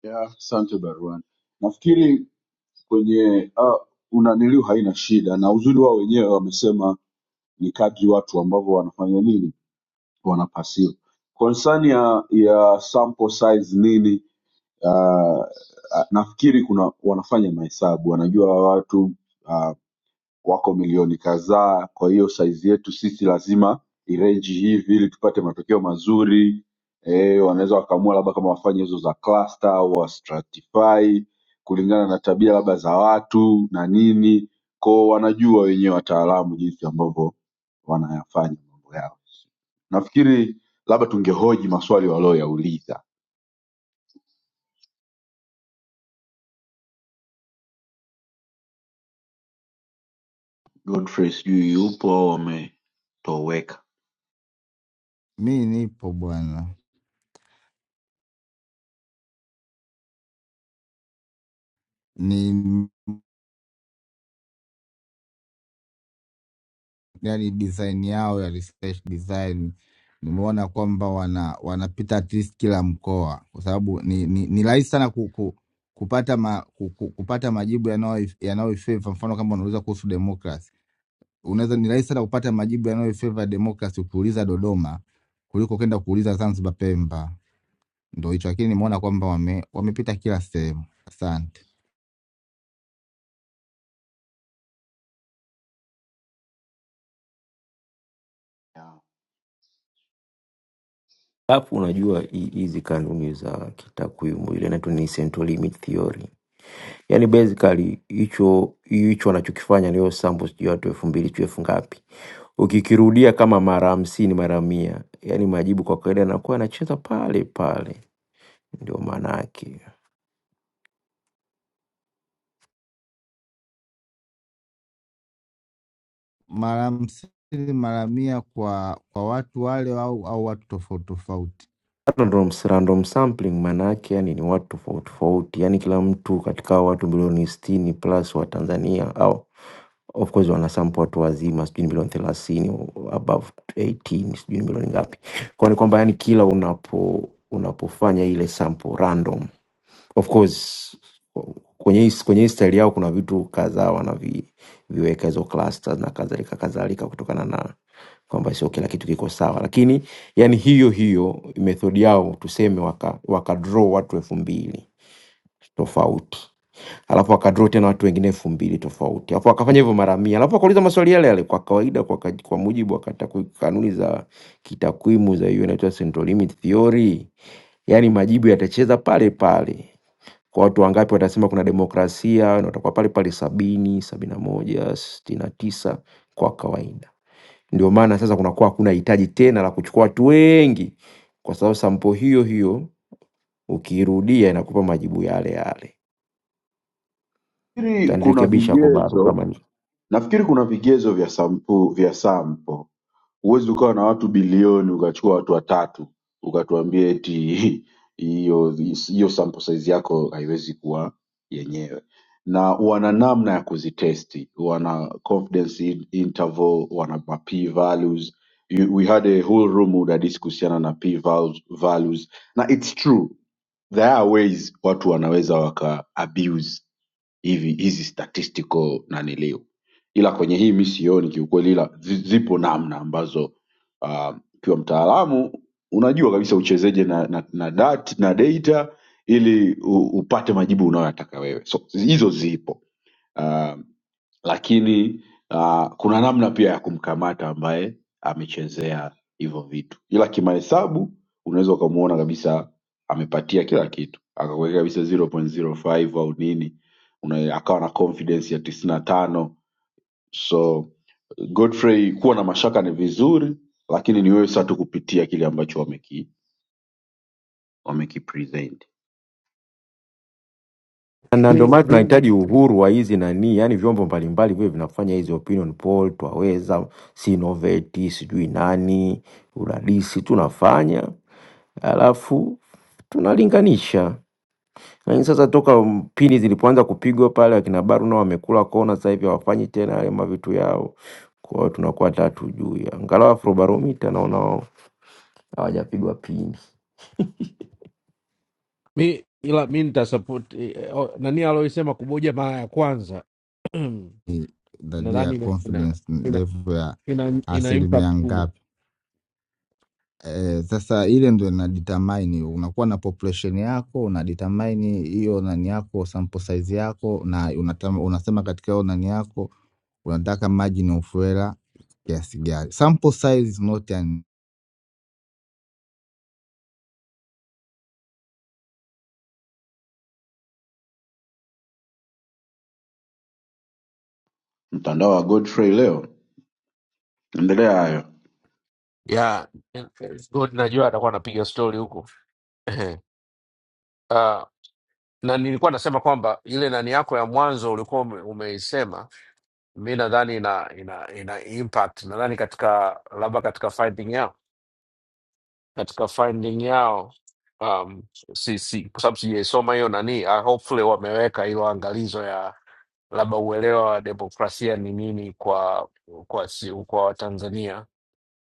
D: ya, asante Barwan, nafikiri kwenye uh, unaniliu haina shida, na uzuri wao wenyewe wamesema ni kadri watu ambavyo wanafanya nini bwana Pasio. Concern ya ya sample size nini, uh, nafikiri kuna wanafanya mahesabu, wanajua watu uh, wako milioni kadhaa, kwa hiyo size yetu sisi lazima irenji hivi ili tupate matokeo mazuri. E, wanaweza wakaamua labda kama wafanye hizo za cluster au wa stratify kulingana na tabia labda za watu na nini, ko wanajua wenyewe wataalamu jinsi ambavyo wanayafanya mambo yao nafikiri labda tungehoji maswali walioyauliza Godfrey sijui yupo au wametoweka.
T: Mi nipo bwana, ni yani design yao ya research design nimeona kwamba wana wanapita at least kila mkoa, kwa sababu ni ni, ni rahisi sana ku, ku, kupata ma, ku, ku, kupata majibu yanayo- yanayoifavor. Mfano kama unauliza kuhusu democracy, unaweza ni rahisi sana kupata majibu yanayoifavor democracy ukiuliza Dodoma kuliko kwenda kuuliza Zanzibar, Pemba. Ndo hicho, lakini nimeona kwamba wame, wamepita kila sehemu. Asante.
P: Alafu unajua hi- hizi kanuni za kitakwimu ile inaitwa ni central limit theory, yani basically hicho hicho anachokifanya niyo sample sijui watu elfu mbili sijui elfu ngapi Ukikirudia kama mara hamsini, mara mia, yaani majibu kwa kawaida yanakuwa yanacheza pale pale, ndio maana yake.
T: Mara hamsini mara mia kwa kwa watu wale au, au watu tofauti tofauti.
P: Hapa ndo random sampling maana yake yani ni watu tofauti tofauti, yani kila mtu katika hao watu milioni sitini plus wa Tanzania au of course wanasample watu wazima, sijui ni milioni thelathini above 18 sijui ni milioni ngapi. Kwa ni kwamba yani kila unapo unapofanya ile sample random, of course kwenye hii- kwenye hii style yao kuna vitu kadhaa wanavi viweka hizo clusters na kadhalika kadhalika, kutokana na kwamba sio kila kitu kiko sawa, lakini yani hiyo hiyo method yao tuseme waka, waka draw watu elfu mbili tofauti alafu akadraw tena watu wengine elfu mbili tofauti, alafu akafanya hivyo mara mia, alafu akauliza maswali yale yale kwa kawaida, kwa, kaj- kwa mujibu wa kataku- kanuni za kitakwimu za hiyo inaitwa central limit theory, yaani majibu yatacheza pale pale kwa watu wangapi watasema kuna demokrasia na watakuwa pale pale sabini sabini na moja sitini na tisa kwa kawaida ndio maana sasa kunakuwa hakuna hitaji tena la kuchukua watu wengi kwa sababu sampo hiyo hiyo ukiirudia inakupa majibu yale yale
D: nafikiri kuna
P: utanirekebisha kobaru
D: vigezo
P: kama ni
D: nafikiri kuna vigezo vya sampu vya sampo Huwezi ukawa na watu bilioni ukachukua watu watatu ukatuambia eti hiyo hiyo sample size yako haiwezi kuwa yenyewe, na wana namna ya kuzitesti, wana confidence in- interval, wana ma p values. You- We had a whole room udadisi kuhusiana na p val- values, na it's true there are ways watu wanaweza waka abuse hivi hizi statistical naniliu ila kwenye hii mi sioni kiukweli ila zi- zipo namna ambazo ah, ukiwa mtaalamu unajua kabisa uchezeje na, na, na, dat, na data ili u, upate majibu unayoyataka wewe so hizo zipo uh, lakini uh, kuna namna pia ya kumkamata ambaye amechezea hivyo vitu, ila kimahesabu unaweza ukamuona kabisa amepatia kila kitu, akakuweka kabisa 0.05 au nini, una, akawa na confidence ya tisini na tano. So Godfrey, kuwa na mashaka ni vizuri, lakini ni wewe sasa tu kupitia kile ambacho wameki wamekipresent.
P: na ndio
I: mi,
P: maana
I: mi,
P: tunahitaji uhuru wa hizi nani, yani vyombo mbalimbali vile vinafanya hizi opinion poll, twaweza Sinoveti, sijui nani, udadisi tunafanya Alafu tunalinganisha. Lakini sasa toka pini zilipoanza kupigwa pale akina Baru nao wamekula kona sasa hivi hawafanyi tena yale mavitu yao. Kwa hiyo tunakuwa hatujui. Angalau Afrobarometer naona wao hawajapigwa pini.
I: mi, ila mi nitasupport eh, o- nani aloisema kuboja mara ya kwanza nadhani
T: dalia
I: ina, ina,
T: confidence
I: ina,
T: level ya
I: ina, ina
T: asilimia
I: impact kubwa
T: ngapi. Eh, sasa ile ndo inadetermine unakuwa na population yako, unadetermine hiyo nani yako sample size yako, na unatama, unasema katika hiyo nani yako unataka margin of error kiasi gani. Sample size is not an
D: Mtandao wa Godfrey leo, endelea hayo.
I: yeah, it's good. Najua atakuwa anapiga stori huko uh, na nilikuwa nasema kwamba ile nani yako ya mwanzo ulikuwa ume- umeisema, mi nadhani ina, ina, ina impact nadhani katika labda katika fighting yao katika finding yao um, si, si, kwa sababu sijaisoma hiyo nani uh, hopefully wameweka hilo angalizo ya labda uelewa wa demokrasia ni nini kwa kwa si, kwa Watanzania,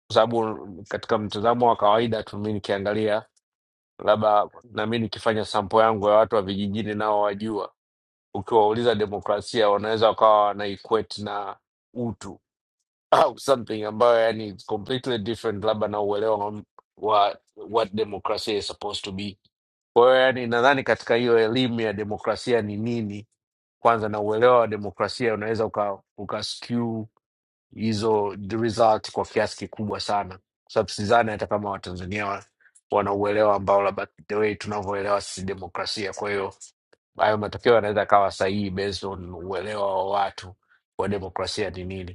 I: kwa sababu katika mtazamo wa kawaida tu mi nikiangalia, labda nami nikifanya sampo yangu ya watu wa vijijini nao wajua, ukiwauliza demokrasia wanaweza wakawa wanaiquate na utu au something ambayo yani it's completely different labda na uelewa wa wa- what demokrasia is supposed to be kwa hiyo yani nadhani katika hiyo elimu ya demokrasia ni nini kwanza na uelewa wa demokrasia unaweza uka, uka skew hizo the result kwa kiasi kikubwa sana kwa sababu sidhani hata kama watanzania wa- wana uelewa ambao labda the way tunavyoelewa sisi demokrasia kwa hiyo hayo matokeo yanaweza kawa sahihi based on uelewa wa watu wa demokrasia ni nini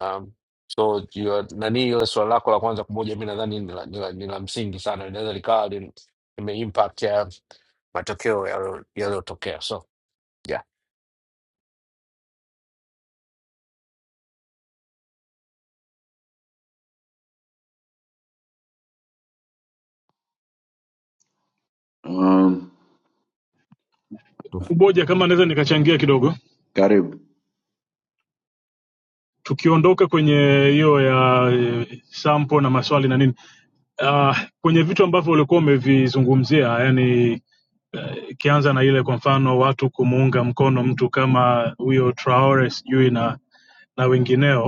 I: Um, so you are- nani hiyo swala lako la kwanza kumoja, mi nadhani ni la, ni la, ni la msingi sana, inaweza likawa lime impact ya matokeo yaliyo- yaliyotokea. So yeah.
D: Um,
K: Kuboja, kama naweza nikachangia kidogo,
D: karibu.
K: tukiondoka kwenye hiyo ya eh, sample na maswali na nini, uh, kwenye vitu ambavyo ulikuwa umevizungumzia, yani ikianza na ile kwa mfano watu kumuunga mkono mtu kama huyo Traore sijui na na wengineo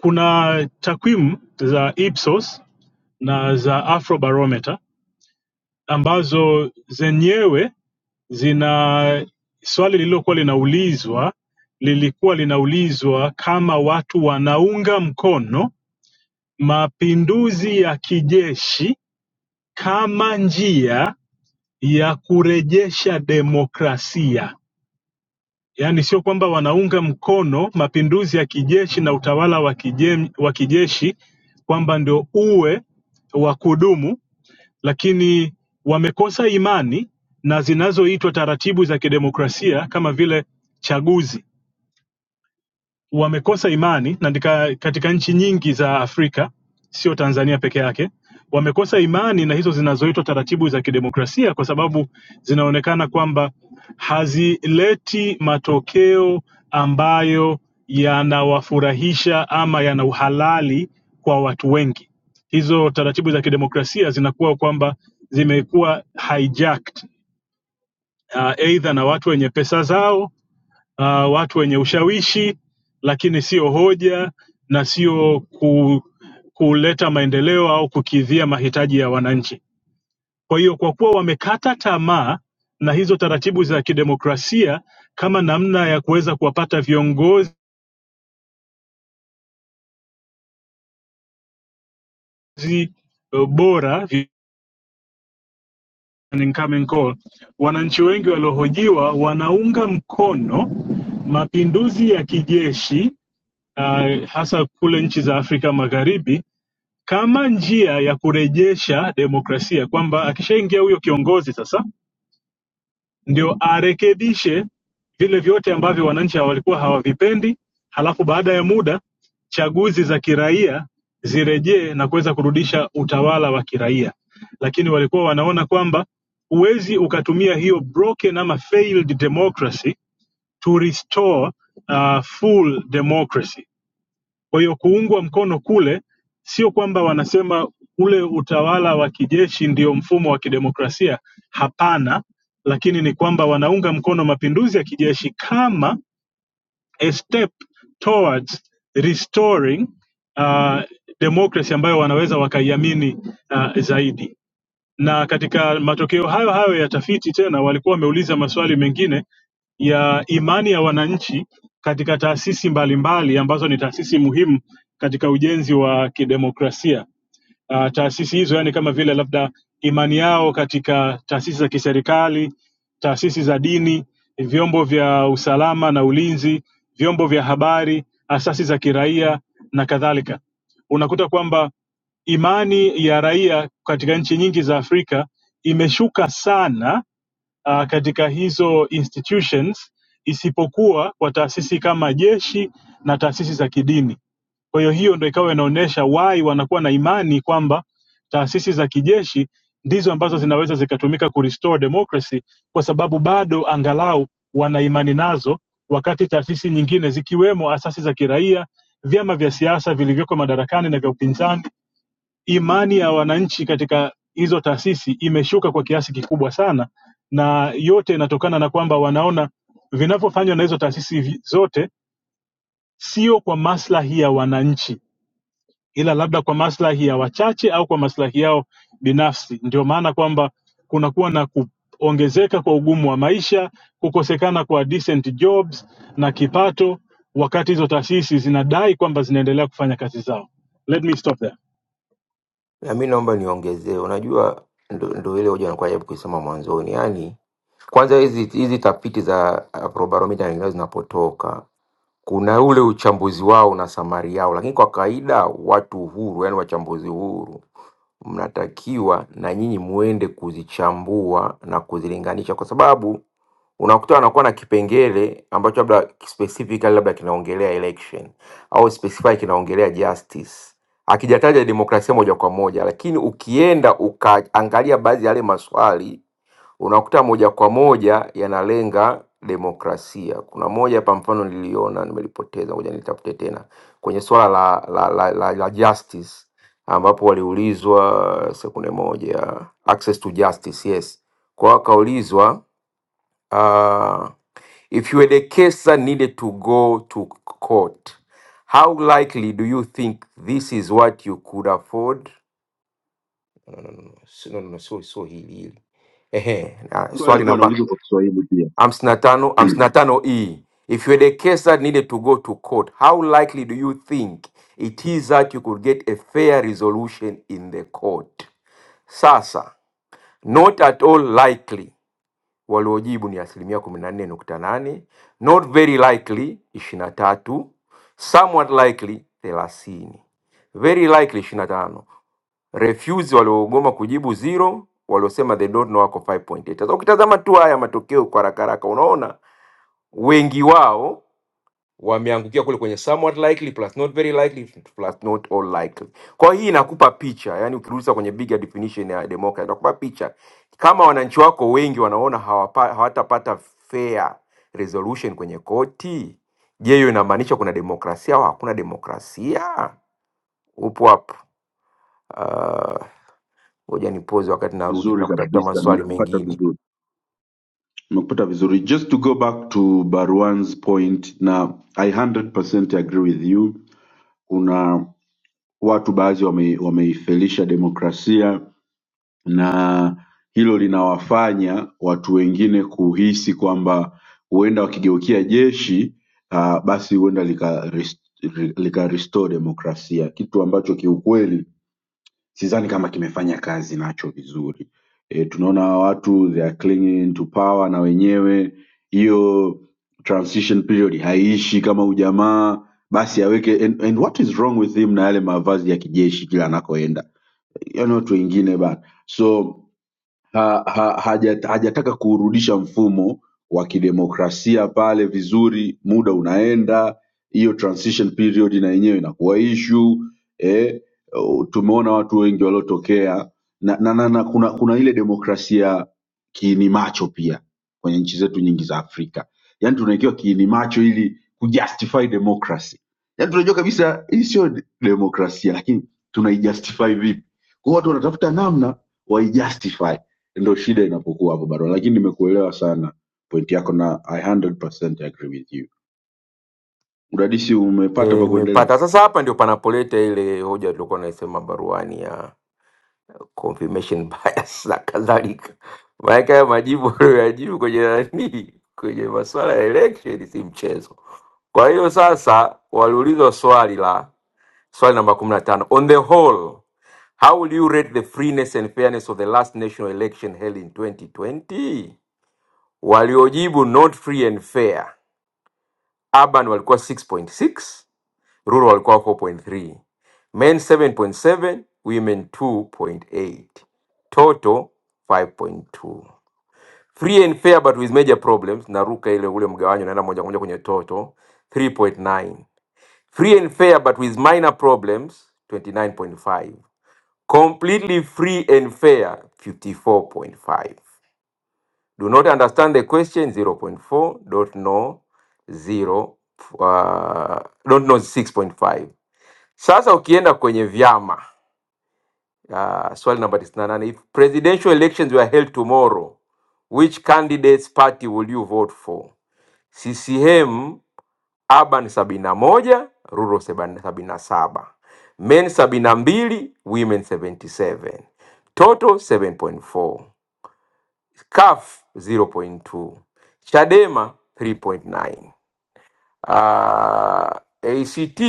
K: Kuna takwimu za Ipsos na za Afrobarometer ambazo zenyewe zina swali lililokuwa linaulizwa lilikuwa linaulizwa kama watu wanaunga mkono mapinduzi ya kijeshi kama njia ya kurejesha demokrasia. yaani sio kwamba wanaunga mkono mapinduzi ya kijeshi na utawala wa kijem- wa kijeshi kwamba ndio uwe wa kudumu, lakini wamekosa imani na zinazoitwa taratibu za kidemokrasia kama vile chaguzi wamekosa imani na ndika, katika nchi nyingi za Afrika sio Tanzania peke yake wamekosa imani na hizo zinazoitwa taratibu za kidemokrasia kwa sababu zinaonekana kwamba hazileti matokeo ambayo yanawafurahisha ama yana uhalali kwa watu wengi. Hizo taratibu za kidemokrasia zinakuwa kwamba zimekuwa hijacked uh, aidha na watu wenye pesa zao uh, watu wenye ushawishi, lakini sio hoja na sio ku, kuleta maendeleo au kukidhia mahitaji ya wananchi. Kwa hiyo kwa kuwa wamekata tamaa na hizo taratibu za kidemokrasia kama namna ya kuweza kuwapata viongozi eh, bora vi- an incoming call, wananchi wengi waliohojiwa wanaunga mkono mapinduzi ya kijeshi uh, hasa kule nchi za Afrika Magharibi kama njia ya kurejesha demokrasia kwamba akishaingia huyo kiongozi sasa ndio arekebishe vile vyote ambavyo wananchi walikuwa hawavipendi halafu baada ya muda chaguzi za kiraia zirejee na kuweza kurudisha utawala wa kiraia lakini walikuwa wanaona kwamba huwezi ukatumia hiyo broken ama failed democracy to restore uh, full democracy kwa hiyo kuungwa mkono kule sio kwamba wanasema ule utawala wa kijeshi ndio mfumo wa kidemokrasia, hapana, lakini ni kwamba wanaunga mkono mapinduzi ya kijeshi kama a step towards restoring uh, democracy ambayo wanaweza wakaiamini uh, zaidi na katika matokeo hayo hayo ya tafiti tena walikuwa wameuliza maswali mengine ya imani ya wananchi katika taasisi mbalimbali ambazo ni taasisi muhimu katika ujenzi wa kidemokrasia uh, taasisi hizo, yani kama vile labda imani yao katika taasisi za kiserikali, taasisi za dini, vyombo vya usalama na ulinzi, vyombo vya habari, asasi za kiraia na kadhalika. Unakuta kwamba imani ya raia katika nchi nyingi za Afrika imeshuka sana uh, katika hizo institutions isipokuwa kwa taasisi kama jeshi na taasisi za kidini. Kwa hiyo hiyo ndo ikawa inaonyesha why wanakuwa na imani kwamba taasisi za kijeshi ndizo ambazo zinaweza zikatumika kurestore democracy, kwa sababu bado angalau wana imani nazo, wakati taasisi nyingine zikiwemo asasi za kiraia, vyama vya siasa vilivyoko madarakani na vya upinzani imani ya wananchi katika hizo taasisi imeshuka kwa kiasi kikubwa sana, na yote inatokana na kwamba wanaona vinavyofanywa na hizo taasisi vi- zote sio kwa maslahi ya wananchi, ila labda kwa maslahi ya wachache au kwa maslahi yao binafsi. Ndio maana kwamba kunakuwa na kuongezeka kwa ugumu wa maisha, kukosekana kwa decent jobs na kipato, wakati hizo taasisi zinadai kwamba zinaendelea kufanya kazi zao. Let me stop there.
P: Na mi naomba niongezee, unajua ndo, ndo ile hoja nakuwa jaribu kuisema mwanzoni, yaani kwanza hizi hizi tafiti za Afrobarometer na nyinginezo zinapotoka kuna ule uchambuzi wao na samari yao, lakini kwa kawaida watu huru, yani wachambuzi huru mnatakiwa na nyinyi muende kuzichambua na kuzilinganisha, kwa sababu unakuta wanakuwa na kipengele ambacho labda specifically labda kinaongelea election au specifically kinaongelea justice, akijataja demokrasia moja kwa moja, lakini ukienda ukaangalia baadhi ya yale maswali unakuta moja kwa moja yanalenga demokrasia. Kuna moja hapa mfano niliona nimelipoteza, ngoja nilitafute tena kwenye swala la, la, la, la, la justice ambapo waliulizwa sekunde moja, access to justice, yes. Kwa hiyo wakaulizwa uh, if you had a case that needed to go to court how likely do you think this is what you could afford? Si- No, no, no, sio sio hili hili. Ehe, na
D: Swali
P: swali
D: alikuwa
P: namba
D: anauliza kwa Kiswahili pia.
P: hamsini na tano hamsini na tano e if you're the case that needed to go to court how likely do you think it is that you could get a fair resolution in the court sasa not at all likely waliojibu ni asilimia kumi na nne nukta nane not very likely ishirini na tatu somewhat likely thelathini very likely ishirini na tano refuse waliogoma kujibu zero, waliosema they don't know wako 5.8. Sasa ukitazama tu haya matokeo kwa haraka haraka, unaona wengi wao wameangukia kule kwenye somewhat likely plus not very likely plus not all likely. Kwa hiyo hii inakupa picha, yani ukirudisha kwenye bigger definition ya democracy inakupa picha kama wananchi wako wengi wanaona hawapa, hawatapata fair resolution kwenye koti, je, hiyo inamaanisha kuna demokrasia au hakuna demokrasia? Upo hapo. Ah, Ngoja uh, nipoze wakati narudi
D: Vizuri
P: nakutafuta
D: kabisa,
P: maswali
D: nimekupata
P: mengine.
D: vizuri, nimekupata vizuri. Just to go back to Barwan's point, na I 100% agree with you. Kuna watu baadhi wame, wameifelisha demokrasia na hilo linawafanya watu wengine kuhisi kwamba huenda wakigeukia jeshi uh, basi huenda lika, rest- li- lika restore demokrasia, kitu ambacho kiukweli sidhani kama kimefanya kazi nacho vizuri. E, tunaona hawa watu they are clinging to power na wenyewe hiyo transition period haiishi kama ujamaa basi aweke and, and what is wrong with him na yale mavazi ya kijeshi kila anakoenda yaani watu wengine bana so ha, ha, haja, hajataka kuurudisha mfumo wa kidemokrasia pale vizuri, muda unaenda, hiyo transition period na yenyewe inakuwa issue eh, oh, tumeona watu wengi waliotokea na, na, na, na kuna, kuna ile demokrasia kiini macho pia kwenye nchi zetu nyingi za Afrika, yaani tunaikiwa kiini macho ili kujustify democracy, yaani tunajua kabisa hii sio de- demokrasia, lakini tunaijustify vipi? Kwa hiyo watu wanatafuta namna waijustify ndo shida inapokuwa hapo bado lakini nimekuelewa sana pointi yako na i 100% agree with you udadisi
P: E,
D: umepata pa kuendelea
P: nimepata sasa. Hapa ndio panapoleta ile hoja tulikuwa naisema baruani ya confirmation bias na kadhalika. Maanake haya majibu aliyoyajibu kwenye nani, kwenye masuala ya election si mchezo. Kwa hiyo sasa waliulizwa swali la swali namba kumi na tano on the whole how will you rate the freeness and fairness of the last national election held in 2020? Waliojibu not free and fair, Urban walikuwa 6.6 rural walikuwa wako 0.3 men 7.7 women 2.8 total 5.2 free and fair but with major problems naruka ile ule mgawanyo naenda moja kwa moja kwenye total 3.9 free and fair but with minor problems 29.5 completely free and fair 54.5 do not understand the question 0.4 don't know 0 uh, don't know 6.5 sasa ukienda kwenye vyama uh, swali namba 98, if presidential elections were held tomorrow which candidates party will you vote for? CCM Urban 71, Rural 77, Men 72, Women 77, Total 7.4, CUF 0.2, Chadema 3.9. uh, ACT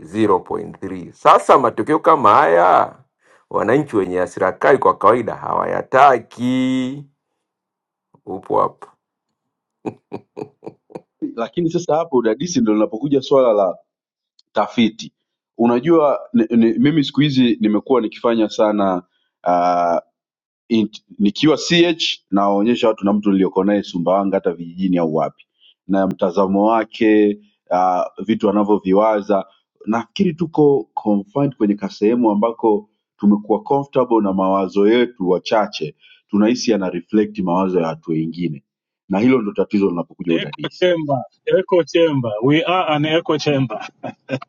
P: 0.3. Sasa matokeo kama haya wananchi wenye hasira kali kwa kawaida hawayataki. Upo hapo
D: lakini sasa hapo udadisi ndo linapokuja swala la tafiti unajua ni, ni, mimi siku hizi nimekuwa nikifanya sana uh, int- nikiwa ch nawaonyesha watu na mtu nilioko naye sumbawanga hata vijijini au wapi na mtazamo wake uh, vitu anavyoviwaza nafikiri tuko confined kwenye kasehemu ambako tumekuwa comfortable na mawazo yetu wachache tunahisi yana reflect mawazo ya watu wengine na hilo ndo tatizo linapokuja
K: echo
D: udadisi
K: chamber, echo chamber. We are an echo chamber.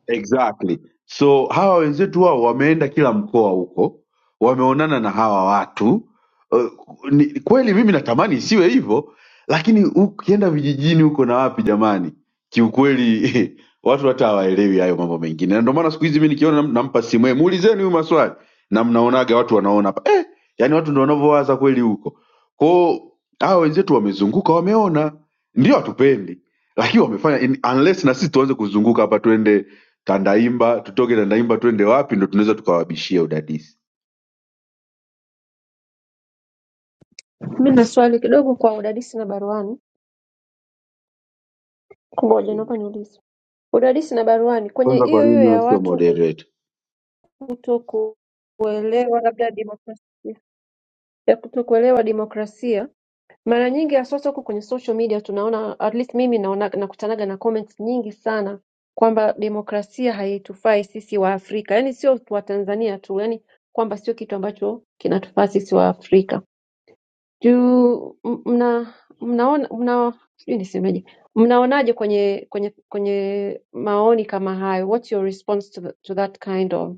D: Exactly. So hawa wenzetu wao wameenda kila mkoa huko, wameonana na hawa watu. Uh, ni, kweli mimi natamani isiwe hivyo, lakini ukienda vijijini huko na wapi jamani, kiukweli watu hata hawaelewi hayo mambo mengine, na ndio maana siku hizi mimi nikiona nam- nampa simu yeye, muulizeni huyu maswali, na mnaonaga watu wanaona hapa eh, yani watu ndio wanavyowaza kweli huko kwao. Hawa wenzetu wamezunguka, wameona, ndio hatupendi, lakini wamefanya in, unless na sisi tuanze kuzunguka hapa, tuende Tandaimba, tutoke Tandaimba twende wapi ndo tunaweza tukawabishia udadisi.
C: Mi na swali kidogo kwa udadisi na baruani. Ngoja
D: Careful.
C: naomba niulize. Udadisi na baruani, kwenye
D: Kwanza kwa
C: hiyo hiyo
D: nini wewe
C: ya
D: sio
C: watu
D: moderator?
C: kuto kuelewa labda demokrasia ya kutokuelewa demokrasia mara nyingi haswasa huku kwenye social media tunaona at least mimi naona nakutanaga na comments nyingi sana kwamba demokrasia haitufai sisi wa Afrika yani sio tu wa Tanzania tu yani kwamba sio kitu ambacho kinatufaa sisi wa Afrika juu m- mna mnaona mna sijui nisemeje mnaonaje kwenye kwenye kwenye maoni kama hayo what's your response to, the, to that kind of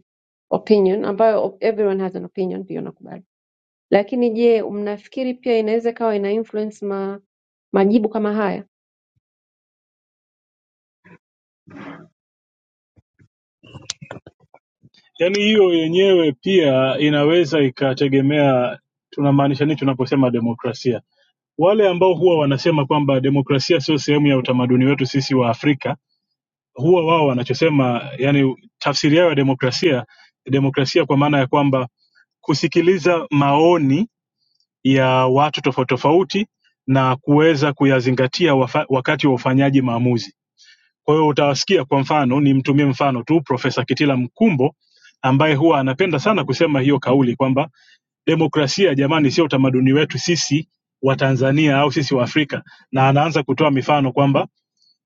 C: opinion ambayo everyone has an opinion pia nakubali Lakini je mnafikiri pia inaweza ikawa ina influence ma majibu kama haya
K: Yaani hiyo yenyewe pia inaweza ikategemea tunamaanisha nini tunaposema demokrasia. Wale ambao huwa wanasema kwamba demokrasia sio sehemu ya utamaduni wetu sisi wa Afrika, huwa wao wanachosema, yani tafsiri yao ya demokrasia, demokrasia kwa maana ya kwamba kusikiliza maoni ya watu tofauti tofauti na kuweza kuyazingatia wafa, wakati wa ufanyaji maamuzi Kwa hiyo utawasikia kwa mfano, nimtumie mfano tu Profesa Kitila Mkumbo ambaye huwa anapenda sana kusema hiyo kauli kwamba demokrasia jamani, sio utamaduni wetu sisi wa Tanzania au sisi wa Afrika, na anaanza kutoa mifano kwamba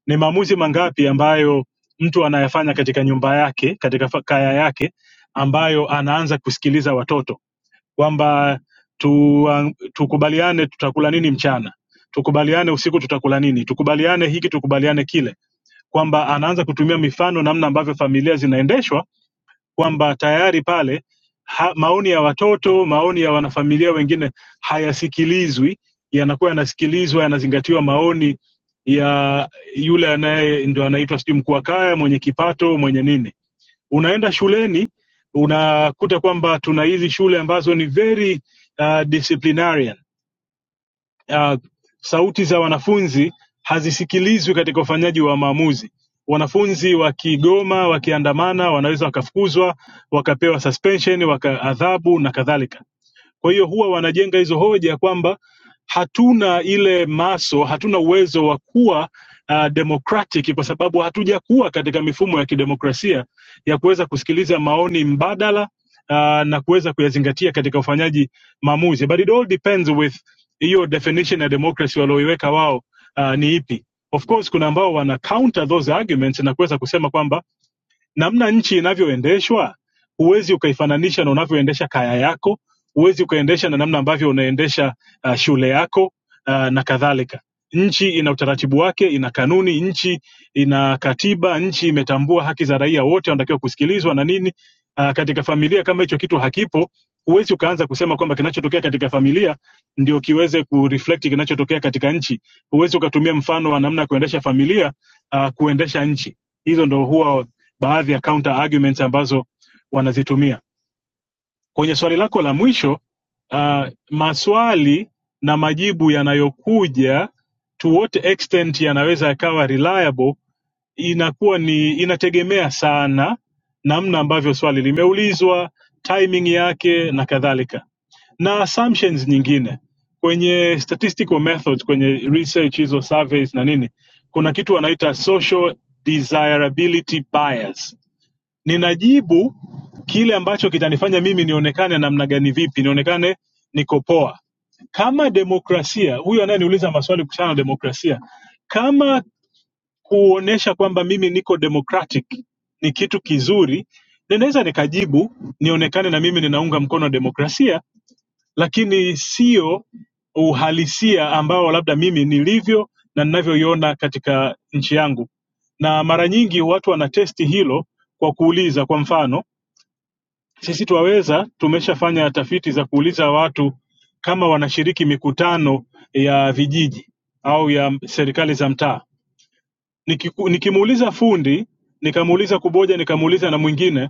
K: ni maamuzi mangapi ambayo mtu anayafanya katika nyumba yake, katika fa- kaya yake, ambayo anaanza kusikiliza watoto kwamba tu, uh, tukubaliane tutakula nini mchana, tukubaliane usiku tutakula nini, tukubaliane hiki, tukubaliane kile kwamba anaanza kutumia mifano namna ambavyo familia zinaendeshwa kwamba tayari pale ha, maoni ya watoto maoni ya wanafamilia wengine hayasikilizwi yanakuwa yanasikilizwa yanazingatiwa maoni ya yule anaye ndio anaitwa sijui mkuu wa kaya mwenye kipato mwenye nini unaenda shuleni unakuta kwamba tuna hizi shule ambazo ni very uh, disciplinarian ah, sauti za wanafunzi hazisikilizwi katika ufanyaji wa maamuzi. Wanafunzi wakigoma, wakiandamana, wanaweza wakafukuzwa, wakapewa suspension, waka adhabu na kadhalika. Kwa hiyo huwa wanajenga hizo hoja kwamba hatuna ile maso, hatuna uwezo wa kuwa uh, democratic kwa sababu hatujakuwa katika mifumo ya kidemokrasia ya kuweza kusikiliza maoni mbadala uh, na kuweza kuyazingatia katika ufanyaji maamuzi, but it all depends with hiyo definition ya democracy walioiweka wao uh, ni ipi. Of course kuna ambao wana counter those arguments na kuweza kusema kwamba namna nchi inavyoendeshwa huwezi ukaifananisha na unavyoendesha kaya yako huwezi ukaendesha na namna ambavyo unaendesha uh, shule yako uh, na kadhalika nchi ina utaratibu wake ina kanuni nchi ina katiba nchi imetambua haki za raia wote wanatakiwa kusikilizwa na nini uh, katika familia kama hicho kitu hakipo huwezi ukaanza kusema kwamba kinachotokea katika familia ndio kiweze kureflect kinachotokea katika nchi huwezi ukatumia mfano wa namna ya kuendesha familia uh, kuendesha nchi hizo ndo huwa baadhi ya counter arguments ambazo wanazitumia kwenye swali lako la mwisho uh, maswali na majibu yanayokuja to what extent yanaweza yakawa reliable inakuwa ni inategemea sana namna ambavyo swali limeulizwa timing yake na kadhalika na assumptions nyingine kwenye statistical methods kwenye research hizo surveys na nini kuna kitu wanaita social desirability bias ninajibu kile ambacho kitanifanya mimi nionekane namna gani, vipi nionekane niko poa. Kama demokrasia, huyu anayeniuliza maswali kuhusiana na demokrasia, kama kuonyesha kwamba mimi niko democratic ni kitu kizuri, ninaweza nikajibu nionekane na mimi ninaunga mkono demokrasia, lakini sio uhalisia ambao labda mimi nilivyo na ninavyoiona katika nchi yangu. Na mara nyingi watu wanatesti hilo kwa kuuliza, kwa mfano sisi Twaweza tumeshafanya tafiti za kuuliza watu kama wanashiriki mikutano ya vijiji au ya serikali za mtaa. Nikiku- Nikimuuliza fundi, nikamuuliza kuboja, nikamuuliza na mwingine,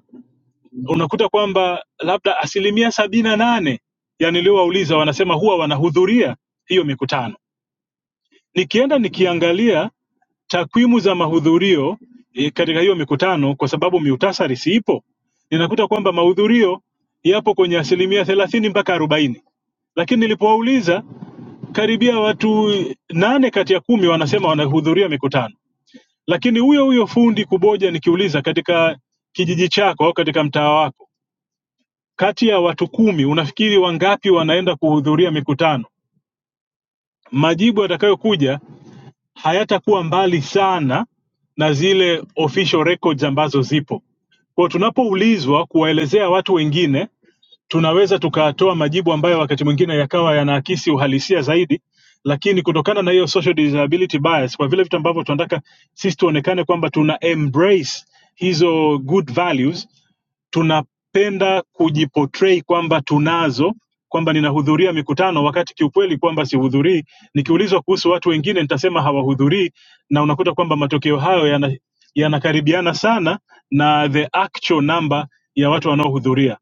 K: unakuta kwamba labda asilimia sabini na nane ya niliowauliza wanasema huwa wanahudhuria hiyo mikutano. Nikienda nikiangalia takwimu za mahudhurio eh, katika hiyo mikutano, kwa sababu miutasari siipo, ninakuta kwamba mahudhurio yapo kwenye asilimia thelathini mpaka arobaini, lakini nilipowauliza karibia watu nane kati ya kumi wanasema wanahudhuria mikutano, lakini huyo huyo fundi Kuboja, nikiuliza katika kijiji chako au katika mtaa wako, kati ya watu kumi unafikiri wangapi wanaenda kuhudhuria mikutano? Majibu yatakayokuja hayatakuwa mbali sana na zile official records ambazo zipo. Kwa hiyo tunapoulizwa kuwaelezea watu wengine tunaweza tukatoa majibu ambayo wakati mwingine yakawa yanaakisi uhalisia zaidi lakini kutokana na hiyo social disability bias kwa vile vitu ambavyo tunataka sisi tuonekane kwamba tuna embrace hizo good values tunapenda kujiportray kwamba tunazo kwamba ninahudhuria mikutano wakati kiukweli kwamba sihudhurii nikiulizwa kuhusu watu wengine nitasema hawahudhurii na unakuta kwamba matokeo hayo yana- yanakaribiana sana na the actual number ya watu wanaohudhuria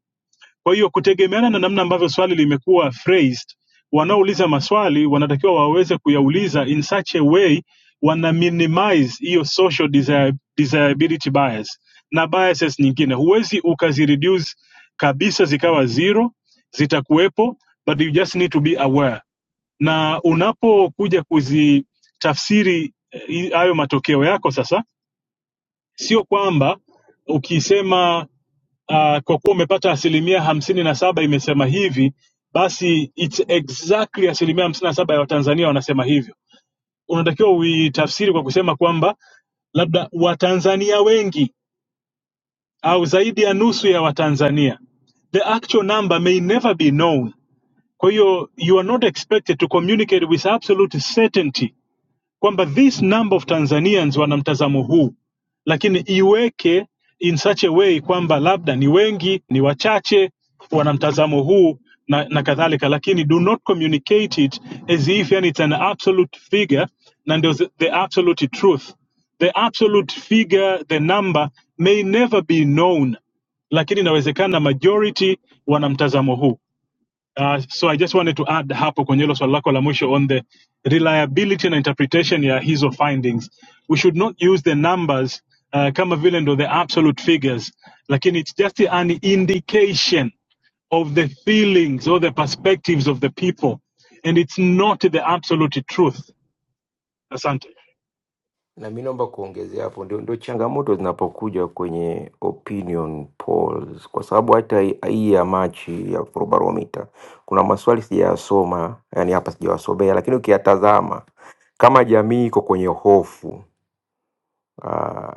K: kwa hiyo kutegemeana na namna ambavyo swali limekuwa phrased, wanaouliza maswali wanatakiwa waweze kuyauliza in such a way wana minimize hiyo social desire, desirability bias na biases nyingine. Huwezi ukazireduce kabisa zikawa zero, zitakuwepo but you just need to be aware, na unapokuja kuzitafsiri eh, hayo matokeo yako sasa, sio kwamba ukisema uh, kwa kuwa umepata asilimia hamsini na saba imesema hivi basi it's exactly asilimia hamsini na saba ya watanzania wanasema hivyo unatakiwa uitafsiri kwa kusema kwamba labda watanzania wengi au zaidi ya nusu ya watanzania the actual number may never be known kwa hiyo you are not expected to communicate with absolute certainty kwamba this number of Tanzanians wana mtazamo huu, lakini iweke in such a way kwamba labda ni wengi, ni wachache wana mtazamo huu na, na kadhalika, lakini do not communicate it as if yani it's an absolute figure na ndio the the absolute truth. The absolute figure, the number may never be known, lakini inawezekana majority wana mtazamo huu. Uh, so I just wanted to add hapo kwenye hilo swali lako la mwisho on the reliability na interpretation ya hizo findings. We should not use the numbers uh, kama vile ndo the absolute figures, lakini it's just an indication of the feelings or the perspectives of the people and it's not the absolute truth. Asante.
P: na mi naomba kuongezea hapo, ndio, ndio changamoto zinapokuja kwenye opinion polls, kwa sababu hata hii hii ya Machi ya Afrobarometer kuna maswali sijayasoma, yani hapa sijawasomea, lakini ukiyatazama kama jamii iko kwenye hofu uh,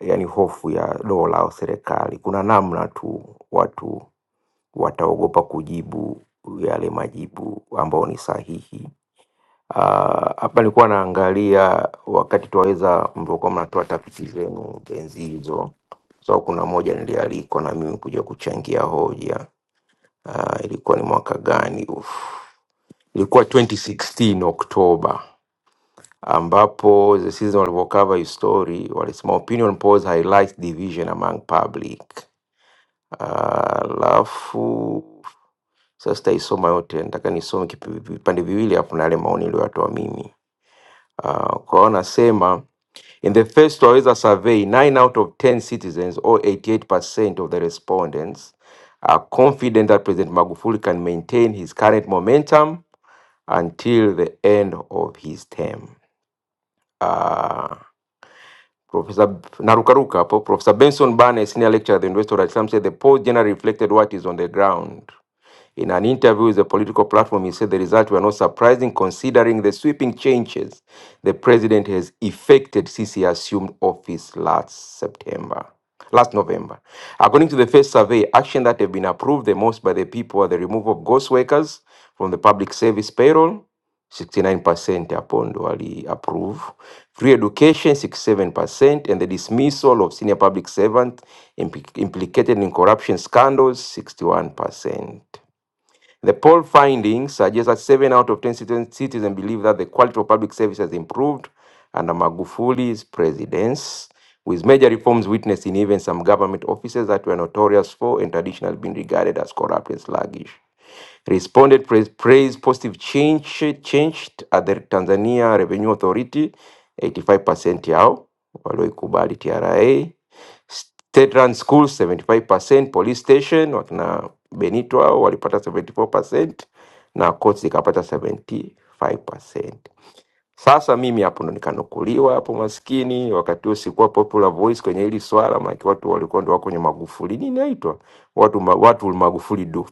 P: yani hofu ya dola au serikali. Kuna namna tu watu wataogopa kujibu yale majibu ambayo ni sahihi. Ah, Hapa nilikuwa naangalia wakati tuwaweza mlivyokuwa mnatoa tafiti zenu enzi hizo, so kuna moja nilialikwa na mimi kuja kuchangia hoja. Ah, ilikuwa ni mwaka gani? Uf, ilikuwa 2016 Oktoba ambapo the season walivyokava hii story walisema opinion polls highlights division among public. Ah, Alafu sasa sitaisoma yote, nataka nisome kipi- vipande viwili hapo na yale maoni niliyoyatoa mimi. Uh, kwa hiyo nasema In the first Waweza survey, 9 out of 10 citizens or 88% of the respondents are confident that President Magufuli can maintain his current momentum until the end of his term. Uh, Professor Narukaruka hapo, Professor Benson Barnes, senior lecturer at the University of Dar es Salaam, said the polls generally reflected what is on the ground. In an interview with the political platform, he said the results were not surprising considering the sweeping changes the president has effected since he assumed office last September. Last November. According to the first survey, action that have been approved the most by the people are the removal of ghost workers from the public service payroll, 69% upon duly approve. Free education, 67%, and the dismissal of senior public servants impli- implicated in corruption scandals, 61%. The poll findings suggest that seven out of 10 citizen- citizens believe that the quality of public service has improved under Magufuli's presidency, with major reforms witnessed in even some government offices that were notorious for and traditionally been regarded as corrupt and sluggish responded praise, praise positive change changed at the Tanzania Revenue Authority 85% yao walioikubali TRA State run schools 75%, police station wakina Benito hao walipata 74% na courts zikapata 75%. Sasa mimi hapo ndo nikanukuliwa hapo, maskini wakati huo sikuwa popular voice kwenye hili swala, maana watu walikuwa ndo wako kwenye Magufuli, nini naitwa watu ma, watu Magufuli do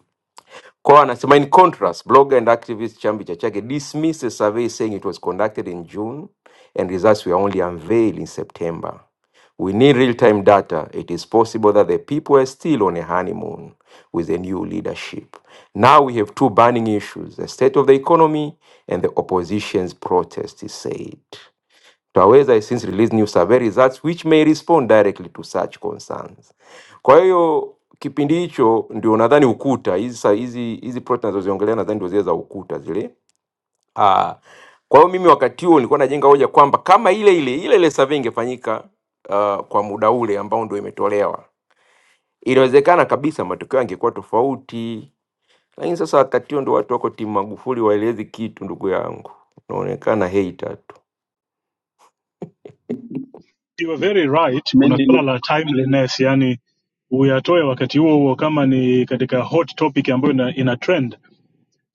P: Kwao anasema in contrast, blogger and activist Chambi Chachake dismissed a survey saying it was conducted in June and results were only unveiled in September. We need real-time data. It is possible that the people are still on a honeymoon with the new leadership. Now we have two burning issues, the state of the economy and the opposition's protest, he said. TAWEZA has since released new survey results which may respond directly to such concerns. Kwa hiyo kipindi hicho ndio nadhani ukuta hizi sa- hizi hizi plot nazoziongelea nadhani ndio zile za ukuta zile. Ah, kwa hiyo mimi wakati huo nilikuwa najenga hoja kwamba kama ile ile ile ile survey ingefanyika uh, kwa muda ule ambao ndio imetolewa, inawezekana kabisa matokeo yangekuwa tofauti. Lakini sasa wakati huo ndio watu wako timu Magufuli waelezi kitu, ndugu yangu, unaonekana hater tu.
K: You are very right, kuna swala la timeliness, yani uyatoe wakati huo huo kama ni katika hot topic ambayo ina, ina trend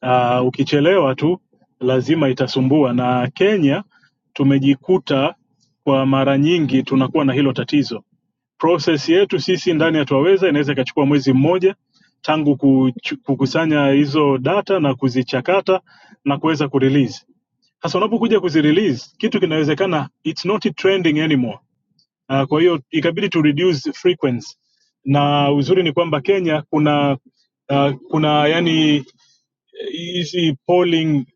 K: uh, ukichelewa tu lazima itasumbua, na Kenya tumejikuta kwa mara nyingi tunakuwa na hilo tatizo. Process yetu sisi ndani ya Twaweza inaweza ikachukua mwezi mmoja tangu kuchu- kukusanya hizo data na kuzichakata na kuweza kurelease. Sasa unapokuja kuzirelease kitu kinawezekana it's not trending anymore. Uh, kwa hiyo ikabidi to reduce frequency, na uzuri ni kwamba Kenya kuna uh, kuna yani hizi polling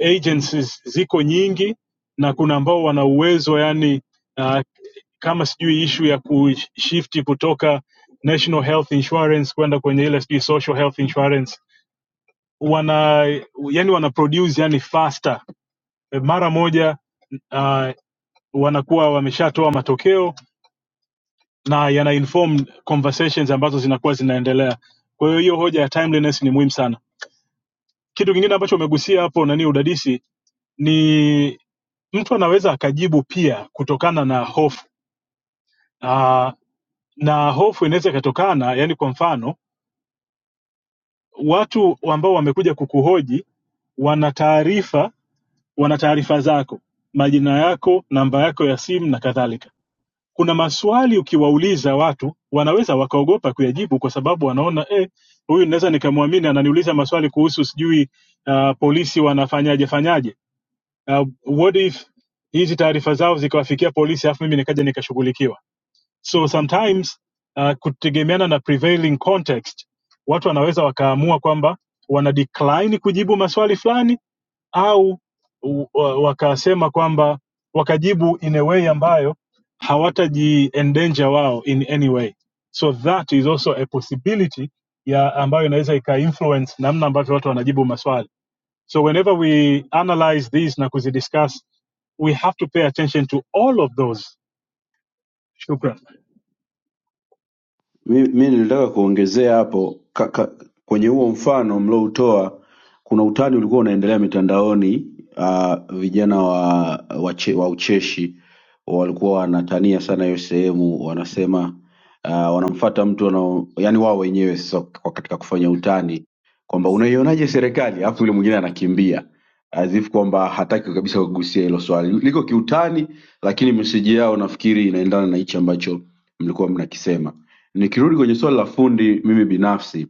K: agencies ziko nyingi na kuna ambao wana uwezo yani uh, kama sijui ishu ya kushifti kutoka national health insurance kwenda kwenye ile sijui social health insurance wana yani wana produce yani faster mara moja uh, wanakuwa wameshatoa matokeo na yana inform conversations ambazo zinakuwa zinaendelea kwa hiyo hiyo hoja ya timeliness ni muhimu sana kitu kingine ambacho umegusia hapo nani udadisi ni mtu anaweza akajibu pia kutokana na hofu uh, na hofu inaweza ikatokana yani kwa mfano watu ambao wamekuja kukuhoji wana taarifa wana taarifa zako majina yako namba yako ya simu na kadhalika kuna maswali ukiwauliza watu wanaweza wakaogopa kuyajibu kwa sababu wanaona eh, huyu naweza nikamwamini ananiuliza maswali kuhusu sijui uh, polisi wanafanyaje fanyaje uh, what if hizi taarifa zao zikawafikia polisi alafu mimi nikaja nikashughulikiwa so sometimes uh, kutegemeana na prevailing context watu wanaweza wakaamua kwamba wana decline kujibu maswali fulani au u- wa- wakasema kwamba wakajibu in a way ambayo hawataji endanger wao in any way so that is also a possibility ya ambayo inaweza ika influence namna ambavyo watu wanajibu maswali So whenever we analyze these na kuzidiscuss, we have to pay attention to all of those. Shukran.
D: Mi nilitaka kuongezea hapo ka, ka, kwenye huo mfano mlioutoa, kuna utani ulikuwa unaendelea mitandaoni uh, vijana wa, wa, che, wa ucheshi walikuwa wanatania sana hiyo sehemu, wanasema uh, wanamfata mtu wanao, yani wao wenyewe sasa kwa katika kufanya utani kwamba unaionaje serikali, alafu yule mwingine anakimbia as if kwamba hataki kabisa kugusia hilo swali, liko kiutani, lakini meseji yao nafikiri inaendana na hichi ambacho mlikuwa mnakisema Nikirudi kwenye swali la fundi, mimi binafsi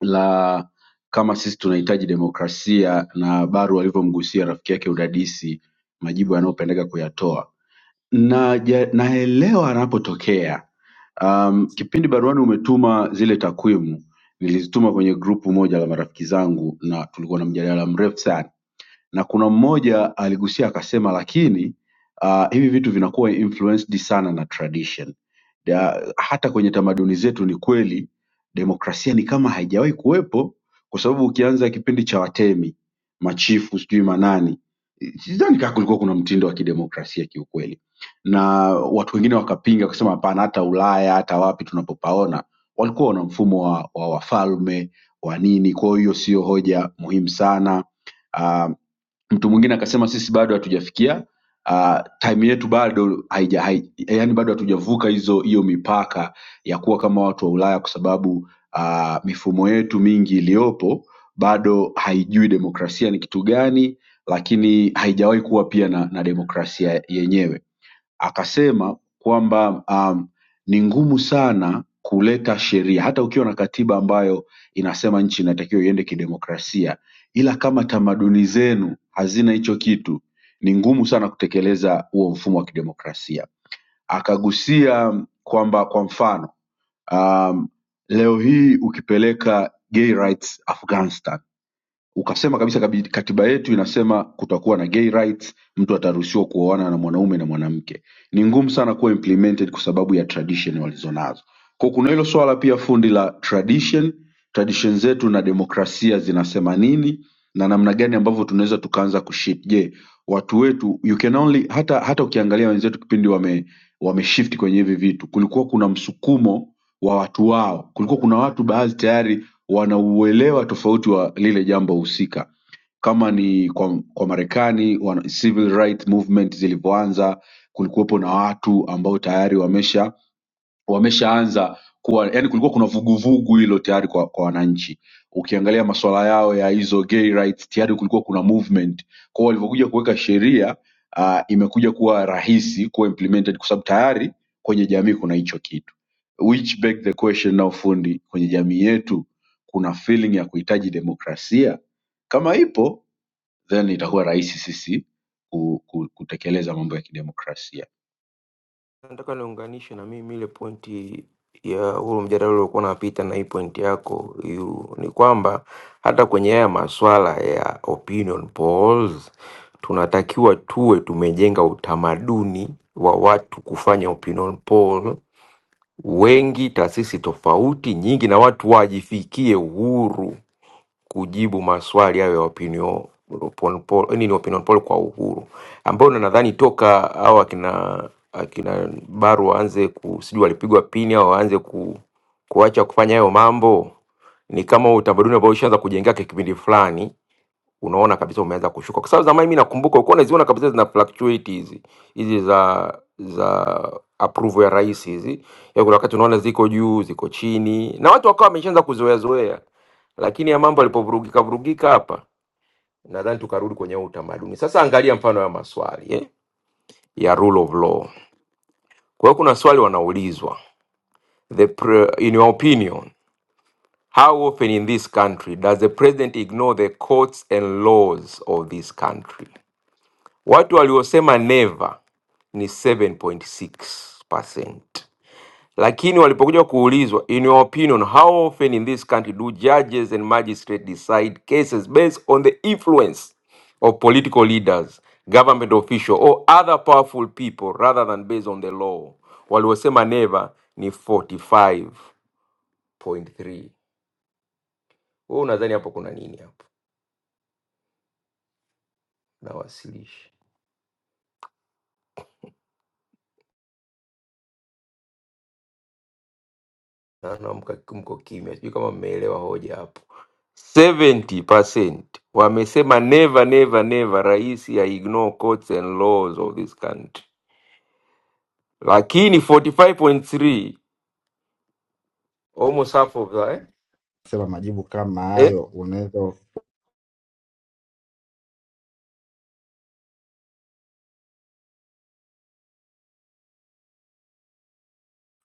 D: la kama sisi tunahitaji demokrasia na Baru alivyomgusia rafiki yake udadisi, majibu yanayopendeka kuyatoa Naja- naelewa anapotokea. Um, kipindi baruani umetuma zile takwimu nilizituma kwenye grupu moja la marafiki zangu, na tulikuwa na mjadala mrefu sana na kuna mmoja aligusia akasema lakini uh, hivi vitu vinakuwa influenced sana na tradition da, hata kwenye tamaduni zetu ni kweli demokrasia ni kama haijawahi kuwepo kwa sababu ukianza kipindi cha watemi machifu sijui manani sidhani kaa kulikuwa kuna mtindo wa kidemokrasia kiukweli na watu wengine wakapinga kusema hapana hata ulaya hata wapi tunapopaona walikuwa wana mfumo wa, wa wafalme wa nini kwa hiyo sio hoja muhimu sana Uh, mtu mwingine akasema sisi bado hatujafikia uh, time yetu bado haija, hai, yani bado hatujavuka hizo hiyo mipaka ya kuwa kama watu wa Ulaya kwa sababu uh, mifumo yetu mingi iliyopo bado haijui demokrasia ni kitu gani, lakini haijawahi kuwa pia na, na demokrasia yenyewe akasema kwamba um, ni ngumu sana kuleta sheria hata ukiwa na katiba ambayo inasema nchi inatakiwa iende kidemokrasia ila kama tamaduni zenu hazina hicho kitu ni ngumu sana kutekeleza huo mfumo wa kidemokrasia akagusia kwamba kwa mfano um, leo hii ukipeleka gay rights afghanistan ukasema kabisa kabi- katiba yetu inasema kutakuwa na gay rights mtu ataruhusiwa kuoana na mwanaume na mwanamke ni ngumu sana kuwa implemented kwa sababu ya tradition walizonazo kwa kuna hilo swala pia fundi la tradition tradition zetu na demokrasia zinasema nini na namna gani ambavyo tunaweza tukaanza kuship je watu wetu you can only hata hata ukiangalia wenzetu kipindi wame wameshift kwenye hivi vitu kulikuwa kuna msukumo wa watu wao kulikuwa kuna watu baadhi tayari wanauelewa tofauti wa lile jambo husika kama ni kwa, kwa marekani wana- civil right movement zilivyoanza kulikuwepo na watu ambao tayari wamesha wameshaanza kuwa yani kulikuwa kuna vuguvugu hilo tayari kwa, kwa wananchi ukiangalia masuala yao ya hizo gay rights tayari kulikuwa kuna movement kwao walivyokuja kuweka sheria uh, imekuja kuwa rahisi kuwa implemented kwa sababu tayari kwenye jamii kuna hicho kitu which beg the question now fundi kwenye jamii yetu kuna feeling ya kuhitaji demokrasia kama ipo then itakuwa rahisi sisi ku- ku- kutekeleza mambo ya kidemokrasia
P: Nataka niunganishe na mimi ile pointi ya huo mjadala uliokuwa unapita na hii pointi yako yu, ni kwamba hata kwenye haya maswala ya opinion polls tunatakiwa tuwe tumejenga utamaduni wa watu kufanya opinion poll wengi, taasisi tofauti nyingi, na watu wajifikie uhuru kujibu maswali hayo ya opinion upon poll, eh, nini opinion poll kwa uhuru, ambao na nadhani toka hao akina akina Baru waanze ku sijui walipigwa pini au waanze ku, kuacha kufanya hayo mambo, ni kama utamaduni ambao ushaanza kujengeka kipindi fulani unaona kabisa umeanza kushuka, kwa sababu zamani mimi nakumbuka ulikuwa unaziona kabisa zina fluctuate hizi hizi za za approval ya rais hizi, ya kuna wakati unaona ziko juu ziko chini, na watu wakawa wameshaanza kuzoea zoea lakini ya mambo yalipovurugika vurugika hapa, nadhani tukarudi kwenye huu utamaduni. Sasa angalia mfano ya maswali eh, ya rule of law. Kwa hiyo kuna swali wanaulizwa the pre, in your opinion how often in this country does the president ignore the courts and laws of this country? Watu waliosema never ni 7.6%. lakini walipokuja kuulizwa in your opinion how often in this country do judges and magistrates decide cases based on the influence of political leaders government official or other powerful people rather than based on the law waliosema never ni 45.3 wewe unadhani hapo kuna nini hapo nawasilisha Naona mka- mko kimya, sijui kama mmeelewa hoja hapo. 70% wamesema never never never, rais ya ignore courts and laws of this country, lakini 45.3 almost half of that eh,
T: sema majibu kama
P: eh,
T: hayo unaweza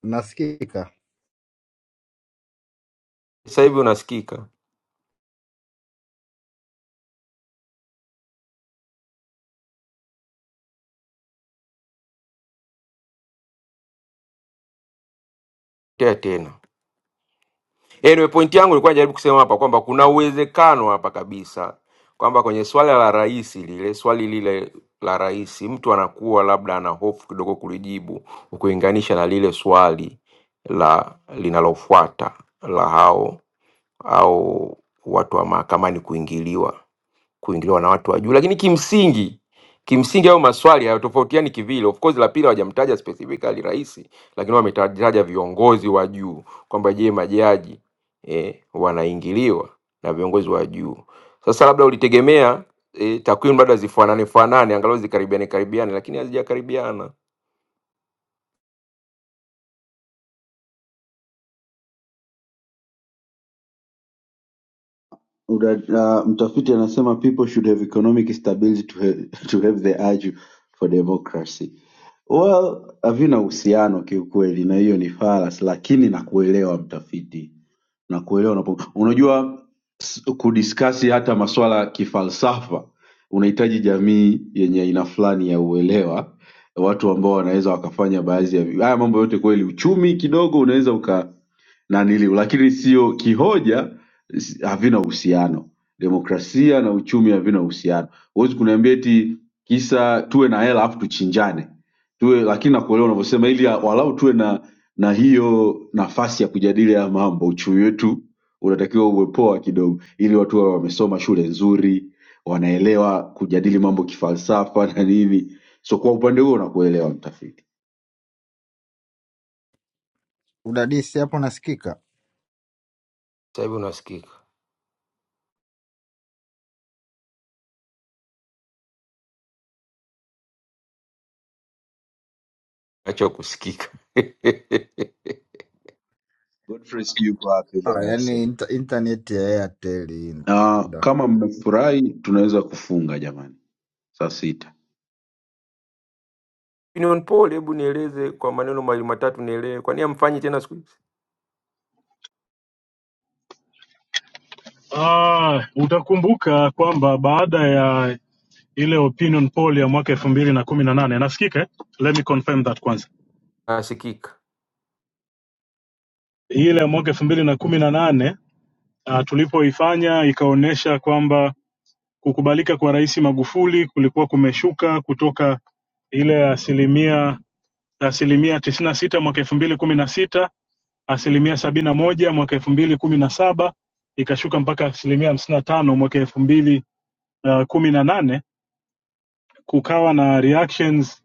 T: nasikika
P: sasa hivi unasikika tea tena Anyway, point yangu nilikuwa najaribu kusema hapa kwamba kuna uwezekano hapa kabisa kwamba kwenye swala la rais lile swali lile la rais, mtu anakuwa labda ana hofu kidogo kulijibu ukilinganisha na lile swali la linalofuata la hao au watu wa mahakamani kuingiliwa kuingiliwa na watu wa juu, lakini kimsingi kimsingi hayo maswali hayatofautiani kivile. Of course, la pili hawajamtaja specifically rais, lakini wametaja viongozi wa juu kwamba je, majaji eh, wanaingiliwa na viongozi wa juu. Sasa labda ulitegemea eh, takwimu labda zifanane fanane, angalau zikaribiane karibiane, lakini hazijakaribiana.
D: Uh, Mtafiti anasema people should have economic stability to have, to have the urge for democracy. Well, havina uhusiano kiukweli na hiyo ni falas, lakini nakuelewa mtafiti, nakuelewa unapo, unajua s- kudiskasi hata maswala ya kifalsafa unahitaji jamii yenye aina fulani ya uelewa, watu ambao wanaweza wakafanya baadhi ya vi- haya mambo yote kweli, uchumi kidogo unaweza uka naniliu, lakini sio kihoja s- havina uhusiano. Demokrasia na uchumi havina uhusiano. Huwezi kuniambia eti kisa tuwe na hela afu tuchinjane tuwe, lakini nakuelewa unavyosema, ili ya- walau tuwe na na hiyo nafasi ya kujadili haya mambo. Uchumi wetu unatakiwa uwe poa kidogo, ili watu wawe wamesoma shule nzuri, wanaelewa kujadili mambo kifalsafa na nini. So kwa upande huo nakuelewa mtafiti.
T: udadisi hapo nasikika.
P: Sasa hivi unasikika, acha kusikika
D: Godfrey, sijui uko wapi
T: Ah,
D: leo
T: yani
D: aisee.
T: inter, internet ya Airtel
D: Ah,
T: hii.
D: kama mmefurahi tunaweza kufunga jamani, saa sita.
P: Union Paul, hebu nieleze kwa maneno mawili matatu nielewe, kwa nini amfanyi tena siku hizi?
K: Ah, utakumbuka kwamba baada ya ile opinion poll ya mwaka elfu mbili na kumi na nane nasikika, eh? let me confirm that kwanza.
P: Nasikika.
K: Ile ya mwaka elfu mbili na kumi na nane ah, tulipoifanya ikaonyesha kwamba kukubalika kwa Rais Magufuli kulikuwa kumeshuka kutoka ile asilimia asilimia tisini na sita mwaka elfu mbili kumi na sita asilimia sabini na moja mwaka elfu mbili kumi na saba ikashuka mpaka asilimia hamsini na tano mwaka elfu mbili uh, kumi na nane kukawa na reactions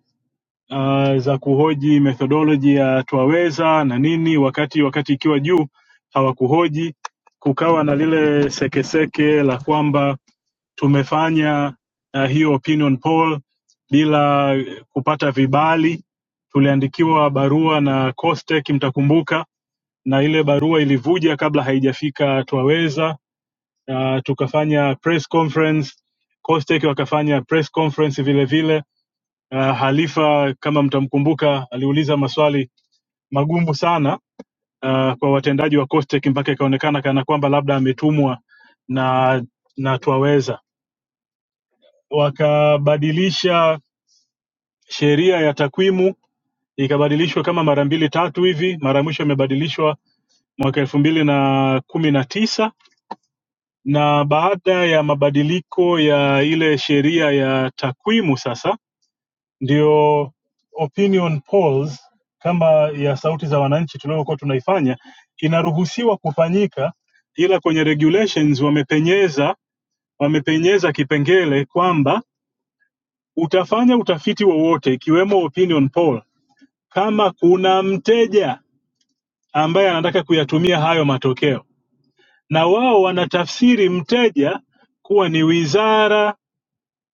K: uh, za kuhoji methodology ya twaweza na nini wakati wakati ikiwa juu hawakuhoji kukawa na lile sekeseke la kwamba tumefanya uh, hiyo opinion poll bila kupata vibali tuliandikiwa barua na costec mtakumbuka na ile barua ilivuja kabla haijafika Twaweza. Uh, tukafanya press conference, Costech wakafanya press conference vile vile. Uh, Halifa kama mtamkumbuka, aliuliza maswali magumu sana uh, kwa watendaji wa Costech mpaka ikaonekana kana kwamba labda ametumwa na na Twaweza. Wakabadilisha sheria ya takwimu ikabadilishwa kama mara mbili tatu hivi, mara ya mwisho imebadilishwa mwaka elfu mbili na kumi na tisa na baada ya mabadiliko ya ile sheria ya takwimu sasa ndio opinion polls kama ya sauti za wananchi tuliokuwa tunaifanya inaruhusiwa kufanyika ila kwenye regulations wamepenyeza wamepenyeza kipengele kwamba utafanya utafiti wowote ikiwemo opinion poll kama kuna mteja ambaye anataka kuyatumia hayo matokeo na wao wanatafsiri mteja kuwa ni wizara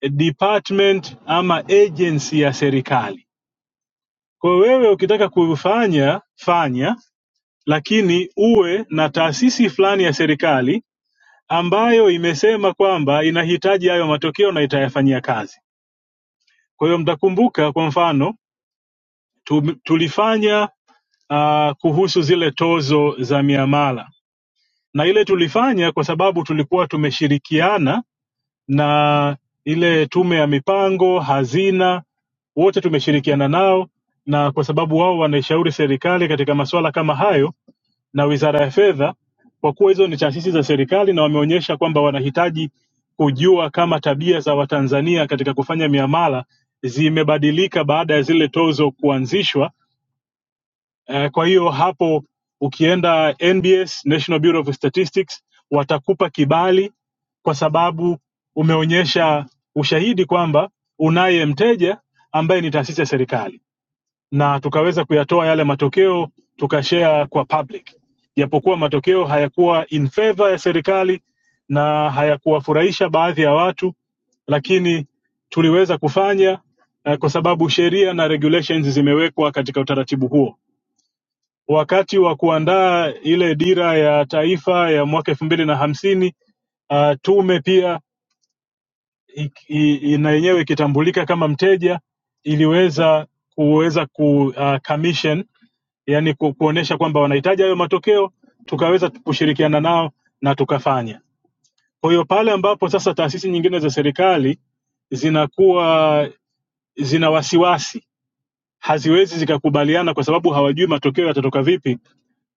K: department ama agency ya serikali. Kwa hiyo wewe ukitaka kufanya fanya, lakini uwe na taasisi fulani ya serikali ambayo imesema kwamba inahitaji hayo matokeo na itayafanyia kazi. Kwa hiyo mtakumbuka, kwa mfano tu- tulifanya uh, kuhusu zile tozo za miamala na ile tulifanya kwa sababu tulikuwa tumeshirikiana na ile tume ya mipango hazina wote tumeshirikiana nao na kwa sababu wao wanaishauri serikali katika masuala kama hayo na wizara ya fedha kwa kuwa hizo ni taasisi za serikali na wameonyesha kwamba wanahitaji kujua kama tabia za watanzania katika kufanya miamala zimebadilika baada ya zile tozo kuanzishwa Eh, Kwa hiyo hapo ukienda NBS, National Bureau of Statistics, watakupa kibali kwa sababu umeonyesha ushahidi kwamba unaye mteja ambaye ni taasisi ya serikali, na tukaweza kuyatoa yale matokeo tukashare kwa public, japokuwa matokeo hayakuwa in favor ya serikali na hayakuwafurahisha baadhi ya watu, lakini tuliweza kufanya eh, kwa sababu sheria na regulations zimewekwa katika utaratibu huo wakati wa kuandaa ile dira ya taifa ya mwaka elfu mbili na hamsini uh, tume pia i- i- na yenyewe ikitambulika kama mteja iliweza kuweza ku uh, commission yani ku, kuonesha kwamba wanahitaji hayo matokeo tukaweza tu- kushirikiana nao na tukafanya kwa hiyo pale ambapo sasa taasisi nyingine za serikali zinakuwa zina wasiwasi haziwezi zikakubaliana kwa sababu hawajui matokeo yatatoka vipi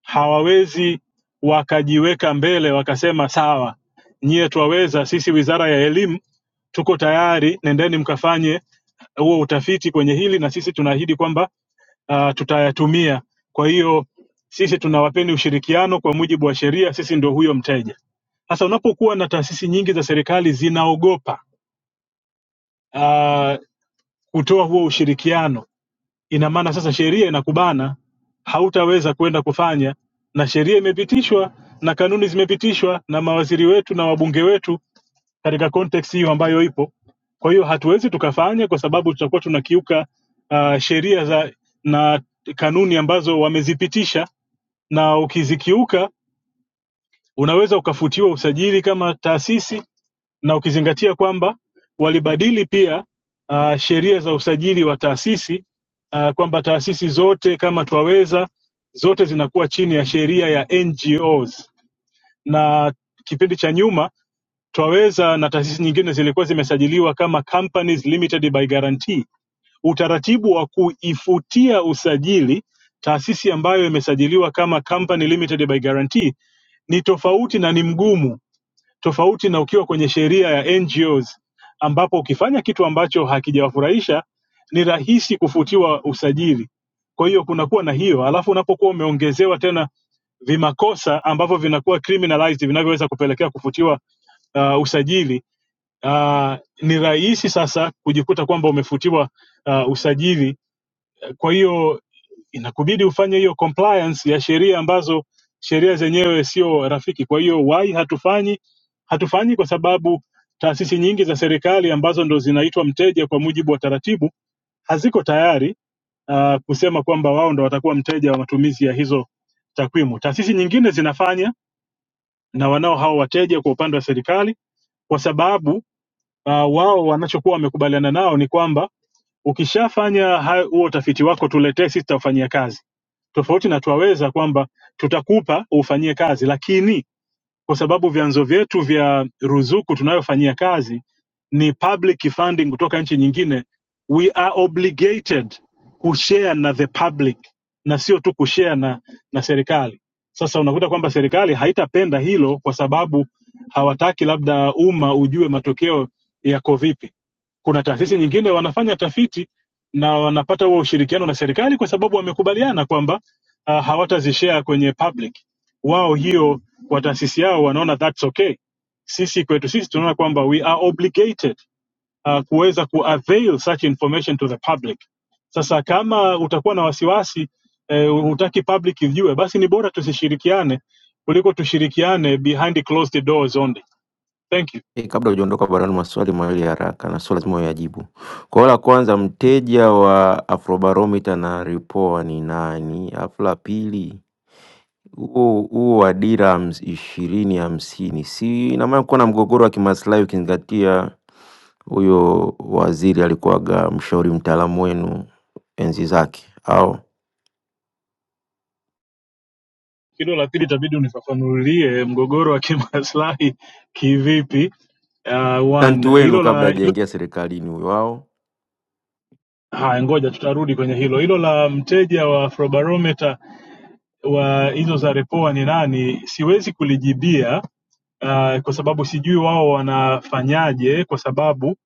K: hawawezi wakajiweka mbele wakasema sawa, nyie twaweza, sisi wizara ya elimu tuko tayari, nendeni mkafanye huo utafiti kwenye hili, na sisi tunaahidi kwamba uh, tutayatumia. Kwa hiyo sisi tunawapeni ushirikiano kwa mujibu wa sheria, sisi ndio huyo mteja. Sasa unapokuwa na taasisi nyingi za serikali zinaogopa uh, kutoa huo ushirikiano ina maana sasa sheria inakubana, hautaweza kwenda kufanya, na sheria imepitishwa na kanuni zimepitishwa na mawaziri wetu na wabunge wetu katika context hiyo ambayo ipo. Kwa hiyo hatuwezi tukafanya kwa sababu tutakuwa tunakiuka uh, sheria za na kanuni ambazo wamezipitisha, na ukizikiuka unaweza ukafutiwa usajili kama taasisi na ukizingatia kwamba walibadili pia uh, sheria za usajili wa taasisi uh, kwamba taasisi zote kama Twaweza zote zinakuwa chini ya sheria ya NGOs, na kipindi cha nyuma Twaweza na taasisi nyingine zilikuwa zimesajiliwa kama companies limited by guarantee. Utaratibu wa kuifutia usajili taasisi ambayo imesajiliwa kama company limited by guarantee ni tofauti na ni mgumu tofauti na ukiwa kwenye sheria ya NGOs ambapo ukifanya kitu ambacho hakijawafurahisha ni rahisi kufutiwa usajili. Kwa hiyo kunakuwa na hiyo, alafu unapokuwa umeongezewa tena vimakosa ambavyo vinakuwa criminalized vinavyoweza kupelekea kufutiwa uh, usajili uh, ni rahisi sasa kujikuta kwamba umefutiwa uh, usajili kwa hiyo inakubidi ufanye hiyo compliance ya sheria ambazo sheria zenyewe sio rafiki. Kwa hiyo why hatufanyi? Hatufanyi kwa sababu taasisi nyingi za serikali ambazo ndo zinaitwa mteja kwa mujibu wa taratibu haziko tayari uh, kusema kwamba wao ndo watakuwa mteja wa matumizi ya hizo takwimu. Taasisi nyingine zinafanya na wanao hao wateja kwa upande wa serikali, kwa sababu uh, wao wanachokuwa wamekubaliana nao ni kwamba Ukishafanya hayo- huo utafiti wako tuletee sisi, tutafanyia kazi. Tofauti na twaweza kwamba tutakupa ufanyie kazi, lakini kwa sababu vyanzo vyetu vya ruzuku tunayofanyia kazi ni public funding kutoka nchi nyingine, we are obligated kushare na the public na sio tu kushare na, na serikali. Sasa unakuta kwamba serikali haitapenda hilo kwa sababu hawataki labda umma ujue matokeo yako vipi kuna taasisi nyingine wanafanya tafiti na wanapata huo ushirikiano na serikali kwa sababu wamekubaliana kwamba uh, hawatazishare kwenye public wao hiyo kwa taasisi yao wanaona that's okay sisi kwetu sisi tunaona kwamba we are obligated uh, kuweza kuavail such information to the public sasa kama utakuwa na wasiwasi eh, hutaki public ijue basi ni bora tusishirikiane kuliko tushirikiane behind the closed doors only thank you
P: Eh, kabla hujaondoka barani, maswali mawili ya haraka na sio lazima uyajibu. Kwa hiyo la kwanza, mteja wa Afrobarometer na Ripoa ni nani? Alafu la pili, huo huo wa dira hams- ishirini hamsini, si ina maana kuwa na mgogoro wa kimaslahi ukizingatia huyo waziri alikuwaga mshauri mtaalamu wenu enzi zake, au
K: hilo la pili itabidi unifafanulie mgogoro wa kimaslahi kivipi? Uh,
P: tanti
K: one
P: wenu
K: hilo
P: kabla
K: la hilo,
P: hajaingia serikalini huyo wao
K: haya, ngoja tutarudi kwenye hilo. Hilo la mteja wa Afrobarometer wa hizo za Repoa ni nani, siwezi kulijibia uh, kwa sababu sijui wao wanafanyaje, kwa sababu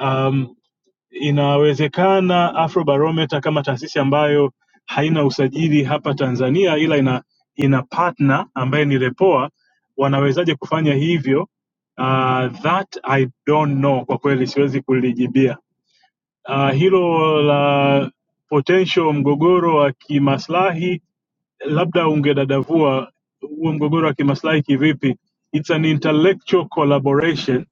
K: um, Inawezekana Afrobarometer kama taasisi ambayo haina usajili hapa Tanzania ila ina ina partner ambaye ni Repoa, wanawezaje kufanya hivyo? Uh, that I don't know, kwa kweli siwezi kulijibia. Uh, hilo la potential mgogoro wa kimaslahi, labda ungedadavua huo mgogoro wa kimaslahi kivipi? It's an intellectual collaboration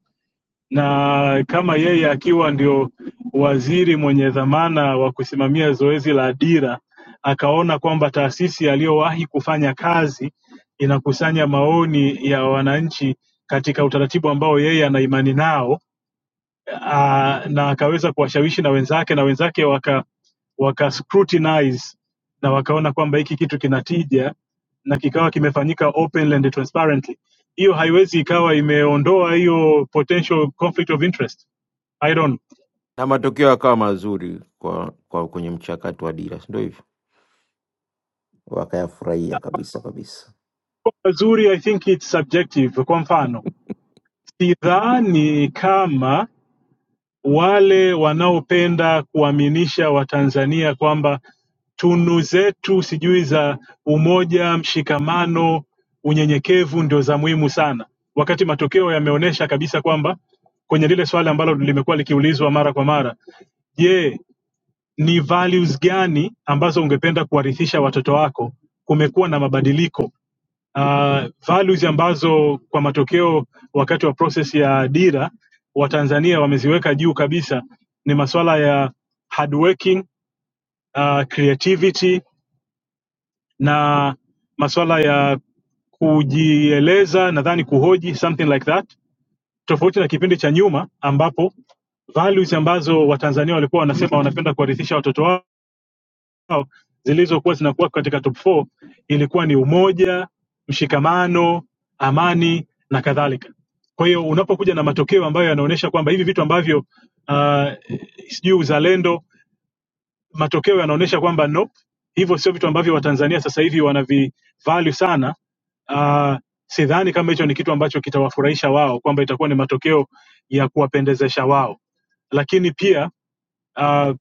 K: na kama yeye akiwa ndio waziri mwenye dhamana wa kusimamia zoezi la dira, akaona kwamba taasisi aliyowahi kufanya kazi inakusanya maoni ya wananchi katika utaratibu ambao yeye ana imani nao, uh, na akaweza kuwashawishi na wenzake na wenzake waka, waka scrutinize na wakaona kwamba hiki kitu kina tija na kikawa kimefanyika openly and transparently hiyo haiwezi ikawa imeondoa hiyo potential conflict of interest i don't
P: na matokeo yakawa mazuri kwa, kwa kwenye mchakato wa dira, si ndio hivyo? wakayafurahia kabisa kabisa.
K: know. zuri i think it's subjective kwa mfano sidhani kama wale wanaopenda kuwaaminisha watanzania kwamba tunu zetu sijui za umoja mshikamano unyenyekevu ndio za muhimu sana wakati matokeo yameonyesha kabisa kwamba kwenye lile swali ambalo limekuwa likiulizwa mara kwa mara je ni values gani ambazo ungependa kuwarithisha watoto wako kumekuwa na mabadiliko uh, values ambazo kwa matokeo wakati wa process ya dira Watanzania wameziweka juu kabisa ni masuala ya hard working, uh, creativity na masuala ya kujieleza, nadhani kuhoji, something like that, tofauti na kipindi cha nyuma ambapo values ambazo Watanzania walikuwa wanasema wanapenda kuwarithisha watoto wao zao zilizokuwa zinakuwa katika top 4 ilikuwa ni umoja, mshikamano, amani na kadhalika. Kwa hiyo unapokuja na matokeo ambayo yanaonyesha kwamba hivi vitu ambavyo uh, sijui uzalendo, matokeo yanaonyesha kwamba nope, hivyo sio vitu ambavyo Watanzania sasa hivi wanavivalue sana. Uh, sidhani kama hicho ni kitu ambacho kitawafurahisha wao, kwamba itakuwa ni matokeo ya kuwapendezesha wao, lakini pia uh,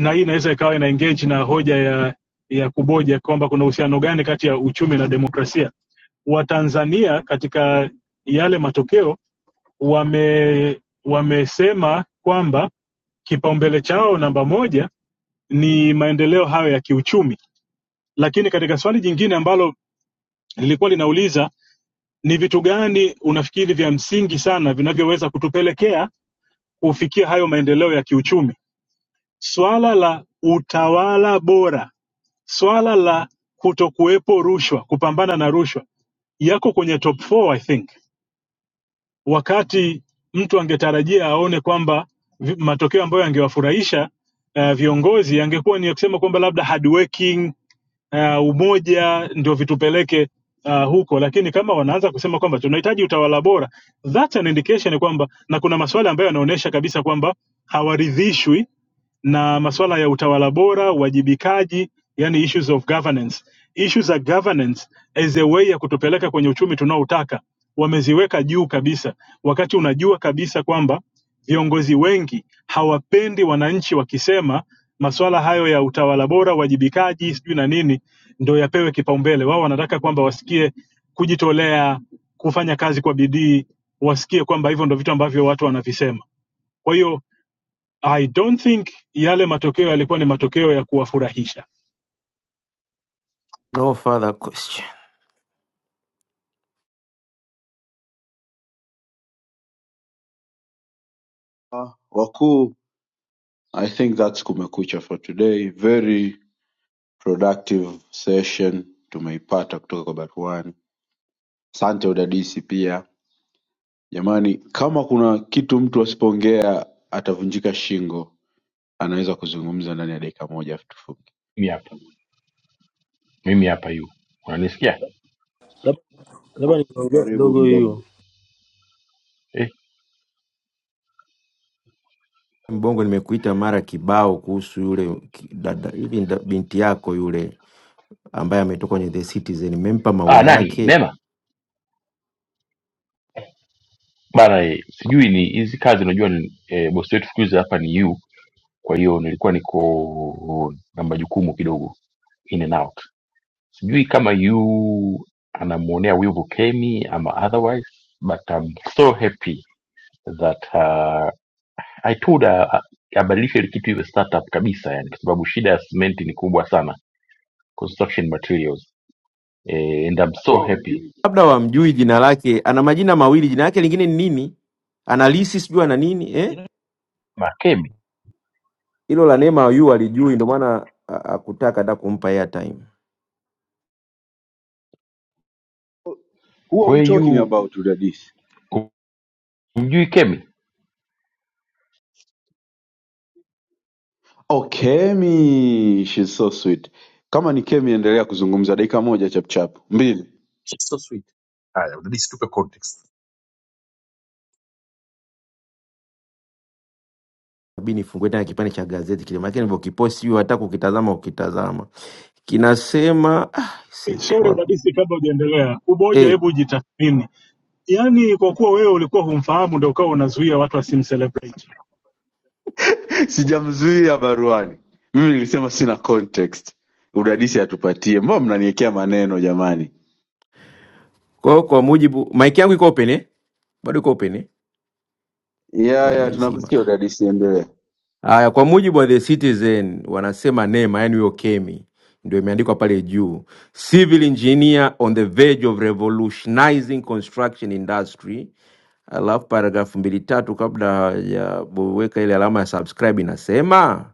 K: na hii inaweza ikawa ina engage na hoja ya ya kuboja kwamba kuna uhusiano gani kati ya uchumi na demokrasia. Watanzania katika yale matokeo wame wamesema kwamba kipaumbele chao namba moja ni maendeleo hayo ya kiuchumi, lakini katika swali jingine ambalo lilikuwa linauliza ni vitu gani unafikiri vya msingi sana vinavyoweza kutupelekea kufikia hayo maendeleo ya kiuchumi, swala la utawala bora swala la kutokuwepo rushwa kupambana na rushwa yako kwenye top four, I think wakati mtu angetarajia aone kwamba vi- matokeo ambayo yangewafurahisha uh, viongozi yangekuwa ni ya kusema kwamba labda hard working uh, umoja ndio vitupeleke uh, huko lakini kama wanaanza kusema kwamba tunahitaji utawala bora that's an indication kwamba na kuna maswala ambayo yanaonyesha kabisa kwamba hawaridhishwi na masuala ya utawala bora, uwajibikaji, yani issues of governance. Issues za governance as a way ya kutupeleka kwenye uchumi tunaoutaka wameziweka juu kabisa, wakati unajua kabisa kwamba viongozi wengi hawapendi wananchi wakisema masuala hayo ya utawala bora, uwajibikaji, sijui na nini ndo yapewe kipaumbele. Wao wanataka kwamba wasikie kujitolea, kufanya kazi kwa bidii, wasikie kwamba hivyo ndo vitu ambavyo watu wanavisema. Kwa hiyo I don't think yale matokeo yalikuwa ni matokeo ya kuwafurahisha.
P: No further question.
D: wakuu i think thats kumekucha for today very productive session tumeipata kutoka kwa baruani asante udadisi pia jamani kama kuna kitu mtu asipoongea atavunjika shingo anaweza kuzungumza ndani ya dakika moja afu tufunge
B: mimi hapa mimi hapa yu unanisikia
U: Lab- labda nimeongea
D: karibu
U: kidogo
D: mdomo
U: hiyo.
B: eh?
P: Mbongo, nimekuita mara kibao kuhusu yule ki- dada, hivi nda- binti yako yule ambaye ametoka kwenye The Citizen, nimempa
B: ah,
P: maua
B: nani
P: yake,
B: Neema bana eh, sijui ni hizi kazi unajua ni eh, bosi wetu siku hizi hapa ni yu kwa hiyo nilikuwa niko na majukumu kidogo in and out sijui kama yu anamwonea wivu Kemi ama otherwise but I'm so happy that uh, I told her a- abadilishe ile kitu iwe startup kabisa yani kwa sababu shida ya cement ni kubwa sana construction materials eh, and I'm so happy
P: labda wamjui jina lake. Ana majina mawili, jina lake lingine ni nini? Analisi sijui ana nini eh?
B: na Kemi
P: Hilo la Neema yu alijui, ndio maana a- akutaka hata kumpa airtime.
D: who are
B: where
D: we talking
B: you
D: about udadisi
B: umjui Kemi
D: oh kemi she's so sweet kama ni kemi endelea kuzungumza dakika moja chapchap mbili
P: Inabidi nifungue tena kipande cha gazeti kile, maana nilivyokiposti hiyo hata kukitazama ukitazama kinasema ah, see,
K: Sorry
P: kilikuwa-
K: udadisi, kabla hujaendelea, umoja,
P: eh,
K: hebu jitathmini. Yaani, kwa kuwa wewe ulikuwa humfahamu, ndio ukawa unazuia watu wasimcelebrate.
D: sijamzuia baruani mimi nilisema sina context udadisi atupatie mbona mnaniwekea maneno jamani
P: kwa hiyo kwa mujibu mic yangu iko open eh? bado iko open eh?
D: ya
P: au
D: ya
P: nimeizima
D: tunakusikia
P: Ah.
D: udadisi endelea
P: Haya, kwa mujibu wa The Citizen wanasema NEMA, yani huyo Kemi ndio imeandikwa pale juu, civil engineer on the verge of revolutionizing construction industry. Alafu paragrafu mbili tatu kabla hajaweka ile alama ya subscribe inasema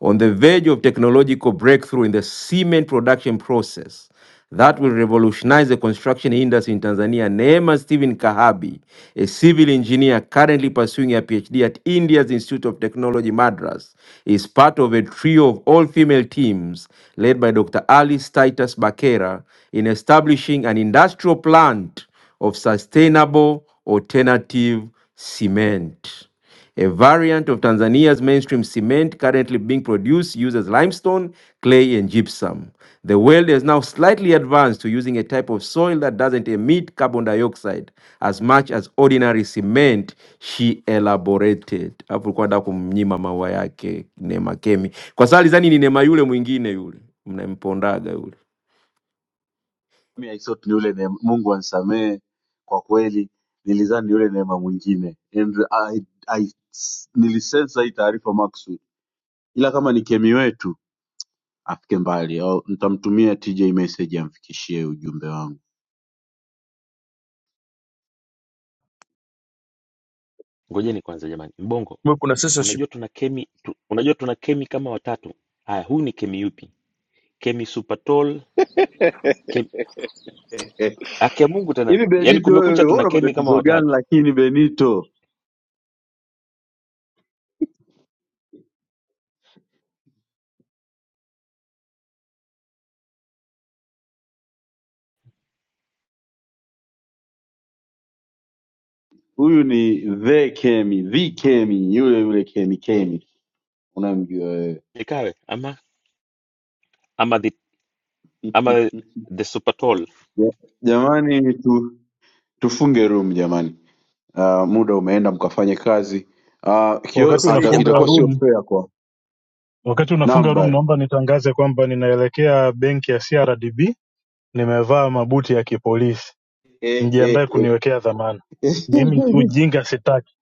P: on the verge of technological breakthrough in the cement production process that will revolutionize the construction industry in Tanzania. Neema Stephen Kahabi, a civil engineer currently pursuing a PhD at India's Institute of Technology, Madras, is part of a trio of all female teams led by Dr. Alice Titus Bakera in establishing an industrial plant of sustainable alternative cement. A variant of Tanzania's mainstream cement currently being produced uses limestone, clay, and gypsum. The world has now slightly advanced to using a type of soil that doesn't emit carbon dioxide as much as ordinary cement, she elaborated. Hapo ulikuwa nataka kumnyima maua yake Neema Kemi, kwa sababu alizani ni Neema yule mwingine yule mnampondaga yule.
D: mimi i thought ni yule neema mungu anisamee kwa kweli nilizani ni yule neema mwingine and I, I, nilisensa hii taarifa maksud ila kama ni kemi wetu afike mbali au nitamtumia tj message amfikishie ujumbe wangu
M: Ngojeni kwanza jamani, Mbongo,
B: Kumbe kuna censorship
M: unajua tuna kemi tu, unajua tuna kemi kama watatu. Haya, huyu ni kemi yupi? Kemi Supertall, kemi
D: Eh,
M: akia Mungu tena,
D: hivi
M: yaani
D: benito wewe
M: kumekucha,
D: wewe
M: tuna
D: una
M: kemi kama
D: matatizo gani
M: watatu.
D: lakini benito Huyu ni the Kemi, the Kemi, yule yule Kemi Kemi, unamjua wewe.
M: ikawe ama ama the, ama the super tall
D: Ja- Jamani tu, tufunge room jamani. Uh, muda umeenda mkafanye kazi. Uh, kio,
K: Wakati
D: ata,
K: unafunga
D: itakuwa sio
K: room,
D: fair kwa
K: wakati unafunga room,
D: number
K: naomba nitangaze kwamba ninaelekea benki ya CRDB. Nimevaa mabuti ya kipolisi, mjiandae kuniwekea dhamana. Mimi ujinga sitaki.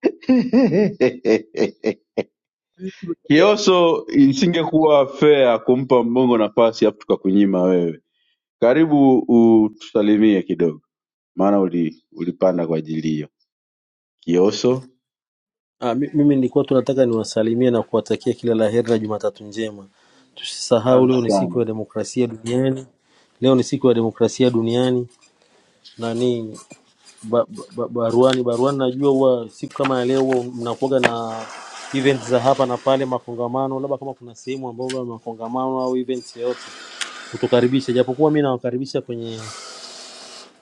B: Eh, imetokea.
D: Kioso, isingekuwa fair kumpa mbongo nafasi afu tukakunyima wewe. Karibu utusalimie kidogo, maana uli, ulipanda kwa ajili hiyo. Kioso.
U: Ah, mi- mimi nilikuwa tu nataka niwasalimie na kuwatakia kila la heri na Jumatatu njema. Tusisahau
D: Asante
U: leo ni siku
D: sana
U: ya demokrasia duniani, leo ni siku ya demokrasia duniani. Nani ba, ba, baruani baruani, najua huwa siku kama ya leo huwa mnakuwaga na event za hapa na pale, makongamano. Labda kama kuna sehemu ambayo huwa makongamano au events yoyote, utukaribisha, japokuwa mi nawakaribisha kwenye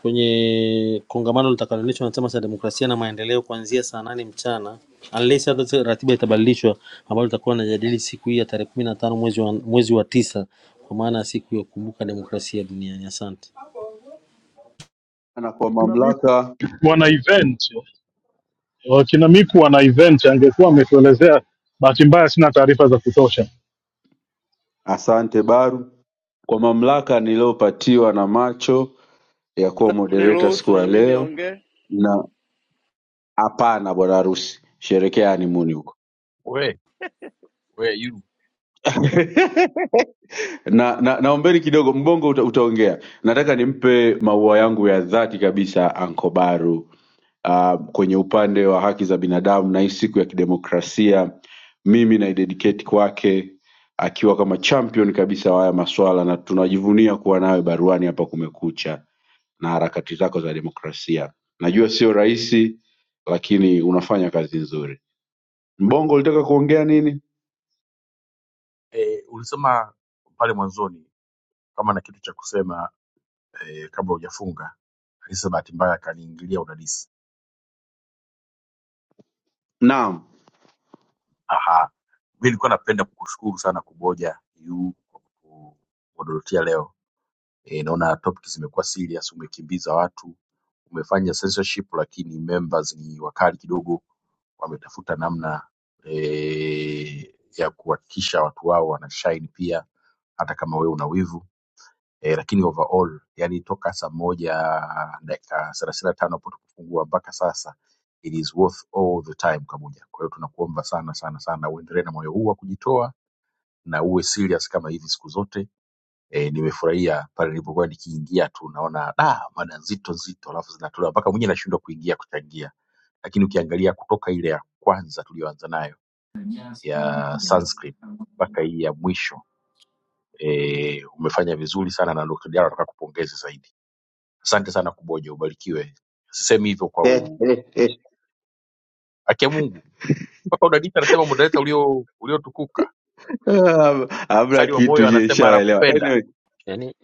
U: kwenye kongamano litakaloendeshwa na Chama cha Demokrasia na Maendeleo kuanzia saa nane mchana unless hata sasa ratiba itabadilishwa, ambayo tutakuwa najadili siku hii ya tarehe kumi na tano mwezi wa, mwezi wa tisa kwa maana ya siku ya kukumbuka demokrasia duniani. Asante.
D: na kwa
K: Kina Miku
D: mamlaka,
K: wana event, wakina Miku wana event, angekuwa ametuelezea. Bahati mbaya sina taarifa za kutosha.
D: asante Baru, kwa mamlaka niliyopatiwa na macho ya kuwa moderator
S: niruhusu
D: siku
S: na
D: ya
S: mimi
D: leo,
S: niongee
D: na hapana bwana harusi, sherekea hanimuni huko na, na naombeni kidogo mbongo uta, utaongea nataka nimpe maua yangu ya dhati kabisa ankobaru Ah, kwenye upande wa haki za binadamu na hii siku ya kidemokrasia mimi naidedicate kwake akiwa kama champion kabisa wa haya maswala na tunajivunia kuwa nawe baruani hapa kumekucha na harakati zako za demokrasia najua sio rahisi lakini unafanya kazi nzuri mbongo ulitaka kuongea nini
B: Eh, ulisema pale mwanzoni kama na kitu cha kusema eh, kabla hujafunga Alisa bahati mbaya akaniingilia udadisi.
D: naam
B: Aha, mi nilikuwa napenda kukushukuru sana Kuboja yu kwa kutuododotia leo. Eh, naona topic zimekuwa serious, umekimbiza watu umefanya censorship lakini members ni wakali kidogo wametafuta namna e, ya kuhakikisha watu wao wanashine pia hata kama wewe una wivu e, lakini overall yani toka saa moja dakika thelathini na tano hapo tukifungua mpaka sasa it is worth all the time kamoja kwa hiyo tunakuomba sana sana sana uendelee na moyo huu wa kujitoa na uwe serious kama hivi siku zote e, nimefurahia pale nilipokuwa nikiingia tu naona da mada nzito nzito alafu zinatolewa mpaka mwenyewe nashindwa kuingia kuchangia lakini ukiangalia kutoka ile ya kwanza tuliyoanza nayo
V: Yeah.
B: ya Sanskrit mpaka hii ya mwisho e, umefanya vizuri sana na Dr. Diallo nataka kupongeze zaidi. Asante sana Kuboja, ubarikiwe. Sasa akia Mungu
D: Ah, hamna kitu je ishawaelewa anyway,
M: yani,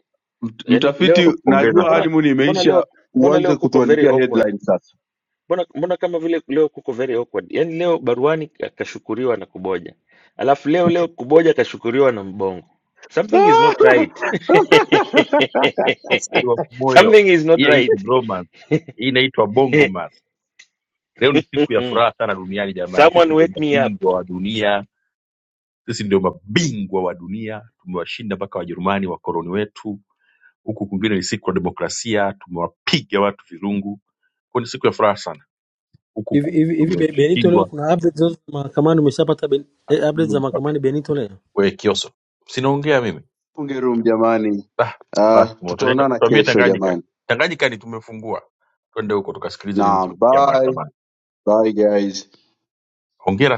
D: mt-
M: yani leo
D: mtafiti najua
M: mbona
D: honeymoon
M: mbona leo
D: imeisha
M: mbona leo
D: uanze
M: kuko very
D: kutuandikia
M: awkward
D: headline sasa
M: mbona mbona kama vile leo kuko very awkward yani leo baruani ka- kashukuriwa na kuboja alafu leo leo kuboja kashukuriwa na mbongo something is not right
B: asifiwe moyo,
M: something is
B: hii
M: not
B: haitwi
M: right
B: bromance, hii inaitwa bongo mas. Leo ni siku ya furaha sana duniani jamani, sisi
M: someone
B: ndio
M: wake me up
B: mabingwa wa dunia, sisi ndio mabingwa wa dunia, tumewashinda mpaka Wajerumani wakoloni wetu huku kwingine ni siku ya demokrasia, tumewapiga watu virungu, kwa ni siku ya furaha sana. Huku
U: Hivi
B: ku-
U: hivi hivi Be- Benito, leo
B: tumeshindwa
U: kuna update zote za mahakamani? Umeshapata ben- eh, update za
B: sijui wapi.
U: mahakamani Benito leo?
B: Mimi
D: Funge room jamani. Uh, tutaonana
B: tuambie
D: kesho
B: Tanganyika,
D: jamani.
B: Tanganyika ni tumefungua, twende huko tukasikilize nini
D: Naam,
B: kimetokea
D: bye.
B: mahakamani.
D: Bye guys.
B: Hongera.